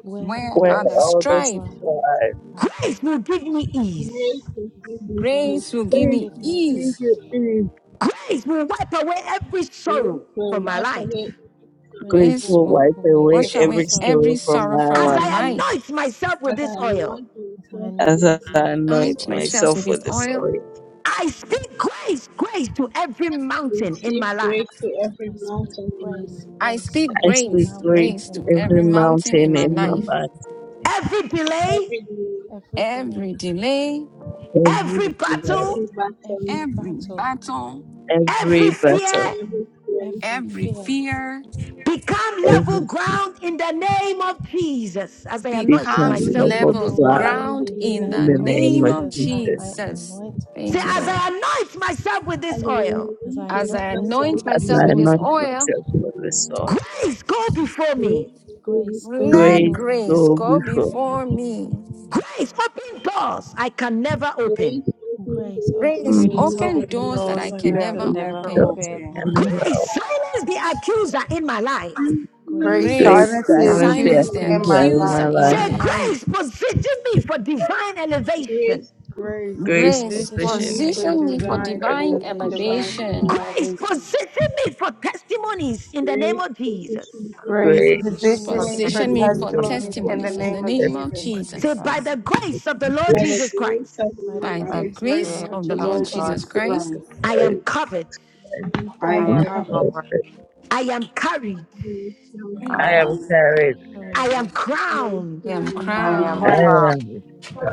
S9: Where
S16: Where
S3: Where
S12: Grace
S16: others
S9: others
S3: others
S16: strive,
S9: thrive,
S3: strive,
S9: thrive.
S1: grace will give me
S12: Grace
S1: ease.
S12: and peace be with you.
S9: grace
S16: grace will give
S9: will
S3: grace
S16: me
S9: give
S3: will
S9: me
S16: ease
S3: keep me
S9: ease.
S1: Grace will wipe away every sorrow
S12: So
S1: from my life.
S12: away
S3: Grace
S9: Grace
S16: Please
S9: will
S3: will
S9: wipe
S16: oh,
S3: wipe
S9: away
S3: away
S16: wash
S9: every
S16: away
S3: every
S9: sorrow
S16: every
S3: sorrow from
S16: sorrow
S3: my
S16: from
S1: As
S16: my
S3: life
S9: in
S1: I
S9: my
S16: life.
S9: life.
S1: anoint myself with
S12: as
S1: this
S12: I am
S1: oil,
S12: not
S9: As I
S12: myself for
S3: as
S9: anoint
S12: this
S3: I
S9: myself
S12: time.
S9: with
S3: anoint
S9: this
S16: Anoint
S9: oil,
S16: myself with
S3: myself
S16: his
S3: with the
S16: oil.
S3: oil.
S1: I speak grace, grace to every mountain in
S12: Receive
S1: my life.
S12: grace to every
S9: I speak
S12: mountain in my
S9: grace,
S12: life,
S16: I
S9: grace to
S16: speak
S3: I
S9: every
S3: speak
S16: grace,
S3: grace
S9: mountain
S16: grace
S3: to
S9: in
S16: to
S9: my
S3: every
S9: life,
S16: every mountain in
S3: mountain
S16: my
S3: in my
S16: life,
S3: life,
S1: Every delay,
S12: every need,
S9: every
S16: every
S9: delay,
S16: delay,
S1: every
S3: every
S1: battle,
S3: delay,
S12: every battle,
S9: every
S16: every
S9: battle
S16: battle,
S3: every
S1: every
S3: battle,
S1: fear
S12: every fear.
S9: Every
S16: every
S9: fear
S16: fear
S1: become level
S3: everything
S1: ground in the name of Jesus as I anoint
S12: With
S9: become
S16: becomes
S3: become
S1: myself
S12: me
S3: level
S1: with
S12: is
S16: level
S1: this
S12: the
S9: level
S3: ground
S1: oil.
S9: ground
S12: mind
S16: ground
S12: the
S9: in the
S16: in
S12: name
S3: in
S12: of
S16: the
S9: name
S3: the
S9: of
S12: Jesus.
S3: name
S16: name
S3: of
S16: of
S9: Jesus as
S3: Jesus.
S9: I
S16: Jesus.
S9: anoint
S1: Say,
S16: Thank you,
S1: as
S16: Lord.
S9: myself.
S1: I anoint myself with
S12: As I
S1: this oil,
S9: As
S12: anoint
S9: I
S16: As
S9: anoint
S16: I
S12: myself for
S9: myself
S16: anoint
S12: this
S3: As
S9: with
S16: myself
S9: this
S3: I
S16: with
S12: time,
S16: this
S3: anoint
S9: oil,
S16: oil,
S3: myself with the oil,
S1: grace go before me.
S12: grace will be
S9: grace, go
S16: let
S12: me.
S3: grace
S9: before me.
S16: grace
S3: go
S16: go
S3: before me.
S16: before me.
S1: Grace open doors I can never open.
S12: Grace open
S9: Grace,
S12: the way
S9: open
S16: Grace,
S3: Mm.
S26: Grace
S9: doors I
S16: open
S26: open
S9: can
S16: doors
S12: for
S16: that
S9: never
S26: doors
S12: me.
S16: I
S26: that
S16: can
S3: Grace
S25: that
S26: I
S25: I
S9: open.
S26: could
S16: never
S25: can
S3: open
S26: never
S25: never
S16: open.
S3: doors
S26: open.
S3: I
S25: open.
S3: can never
S1: Grace
S3: open.
S1: silence the accuser in my life.
S12: And
S25: Grace,
S9: Grace,
S3: Grace
S16: Grace,
S25: silence
S12: I
S9: silence
S12: will
S25: the
S9: the
S26: I
S3: silence the
S16: silence
S25: accuser
S26: am
S16: the
S9: accuser
S12: be
S25: in
S3: accuser
S9: in
S25: my
S9: my
S3: in
S26: good
S3: my
S16: accuser
S9: life.
S25: life.
S16: in
S26: and
S16: my
S3: life.
S1: Say,
S16: life.
S1: grace position me for divine elevation.
S12: Grace,
S25: Grace,
S26: I
S9: Grace,
S3: Grace
S26: am
S16: Grace,
S25: position
S3: position
S9: position
S25: me
S12: continue
S9: me
S12: to
S3: me
S25: for
S3: in
S9: for
S16: position me
S12: be
S16: for
S25: design
S9: divine
S12: honored
S3: prayer
S12: and
S16: divine
S3: for
S25: and
S12: blessed.
S3: you.
S9: elevation.
S25: divine
S16: elevation.
S1: Grace
S25: elevation.
S1: position me for testimonies in the name
S12: Grace,
S1: of
S12: position,
S1: Jesus.
S12: take the
S9: Grace,
S25: Grace,
S3: Great
S12: testimony
S9: position me
S25: position
S3: was
S12: in
S9: for
S25: me
S26: forgiven
S12: the
S3: this
S25: for
S16: Position me
S12: name of
S16: for
S26: by
S9: testimonies
S3: remains
S9: in
S25: testimonies
S9: the
S3: for
S12: Jesus.
S25: in the
S16: testimonies
S9: name
S16: in
S9: of
S16: the
S25: name of
S16: name of
S25: Jesus.
S9: Jesus.
S3: testimony
S1: Say,
S16: Jesus.
S1: by
S3: in
S26: Jesus.
S1: the
S3: the
S1: grace of the Lord
S12: By the
S3: deepest
S1: Jesus
S12: grace
S1: Christ,
S12: of the
S9: By the
S12: Lord
S16: By
S25: By
S26: By
S16: the
S26: the
S25: the
S12: Jesus
S9: grace of the
S25: grace
S16: grace
S26: grace
S9: Lord
S25: of
S12: Christ,
S16: of the
S25: the
S26: of
S9: Jesus
S16: Lord
S25: Lord
S26: the Lord.
S16: Jesus
S25: Jesus
S9: Christ,
S3: secret
S16: Christ,
S3: of
S25: Christ,
S1: I
S3: my
S1: am covered,
S3: life.
S12: we
S9: I
S25: I
S26: I
S25: am
S9: am
S26: am
S3: I'm
S12: recover,
S25: covered.
S9: covered.
S3: proud
S26: covered.
S3: that
S1: I am carried,
S12: we recover,
S9: I
S16: I
S3: I
S26: I
S12: we
S9: am
S26: am
S3: am
S25: I
S3: carried.
S26: covered.
S1: I
S9: hurried.
S25: am,
S1: am crowned
S12: recover.
S16: am
S9: I
S25: I
S9: am
S26: I
S25: am
S26: am
S3: I
S16: crowned
S25: crowned
S26: proud.
S9: crowned
S3: am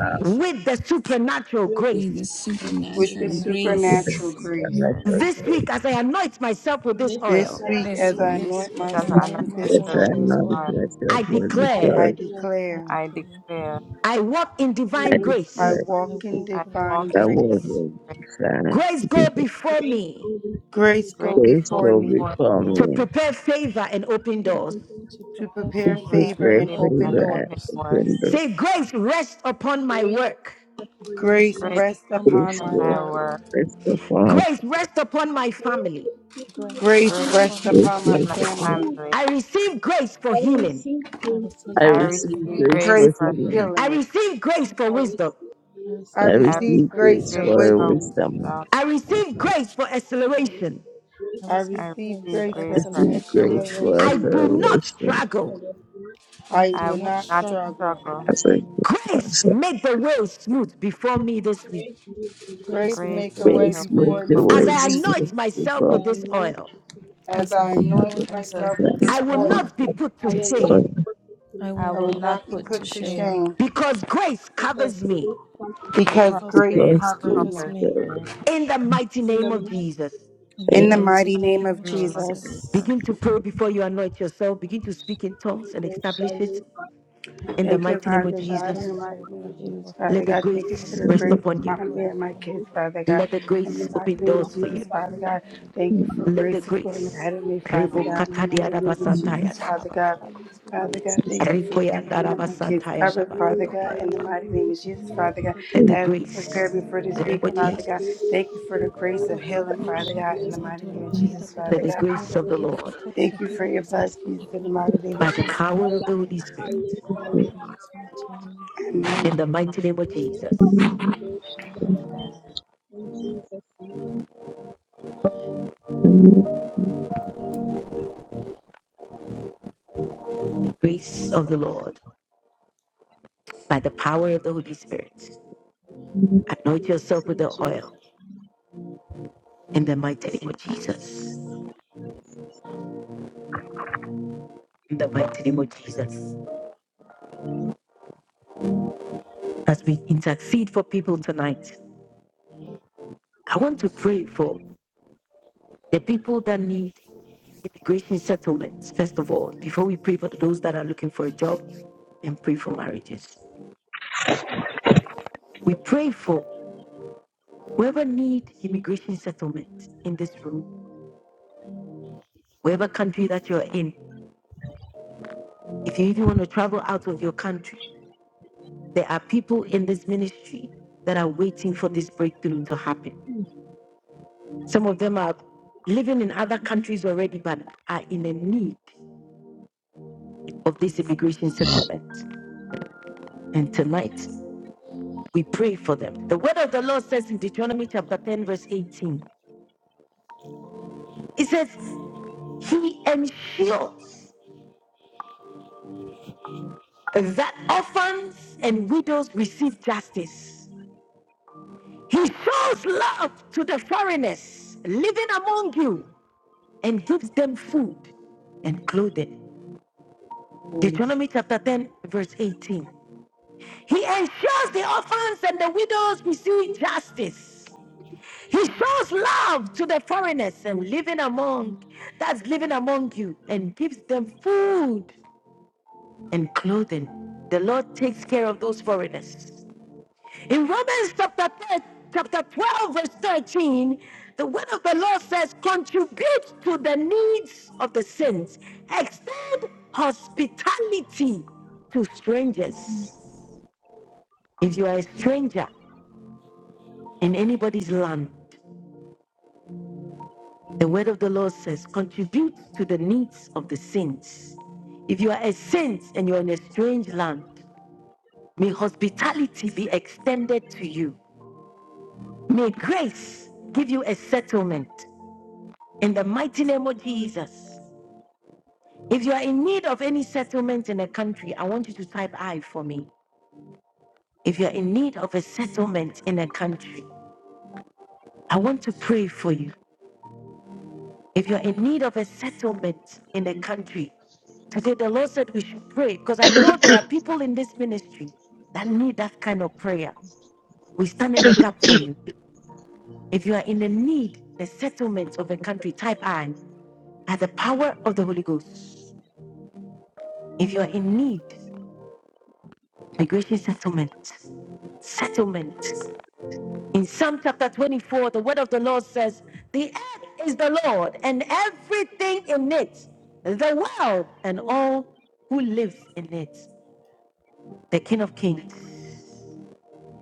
S16: with grace.
S1: with the supernatural
S12: With
S16: with the
S1: grace.
S9: with
S12: this
S9: the
S25: with the
S16: supernatural
S9: supernatural
S3: with a
S25: supernatural
S9: grace.
S16: grace
S25: grace.
S3: supernatural
S1: This
S3: good.
S1: week, as I anoint myself with this
S12: this is
S1: oil,
S25: This
S12: of the
S25: week,
S16: this
S25: as I
S9: This
S12: name of
S16: week.
S26: This
S9: week,
S25: anoint
S26: week
S9: as
S26: as
S9: I
S12: Jesus,
S25: myself
S26: another
S9: anoint
S25: with this
S3: Yes,
S9: myself
S3: I
S26: service,
S9: with
S3: am
S25: oil,
S9: this
S3: not
S26: hour,
S9: oil,
S3: interested
S1: I
S3: for the
S12: I
S1: declare
S25: I
S3: joy.
S12: declare,
S9: I
S25: declare
S26: I
S9: declare
S26: declare
S1: I walk in
S3: I
S1: divine
S12: you in
S25: I
S3: declare
S1: grace.
S12: the
S9: I
S25: walk in
S9: walk
S26: I
S9: in
S25: divine
S26: walk
S3: that
S9: divine
S26: into the
S3: was
S25: grace.
S9: grace.
S26: grace.
S3: a sign.
S1: Grace go
S3: People
S1: before
S12: grace
S1: me
S12: over
S25: Grace
S9: Grace,
S12: me,
S25: go
S26: Grace
S9: go
S3: face
S26: goes
S9: before
S25: before
S3: will
S9: me
S25: me
S26: before
S3: before
S26: me,
S1: to
S3: me.
S1: prepare favor and open
S12: to
S1: doors.
S12: continue
S9: to
S25: to
S9: prepare
S12: to be
S25: prepare
S26: to
S9: favor
S25: favor
S3: Prepare
S9: and
S25: and
S26: receive
S25: open
S26: and
S3: favor
S9: open
S26: open
S9: doors.
S25: doors.
S3: and
S26: doors.
S3: open the
S1: Say, grace rest upon my
S12: grace
S1: work.
S12: upon
S9: Grace,
S25: Grace
S12: me.
S26: Grace
S9: rest
S25: rest
S26: rest
S9: upon my
S25: upon
S3: face
S26: upon
S25: my
S9: work.
S3: with
S26: my
S25: work.
S26: work.
S3: rest upon.
S1: Grace rest upon my
S12: Grace
S1: family.
S12: is upon
S9: Grace,
S25: Grace
S9: rest
S26: Grace
S12: me.
S25: rest
S9: upon
S26: rest
S9: my
S3: Grace,
S25: upon my
S26: upon
S3: grace
S26: my
S9: family.
S12: I
S25: family.
S3: upon.
S26: family.
S1: I receive grace for healing.
S12: receive
S9: I
S12: grace
S9: receive
S12: from
S3: I
S26: I
S25: I
S9: grace
S12: you.
S9: for
S3: receive
S25: receive
S26: receive
S3: grace
S9: healing.
S26: grace
S3: for
S25: grace of
S26: for
S3: healing.
S1: I
S25: healing.
S26: healing.
S1: receive grace for
S12: I
S1: wisdom.
S12: receive
S9: I
S12: grace
S25: I
S3: I
S9: receive
S12: from you.
S26: I
S9: grace
S25: receive
S3: receive
S9: for
S25: grace
S26: receive
S3: grace
S25: of
S3: for
S9: wisdom.
S26: grace
S3: her
S26: for
S25: wisdom.
S3: wisdom.
S26: wisdom.
S1: I receive grace for
S12: I
S1: acceleration.
S12: receive
S9: I
S12: grace
S25: I
S9: receive
S26: I
S12: for
S25: receive
S9: grace
S26: receive
S12: you.
S9: for
S25: grace
S3: I
S26: grace
S25: for
S26: for
S3: receive
S9: acceleration.
S3: grace
S26: revelation.
S3: for
S1: I
S25: acceleration.
S1: do
S3: her
S1: not
S3: revelation.
S12: I
S1: struggle.
S12: receive
S9: I
S25: I
S26: I
S9: do
S25: will
S26: will
S9: not
S25: not
S26: not
S9: struggle.
S25: struggle.
S26: struggle.
S3: As I give
S1: Grace
S3: myself
S1: made the way smooth before me this week
S12: grace for you. I receive grace
S9: Grace,
S25: Grace
S12: for
S26: Grace
S9: make
S25: make
S9: the
S25: a
S26: make
S9: way
S3: grace,
S25: way
S26: a
S12: you.
S3: make
S9: smooth
S26: way
S25: before me
S3: the
S26: for me
S1: as
S9: before
S3: way
S25: this
S9: me
S1: I
S9: this
S25: week.
S26: this
S3: smooth
S1: anoint
S9: week.
S26: week.
S3: to
S12: If
S1: myself
S12: I
S1: with
S3: follow.
S1: this
S12: am not
S1: oil.
S25: As
S12: you.
S9: As
S26: I
S25: I
S9: I
S26: will not
S25: anoint
S9: anoint
S3: the
S26: myself
S9: myself
S25: myself
S9: with
S25: with
S26: with this
S3: Wisdom
S1: I
S9: this
S25: this
S1: will
S26: hour.
S3: from
S9: oil,
S25: oil,
S1: not be put
S12: I
S1: to
S12: will
S3: the
S12: not
S1: shame
S12: be perfect
S9: I
S26: I
S12: you
S9: will
S25: I
S26: will
S25: will
S9: not be
S26: not
S25: not be
S26: put to
S9: put
S25: put
S9: to
S25: to
S26: shame
S9: shame,
S25: shame
S1: because grace
S12: because
S1: covers me.
S12: grace comes to me.
S25: because
S26: because
S9: because
S25: grace
S26: grace
S9: grace
S25: covers me.
S9: covers
S26: covers
S9: me
S26: me.
S1: In the mighty
S12: In the
S1: name of
S12: mighty
S1: Jesus,
S12: name
S9: in the
S25: In the
S26: In
S9: mighty
S25: mighty name
S9: name
S25: of
S26: the
S9: of
S26: name of
S25: Jesus.
S9: Jesus.
S26: Jesus.
S1: begin to pray before you anoint yourself. Begin
S12: of
S1: to speak in
S12: Jesus, I
S1: tongues
S12: will
S1: and
S12: go
S1: establish
S12: shall
S1: it.
S12: live by the
S1: In the
S12: Lord.
S25: Thank you,
S1: mighty name
S12: You
S1: of
S25: Father
S9: Lord,
S12: shall
S9: I
S25: God, in
S12: live
S9: trust
S25: the
S9: your
S1: Jesus,
S12: by
S25: mighty
S9: Lord, Lord,
S25: name
S9: I
S25: of
S9: hear
S25: Jesus,
S12: the
S9: I
S1: let
S25: Father
S12: Lord.
S1: the
S9: said
S25: God.
S9: that, Lord,
S25: Thank you
S12: You
S9: Father
S25: for
S1: grace
S9: God,
S25: the
S9: put
S1: rest
S25: grace
S9: the grace
S1: upon
S12: shall
S1: you.
S25: upon
S9: before
S25: me
S12: live
S9: you,
S25: and
S12: by
S25: my
S9: before
S12: the
S25: kids,
S9: my life,
S25: Father God.
S1: Let
S9: my
S1: the
S12: Lord.
S9: family,
S25: In
S9: God,
S25: the
S1: grace
S9: God,
S1: open
S25: mighty
S9: for my
S12: In
S25: name of
S1: doors
S9: friends,
S1: for
S12: Jesus'
S25: Jesus,
S1: you.
S9: before my
S25: Father
S9: job,
S25: God.
S9: before
S25: Thank you for
S9: my
S1: Let
S9: Lord
S25: grace
S1: the
S25: that's
S9: God.
S25: going
S1: grace.
S25: ahead of me, Father
S9: My
S25: God. In the mighty
S9: creativity,
S25: name of
S9: Father God, my
S25: Jesus,
S9: gifts
S25: Father
S9: and
S25: God.
S9: talents, Father
S25: Father God,
S9: God, and
S25: thank you for
S9: ability
S25: giving
S9: to
S25: me
S9: bring
S25: and my
S9: them to
S25: kids
S9: fruition,
S25: covered,
S9: Father
S25: Father
S9: God,
S25: God. In the
S9: against my
S25: mighty name of
S9: publishing,
S25: Jesus,
S9: Yela
S25: Father God.
S9: Kadoto
S1: Let the
S25: As you
S9: Robahita
S1: grace,
S25: prepare me
S9: Saitera
S25: for
S1: the
S25: this
S1: name
S9: Bahura
S25: week,
S1: of
S9: Bahira.
S25: Father God.
S1: Jesus,
S25: Thank you for the
S9: Hira
S25: grace of healing,
S9: Bakura
S25: Father
S9: Bahira
S25: God. In the mighty name
S9: Basaitora
S25: of
S9: Bahira
S25: Jesus, Father
S1: let the
S25: God.
S1: grace
S9: Badabasatora
S1: of the
S9: Bahira
S1: Lord
S9: Bakura
S25: Thank you for
S9: Bahira
S25: your blood,
S9: Basaitora
S25: Jesus. In the
S9: Bahura
S25: mighty name of
S1: by
S9: Bahira
S1: the
S25: Jesus.
S1: power of the Holy Spirit.
S9: Basaitora Bahira Basaitora. It's my name, we pray.
S25: Amen.
S1: In the mighty name of Jesus,
S26: Amen.
S12: name,
S1: grace of the Lord, by the power of the Holy Spirit,
S12: in
S1: anoint yourself with the
S12: Jesus'
S1: oil. In the mighty name of Jesus. In the mighty name of Jesus. As we intercede for people tonight, I want to pray for the people that need immigration settlements, first of all, before we pray for those that are looking for a job and pray for marriages. We pray for whoever need immigration settlement in this room whatever country that you're in, if you even want to travel out of your country, there are people in this ministry that are waiting for this breakthrough to happen. Some of them are living in other countries already, but are in a need of this immigration settlement. And tonight, we pray for them. The word of the Lord says in Deuteronomy chapter 10, verse 18, it says, He ensures that orphans and widows receive justice He shows love to the foreigners living among you and gives them food and clothing. Deuteronomy chapter 10, verse 18. He ensures the orphans and the widows receive justice. He shows love to the foreigners and living among that's living among you and gives them food and clothing. The Lord takes care of those foreigners. In Romans chapter, 10, chapter 12, verse 13, the word of the Lord says, contribute to the needs of the saints, extend hospitality to strangers. If you are a stranger in anybody's land, the word of the Lord says, contribute to the needs of the saints. If you are a saint and you're in a strange land, may hospitality be extended to you. May grace give you a settlement. In the mighty name of Jesus. If you are in need of any settlement in a country, I want you to type I for me. If you're in need of a settlement in a country, I want to pray for you. If you're in need of a settlement in a country, today the Lord said we should pray because I know there are people in this ministry that need that kind of prayer. We stand in the gap for you. If you are in the need, the settlement of a country, type I, at the power of the Holy Ghost. If you are in need, migration settlement. settlement. In Psalm chapter 24, the word of the Lord says, The earth is the Lord and everything in it, the world and all who lives in it, the King of Kings.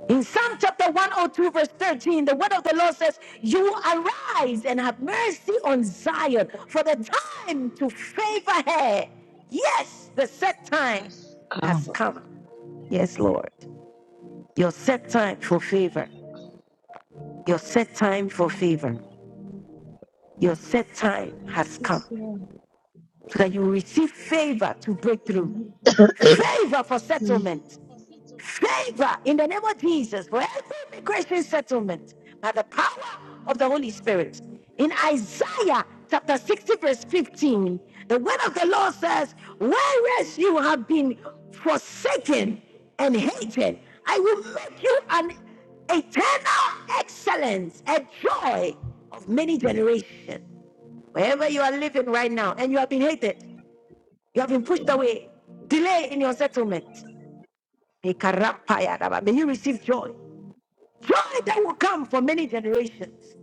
S1: In Psalm chapter 102, verse 13, the word of the Lord says, You arise and have mercy on Zion for the time to favor her. Yes, the set time
S10: task
S1: has come. Yes, Lord. Your set time for favor. Your set time for favor. Your set time has come
S12: name, Jesus.
S1: so that you will receive favor to breakthrough,
S12: Hmm.
S10: come.
S1: favor for settlement, favor in the name of Jesus for every immigration settlement by the power of the Holy Spirit. In Isaiah chapter 60, verse 15, the word of the Lord says, Whereas you have been forsaken and hated, I will make you an eternal excellence a joy of many generations wherever you are living right now, and you have been hated, you have been pushed away, delay in your settlement. May you receive joy. Joy that will come for many generations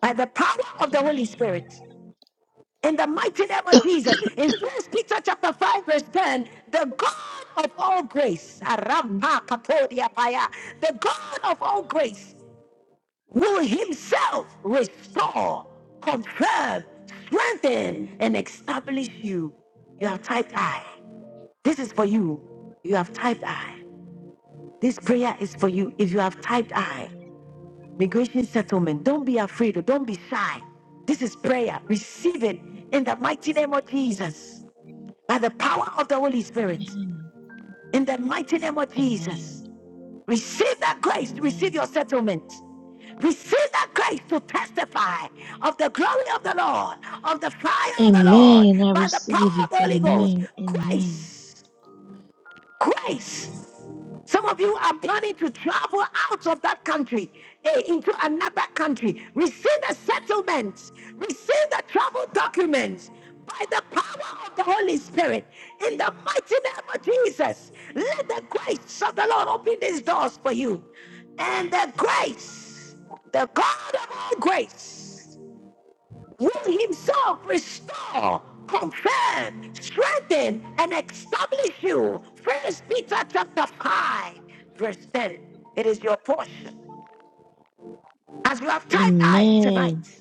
S1: by the power of the Holy Spirit. In the mighty name of Jesus, in First Peter chapter 5, verse 10, the God of all grace, the God of all grace will himself restore, confirm, strengthen, and establish you. You have typed I. This is for you. You have typed I. This prayer is for you. If you have typed I, migration settlement, don't be afraid or don't be shy. This is prayer. Receive it in the mighty name of Jesus by the power of the Holy Spirit.
S10: Amen.
S1: In the mighty name of
S10: Amen.
S1: Jesus. Receive that grace to receive
S10: Amen.
S1: your settlement. Receive that grace to testify of the glory of the Lord, of the fire of the Lord,
S10: Amen. I
S1: by the
S10: receive
S1: power of
S10: it.
S1: the Holy Ghost.
S10: Amen. Amen.
S1: Grace, grace. Some of you are planning to travel out of that country eh, into another country. Receive the settlement, receive the travel documents by the power of the Holy Spirit in the mighty name of Jesus. Let the grace of the Lord open these doors for you. And the grace, the God of all grace will himself restore, confirm, strengthen, and establish you. First Peter chapter 5, verse 10. It is your portion. As you have typed I
S10: Amen.
S1: tonight,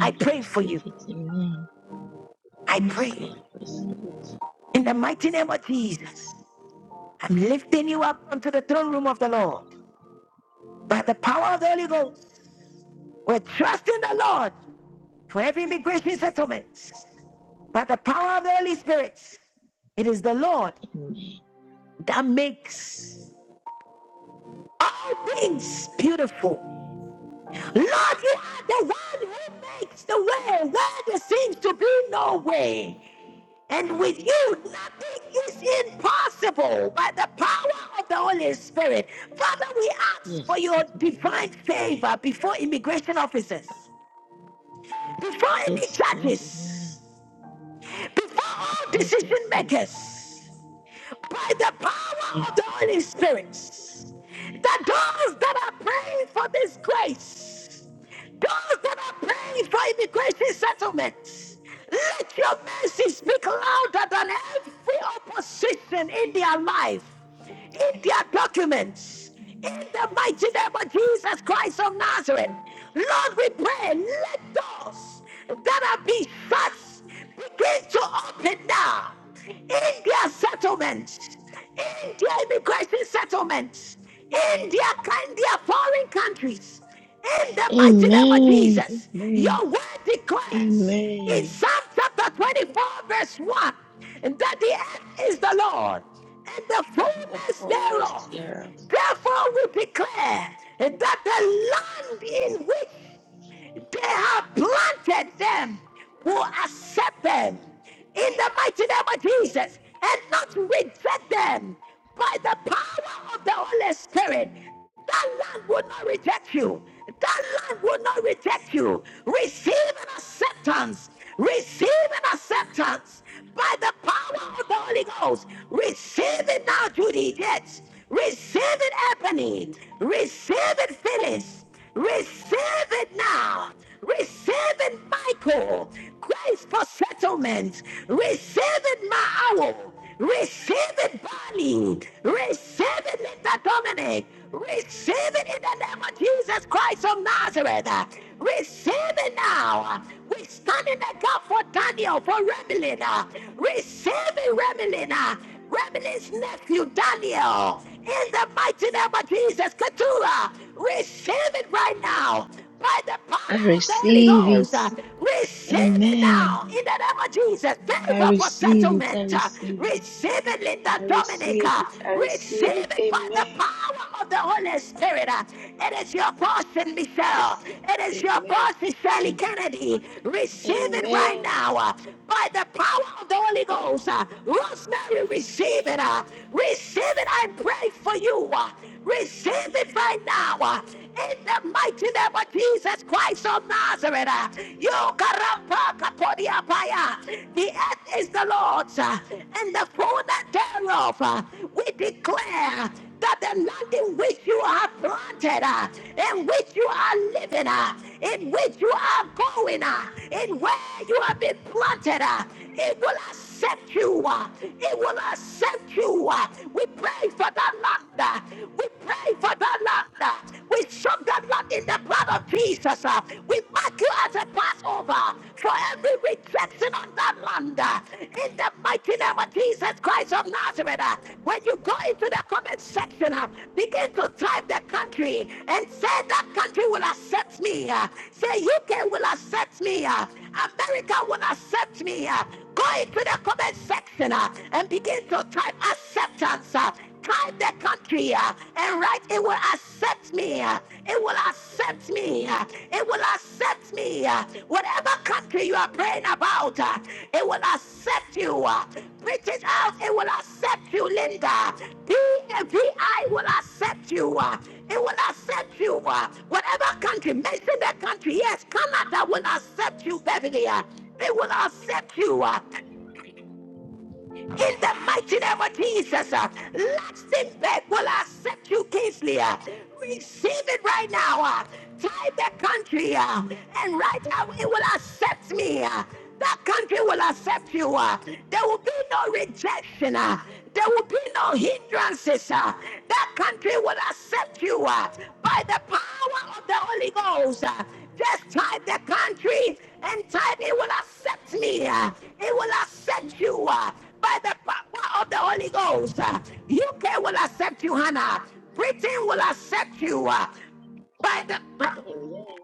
S1: I
S10: I
S1: pray for you.
S10: receive it. Amen.
S1: I
S10: Yes, Lord,
S1: pray
S10: I receive it.
S1: in the mighty name of Jesus. I'm lifting you up onto the throne room of the Lord by the power of the Holy Ghost. We're trusting the Lord for every immigration settlement by the power of the Holy Spirit. It is the Lord
S10: Amen.
S1: that makes. all things beautiful. Lord, you are the one who makes the way where there seems to be no way. And with you, nothing is impossible by the power of the Holy Spirit. Father, we ask
S10: Yes,
S1: for your
S10: Lord, amen.
S1: divine favor before immigration officers, before any
S10: Yes, Lord, amen.
S1: judges, before all
S10: Let your
S1: decision
S10: favor
S1: makers. by the power of the Holy Spirit. The doors that are praying for this grace, those that are praying for immigration settlements, let your mercy speak louder than every opposition in their life, in their documents, in
S9: Amen.
S1: the mighty name of Jesus Christ of Nazareth. Lord, we pray, let doors that have been shut begin to open now India settlements, India immigration settlements, India, India foreign countries. In the mighty name of
S10: Amen.
S1: Jesus,
S10: Amen.
S1: your word declares in
S10: Amen.
S1: Psalm chapter 24, verse 1, that the earth is the Lord and the
S10: And the
S1: fullness thereof.
S10: fullness thereof.
S1: Therefore, we declare that the land in which they have planted them who accept them in the mighty name of Jesus
S10: Amen.
S1: and not reject them by the power of the Holy Spirit. That land will not reject you. That land will not reject you. Receive an acceptance. Receive an acceptance by the
S10: Amen.
S1: power of the Holy Ghost. Receive it
S10: Amen.
S1: now, Judy. Yes. Receive it, Ebony. Receive it, Phyllis. Receive it now. Receive it, Michael. Grace for settlement. Receive it, Maao. Receive it, Bonnie. Receive it, Linda Dominic. Receive it in the name of Jesus Christ of Nazareth. Receive it now. We stand in the gap for Daniel, for Remelina. Receive it, Remelina. Remy's nephew Daniel, in the mighty name of Jesus, Keturah, receive it right
S10: Amen.
S1: now by the
S10: I
S1: power of the Holy
S10: receive
S1: Ghost.
S10: it.
S1: Uh, Receive it
S10: Amen.
S1: now
S9: Amen.
S1: in the name of Jesus.
S9: Amen. Amen. Amen.
S10: I
S1: Favor for
S10: receive it. I
S1: settlement. Uh,
S10: receive it.
S9: Amen. Amen.
S1: Receive it, Linda
S10: I receive
S1: Dominica.
S10: it. I
S1: Receive
S10: receive it.
S1: it by the
S10: Amen.
S1: power of the Holy Spirit. Uh, It is your portion, Michelle.
S10: Yes.
S1: It is
S10: Lord.
S1: your
S10: Amen.
S1: portion, Shirley
S9: Amen.
S1: Kennedy. Receive it right
S10: Amen.
S1: now uh, by the power of the
S10: Yes,
S1: Holy
S10: Lord.
S1: Ghost. Uh, Mary, receive it. Uh, receive it. I pray for you. Uh, receive it right now. Uh, in the mighty name of Jesus Christ of Nazareth. Uh, you karapakapodiapaya. The earth is the Lord's uh, and the fullness thereof. Uh, we declare that the land in which you are planted, uh, in which you are living, uh, in which you are going going uh, and where you have been planted. uh, It will accept you. uh, It will accept you. uh. We pray for that land. uh, We pray for that land. uh. We soak that land in the blood of Jesus. uh. We mark you as a Passover for every rejection on that land. uh, In the mighty name of Jesus Christ of Nazareth. Nazareth, uh, when you go into the comment section, uh, begin to type the country and say that country will accept me. uh, Say UK will accept me. uh, America will accept me. uh, Go into the comment section uh, and begin to type acceptance. uh, Time the country, uh, and right, it will accept me. uh, It will accept me. uh, It will accept me. uh, Whatever country you are praying about, uh, it will accept you. uh, British House, it will accept you, Linda. PVI will accept you. uh, It will accept you. uh, Whatever country, mention that country. Yes, Canada will accept you, Beverly. uh, They will accept you. uh, in the mighty name of Jesus, uh, Luxembourg will accept you, Kingsley. uh, Receive it right now. uh, Tie that country, uh, and right now it will accept me. uh, That country will accept you. uh, There will be no rejection. uh, There will be no hindrances. uh, That country will accept you uh, by the power of the Holy Ghost. uh, Just tie
S8: Lord.
S1: the country and time it will accept me. uh, It will accept you. uh, by the power of the Holy Ghost. Uh, UK will accept you, Hannah. Britain will accept you uh, by the power
S10: Amen.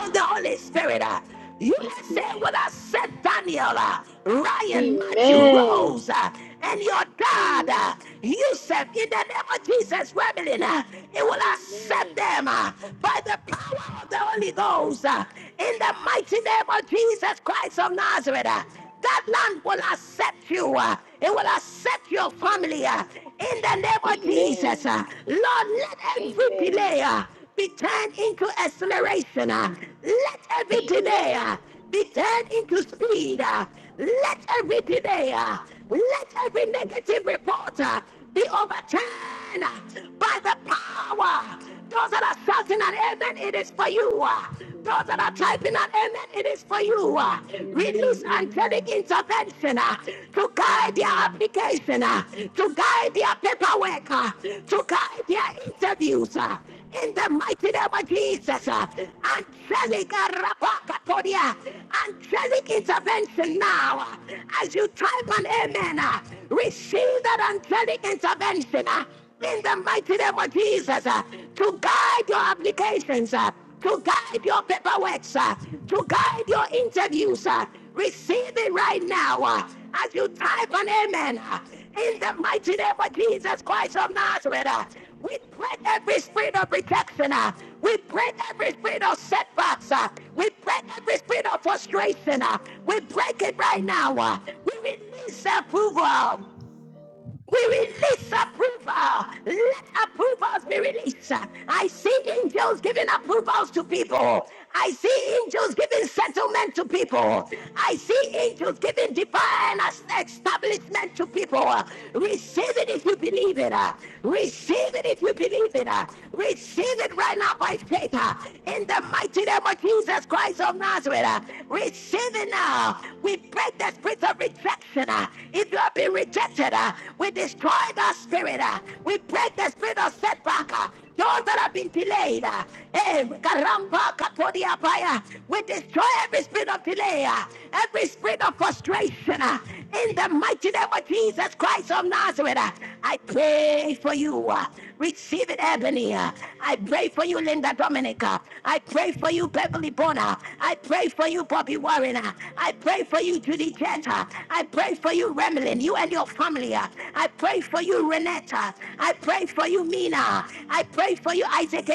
S1: of the Holy Spirit. Uh, USA
S10: Amen.
S1: will accept Daniel, uh, Ryan, Matthew,
S10: Amen.
S1: Rose, uh, and your dad,
S10: Amen.
S1: uh, Yusuf, in the name of Jesus, Rebellion. Uh, it will accept
S10: Amen.
S1: them uh, by the power of the Holy Ghost. uh, in the mighty name of Jesus Christ of Nazareth. uh, that land will accept you. uh, It will accept your family uh, in the name
S10: Amen.
S1: of Jesus.
S10: Amen.
S1: uh. Lord, let every
S10: Amen.
S1: delay uh, be turned into acceleration. uh. Let every delay
S10: Amen.
S1: uh, be turned into speed. uh. Let every delay, uh, let every negative report uh, be overturned uh, by the power. Those that are shouting an amen, it is for you. uh. Those that are typing
S8: Amen.
S1: an amen, it is for you. uh.
S8: Amen. Amen.
S1: Release angelic
S8: Amen.
S1: intervention uh, to guide their
S8: Amen.
S1: application, uh, to guide their paperwork, uh, to guide their interviews. uh in the mighty name of Jesus. uh, Angelic uh, rapakatoria, angelic intervention now. uh, As you type an amen, uh, receive that angelic intervention uh, in the mighty name of
S8: It's so
S1: Jesus uh, to guide your
S8: good,
S1: applications, uh, to guide your paperwork, uh, to guide your interviews. uh, Receive it right now uh, as you type an amen. uh, in the mighty name of Jesus Christ of Nazareth, uh, we break every spirit of rejection. uh, We break every spirit of setbacks. uh, We break every spirit of frustration. uh, We break it right now. uh, We release approval. We release approval. Let approvals be released. I see angels giving approvals to people. I see angels giving settlement to people. I see angels giving divine establishment to people. Receive it if you believe it. Receive it if you believe it. Receive it right now by faith. In the mighty name of Jesus Christ of Nazareth. Receive it now. We break the spirit of rejection. If you have been rejected, uh, we destroy that spirit. uh, we break the spirit of setback. uh, those that have been delayed. uh, eh, karamba katodia baya, We destroy every spirit of delay, uh, every spirit of frustration. uh, In the mighty name of Jesus Christ of Nazareth, uh, I pray for you. uh, Receive it, Ebony. uh, I pray for you, Linda Dominica. I pray for you, Beverly Bonner. I pray for you, Bobby
S8: Lord.
S1: Warren. uh, I pray for you, Judy Jetta. I pray for you, Remlin. You and your family. uh, I pray for you, Renetta. I pray for you, Mina. I pray for you, Isaac.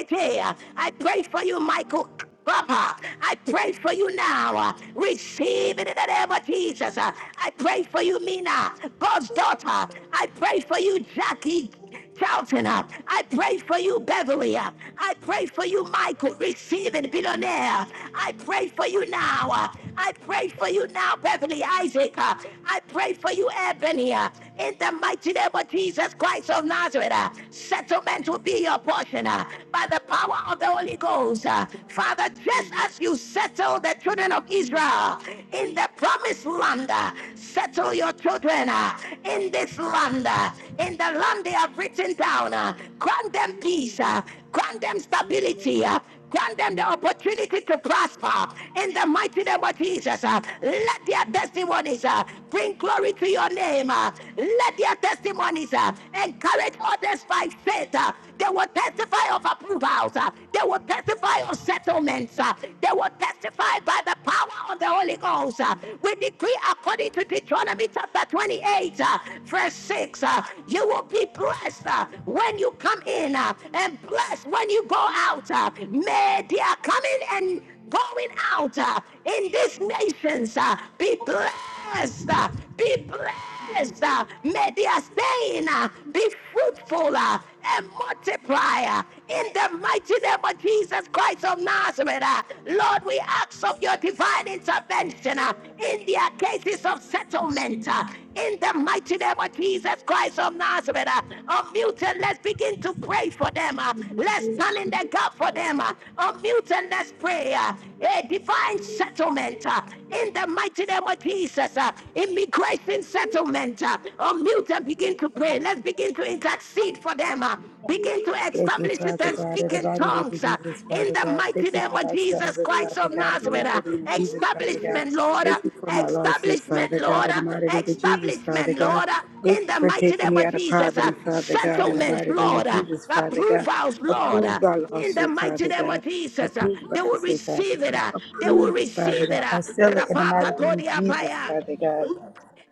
S1: I pray for you, Michael. Papa, I pray for you now. uh, Receive it in the name of Jesus. uh, I pray for you, Mina, God's daughter. I pray for you, Jackie Charlton. uh, I pray for you, Beverly. uh, I pray for you, Michael. Receive it, billionaire. I pray for you now. uh, I pray for you now, Beverly Isaac. Uh, I pray for you, Ebony. uh, In the mighty name of Jesus Christ of Nazareth, uh, settlement will be your portion uh, by the power of the Holy Ghost. uh. Father,
S8: I
S1: just
S8: receive it.
S1: as you settle the
S8: I
S1: children of
S8: receive.
S1: Israel in the promised land, uh, settle your children uh, in this land, uh, in the land they have written down. uh. Grant
S8: I
S1: them
S8: receive
S1: peace.
S8: it.
S1: uh, Grant them
S8: It is good.
S1: stability. uh, Grant them the opportunity to prosper in the mighty name of Jesus. uh, Let their testimonies uh, bring glory to your name. uh, Let their testimonies uh, encourage others by faith. uh, They will testify of approvals. uh, They will testify of settlements. uh, They will testify by the power of the Holy Ghost. uh, We decree according to Deuteronomy chapter 28, uh, verse 6 weeks. Uh, you will be blessed uh, when you come in uh, and blessed when you go out. Uh, may their coming and going out uh, in these nations uh, be blessed. uh, be blessed. uh, may their staying uh, be fruitful. uh, and multiplier in the mighty name of Jesus Christ of Nazareth. uh, Lord, we ask of your divine intervention uh, in their cases of
S12: So, you
S1: settlement uh, in the mighty name of Jesus Christ of Nazareth. uh, Unmute and let's begin to pray for them. uh, Let's stand in the gap for them. uh, Unmute and let's pray. uh, A divine settlement uh, in the mighty name of Jesus. uh, Immigration settlement. uh, Unmute mute and begin to pray.
S8: It
S1: Let's begin to intercede for them. uh,
S8: is
S1: Begin to
S25: Thank you,
S1: establish it
S25: Father
S1: and
S25: God.
S1: speak in
S25: Everybody to
S1: tongues uh,
S25: Jesus,
S1: in
S25: Father
S1: the
S25: God. Thank
S1: mighty
S25: you
S1: name
S25: for
S1: of
S25: my
S1: Jesus
S25: servant,
S1: Christ
S25: Father
S1: of
S25: God, and the
S1: Nazareth.
S25: mighty
S1: uh,
S25: name of Jesus, Father God.
S1: Establishment, Lord. uh,
S25: Thank you for my lawsuit, Father
S1: Establishment,
S25: God,
S1: Lord.
S25: in the
S1: uh,
S25: mighty name of Jesus, Father
S1: Establishment,
S25: God.
S1: Lord. uh,
S25: Thank
S1: In
S25: you
S1: the
S25: for
S1: mighty
S25: taking
S1: name
S25: me
S1: of
S25: out of
S1: Jesus. uh,
S25: poverty, Father God, in the
S1: Settlement,
S25: mighty name
S1: Lord.
S25: of
S1: uh,
S8: good.
S25: Jesus, Father God.
S1: Approvals, Lord.
S25: Approve
S1: uh,
S25: my
S1: in the
S25: lawsuit,
S1: mighty
S25: Father
S1: name
S8: It
S25: God.
S1: of Jesus, uh,
S25: Approve my
S1: they will
S25: assist, Father
S1: receive it.
S25: God.
S1: uh, They will
S25: Approve it, Father
S1: receive it.
S25: God. I
S1: uh,
S25: seal it in the mighty name of Jesus,
S1: Rapakatodiapaya.
S25: Father God.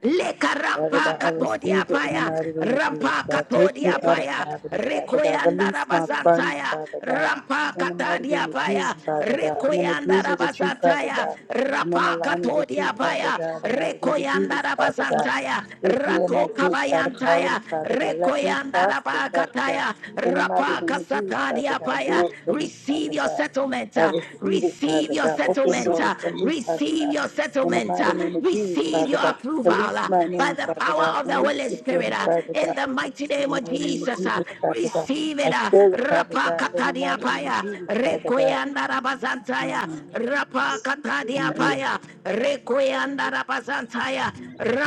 S1: Leka
S25: Father
S1: rampa
S25: God, I
S1: katodia
S25: receive it in the
S1: paya,
S25: mighty name of Jesus,
S1: rampa
S25: God.
S27: See the light.
S25: Take me
S1: katodia
S25: out of
S1: paya,
S25: poverty, Father God.
S1: rekoyanda
S25: Release my funds,
S1: rabazantaya,
S25: Father God.
S1: rampa
S25: In the mighty name
S1: katadia
S25: of Jesus,
S1: paya,
S27: See the
S25: Father God. I'm in
S1: rekoyanda
S27: light.
S25: agreement with you, Father
S1: rabazantaya,
S25: God. I'm in
S1: rapa
S25: alignment with you,
S1: katodia
S25: Father
S1: paya,
S25: God. In the mighty name of Jesus,
S1: rekoyanda
S25: Father God.
S1: rabazantaya,
S25: Take me and my
S1: rako
S25: kids out of poverty,
S1: kabayantaya,
S25: Father God. Let me
S1: rekoyanda
S25: prosper, Father God.
S1: rabakataya,
S25: In the mighty
S1: rapa
S25: name of Jesus, Father
S1: kasatadia
S25: God.
S1: paya.
S25: Do it for me,
S1: Receive
S25: Father
S1: your
S25: God. I
S1: settlement,
S25: receive it,
S1: Receive
S25: Father
S1: your
S25: God. Open
S1: settlement.
S25: doors for me, Father
S1: Receive
S25: God.
S1: your
S25: In the
S1: settlement.
S25: mighty name of Jesus,
S1: Receive
S25: Father
S1: your
S25: God,
S1: approval
S25: release my
S1: by
S25: name,
S1: the
S25: Father
S1: power
S25: God.
S1: of the
S25: Release
S1: Holy
S25: the
S1: Spirit.
S25: children, Father
S1: In
S25: God.
S1: the
S8: is
S1: mighty
S25: In the
S1: name of
S25: mighty name of
S8: good.
S1: Jesus,
S25: Jesus, Father God.
S1: receive it.
S25: I
S8: I
S25: feel it,
S8: receive and receive
S25: Father God. In
S8: and
S25: the
S1: Rapakatania
S25: mighty name
S8: receive
S25: of
S1: Paya.
S25: Jesus,
S8: and
S25: Father God.
S1: Rapakataniapaya. Rekoyandarabazantaya.
S25: Amen.
S27: See
S25: Amen.
S1: Rapakataniapaya.
S8: receive.
S1: Rekoyandarabazantaya.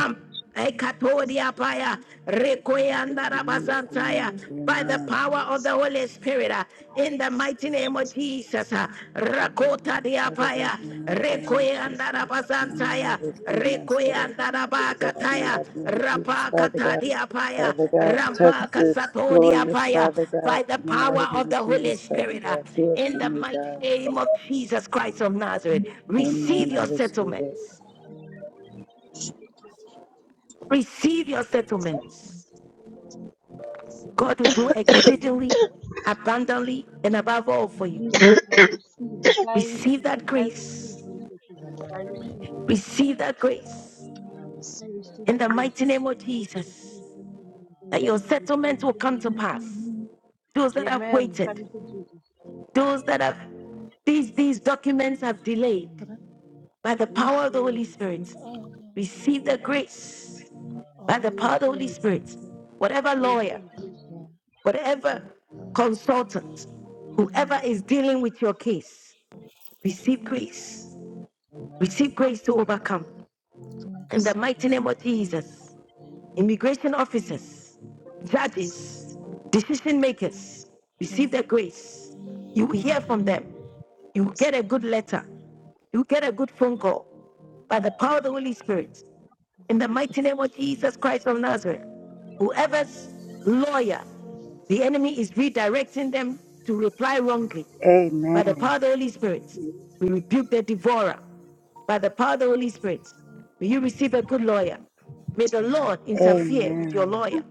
S8: I receive and
S1: Ekatodia paya,
S8: receive and
S1: rekoyanda
S25: Amen. Amen.
S1: rabazantaya, By the
S25: Amen.
S1: power
S27: the
S1: of the Holy Spirit, uh, in the mighty name of Jesus, uh, Rakota
S25: Father God,
S1: diapaya,
S25: in the mighty name of
S1: Rekoyanda
S25: Jesus. Amen.
S1: rabazantaya,
S25: I receive my servant,
S1: Rekoyanda
S25: Father God. In the
S1: rabakataya,
S25: mighty name of Jesus, Father
S1: Rapakata
S25: God.
S1: diapaya,
S25: Father God, touch the
S1: Rampakasato
S25: lawyers,
S1: diapaya,
S25: Father God,
S1: By the
S25: in the mighty
S1: power
S25: name
S1: of
S25: of
S1: the Holy
S25: Jesus, Father
S1: Spirit, uh,
S25: God. Do it
S1: in
S25: for
S1: the
S25: me,
S1: mighty
S25: God.
S1: name of Jesus Christ of Nazareth, receive
S25: Amen. I
S1: your
S25: receive it.
S1: settlements. Receive your settlements. God will
S8: I
S1: do
S8: receive it. I receive it.
S1: exceedingly, abundantly, and above all for you.
S8: I receive
S1: Receive
S8: it.
S1: that
S8: I receive
S1: grace.
S8: my settlement. I receive it.
S1: Receive that grace
S8: I receive
S1: in the mighty
S8: grace.
S1: name of
S8: I receive my
S1: Jesus.
S8: settlement. I
S1: That your
S8: receive it.
S1: settlement
S8: Thank
S1: will
S8: you,
S1: come
S8: Lord.
S1: to pass. Those that have
S8: Amen.
S1: waited,
S8: Thank you, Jesus.
S1: those that have these these documents have delayed
S9: But I-
S1: by the
S8: Yes,
S1: power of the
S8: Lord.
S1: Holy Spirit.
S9: but I- oh, no, I'm all
S1: Receive
S9: right.
S1: the
S8: Jesus.
S1: grace by
S9: Oh,
S8: I
S1: the power
S9: okay.
S1: of the Holy
S8: receive it.
S9: Thank
S1: Spirit.
S9: you.
S1: Whatever
S8: I
S1: lawyer,
S8: receive grace.
S9: Yeah, I
S1: whatever
S9: think.
S1: consultant, whoever
S9: Amen.
S1: is dealing with your case,
S9: Amen.
S1: receive grace Receive grace to overcome.
S9: Amen.
S1: In the mighty name of Jesus, immigration officers, judges, decision makers, receive the grace. You will hear
S27: light.
S8: Yes,
S1: from
S9: Amen. Amen.
S1: them.
S8: Lord.
S1: You will
S27: Yes,
S1: get a
S27: Lord.
S1: good letter. You will get a good phone
S8: Yes,
S1: call by the power
S27: Amen.
S1: of the Holy Spirit. In the
S8: Jesus.
S1: mighty name of Jesus Christ of Nazareth,
S27: Amen.
S1: whoever's
S8: Lord,
S1: lawyer, the enemy is redirecting them to reply wrongly. By the
S25: Amen.
S1: power of the Holy Spirit, we rebuke the devourer. By the power of the Holy Spirit, may you receive a good lawyer. May the Lord
S27: Amen. Amen.
S1: interfere with your
S25: Amen.
S1: lawyer.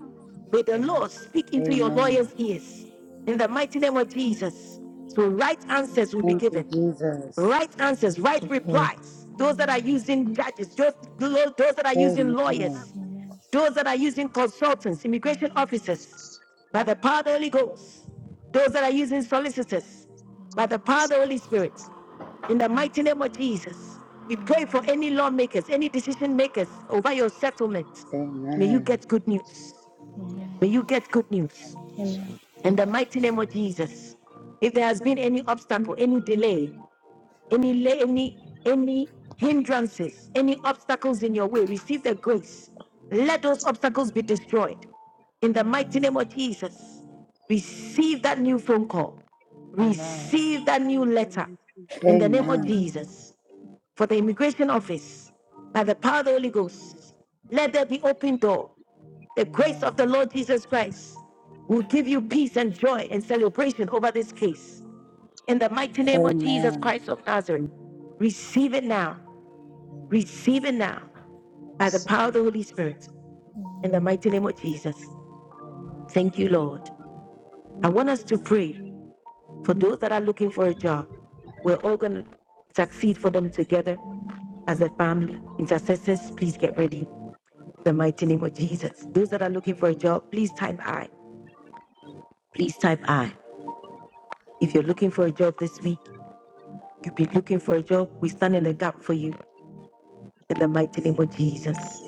S1: May the
S27: Amen.
S1: Lord speak into your
S25: Amen.
S1: lawyer's ears. In the mighty name of Jesus, so right answers will be
S25: Thank you,
S1: given
S25: Jesus.
S1: right answers, right
S10: Amen.
S1: replies. Those that are
S9: Amen.
S27: Amen.
S1: using judges, those,
S27: Jesus.
S1: those that are using
S25: Amen.
S1: lawyers,
S9: Amen. Amen.
S1: those that are using consultants, immigration
S9: Amen.
S1: officers,
S27: Jesus.
S1: by the power of the Holy Ghost, those that are using solicitors, by the power of the Holy Spirit, in the mighty name of Jesus, we pray for any lawmakers, any decision makers over your settlement. May you
S27: Thank
S25: Amen.
S1: get
S27: you.
S1: good news.
S9: Amen.
S27: Amen.
S1: May you get good
S27: My
S1: news.
S9: Amen. Amen.
S27: portion.
S9: Amen. Amen.
S1: In the mighty name of Jesus. If there has been
S27: Amen.
S1: any obstacle, any delay, any la- any any hindrances, any obstacles in your way, receive the grace. Let those obstacles be destroyed. In the
S27: In the
S1: mighty name
S27: name of
S1: of
S27: Jesus.
S1: Jesus, receive that new phone call.
S27: Amen.
S1: Receive that new
S8: I
S1: letter.
S8: need to
S1: In the name of
S25: Amen.
S9: Amen.
S1: Jesus, for the immigration office, by the power of the Holy
S8: bless you,
S1: Ghost, let there be open door. The grace of the
S27: Amen. Amen.
S1: Lord Jesus Christ will give you peace
S8: Lord.
S1: and joy and celebration over this case in the
S8: Bless
S1: mighty name
S8: you.
S1: of Jesus
S25: Amen.
S1: Christ of Nazareth. Receive it now.
S27: Amen.
S1: Receive it now
S27: I
S1: by the
S27: receive
S1: power of
S27: it.
S1: the Holy Spirit
S9: Amen. Amen.
S1: in the mighty name of Jesus.
S27: Amen.
S1: Thank you, Lord. I want
S8: Thank
S1: us
S8: you,
S1: to
S8: Jesus.
S1: pray for those that are looking for a job. We're all going to succeed for them together as a family. Intercessors, please get ready. In the mighty name of Jesus. Those that are looking for a job, please type I. Please type I. If you're looking for a job this week, you've been looking for a job, we stand in the gap for you in the mighty name of Jesus.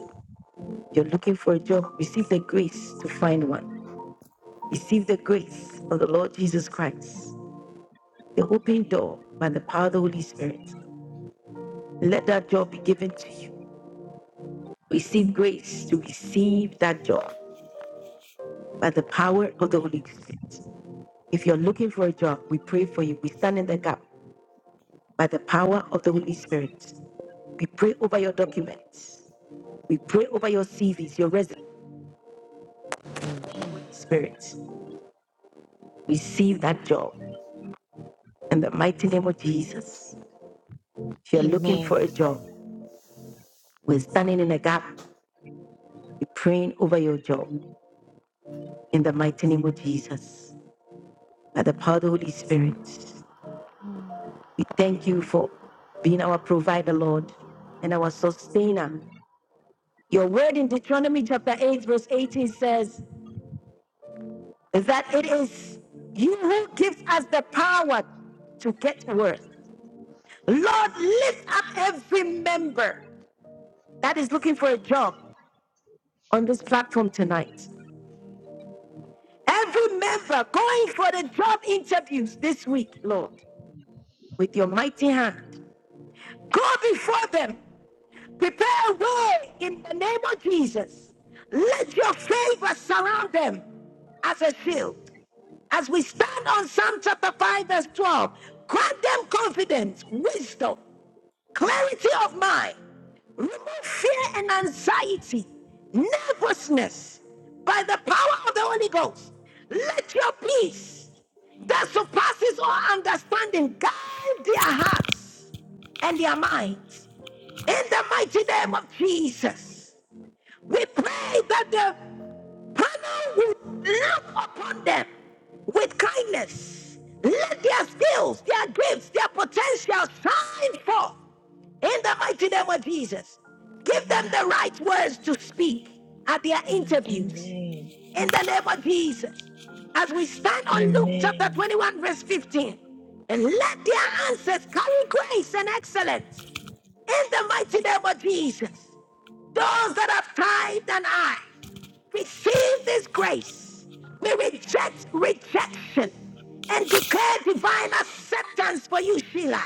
S1: You're looking for a job. Receive the grace to find one. Receive the grace of the Lord Jesus Christ, the open door by the power of the Holy Spirit. Let that job be given to you. Receive grace to receive that job by the power of the Holy Spirit. If you're looking for a job, we pray for you. We stand in the gap by the power of the Holy Spirit. We pray over your documents. We pray over your CVs, your resume.
S10: Amen.
S1: Spirit, receive that job in the mighty name of Jesus. If you're looking for
S10: Amen.
S1: a job, we're standing in a gap. We're praying over your job in the mighty name of Jesus. By the power of the Holy Spirit, we thank you for being our provider, Lord, and our sustainer. Your word in Deuteronomy chapter 8, verse 18 says that it is you who gives us the power to get worth. Lord, lift up every member that is looking for a job on this platform tonight. Every member going for the job interviews this week, Lord, with your mighty hand. Go before them. Prepare a way in the name of Jesus. Let your favor surround them as a shield. As we stand on Psalm chapter 5, verse 12, grant them confidence, wisdom, clarity of mind, remove fear and anxiety, nervousness by the power of the Holy Ghost. Let your peace that surpasses all understanding guide their hearts and their minds. In the mighty name of Jesus, we pray that the Panel will look upon them with kindness. Let their skills, their gifts, their potential shine forth in the mighty name of Jesus. Give them
S9: Amen.
S1: the right words to speak at their
S9: Amen.
S1: interviews in the name of Jesus. As we stand on Luke
S10: Amen.
S1: chapter 21, verse 15, and let their answers carry grace and excellence in the mighty name of Jesus. Those that have tithed and I receive this grace. We reject rejection and declare divine acceptance for you, Sheila.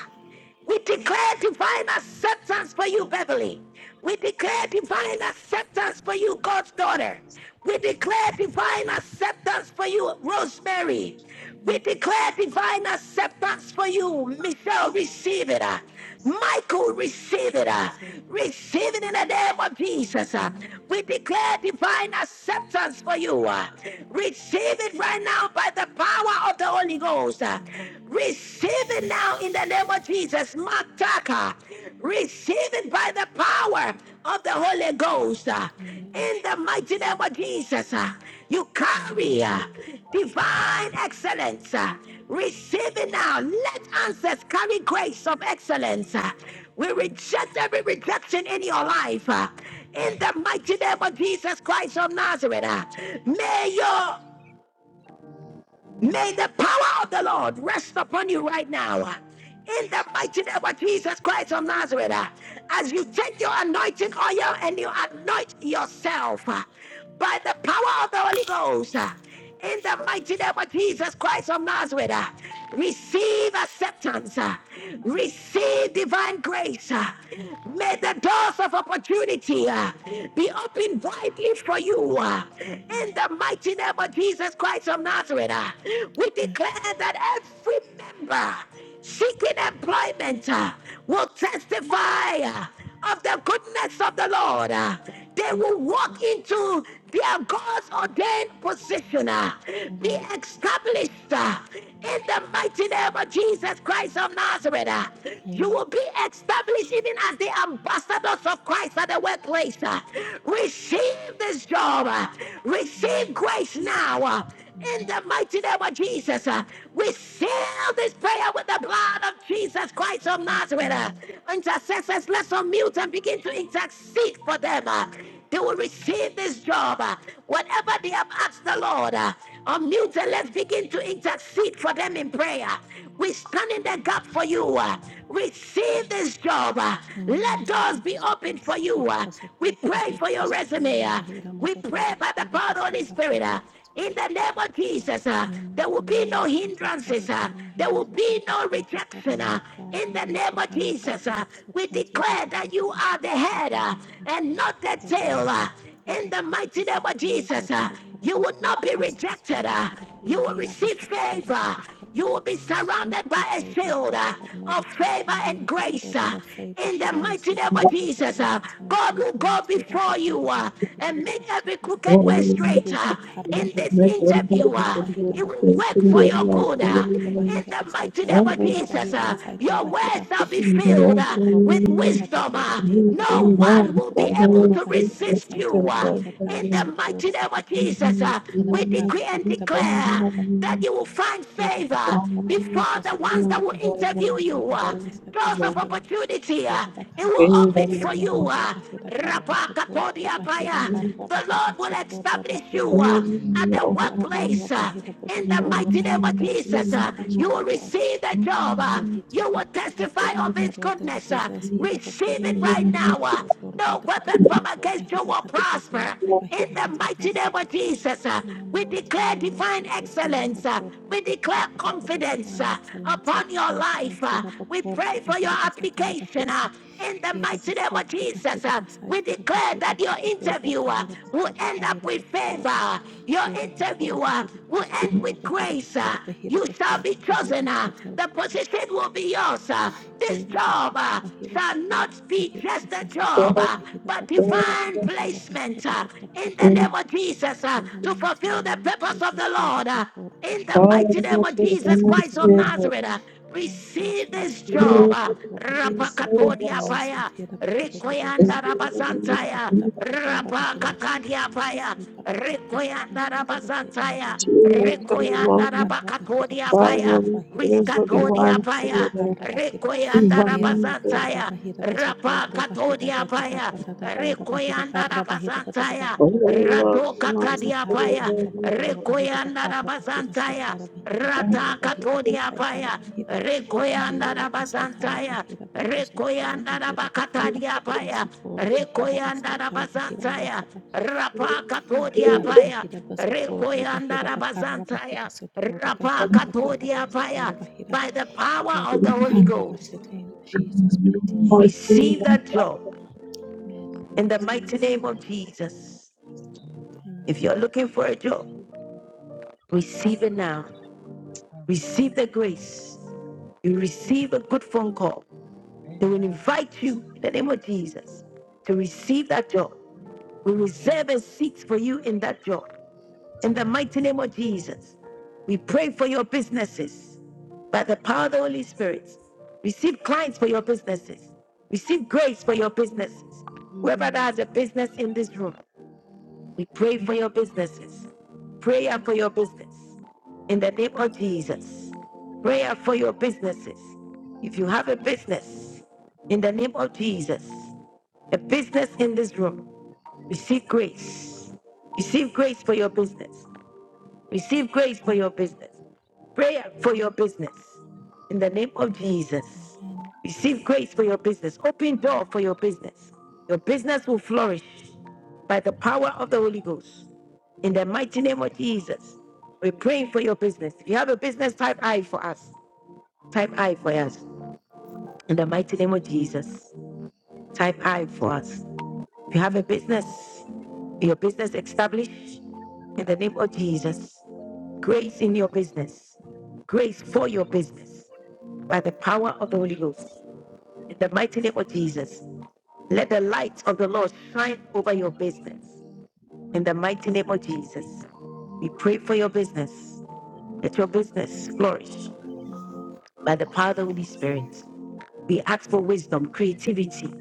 S1: We declare divine acceptance for you, Beverly. We declare divine acceptance for you, God's daughter.
S27: Yes.
S1: We declare divine acceptance for you, Rosemary.
S27: Amen.
S1: We
S9: Amen.
S1: declare divine acceptance for you. Michelle, receive it. uh.
S27: I receive
S1: Michael, receive
S9: I
S1: it. uh.
S9: receive.
S1: Receive it in the
S27: it. In
S1: name of Jesus. uh.
S9: Amen.
S1: We declare divine acceptance for you. uh. Receive it right now by the power of the Holy Ghost. uh.
S9: Amen.
S1: Receive it now in the name of Jesus. Mataka. Receive it by the power of the Holy Ghost. uh.
S9: Amen.
S1: In the mighty
S27: Jesus'
S1: name of
S27: name.
S1: Jesus. uh. You carry
S9: Amen. Amen. Amen.
S1: uh,
S27: Amen. Amen.
S1: divine excellence. uh, Receive it now. Let answers carry grace of excellence. uh, We reject every rejection in your life. uh, In the mighty name of Jesus Christ of Nazareth, uh, may your May the power of the Lord rest upon you right now. In
S27: In
S1: the
S27: Jesus'
S1: mighty name of Jesus Christ of Nazareth, uh, as you take your anointing oil and you anoint yourself uh, by the power of the Holy Ghost, uh, in the mighty name of Jesus Christ of Nazareth, uh, receive acceptance, uh, receive divine grace. uh, May the doors of opportunity uh, be opened widely for you. uh,
S9: Amen.
S1: In
S9: Amen.
S1: in the mighty name of Jesus Christ of Nazareth, uh, we declare that every member seeking employment uh, will testify uh, of the goodness of the Lord. uh, They will walk into their God's ordained position, uh, be
S9: Amen.
S1: established uh, in the mighty name of Jesus Christ of Nazareth. uh, You
S9: Amen.
S1: will be established even as the ambassadors of Christ at the workplace. uh, Receive this job. uh, Receive grace now. uh, In
S9: Amen.
S1: the mighty name of Jesus, uh, we seal this prayer with the blood of Jesus Christ of
S27: name.
S9: Amen.
S1: Nazareth. uh.
S9: Amen.
S1: Intercessors, let's unmute and begin to intercede for them. uh. They will
S27: Amen.
S1: receive this job. uh, Whatever they have asked the Lord, uh, unmute and let's begin to intercede for them in prayer. We stand in the gap for you. uh, Receive this job. uh,
S9: Amen.
S1: Let
S9: Ira
S1: doors be opened
S9: bakasotoro
S1: for you.
S9: bakira
S1: uh, We
S9: basotoro
S1: pray
S9: bahira
S1: for your resume.
S9: basotoro
S1: uh,
S9: bahira
S1: We
S9: matotoro
S1: pray by the
S9: bahira
S1: power of the Holy
S9: basatara
S1: Spirit. uh,
S9: bahira
S1: In
S9: basotoro
S1: the name
S9: bakira.
S1: of Jesus, uh,
S9: In the
S1: there will
S9: mighty
S1: be
S9: name
S1: no
S9: of Jesus, Father
S1: hindrances. uh,
S9: God, no
S1: There will
S9: hindrances, Father
S1: be
S9: God,
S1: no
S9: favor, Father
S1: rejection.
S9: Lord
S1: uh,
S9: God,
S1: In the name
S9: Master
S1: of
S9: Panel, Father
S1: Jesus,
S9: God,
S1: uh, we
S9: acceptance, Ira
S1: declare that
S9: bakura
S1: you are
S9: bahira
S1: the head
S9: basatara
S1: uh,
S9: bahira,
S1: and
S27: name of
S1: not the
S9: Father God,
S1: tail.
S27: Jesus,
S1: uh,
S9: that
S1: In
S9: Ira
S1: the mighty name
S9: bakatotoro to
S1: of
S9: be your
S1: Jesus,
S9: will,
S1: uh,
S9: Father God,
S1: you
S9: that
S1: will
S27: Lord.
S9: we are
S1: not
S9: the
S1: be
S9: masters,
S1: rejected.
S9: Father
S1: uh,
S9: God of
S1: You
S9: you,
S1: will
S9: Ira
S27: Amen.
S1: receive
S9: bakatotoro
S1: favor.
S9: bahira
S1: You will
S9: batata.
S1: be
S27: Amen.
S1: surrounded
S9: Be
S1: by a
S9: favor,
S1: shield
S9: Father
S1: uh,
S9: God, no
S1: of favor
S9: rejection.
S1: and
S9: Hira pakoda
S1: grace.
S9: da
S1: uh,
S9: da favor,
S1: in the
S9: grace.
S1: mighty name
S9: Hira
S1: of
S9: pakoda da
S1: Jesus,
S9: da
S1: uh,
S9: kasana
S1: God will go
S9: upliftment. Hira
S1: before you
S9: pakoda ba
S1: uh,
S9: hira da da
S1: and make
S9: da
S1: every
S9: pasoda ba.
S1: crooked way straight. uh,
S9: Hisa tarra
S1: in
S9: ba
S1: this
S9: hira
S1: interview,
S9: pasoda
S1: uh,
S9: ba hira
S1: it
S9: ba
S1: will
S9: kaisa
S1: work for
S9: tarra ba
S1: your
S9: Here,
S3: Lord. Lord,
S9: ba
S1: good. uh,
S9: korra ba
S3: give
S1: in
S9: hira
S3: the
S1: the
S9: ba
S1: mighty
S9: saitara
S1: name
S9: ba
S1: of
S3: way.
S9: horra ba
S1: Jesus,
S9: hira ba
S1: uh,
S9: saitara
S1: your
S9: ba
S1: words
S9: hira.
S1: shall
S8: Thank
S1: be
S8: you,
S3: Thank
S9: Hira
S1: filled
S8: Lord.
S1: uh,
S9: pakorra ba
S1: with
S9: hira
S1: wisdom.
S9: patatora
S1: uh,
S9: ba hira ba
S8: Praise
S1: no
S8: you,
S9: karra
S27: Amen.
S9: ba
S1: one
S9: hira
S1: will be
S8: Lord.
S1: able
S9: patatora
S1: to
S9: ba hira ba
S1: resist you.
S9: saitara ba
S1: uh,
S9: hira kara
S1: in the
S9: pasoda
S1: mighty name
S9: ba
S1: of Jesus, uh,
S9: Hira
S1: we
S27: Amen.
S1: decree
S9: bakarra
S1: and
S9: bahira basoto
S1: declare
S9: bahira.
S1: that you will find
S9: Hira
S1: favor
S9: bakarra bahira
S1: before the
S9: basoto
S1: ones that will
S9: bahira
S1: interview
S9: bakarra
S1: you. uh,
S9: bahira satara
S1: Doors of
S9: bahira.
S1: opportunity, uh,
S9: Hira
S1: it will
S9: bakarra
S1: open
S9: bahira
S1: for
S9: soto
S1: you. uh,
S9: bahira kara
S27: Amen.
S9: basoto bahira
S1: Rapakapodiabaya.
S9: karra
S1: The
S9: bahira
S1: Lord will
S9: soto
S1: establish
S9: bahira.
S1: you uh, at the
S9: Hira bakarra
S1: workplace. uh,
S9: bahira
S1: In the
S9: basoto
S1: mighty name of
S9: bahira. We
S1: Jesus, uh,
S9: establish
S1: you
S9: what
S1: will
S9: God.
S1: receive the job. uh,
S9: their future
S1: You will testify of His
S9: Chakarwate will
S1: goodness. uh,
S9: possess Hida
S1: Receive
S9: Bakoro
S1: it
S9: Beta
S1: right now. uh, No
S9: Dorobata
S1: weapon
S27: David.
S9: Batata
S1: from against you
S9: Dorobahida
S1: will
S9: Kata
S1: prosper. In
S9: Dorobahida
S1: the
S27: Amen.
S9: Kata
S1: mighty name of
S9: Tarabatida.
S1: Jesus, uh,
S9: In the
S1: we
S9: mighty
S1: declare
S9: name of
S1: divine
S9: Jesus, here
S1: excellence. uh,
S9: Bakoro
S1: we
S9: Bahida
S1: declare
S9: Kata to
S27: Amen.
S9: the
S1: confidence
S9: divine
S1: uh,
S9: excellence, Hida
S1: upon your life.
S9: confidence,
S27: Amen.
S1: uh,
S9: Hida
S1: we
S9: Bakoro
S1: pray for your
S9: Bahida Basatara
S1: application.
S9: Bahida
S1: uh, in the
S9: here
S27: Yes,
S1: mighty name
S27: Lord.
S9: Bakoro
S1: of Jesus,
S9: Bahida
S1: uh, we
S9: Basatara
S1: declare
S9: Bahida
S1: that your
S9: Kutodora
S1: interviewer
S9: Bahida
S1: will
S9: Bakoro
S1: end up
S9: Bahida
S1: with
S9: Batadora
S1: favor. Your
S9: Bahida
S27: Amen.
S9: Bakoro
S1: interviewer
S9: Bahida
S1: will end
S9: Kotodora
S1: with
S9: Bahida
S1: grace. uh,
S9: Bakoro Bahida
S1: you shall
S9: Bakoro
S1: be
S27: Amen.
S1: chosen.
S9: Bahida
S1: uh,
S9: Satara
S1: the
S9: Bahida
S1: position will be yours. uh, this
S9: Hela
S27: Amen.
S1: job.
S9: bakara
S1: uh,
S9: bahira
S1: shall
S9: bakor
S1: not be
S9: bahira
S1: just a
S9: bakasa
S1: job,
S9: tora
S1: uh,
S9: bahira
S1: but
S9: patata
S1: divine
S9: patotora bahira
S1: placement uh,
S9: patapara
S1: in the
S3: you.
S9: patapato.
S1: name of Jesus uh,
S9: In the
S1: to
S9: mighty
S1: fulfill the
S9: name of
S1: purpose of
S9: Jesus,
S1: the
S9: hira
S1: Lord. uh,
S9: bakor
S1: in the
S9: bahira
S1: mighty
S27: Amen.
S9: patat.
S3: Thank
S1: name of
S9: Jesus
S1: Jesus Christ
S9: mighty
S1: of
S9: name,
S1: Nazareth, uh,
S9: divine
S1: receive
S9: placement
S1: this
S9: here
S1: job. uh,
S9: abakuraba here
S27: Receive
S9: divine
S27: it,
S9: placement
S1: Rapakatodiapaya.
S9: here abakudodo
S1: Rekoyanda
S27: Jesus.
S1: Rabasantaya,
S9: barabadabadabadabadabadabadabadabadaba here to
S1: Rabakatadia Paya,
S9: receive Father God this
S27: Amen.
S1: Rekoyanda
S9: punishment and the faith and the
S1: Rabasantaya,
S9: will of the Lord here
S1: Rekoyanda
S9: abakaraba here
S1: Rabakatodia Paya,
S9: basaitaraba here
S1: Riskatodia
S9: basatoraba here
S1: Paya,
S9: bakaraba here
S1: Rekoyanda
S9: here
S1: Rabasantaya,
S9: abakaraba here basatoraba here
S1: Rabakatodia Paya,
S9: dadadabadadadoraba here
S1: Rekoyanda
S9: karaba here
S1: Rabasantaya,
S9: badabadabadodoraba
S1: Rato Katadia
S9: Isatara
S1: Paya,
S9: Bahira Bakura Bahira
S1: Rekoyanda
S9: Bakara Bahira
S1: Rabasantaya,
S9: Satara Bahira Bakura
S1: Rata
S9: Bahira
S1: Katodia
S9: Basaitara
S1: Paya, Rekoyanda
S9: Hera
S8: Praise,
S9: basaitara
S1: Rabasantaya,
S9: bahera bakosotoro
S1: Rekoyanda na
S9: bahera bakara
S1: bakatadia
S9: bahera
S1: paya.
S9: sotoro bahera
S1: Rekoyanda na
S9: basaitara bahera
S1: bazantaya.
S9: basara
S1: Rapa
S8: praise
S9: hera
S1: katodia
S8: you,
S9: bakara
S8: Lord.
S1: paya.
S9: bahera basotoro
S8: Praise
S1: Rekoyanda
S9: bahera
S1: na
S8: you,
S9: bakara
S8: Lord.
S9: bahera
S1: bazantaya.
S9: sotoro
S8: Praise,
S1: Rapa
S9: bahera bakara
S1: katodia
S9: basitoro
S1: paya.
S9: bahera
S1: By the
S8: praise
S1: power
S9: hera
S1: of
S8: you,
S1: the
S8: praise,
S1: Holy
S8: praise,
S9: bakara
S1: Ghost,
S9: basita in
S27: Thank
S9: Jesus
S27: you,
S9: mighty
S27: Holy
S8: praise
S9: name.
S27: Spirit.
S1: receive that job
S3: you.
S27: I
S9: Amen. We
S1: in
S27: receive
S1: the
S27: it.
S9: receive
S1: mighty
S9: it.
S1: name of Jesus.
S9: Amen.
S1: If
S27: Amen.
S1: you're looking for a job,
S8: you.
S1: receive it now.
S27: I
S1: Receive
S27: receive
S1: the
S27: it.
S1: grace. You receive a good phone call. They will
S27: Amen.
S1: invite you in the name of Jesus to receive that job We
S27: Amen.
S1: reserve a seat for you in that job. In the
S27: And I
S1: mighty name of Jesus, we pray for your businesses by the power of the Holy Spirit. Receive clients for your businesses. Receive grace for your businesses. Whoever that
S27: receive
S1: has a business in this room, we pray for your businesses. Prayer for your business. In the name of Jesus. Prayer for your businesses. If you have a business, in the name of Jesus, a business in this room. Receive grace. Receive grace for your business. Receive grace for your business. Prayer for your business. In the name of Jesus.
S9: Amen.
S1: Receive grace for your business. Open door for your business. Your business will flourish by the power of the Holy Ghost. In the mighty name of Jesus. We're praying for your business. If you have a business, type I for us. Type I for us. In the mighty name of Jesus. Type I for us. If you have a business, your business established. In the name of Jesus, grace in your business, grace for your business by the power of the Holy Ghost. In the mighty name of Jesus, let the light of the Lord shine over your business. In the mighty name of Jesus, we pray for your business. Let your business
S9: Amen.
S1: flourish
S9: and
S1: by the power of the Holy Spirit. We ask for wisdom, creativity.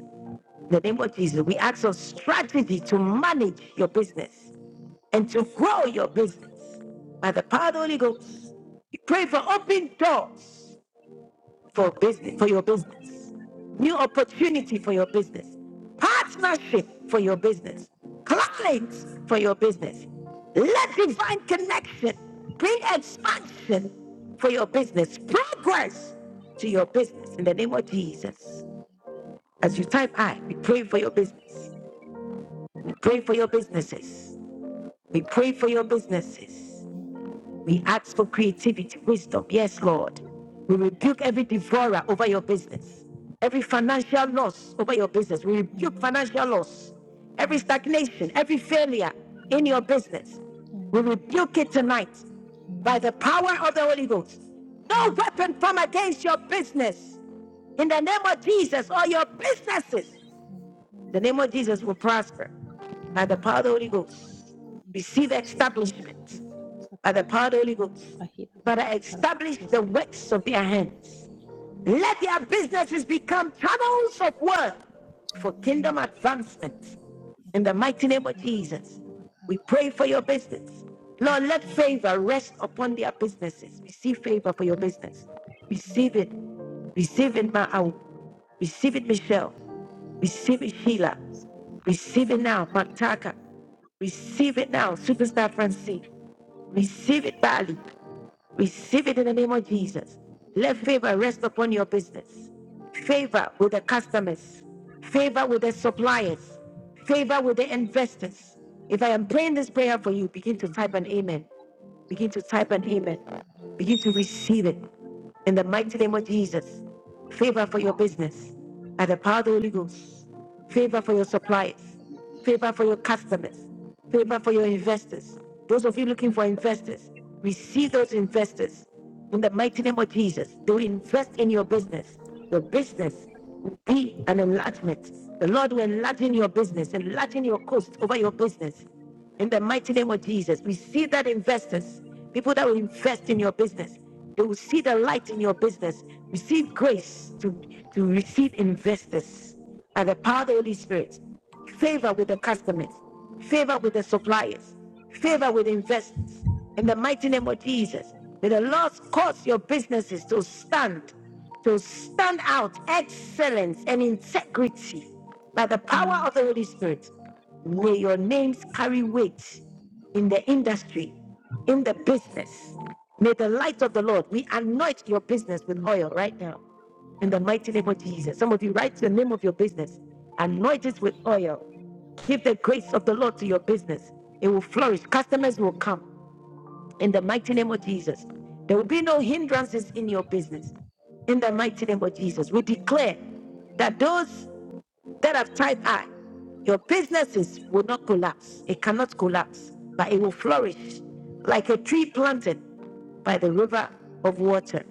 S1: In the name of Jesus, we ask for strategy to manage your business and to grow your business by the power of the Holy Ghost. We pray for open doors for business for your business, new opportunity for your business, partnership for your business, clients for your business. Let divine connection bring expansion for your business, progress to your business in the name of Jesus. As you type I, we pray for your business. We pray for your businesses. We pray for your businesses. We ask for creativity, wisdom. Yes, Lord. We rebuke every devourer over your business, every financial loss over your business. We rebuke
S9: Amen.
S1: financial loss, every
S9: Amen.
S1: stagnation, every failure
S9: and
S1: in your business. We
S9: Amen. Amen.
S1: rebuke it tonight by
S9: Amen.
S1: the power of the Holy Ghost.
S9: Amen.
S1: No
S9: Amen.
S1: weapon formed against your business in the name of Jesus or your businesses.
S9: Amen.
S1: The
S9: Amen.
S1: name of Jesus will prosper by the
S9: Amen.
S1: power of the Holy Ghost.
S9: Hira
S1: Receive
S9: bakasotora
S1: establishment
S9: bahigara
S1: by the
S9: basatara
S1: power of the Holy Ghost.
S9: batidura bahira
S1: Father,
S9: basaitara
S1: establish
S9: bakura
S1: the
S9: bahira.
S1: works of their hands. Let their businesses become channels of work for
S9: Amen.
S1: kingdom advancement.
S9: Hira
S1: In the mighty name of
S9: bakasotora
S1: Jesus,
S9: bahira
S1: we
S9: bakara.
S1: pray for your business.
S9: Thank
S1: Lord,
S9: you,
S1: let
S9: Father.
S1: favor rest upon their businesses. Receive favor for your business.
S9: Amen.
S1: Receive it. Receive it, Ma'au. Receive it, Michelle. Receive it, Sheila.
S9: I say
S1: Receive it now, Mataka. Receive it now, Superstar Francine. Receive it badly. Receive it in the name of Jesus. Let favor rest upon your business. Favor with the customers. Favor with the suppliers. Favor with the investors. If I am praying this prayer for you, begin to type an amen. Begin to type an amen. Begin to receive it in the mighty name of Jesus. Favor for your business by the power of the Holy Ghost. Favor for your suppliers favor for your customers, favor for your investors. Those of you looking for investors, receive those investors in the mighty name of Jesus. They will invest in your business. Your business will be an enlargement. The Lord will enlarge in your business, enlarge in your coast over your business. In the mighty name of Jesus, we see that investors, people that will invest in your business, they will see the light in your business. Receive grace to, to receive investors by the power of the Holy Spirit favor with the customers, favor with the suppliers, favor with investors. In the mighty name of Jesus, may the Lord cause your businesses to stand, to stand out excellence and integrity by the power of
S9: Amen.
S1: the Holy Spirit. May your names carry weight in the industry, in the business. May the light of the Lord, we anoint your business with oil right now in the mighty name of Jesus. Some of you write the name of your business, anoint it with oil. Give the grace of the Lord to your business. It will flourish. Customers will come in the mighty name of Jesus. There will be no hindrances in your business. In the mighty name of Jesus, we declare
S9: Amen.
S1: that those that have type I, your businesses will not collapse. It cannot collapse, but it will flourish like a tree planted by the river of water.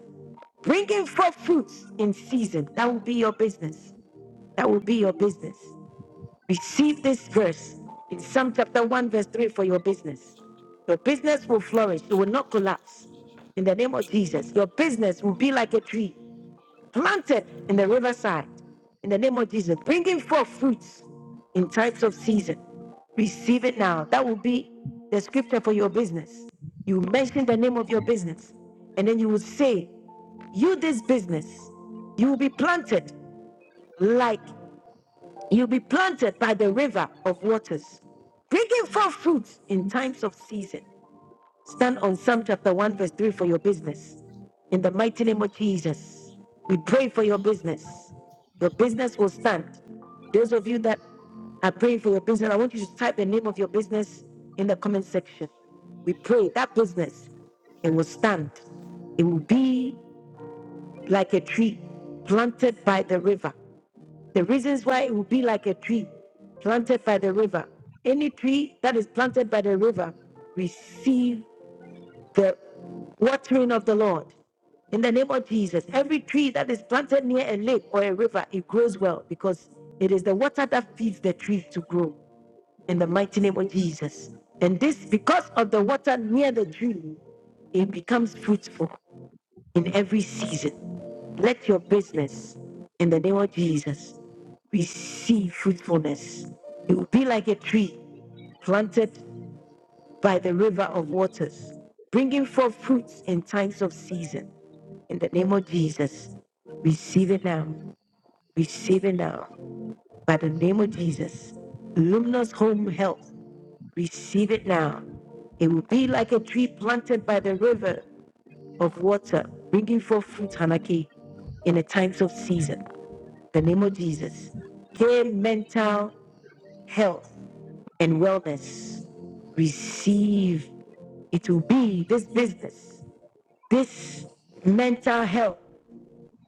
S1: Bringing forth fruits in season. That will be your business. That will be your business. Receive this verse in Psalm chapter 1, verse 3 for your business. Your business will flourish, it will not collapse. In the name of Jesus, your business will be like a tree planted in the riverside in the name of Jesus, bringing forth fruits in times of season. Receive it now. That will be the scripture for your business. You mention the name of your business, and then you will say, You, this business, you will be planted like you'll be planted by the river of waters, bringing forth fruits in times of season. Stand on Psalm chapter 1, verse 3 for your business. In the mighty name of Jesus, we pray for your business. Your business will stand. Those of you that are praying for your business, I want you to type the name of your business in the comment section. We pray that business, it will stand. It will be like a tree planted by the river. The reasons why it will be like a tree planted by the river. Any tree that is planted by the river, receive the watering of the Lord. In the name of Jesus, every tree that is planted near a lake or a river, it grows well because it is the water that feeds the tree to grow. In the mighty name of Jesus. And this, because of the water near the tree, it becomes fruitful in every season. Let your business, in the name of Jesus, receive fruitfulness. You will be like a tree planted by the river of waters, bringing forth fruits in times of season. In the name of Jesus, receive it now. Receive it now. By the name of Jesus, luminous home health, receive it now. It will be like a tree planted by the river of water, bringing forth fruit, Hanaki, in the times of season. In The name of Jesus. Gain mental health and wellness. Receive. It will be this business. this mental health,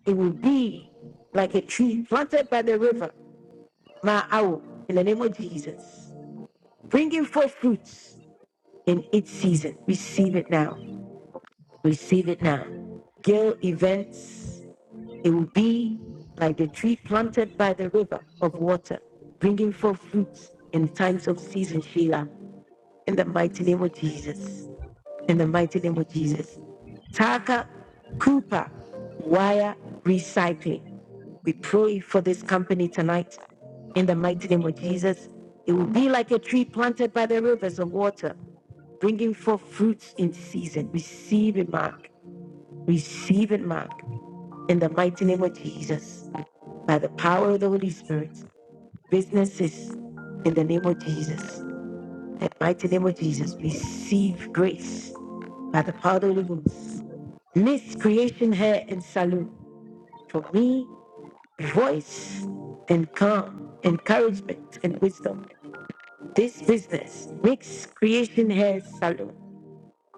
S1: it will be like a tree planted by the river, Ma'au, in the name of Jesus. Bringing forth fruits in its season. Receive it now. Receive it now. Gale events, it will be like the tree planted by the river of water, bringing forth fruits in times of season, Sheila, in the mighty name of Jesus. in the mighty name of Jesus. Taka Cooper Wire Recycling. We pray for this company tonight in the mighty name of Jesus. It will be like a tree planted by the rivers of water, bringing forth fruits in season. Receive it, Mark. Receive it, Mark. In the mighty name of Jesus. By the power of the Holy Spirit, businesses in the name of Jesus. In the mighty name of Jesus, receive grace by the power of the Holy Ghost. Miss Creation Hair and Salon. For me, voice and calm, encouragement and wisdom. This business, Mix Creation Hair Salon.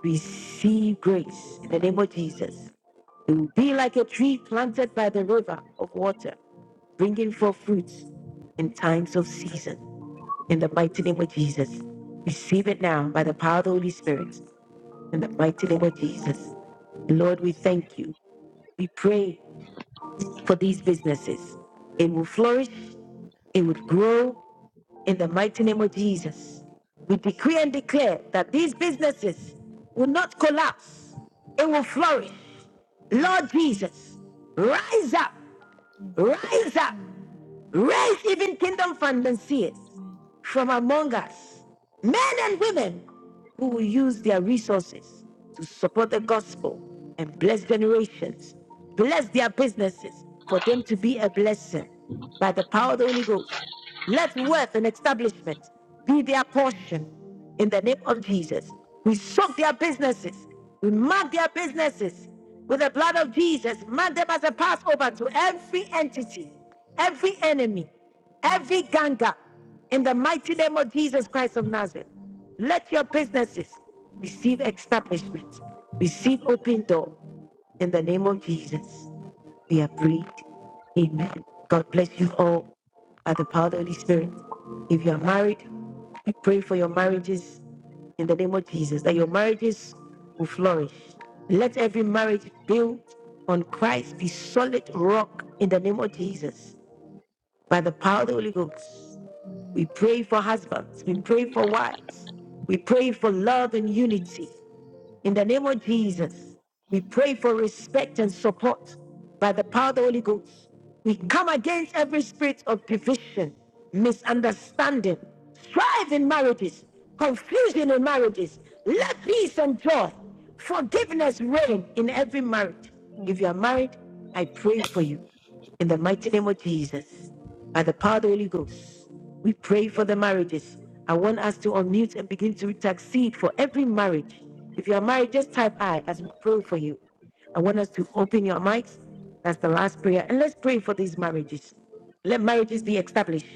S1: Receive grace in the name of Jesus. It will be like a tree planted by the river of water, bringing forth fruits in times of season. In the mighty name of Jesus. Receive it now by the power of the Holy Spirit. In the mighty name of Jesus. Lord, we thank you. We pray for these businesses. It will flourish, it will grow in the mighty name of Jesus. We decree and declare that these businesses will not collapse, it will flourish. Lord Jesus, rise up,
S9: Amen.
S1: rise
S9: Amen.
S1: up,
S9: Amen.
S1: raise even kingdom financiers
S9: Amen.
S1: from among us, men and women who will use their resources to support the gospel and bless generations, bless their businesses for them to be a blessing by the power of the
S9: Amen. Amen. Amen.
S1: Holy Ghost. Let
S9: Amen. Amen. Amen.
S1: wealth and establishment be their portion in the name of Jesus. We soak their businesses, we mark their businesses with the blood of Jesus, mark them as a Passover to every entity, every enemy. Every ganga, in the mighty name of Jesus Christ of Nazareth, let your businesses receive establishment, receive open door. In the name of Jesus, we are prayed. Amen. God bless you all By the power of the Holy Spirit. If you are married, we pray for your marriages in the name of Jesus, that your marriages will flourish. Let every marriage built on Christ be solid rock in the name of Jesus. By the power of the Holy Ghost, we pray for husbands, we pray for wives, we pray for love and unity. In the name of Jesus, we
S9: Amen.
S1: pray for respect and support. By the
S9: Amen.
S1: power of the Holy Ghost, we come against every spirit of division, misunderstanding, strife in marriages, confusion in marriages.
S9: Amen. Amen.
S1: Let peace and joy, forgiveness reign in every marriage. If you
S9: Amen.
S1: are married, I pray for you. In the mighty name of Jesus, by the power of the Holy Ghost, we pray for the marriages. I want us to unmute and begin to intercede for every marriage. If you are married, just type I as we pray for you. I want us to open your mics. That's the last prayer. And let's pray for these marriages. Let marriages be established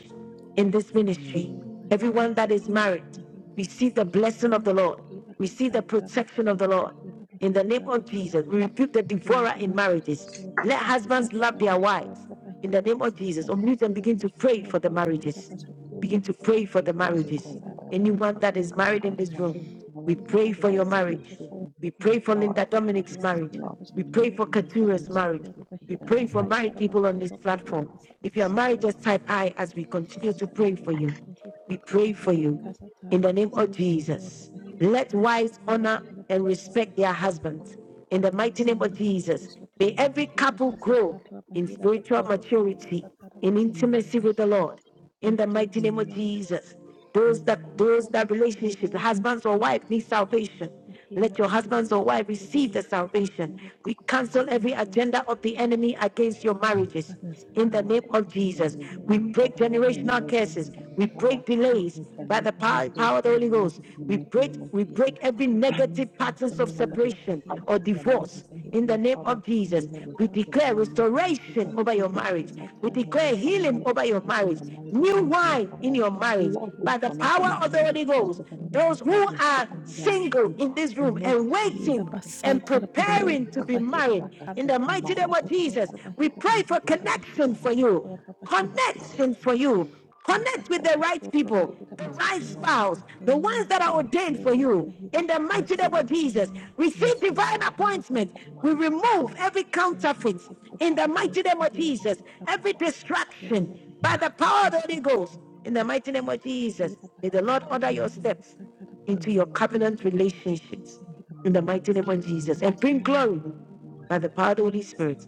S1: in this ministry.
S9: Rakatotoro bahira
S1: Everyone that is
S9: basatara
S1: married,
S9: bahira
S1: receive the blessing
S9: bakototoro
S1: of the Lord.
S9: bahira
S1: Receive the
S9: basaitara
S1: protection
S9: bakoro
S1: of the Lord.
S9: bahira
S1: In the name
S9: basaitara
S1: of
S9: bahira
S1: Jesus, we rebuke the devourer
S9: yera
S1: in marriages.
S9: bakosotoro
S1: Let husbands love
S9: bahikatatato
S1: their wives.
S9: koro
S1: In the
S9: bahira
S1: name of Jesus,
S9: basaitara
S1: unmute and
S9: bahira
S1: begin to pray for
S9: kosotoro
S1: the
S9: bahira
S1: marriages.
S9: basotoro
S1: Begin to
S9: bahira
S1: pray for the
S9: basotoro
S1: marriages.
S9: bahira katatoro
S1: Anyone that is married
S9: bakata
S1: in this room, we
S9: hira
S1: pray for your
S9: bakaisata
S1: marriage.
S9: bakoro
S1: We pray
S9: bahira
S1: for Linda
S9: bakatatara
S1: Dominic's marriage.
S9: bahira
S1: We
S9: basotoro
S1: pray for
S9: bahira
S1: Katura's marriage.
S9: basotoro
S1: We
S9: bahira
S1: pray for
S28: Mm-hmm.
S1: married
S9: basaitara
S1: people on
S9: bakoro
S1: this
S9: bahira
S1: platform. If you
S9: basaitara
S1: are married,
S9: bahira
S1: just type I as we continue to pray for you.
S9: Rabakotoso
S1: We
S9: Tora
S1: pray for
S9: Bahira
S1: you
S9: Bakasa
S1: in
S9: Tara
S1: the name of
S9: Bahira Batotora
S1: Jesus.
S9: Bahira
S1: Let
S9: Bakara
S1: wives
S9: Basatora
S1: honor
S9: Bahira
S1: and
S9: Batotora
S1: respect their
S9: Bahira
S1: husbands. In the mighty name of
S9: Manira
S1: Jesus,
S9: Bakaso
S1: may
S9: Tora
S1: every
S9: Bahira
S1: couple
S9: Kasa
S1: grow
S9: Tara
S1: in
S9: Bahira
S1: spiritual
S9: Bakoro Bahira
S1: maturity,
S9: Tatara
S1: in
S9: Basetora
S1: intimacy with the
S9: Bahira
S1: Lord in
S9: In
S1: the mighty
S9: Jesus
S1: name of
S9: name
S1: Jesus. Those that
S9: Hira
S1: those that
S9: Bakoto
S1: relationships,
S9: Tora
S1: husbands or
S9: Bahira
S1: wife need
S9: Bakoto
S1: salvation.
S9: Tora Bahira
S1: Let your husbands or
S9: Basetora
S1: wife
S9: Bahira
S1: receive the
S9: Bakoto
S1: salvation.
S9: Tora Bahira
S1: We
S9: Kata
S1: cancel every
S9: Tora
S1: agenda of
S9: Bahira
S1: the enemy against your marriages.
S28: Yes,
S1: In the
S28: Lord,
S1: name
S28: because
S1: of
S28: of the
S1: Jesus,
S28: name of
S1: we
S28: Jesus.
S1: break
S28: Father, every
S1: generational
S28: marriage in
S1: curses.
S28: heaven,
S1: We
S28: Father,
S1: break delays
S28: let your
S1: by the
S28: mighty hands
S1: power,
S28: be
S1: power of the
S28: upon the
S1: Holy Ghost.
S28: in
S1: We
S28: the
S1: break
S28: name of
S1: we break
S28: Jesus.
S1: every
S28: Anyone
S1: negative
S28: fights,
S1: patterns of
S28: anyone that is
S1: separation or
S28: fighting their
S1: divorce
S28: marriages in
S1: in the
S28: heaven,
S1: name
S28: Father,
S1: of Jesus,
S28: we have a
S1: we
S9: Hina
S28: ticket in
S1: declare
S28: the name of
S1: restoration
S28: Jesus.
S1: over your
S28: We
S1: marriage.
S28: defend it
S1: We
S28: in
S1: declare
S28: heaven, Father,
S1: healing
S28: anyone that
S1: over
S28: is
S1: your
S28: fighting
S1: marriage,
S28: their marriages in
S1: new
S28: heaven,
S1: wine in
S28: Father.
S1: your marriage.
S28: Lord,
S1: By the
S28: disconnect them
S1: power
S28: in the
S1: of the
S28: name of
S1: Holy Ghost,
S28: Jesus. And the name
S1: those
S28: that have
S1: who
S28: been
S1: are
S28: spoken over their
S1: single
S28: marriages,
S1: in this
S28: may
S1: room
S28: not
S1: and
S28: stand in
S9: Hira
S1: waiting
S28: front of us.
S1: and
S9: basaitara
S28: Rinke,
S1: preparing
S9: bahoro
S1: to be
S28: soko,
S9: bahira
S1: married,
S28: maraka,
S1: in
S9: bakarra
S1: the
S28: soko,
S1: mighty
S9: bahira
S1: name of
S28: maraka,
S1: Jesus,
S9: basotorra
S28: soko,
S1: we
S9: bahira
S1: pray
S28: Yes,
S1: for
S28: Lord.
S9: basaitara bahira
S1: connection for you.
S9: basotorra bahira
S1: Connection
S9: basatara
S1: for you.
S9: hira
S28: Yes,
S1: Connect with the
S9: bakasa
S28: Lord.
S1: right
S9: torra
S1: people,
S9: bahira
S1: the
S28: Yes,
S1: right
S9: basatorra
S28: Lord.
S1: spouse, the
S9: babahimen
S1: ones that
S9: hira
S1: are
S28: Yes, Lord. Yes,
S1: ordained for
S28: Lord.
S9: bakudodorra
S1: you.
S9: bahira
S1: In the
S9: batata
S1: mighty
S28: Yes,
S1: name of
S28: Lord.
S1: Jesus,
S9: batatamen
S1: receive
S28: Yes, Lord. Yes,
S1: divine
S28: Lord.
S9: hira
S1: appointment.
S9: bakosa
S1: We
S28: Sokumara
S9: torra
S1: remove
S9: bahira
S28: basaya,
S1: every
S9: bakudodorra
S1: counterfeit
S28: sokumara
S9: bahira
S1: in the
S9: bakudodorra
S28: basakere,
S1: mighty name of
S9: bahira
S1: Jesus,
S9: basatarra
S1: every
S28: araba
S9: bahira
S28: kata
S1: distraction
S9: bakudodorra
S1: by
S9: bahira
S1: the
S28: kata
S1: power of the
S9: katatara
S1: Holy
S9: bahira
S1: Ghost. In the mighty name of
S9: hira
S1: Jesus, may the
S9: bakata
S1: Lord order
S9: torra
S1: your
S9: bahira
S28: Amen.
S1: steps
S9: bakatakara
S1: into your
S9: bakudodorra
S28: Amen.
S1: covenant
S9: bahira bakudodorra
S1: relationships
S9: bahira basatara
S1: in the mighty
S28: Amen.
S1: name of
S9: Jesus
S1: Jesus and
S9: mighty
S1: bring
S9: name
S1: glory
S28: Amen.
S1: by the power of the Holy Spirit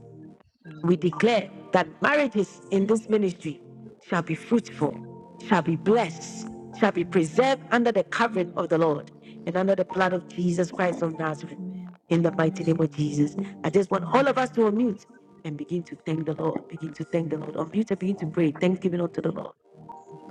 S1: we declare
S28: Amen.
S1: that marriages in this ministry shall be fruitful, shall be
S28: Amen.
S1: blessed, shall be preserved under the covering of the Lord and under the blood of Jesus Christ of Nazareth.
S9: Amen.
S1: In the mighty name
S9: Amen.
S1: of
S28: Amen.
S9: Hira
S1: Jesus, I just want
S28: Amen.
S9: bakosotoro
S1: all of
S28: Amen.
S1: us to unmute and begin to thank the Lord. Begin to thank the Lord. Unmute and begin to pray. Thanksgiving unto the Lord.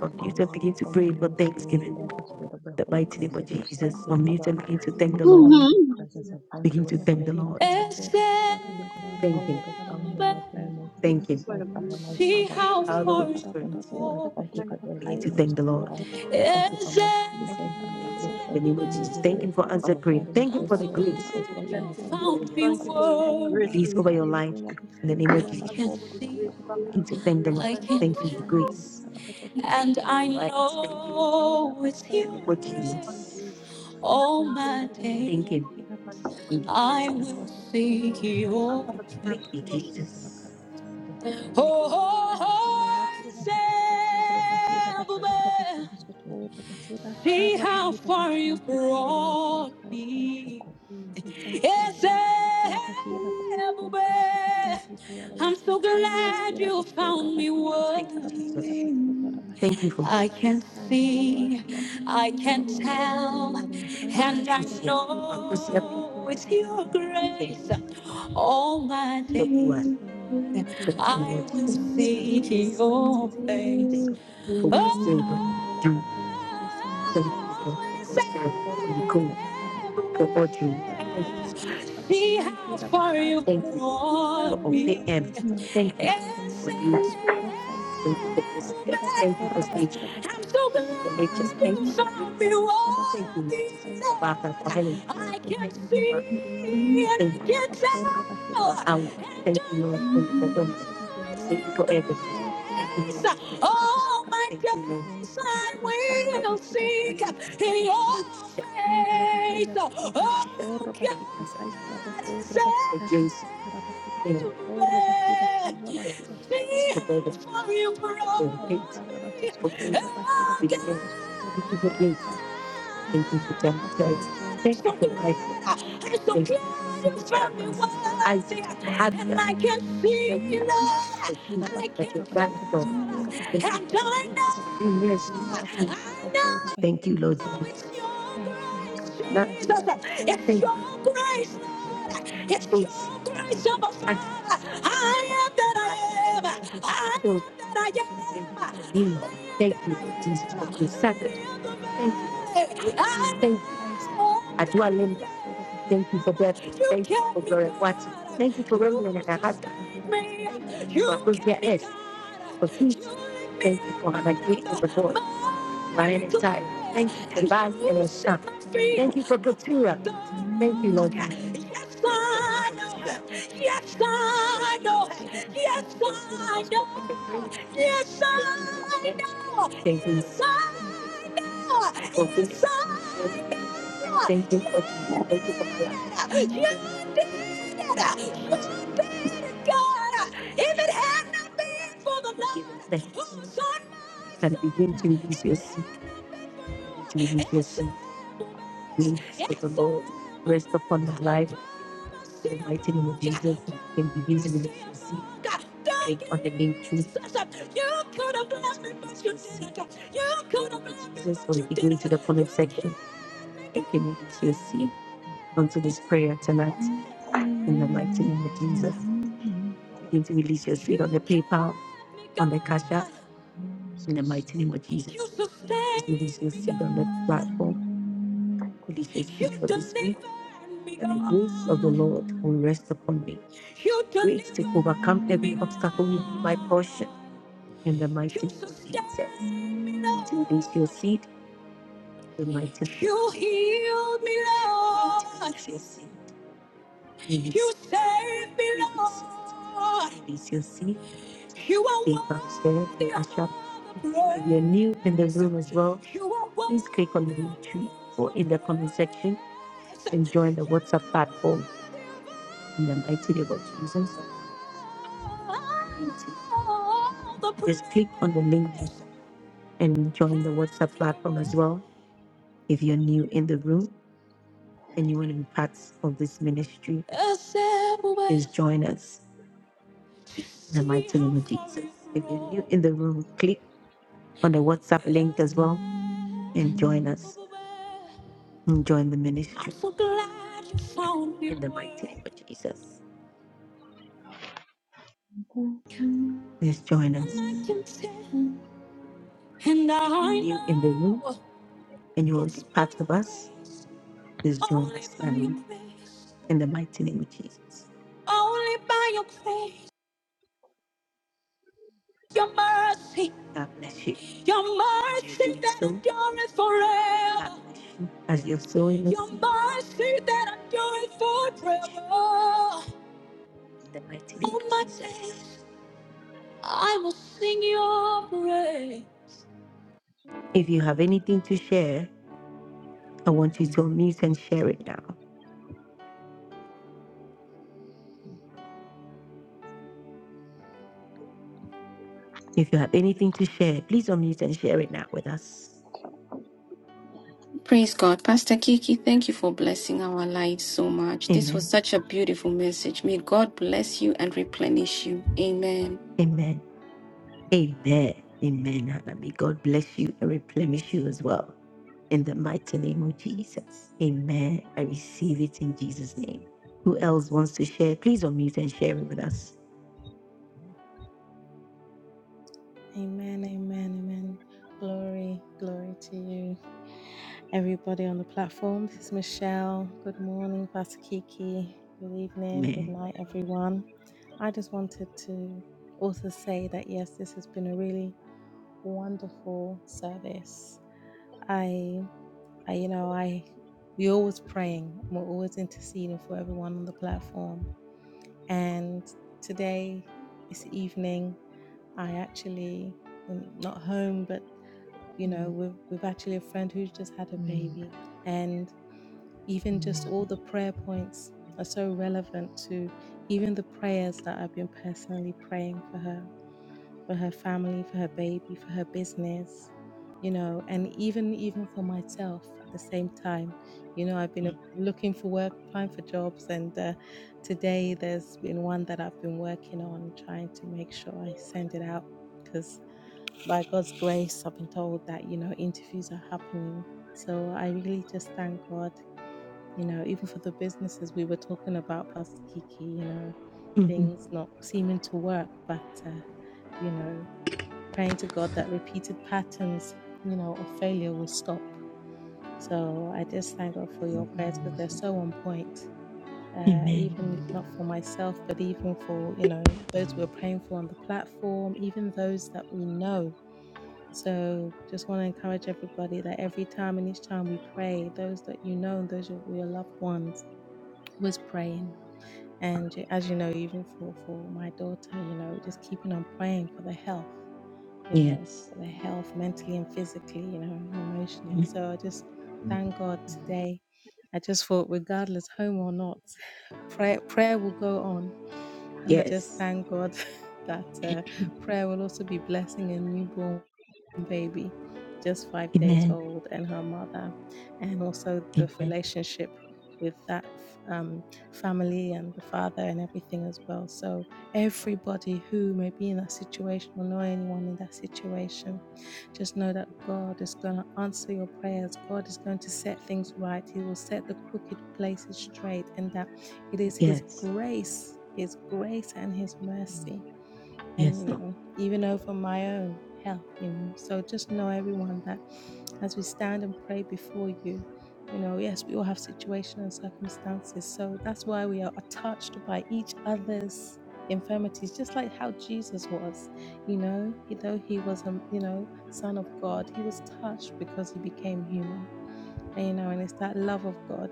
S28: Thank you,
S1: and
S28: Lord.
S1: begin to
S28: Thank
S1: pray
S28: you,
S1: for
S28: Holy
S8: Thank
S28: Spirit.
S8: you,
S1: thanksgiving.
S28: Thank
S1: In
S28: you,
S8: Lord.
S28: Spirit of the
S1: the
S28: Holy
S1: mighty name
S28: Ghost.
S1: of
S28: I just
S1: Jesus.
S28: thank
S8: Thank
S28: you,
S8: you,
S1: Unmute
S28: Father,
S8: Lord.
S1: and begin to
S8: Thank
S28: for
S1: thank
S8: you,
S1: the
S28: this
S8: Lord.
S1: Lord.
S28: time in your
S8: Thank you,
S28: presence. I
S9: bahira
S8: Lord.
S28: thank you,
S1: Begin to
S28: Holy
S9: bakosotoro
S1: thank the
S28: Holy
S9: bahira
S1: Lord.
S28: Father.
S9: basotoro
S8: Thank you,
S9: bafara
S28: Father,
S8: Lord.
S9: Lord
S28: because
S9: God.
S28: you
S9: I
S1: Thank
S28: know,
S9: thank
S8: Thank
S1: Him.
S28: Lord,
S9: you,
S8: you,
S28: it's
S9: Father
S28: down
S8: Lord.
S28: in
S9: Lord,
S28: the
S9: for
S28: mighty
S9: prayers
S28: name of
S9: for the
S1: Thank
S9: God
S8: Thank
S9: of
S8: you
S1: Him.
S28: Jesus,
S8: for
S28: my
S9: all
S8: your
S28: Father,
S9: marriages
S8: grace.
S28: my
S9: and
S1: See
S28: Father.
S8: Thank you
S1: how
S8: for
S9: relationships.
S1: far
S28: I
S8: your
S9: Hira
S28: just
S1: Hallelujah.
S9: karo
S8: mercy.
S28: thank
S1: you
S28: you.
S9: batotoro
S28: I
S1: go.
S28: thank you
S9: bahira
S8: Thank
S28: for
S8: you for
S1: Begin to
S8: your
S9: bakaira
S28: everything
S8: loving
S1: thank
S28: upon
S1: the
S28: my
S1: Lord.
S9: basotoro
S28: life.
S8: kindness. Thank you,
S28: Thank
S9: bahira
S28: you for
S8: Lord.
S1: Amazing.
S28: my
S9: Thank you,
S28: children.
S8: Thank
S9: Father
S28: Thank you
S8: you,
S9: Lord
S28: for the
S9: God,
S1: In
S9: for
S8: Lord,
S1: the
S9: the
S28: strength you
S1: name
S28: give
S1: of
S8: for
S28: me
S8: the
S1: Jesus.
S9: businesses,
S28: every
S1: Thank
S9: Father
S28: day.
S1: Him
S8: praise,
S1: for
S9: God,
S8: Lord.
S9: and the
S28: But
S1: answered
S28: I've
S1: prayer.
S28: been
S9: jobs,
S28: doing
S1: Thank Him
S9: Father
S28: great
S1: for
S9: God.
S1: the
S28: for all
S9: Thank
S8: Thank
S9: you
S8: you
S28: this
S1: grace.
S9: for
S28: as
S8: for your
S9: answered
S28: well, Lord.
S9: prayers,
S28: I
S8: blessings,
S9: Father
S28: thank
S9: God.
S8: Lord.
S9: Thank
S28: you,
S9: you
S8: Thank
S9: for
S8: you
S28: Father. Lord.
S9: grace,
S8: for the
S9: Father Lord
S28: I
S8: grace
S9: God,
S8: to
S28: thank
S9: to
S1: Release over
S28: you.
S1: your
S8: receive.
S9: carry
S1: life.
S9: everybody
S1: In the
S9: through
S1: name of
S8: Uh,
S9: here,
S1: Jesus.
S9: Abba,
S8: Thank you
S9: call,
S8: for the
S9: Father,
S8: grace.
S9: over
S8: Thank
S9: the
S8: you
S1: Begin
S9: lives
S1: to
S8: for
S9: of
S1: thank the
S8: grace.
S1: Lord.
S9: everyone,
S1: I
S9: Father
S8: Thank you
S9: God,
S8: for
S9: and
S1: Thank Him
S9: their
S1: for
S8: grace,
S9: families,
S8: Lord.
S28: Thank
S1: grace.
S28: you.
S9: Abba, to all
S8: Yes,
S1: And
S28: Thank you.
S1: I
S8: Lord.
S9: situations
S28: Thank
S9: and
S1: Right.
S8: Thank you for grace.
S9: circumstances, here,
S1: know
S9: Abba,
S1: it's
S9: call,
S1: you. In the
S9: Abba, here,
S8: Thank you
S9: Abba.
S8: for the grace.
S9: For your
S1: All
S9: grace,
S8: Thank
S1: my
S8: you
S9: Father
S8: for
S9: Lord
S1: days.
S28: you.
S1: Thank
S8: grace,
S9: God,
S1: Him.
S9: here,
S8: Lord.
S9: Abba,
S8: Thank
S9: to
S8: you for the
S9: all, Abba,
S1: I
S9: here,
S8: prayers.
S1: will
S9: Abba, to all, Abba,
S1: seek
S8: Thank
S28: Thank
S9: will
S8: you
S28: you.
S8: for
S9: carry
S1: your
S8: answered
S9: everybody
S8: prayers,
S9: through
S8: Lord.
S9: here,
S28: Thank
S9: Abba,
S1: face.
S9: God,
S28: you.
S9: Abba, to
S28: Thank
S9: all.
S28: you.
S1: Oh,
S8: Thank you, Lord.
S9: Thank you, Lord.
S1: oh,
S9: Hira bakuto toro
S28: Thank you,
S9: bahira
S28: Holy
S1: oh,
S28: Spirit.
S9: bakara
S1: Zerubbabel,
S28: Thank
S9: bahita
S28: you, Spirit
S9: sotoro
S28: of the Holy
S9: bahira
S28: Ghost.
S1: see
S9: kara
S1: how
S8: Thank
S9: bahira
S8: you,
S9: ba.
S1: far
S8: Lord.
S1: you
S9: Thank you, Father, Lord
S28: Thank
S9: God,
S1: brought
S9: for your grace.
S1: me.
S8: Thank you,
S9: We
S8: Lord.
S9: thank you,
S1: Yes,
S8: Thank you, Lord.
S9: everlasting Father. Hira bakuto.
S1: Zerubbabel,
S8: Thank you
S9: We
S8: for
S9: thank you for your
S1: I'm
S9: everlasting
S1: so
S9: kindness.
S8: your
S1: glad
S9: Hira
S1: you
S8: goodness and
S9: bakoro
S1: found me
S8: mercy.
S9: bahira basatara bahira
S1: worthy.
S9: batodora
S8: Thank you,
S9: bahira.
S1: Thank you.
S8: Lord.
S1: I
S8: Thank
S9: We
S1: can
S9: thank you, Lord.
S1: see,
S9: Hira bakuto
S1: I can
S9: toro
S8: you, Lord.
S9: babada for your
S1: tell,
S9: loving
S1: and
S9: kindness.
S1: I
S8: Thank you,
S9: Hira
S8: Lord.
S9: bakoro
S1: know it's
S9: bahira bakoro bahira
S1: your
S9: bakata
S8: Thank you,
S1: grace.
S8: Lord.
S9: sotoro bahira.
S8: Thank you, Lord.
S1: All my
S9: Thank
S1: days
S9: you, Father, Lord God. Hey,
S8: Thank you, Lord. Thank
S9: God,
S8: you,
S9: that,
S1: I
S8: Lord.
S1: will
S9: uh, we can sing
S1: seek
S9: your
S1: your
S9: praises. Hey, that the
S1: face. Always,
S9: quarter of all the days, Father God, all of our days, we will sing your
S8: Son,
S9: praises, Lord. Hey, that the quarter of a- hey, that the quarter of a- hey. Father, for we
S1: everywhere.
S9: have looked up to
S1: See
S9: you.
S1: how
S9: Hey, that the
S1: far
S9: quarter
S1: you
S8: and
S9: of a-
S1: Thank you
S9: hey, that the quarter of a-
S1: brought
S9: And
S1: for open
S9: raised
S1: me.
S9: our
S1: open and
S9: voice, Father
S1: thank
S9: God,
S1: you
S8: the
S9: early in the
S1: for
S9: morning
S1: you.
S9: and sought your face,
S1: Thank
S9: Father,
S1: you for
S9: Lord God. Hey,
S1: footsteps.
S9: that the
S1: Thank you for
S9: quarter of a- hey, that
S1: nature.
S9: the quarter of
S1: I'm
S9: a-
S1: so Thank you for
S9: for
S1: nature. glad Thank you
S9: ourselves,
S1: you
S9: for
S1: for
S9: our
S1: found me beauty.
S9: families, Father
S1: Thank
S9: God,
S1: you, Lord
S9: and
S1: worthy.
S9: for
S1: Jesus,
S9: those
S1: for Baba, for
S9: worldwide
S1: healing.
S9: and
S1: I can Thank
S9: global
S28: Lord
S1: you
S9: in the
S1: see for
S9: L31 ministry.
S1: and Thank I
S9: Hira
S1: you can for
S9: bakorra bahira
S1: tell, out. and
S9: batara bahira.
S1: Thank you, Lord, for your
S9: For the
S1: fulfillment.
S9: ministers of the
S1: Thank
S9: Lord,
S1: you for
S9: Father
S1: everything.
S9: Lord God, Hira
S1: Thank you, know it's Holy yours.
S9: bakorra
S1: Spirit.
S9: bahira
S1: Oh
S9: bakara
S1: my Thank you, Lord days
S9: batototoro
S1: Jesus.
S9: bahira
S1: I
S9: karra
S1: will
S9: bahira
S1: seek in your Thank
S9: kasatara
S1: you,
S9: bahira
S1: Jesus.
S9: he
S1: face. Thank Oh you, God. Against you know, the hate,
S9: Hera Yada bakara bati
S1: the hate,
S9: sotora bahira
S1: the hate,
S9: bakara basotora
S1: Thank you for
S9: bahira
S1: grace.
S9: basa. Thank
S1: Thank
S9: you,
S1: you
S9: Father God, for your grace,
S1: Thank you
S9: Father God,
S1: for
S9: as ever before us,
S1: so
S9: Father God, and your
S1: you
S9: loving kindness. Hira bakora
S1: I,
S9: bahira
S1: and I
S9: kasatar
S1: can
S9: bahira.
S1: see you, Lord.
S9: Hira
S1: I can
S9: bakara bahira
S1: thankful.
S9: basotora
S1: And
S9: bahira bakora
S1: I
S9: bahira bakora
S1: know. Yes.
S9: bahira basaitar
S1: I know.
S9: bahora
S1: Thank you, Lord.
S9: bahira
S1: It's your
S9: Thank you, Heavenly
S1: grace, Jesus. Not-
S9: Father. Hira bakoro
S1: Thank you.
S9: bahira patapata patotoro bahira
S1: It's your
S9: hira
S1: grace of us.
S9: bakata patapata
S1: I
S9: patakara
S1: am that
S9: bahira
S1: I am.
S9: bakotoro bahira
S1: I
S9: kara
S1: am
S9: basotoro bahira bakara
S1: that I
S9: bahira
S1: am.
S9: basotoro
S1: Thank you,
S9: bahira
S1: Jesus, for
S9: bakara
S1: your
S9: bahira
S1: sacrifice.
S9: basotoro
S1: Thank
S9: bahira
S1: you.
S9: hira
S1: Thank you.
S9: bakaisa totoro
S1: Adwale
S9: bahira bakoro bahira
S1: Thank you for
S9: basatara
S1: death. Thank
S9: bakoro
S1: you for
S9: bahira
S1: your watching.
S9: kasa toro
S1: Thank you for You
S9: bahira
S1: remembering our heart.
S9: bakotoro bahira basatara.
S1: Thank you for who kept
S9: Amen.
S1: for peace.
S9: Amen. Father
S1: Thank
S9: Lord
S1: you for my
S9: God.
S1: great out the Lord,
S9: Thank you, Father.
S1: my entire.
S9: Lord
S1: Thank you for way.
S9: God,
S1: life and You the set
S9: Thank you, Father, Lord God,
S1: Thank you
S9: for
S1: for
S9: answered
S1: Katura. the
S9: prayers. Thank you
S1: Thank
S9: Father,
S1: you,
S9: Lord
S1: Lord
S9: God.
S1: God. Yes, I know.
S9: Thank you
S1: Yes,
S9: for the ministries,
S1: I know.
S9: Lord. Thank you, Father, Lord
S1: Yes, I know. Yes, I know. Thank you Yes, I. know. Thank you for Thank you for Christ.
S9: God. Yada bakada bakada bakada postura
S1: God, if it had not
S9: bakada
S1: been for
S9: bakada
S1: the Lord
S9: basura
S1: who's
S9: bakada.
S1: on my and begin to
S9: Thank you,
S1: release your
S9: Father.
S1: seat, to release your seat, release to the Lord. Rest upon the life in the mighty name of Jesus and begin to release your seat. Take on the name of Jesus. you could have blessed me, but you didn't. You could have blessed me, Jesus, but we'll begin to didn't. the comment section. You can release your seat onto this prayer tonight. In the mighty name of Jesus, begin to release your seed on the PayPal, on the Cash App. In the mighty name of Jesus, release your seed on the platform. Release your seed for this
S10: Amen.
S1: week. That the grace of the Lord will rest upon me. Grace to overcome every obstacle
S27: it.
S1: will be my portion. In the mighty name of Jesus, begin to release your seed. In The mighty name. You healed me, Lord. Release your seed. You saved me, Lord. Release your seed. You are Be upstairs, worthy of ushered. If you're praise. new in the room as well, You are please click on the worthy link tree or in the comment section of and join the WhatsApp platform in the mighty name of Jesus. all the Just click on the link praise. and join the WhatsApp platform as well if you're new in the room and you want to be part of this ministry. Assemble Please join us in the mighty name of Jesus. If you're new in the room, click on the WhatsApp link as well and join us and join the ministry. I'm so glad you found me. In the mighty name of Jesus. Please join us. And I You in the room and you will be part of us. Please join us by now. in the mighty name of Jesus. Only by your grace. Your mercy, God bless you. your As mercy you that sow, endureth God forever. bless you. As you're sowing the Your seed, mercy that endureth bless you. forever. Oh in the mighty name All of my Jesus. days, I will sing your praise. If you have anything to share, I want you to unmute and share it now. If you have anything to share, please unmute and share it now with us.
S16: Praise God. Pastor Kiki, thank you for blessing our lives so much. This was
S1: Amen.
S16: such a beautiful message. May God bless you and replenish you. Amen.
S1: Amen. Amen. Amen, Hannah. May God bless you and replenish you as well. In the mighty name of Jesus. Amen. I receive it in Jesus' name. Who else wants to share? Please unmute and share it with us.
S9: Amen, amen, amen. Glory, glory to you. Everybody on the platform, this is Michelle. Good morning, Pastor Kiki. Good evening, good
S1: Amen.
S9: night, everyone. I just wanted to also say that yes, this has been a really wonderful service. I, I you know, I we're always praying, we're always interceding for everyone on the platform. And today, this evening, I actually am not home, but you know we've we've actually a friend who's just had a baby and even just all the prayer points are so relevant to even the prayers that I've been personally praying for her for her family for her baby for her business you know and even even for myself at the same time you know I've been uh, looking for work applying for jobs and uh, today there's been one that I've been working on trying to make sure I send it out because by God's grace, I've been told that, you know, interviews are happening. So I really just thank God, you know, even for the businesses we were talking about, Pastor Kiki, you know,
S1: Mhm.
S9: things not seeming to work, but, uh, you know, praying to God that repeated patterns, you know, of failure will stop. So I just thank God for your prayers because they're so on point. Uh,
S1: Amen.
S9: even if not for myself, but even for you know those we are praying for on the platform, even those that we know so just want to encourage everybody that every time and each time we pray, those that you know and those of your loved ones, was praying. And you- as you know, even for, for my daughter, you know, just keeping on praying for the health, you know,
S1: Yes.
S9: for the health mentally and physically, you know, and emotionally.
S1: Amen.
S9: So I just thank God today. I just thought, regardless, home or not, prayer, prayer will go on. And I just
S1: Yes.
S9: thank God that uh, prayer will also be blessing a newborn baby, just five days
S1: Amen.
S9: old, and her mother, and also the
S1: Amen.
S9: relationship with that um, family and the father and everything as well. So, everybody who may be in that situation or know anyone in that situation, just know that God is going to answer your prayers. God is going to set things right. He will set the crooked places straight, and that it is His
S1: Yes.
S9: grace, His grace, and His mercy and
S1: Yes,
S9: you
S1: Lord.
S9: know even over my own health you know so just know everyone that as we stand and pray before you you know yes we all have situations and circumstances so that's why we are touched by each other's infirmities just like how jesus was you know he, though he was a you know son of god he was touched because he became human and you know and it's that love of god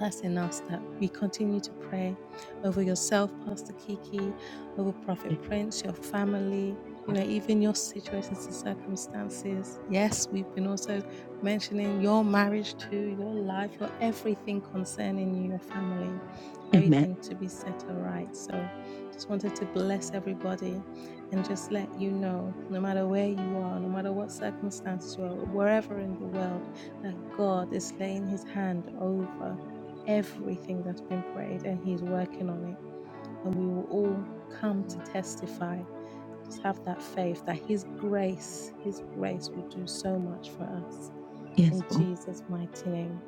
S9: that's enough that we continue to pray over yourself, Pastor Kiki, over Prophet
S1: A-
S9: Prince, your family, you know, even your situations and circumstances. Yes, we've been also mentioning your marriage too, your life, your everything concerning you, your family,
S1: Amen.
S9: everything to be set aright. So just wanted to bless everybody and just let you know, no matter where you are, no matter what circumstances you are, wherever in the world, that God is laying his hand over everything that's been prayed and he's working on it. And we will all come to testify. Just have that faith that his grace, his grace will do so much for us.
S1: Yes,
S9: In
S1: Lord.
S9: Jesus' mighty name,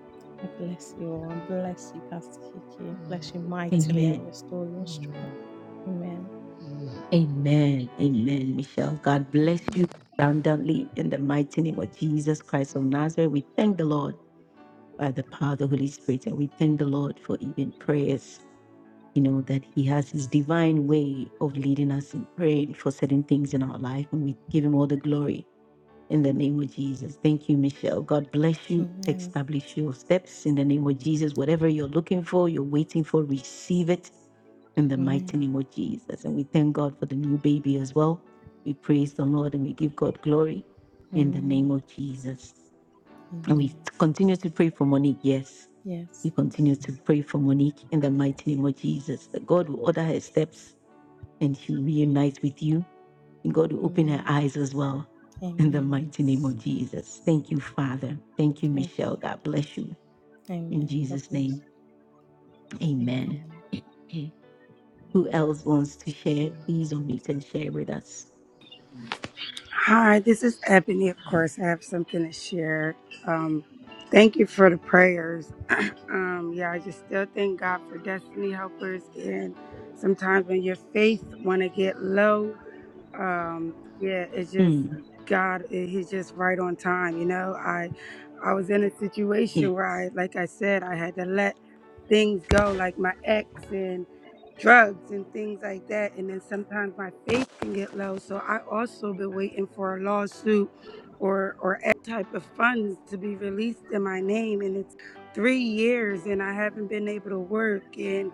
S9: I bless you all and bless you, Pastor Kiki. Bless you mightily
S1: Amen.
S9: and restore your strength. Amen.
S1: Amen. Amen, Michelle. God bless you abundantly in the mighty name of Jesus Christ of Nazareth. We thank the Lord by the power of the Holy Spirit. And we thank the Lord for even prayers, you know, that He has His divine way of leading us in praying for certain things in our life. And we give Him all the glory in the name of Jesus. Thank you, Michelle. God bless you.
S9: Amen.
S1: Establish your steps in the name of Jesus. Whatever you're looking for, you're waiting for, receive it in the mighty
S9: Amen.
S1: name of Jesus. And we thank God for the new baby as well. We praise the Lord and we give God glory in the
S9: Amen.
S1: name of Jesus. And we
S9: Amen.
S1: continue to pray for Monique, yes. We
S9: Yes.
S1: continue to pray for Monique in the mighty name of Jesus, that God will order her steps and she'll reunite with you. And God will open her
S9: Amen.
S1: eyes as well in the
S9: Amen.
S1: mighty name
S9: Yes.
S1: of Jesus. Thank you, Father. Thank you,
S9: Thank
S1: Michelle.
S9: you.
S1: God bless you.
S9: Lord.
S1: In
S9: Amen. God
S1: Jesus'
S9: bless
S1: name,
S9: you.
S1: amen.
S9: Amen.
S1: Who else wants to share? Please unmute and share with us.
S25: Hi, this is Ebony. Of course, I have something to share. Um, thank you for the prayers. um, yeah, and some uh, yeah,
S1: Mm,
S25: God, I I was in a
S1: yes.
S25: thing, my sin, drug, or released in my name and it's three years and I haven't been able to work and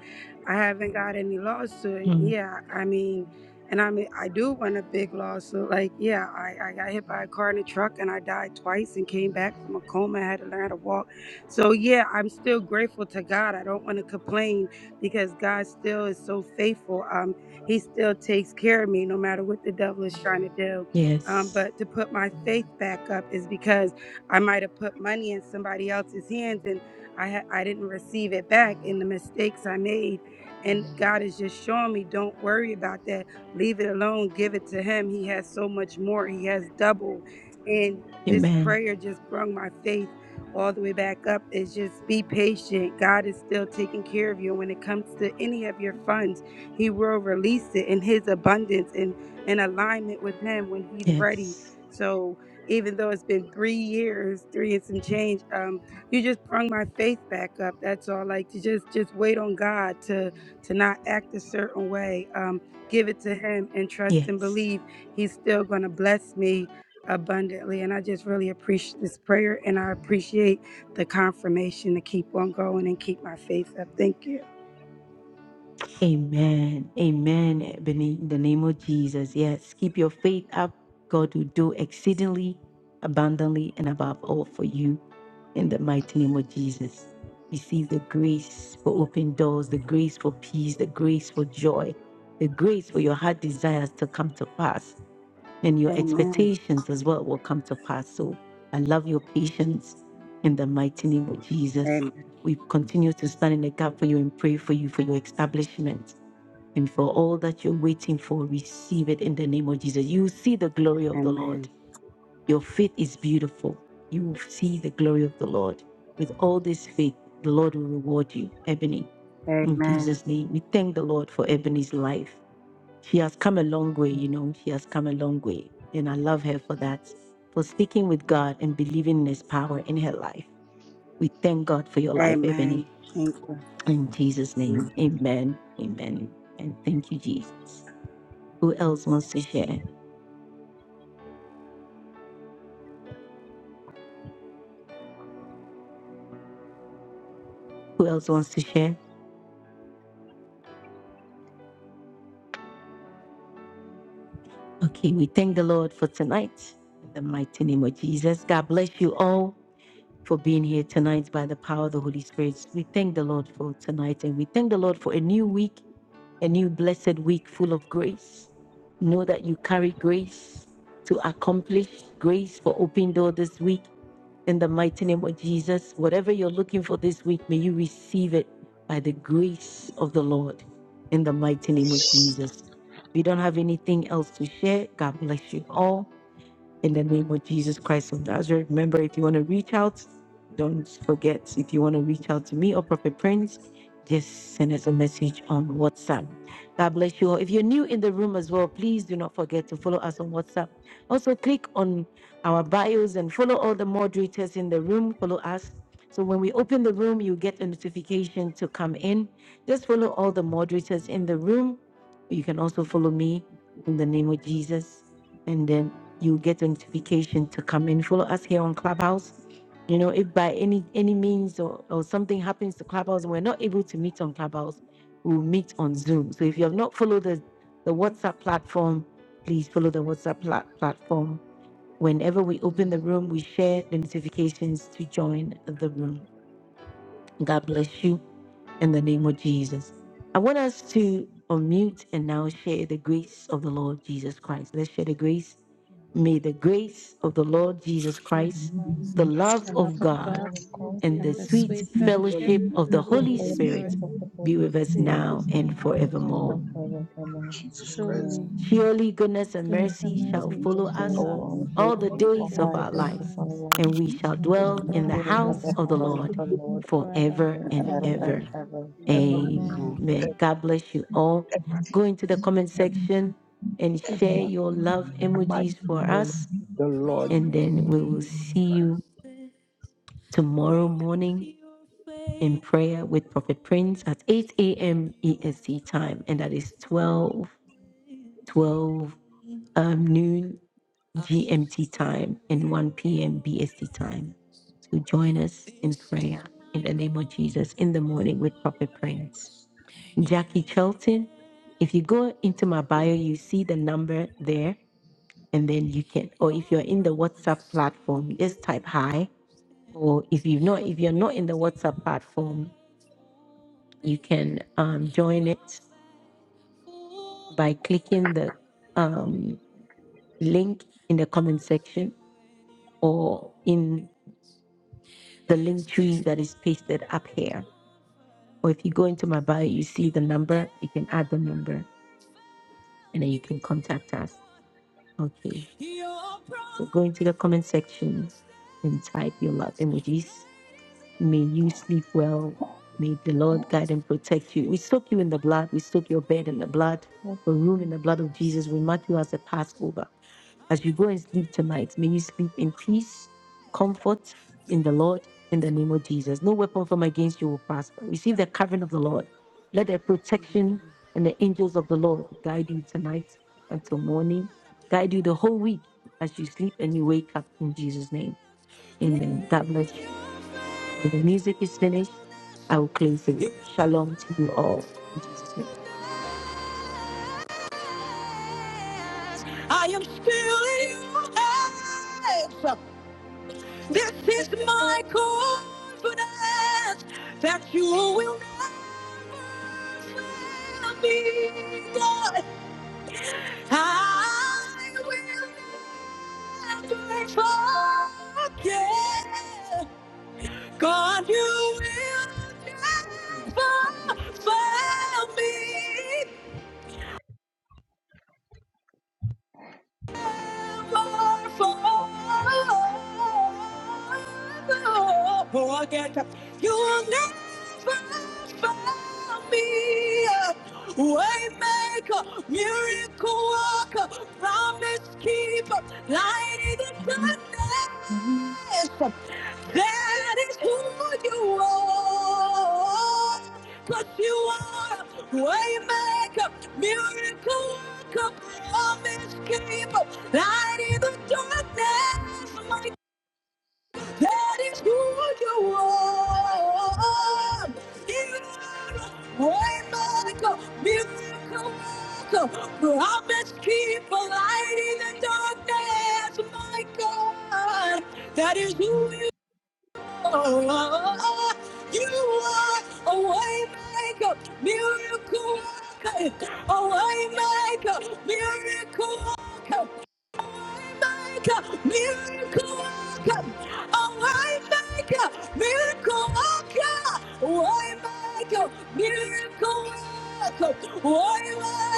S25: I haven't got any lawsuit.
S1: Mm,
S25: Yeah, I mean and I mean I do want a big lawsuit. Like, yeah, I, I got hit by a car in a truck and I died twice and came back from a coma. I had to learn how to walk. So yeah, I'm still grateful to God. I don't want to complain because God still is so faithful. Um he still takes care of me no matter what the devil is trying to do. Um,
S1: yes.
S25: but to put my faith back up is because I might have put money in somebody else's hands and I ha- I didn't receive it back and the mistakes I made. And God is just showing me, don't worry about that. Leave it alone. Give it to Him. He has so much more. He has double. And this
S1: Amen.
S25: prayer just brought my faith all the way back up. Is just be patient. God is still taking care of you. And when it comes to any of your funds, He will release it in His abundance and in alignment with Him when He's ready.
S1: Yes.
S25: So even though it's been three years, three and some change, um, you just brung my faith back up. That's all. Like to just just wait on God to to not act a certain way. Um, give it to Him and trust and
S1: Yes.
S25: believe He's still going to bless me abundantly. And I just really appreciate this prayer, and I appreciate the confirmation to keep on going and keep my faith up. Thank you.
S1: Amen. Amen. Ebony, In the name of Jesus. Yes. Keep your faith up. God will do exceedingly, abundantly, and above all for you. In the mighty name of Jesus. Receive the grace for open doors, the grace for peace, the grace for joy, the grace for your heart desires to come to pass and your
S25: Amen.
S1: expectations as well will come to pass. So I love your patience in the mighty name of Jesus.
S25: Amen.
S1: We continue to stand in the gap for you and pray for you for your establishment and for all that you're waiting for. Receive it in the name of Jesus. You will see the glory of the Lord.
S25: Amen.
S1: Your faith is beautiful. You will see the glory of the Lord. With all this faith, the Lord will reward you, Ebony. In
S25: Amen.
S1: Jesus' name, we thank the Lord for Ebony's life. She has come a long way, you know, she has come a long way. And I love her for that, for sticking with God and believing in His power in her life. We thank God for your life, Ebony.
S25: Amen. Thank you.
S1: In Jesus'
S25: Amen.
S1: name, amen, amen. And thank you, Jesus. Who else wants to share? Who else wants to share? Okay, we thank the Lord for tonight. In the mighty name of Jesus, God bless you all for being here tonight by the power of the Holy Spirit. We thank the Lord for tonight and we thank the Lord for a new week a new blessed week full of grace. Know that you carry grace to accomplish grace for open door this week in the mighty name of Jesus. Whatever you're looking for this week, may you receive it by the grace of the Lord in the mighty name of Jesus. If you don't have anything else to share, God bless you all in the name of Jesus Christ of Nazareth. Remember, if you want to reach out, don't forget. If you want to reach out to me or Prophet Prince, just send us a message on WhatsApp. God bless you all. If you're new in the room as well, please do not forget to follow us on WhatsApp. Also, click on our bios and follow all the moderators in the room. Follow us. So when we open the room, you get a notification to come in. Just follow all the moderators in the room. You can also follow me in the name of Jesus. and then you get a notification to come and follow us here on Clubhouse. You know, if by any any means or, or something happens to Clubhouse and we're not able to meet on Clubhouse, we'll meet on Zoom. So if you have not followed the, the WhatsApp platform, please follow the WhatsApp plat- platform. Whenever we open the room, we share the notifications to join the room. God bless you in the name of Jesus. I want us to unmute and now share the grace of the Lord Jesus Christ. Let's share the grace. May the grace of the Lord Jesus
S9: Jesus
S1: Christ,
S8: Lord
S9: Christ,
S1: the
S8: Jesus
S1: love
S9: the
S8: Christ,
S9: love
S1: of
S9: of
S1: God,
S9: God,
S8: the love of
S28: God,
S1: and the
S9: and the
S8: God,
S1: sweet
S9: sweet
S8: and the
S29: Well,
S9: fellowship
S1: fellowship
S8: sweet
S9: of
S1: of the
S9: the
S28: the
S1: Holy
S9: Holy
S8: fellowship of
S28: fellowship
S9: Spirit
S8: the
S1: Spirit
S28: of
S8: Holy
S28: the
S1: be
S28: Holy
S1: with us
S9: be
S28: Spirit,
S9: with
S1: now
S9: us
S1: and
S9: now and
S28: is now
S1: forevermore.
S9: forever.
S28: and
S8: Ghost, be
S28: forevermore.
S8: with
S29: Jesus
S8: and the
S29: Christ,
S28: Amen.
S9: Surely,
S1: Surely goodness and
S28: and
S9: goodness and
S1: mercy
S28: the
S29: that
S1: shall
S9: mercy
S29: is
S1: follow
S28: missions
S9: shall
S28: of
S25: Lord,
S28: the
S1: us
S9: follow us
S25: I
S28: Lord
S25: praise
S1: all the
S29: holy,
S9: all the
S1: days
S28: all
S1: of
S9: days
S28: the
S9: of
S1: our
S25: God.
S9: our
S28: days of
S1: lives,
S28: our
S9: lives,
S28: life,
S1: and we shall
S9: and we
S28: and
S9: shall
S1: dwell
S28: shall
S9: dwell
S1: in the
S9: in the
S28: dwell
S8: Christians
S25: of
S28: in the
S1: house
S25: the
S9: house of
S1: of the
S9: the
S28: house
S25: Lord
S28: of
S9: Lord
S1: Lord
S28: the Lord
S9: forever
S1: forever and
S9: and
S28: forever
S25: forever.
S9: ever.
S28: and
S1: ever.
S30: Right.
S28: ever.
S29: ever,
S8: forever and
S9: Amen.
S29: ever,
S1: Amen.
S8: ever.
S1: God bless you all. Go into the comment
S29: ever,
S1: section and
S29: ever,
S1: share your love
S29: mighty
S1: emojis for
S29: name,
S1: us.
S29: of the Lord
S1: And then we will see you tomorrow morning in prayer with Prophet Prince at 8 a.m. EST time. And that is 12:12 um, noon GMT time and 1 p.m. BST time. So join us in prayer in the name of Jesus in the morning with Prophet Prince. Jackie Chelton. If you go into my bio, you see the number there, and then you can. Or if you're in the WhatsApp platform, just type hi. Or if you not, if you're not in the WhatsApp platform, you can um, join it by clicking the um, link in the comment section or in the link tree that is pasted up here. Or if you go into my bio, you see the number. You can add the number, and then you can contact us. Okay. So go into the comment section and type your love emojis. May you sleep well. May the Lord guide and protect you. We soak you in the blood. We soak your bed in the blood, your room in the blood of Jesus. We mark you as a Passover. As you go and sleep tonight, may you sleep in peace, comfort in the Lord, in the name of Jesus. No weapon formed against you will prosper. Receive the covering of the Lord. Let the
S8: Amen. Amen.
S1: protection and the angels of the Lord guide you tonight until morning. Guide you the whole week as you sleep and you wake up in Jesus' name. Amen. God bless you. When the music is finished, I will close the room. Shalom to you all. In Jesus' name. I am still in your hands. This is my confidence that you will never fail me. God. I will never forget. God, you will never fail me. Forget you'll never found me. Waymaker, miracle worker, promise keeper, light in the
S28: Amen.
S1: darkness. That is who you are. Cause you are waymaker, miracle worker, promise keeper, light in the darkness. That is who you are. You are a miracle, miracle, miracle. Promise keep a light in the darkness, my God. That is who you are. You are a way maker, miracle worker, a way maker, miracle worker worker, miracle
S10: Amen.
S1: worker. a I make miracle worker. Why make miracle worker? Why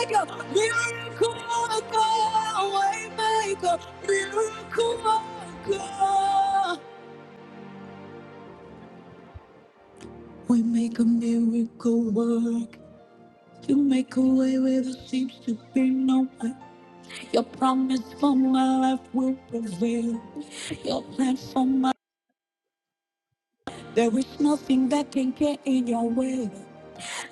S1: make miracle worker? Why make miracle worker? We make a miracle work. You make a way where there seems to be no way. Your promise for my life will prevail. Your plan for my There is nothing that can get in your way.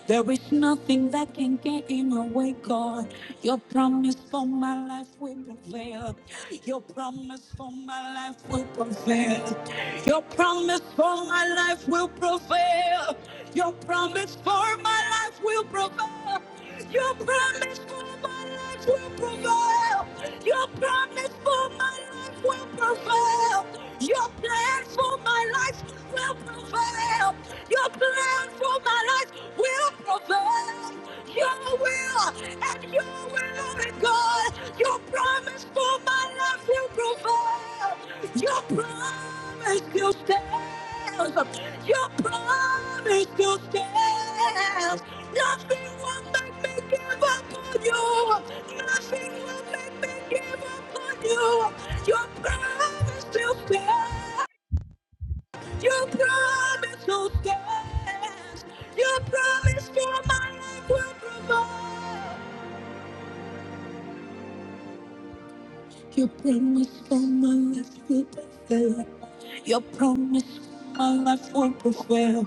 S1: There is nothing that can get in your way, God. Your promise for my life will prevail. Your promise for my life will prevail. Your promise for my life will prevail. Your promise for my life will prevail. Your promise for my life will prevail. Your promise for my life will prevail. Your plan for my life will prevail. Your plan for my life will prevail. Your will and your will, and God. Your promise for my life will prevail. Your promise still stands. Your promise still stands. Nothing will make me give up on you. Nothing will make me give up on you. Your promise still stands. Your promise still stands. Your promise for my life will provide. Your promise for my life will prevail. Your promise for my life will prevail.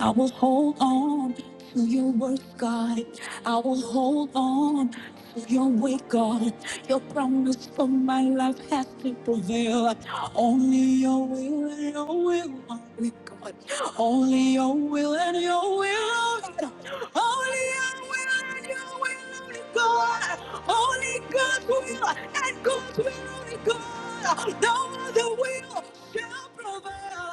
S1: I will hold on to your word, God. I will hold on to your way, God. Your promise for my life has to prevail. Only your will and your will only, God. Only your will and your will only. Only your will and your will only, God. Only God's will and God's will only God. No other will shall prevail.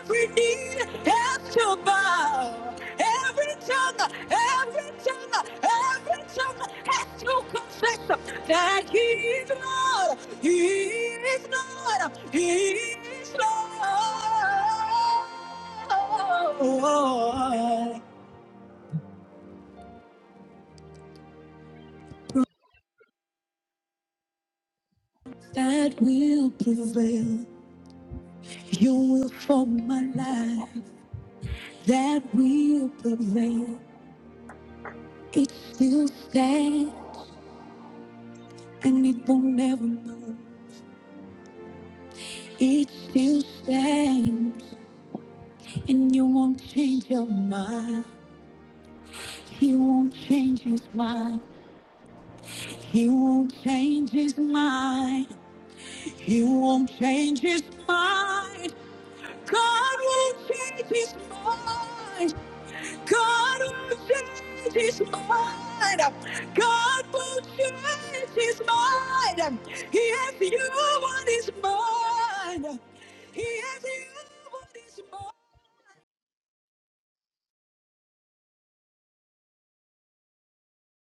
S1: Every need has to bow. Every tongue, every tongue, every tongue has to confess that He is Lord. He is Lord. He is Lord. That will prevail. You will form my life. that will prevail. It still stands and it won't ever move. It still stands and you won't change your mind. He won't change his mind. He won't change his mind. He won't change his mind. God won't change his mind. God will change his mind. God will change his mind. He has you on his mind. He has you on his mind.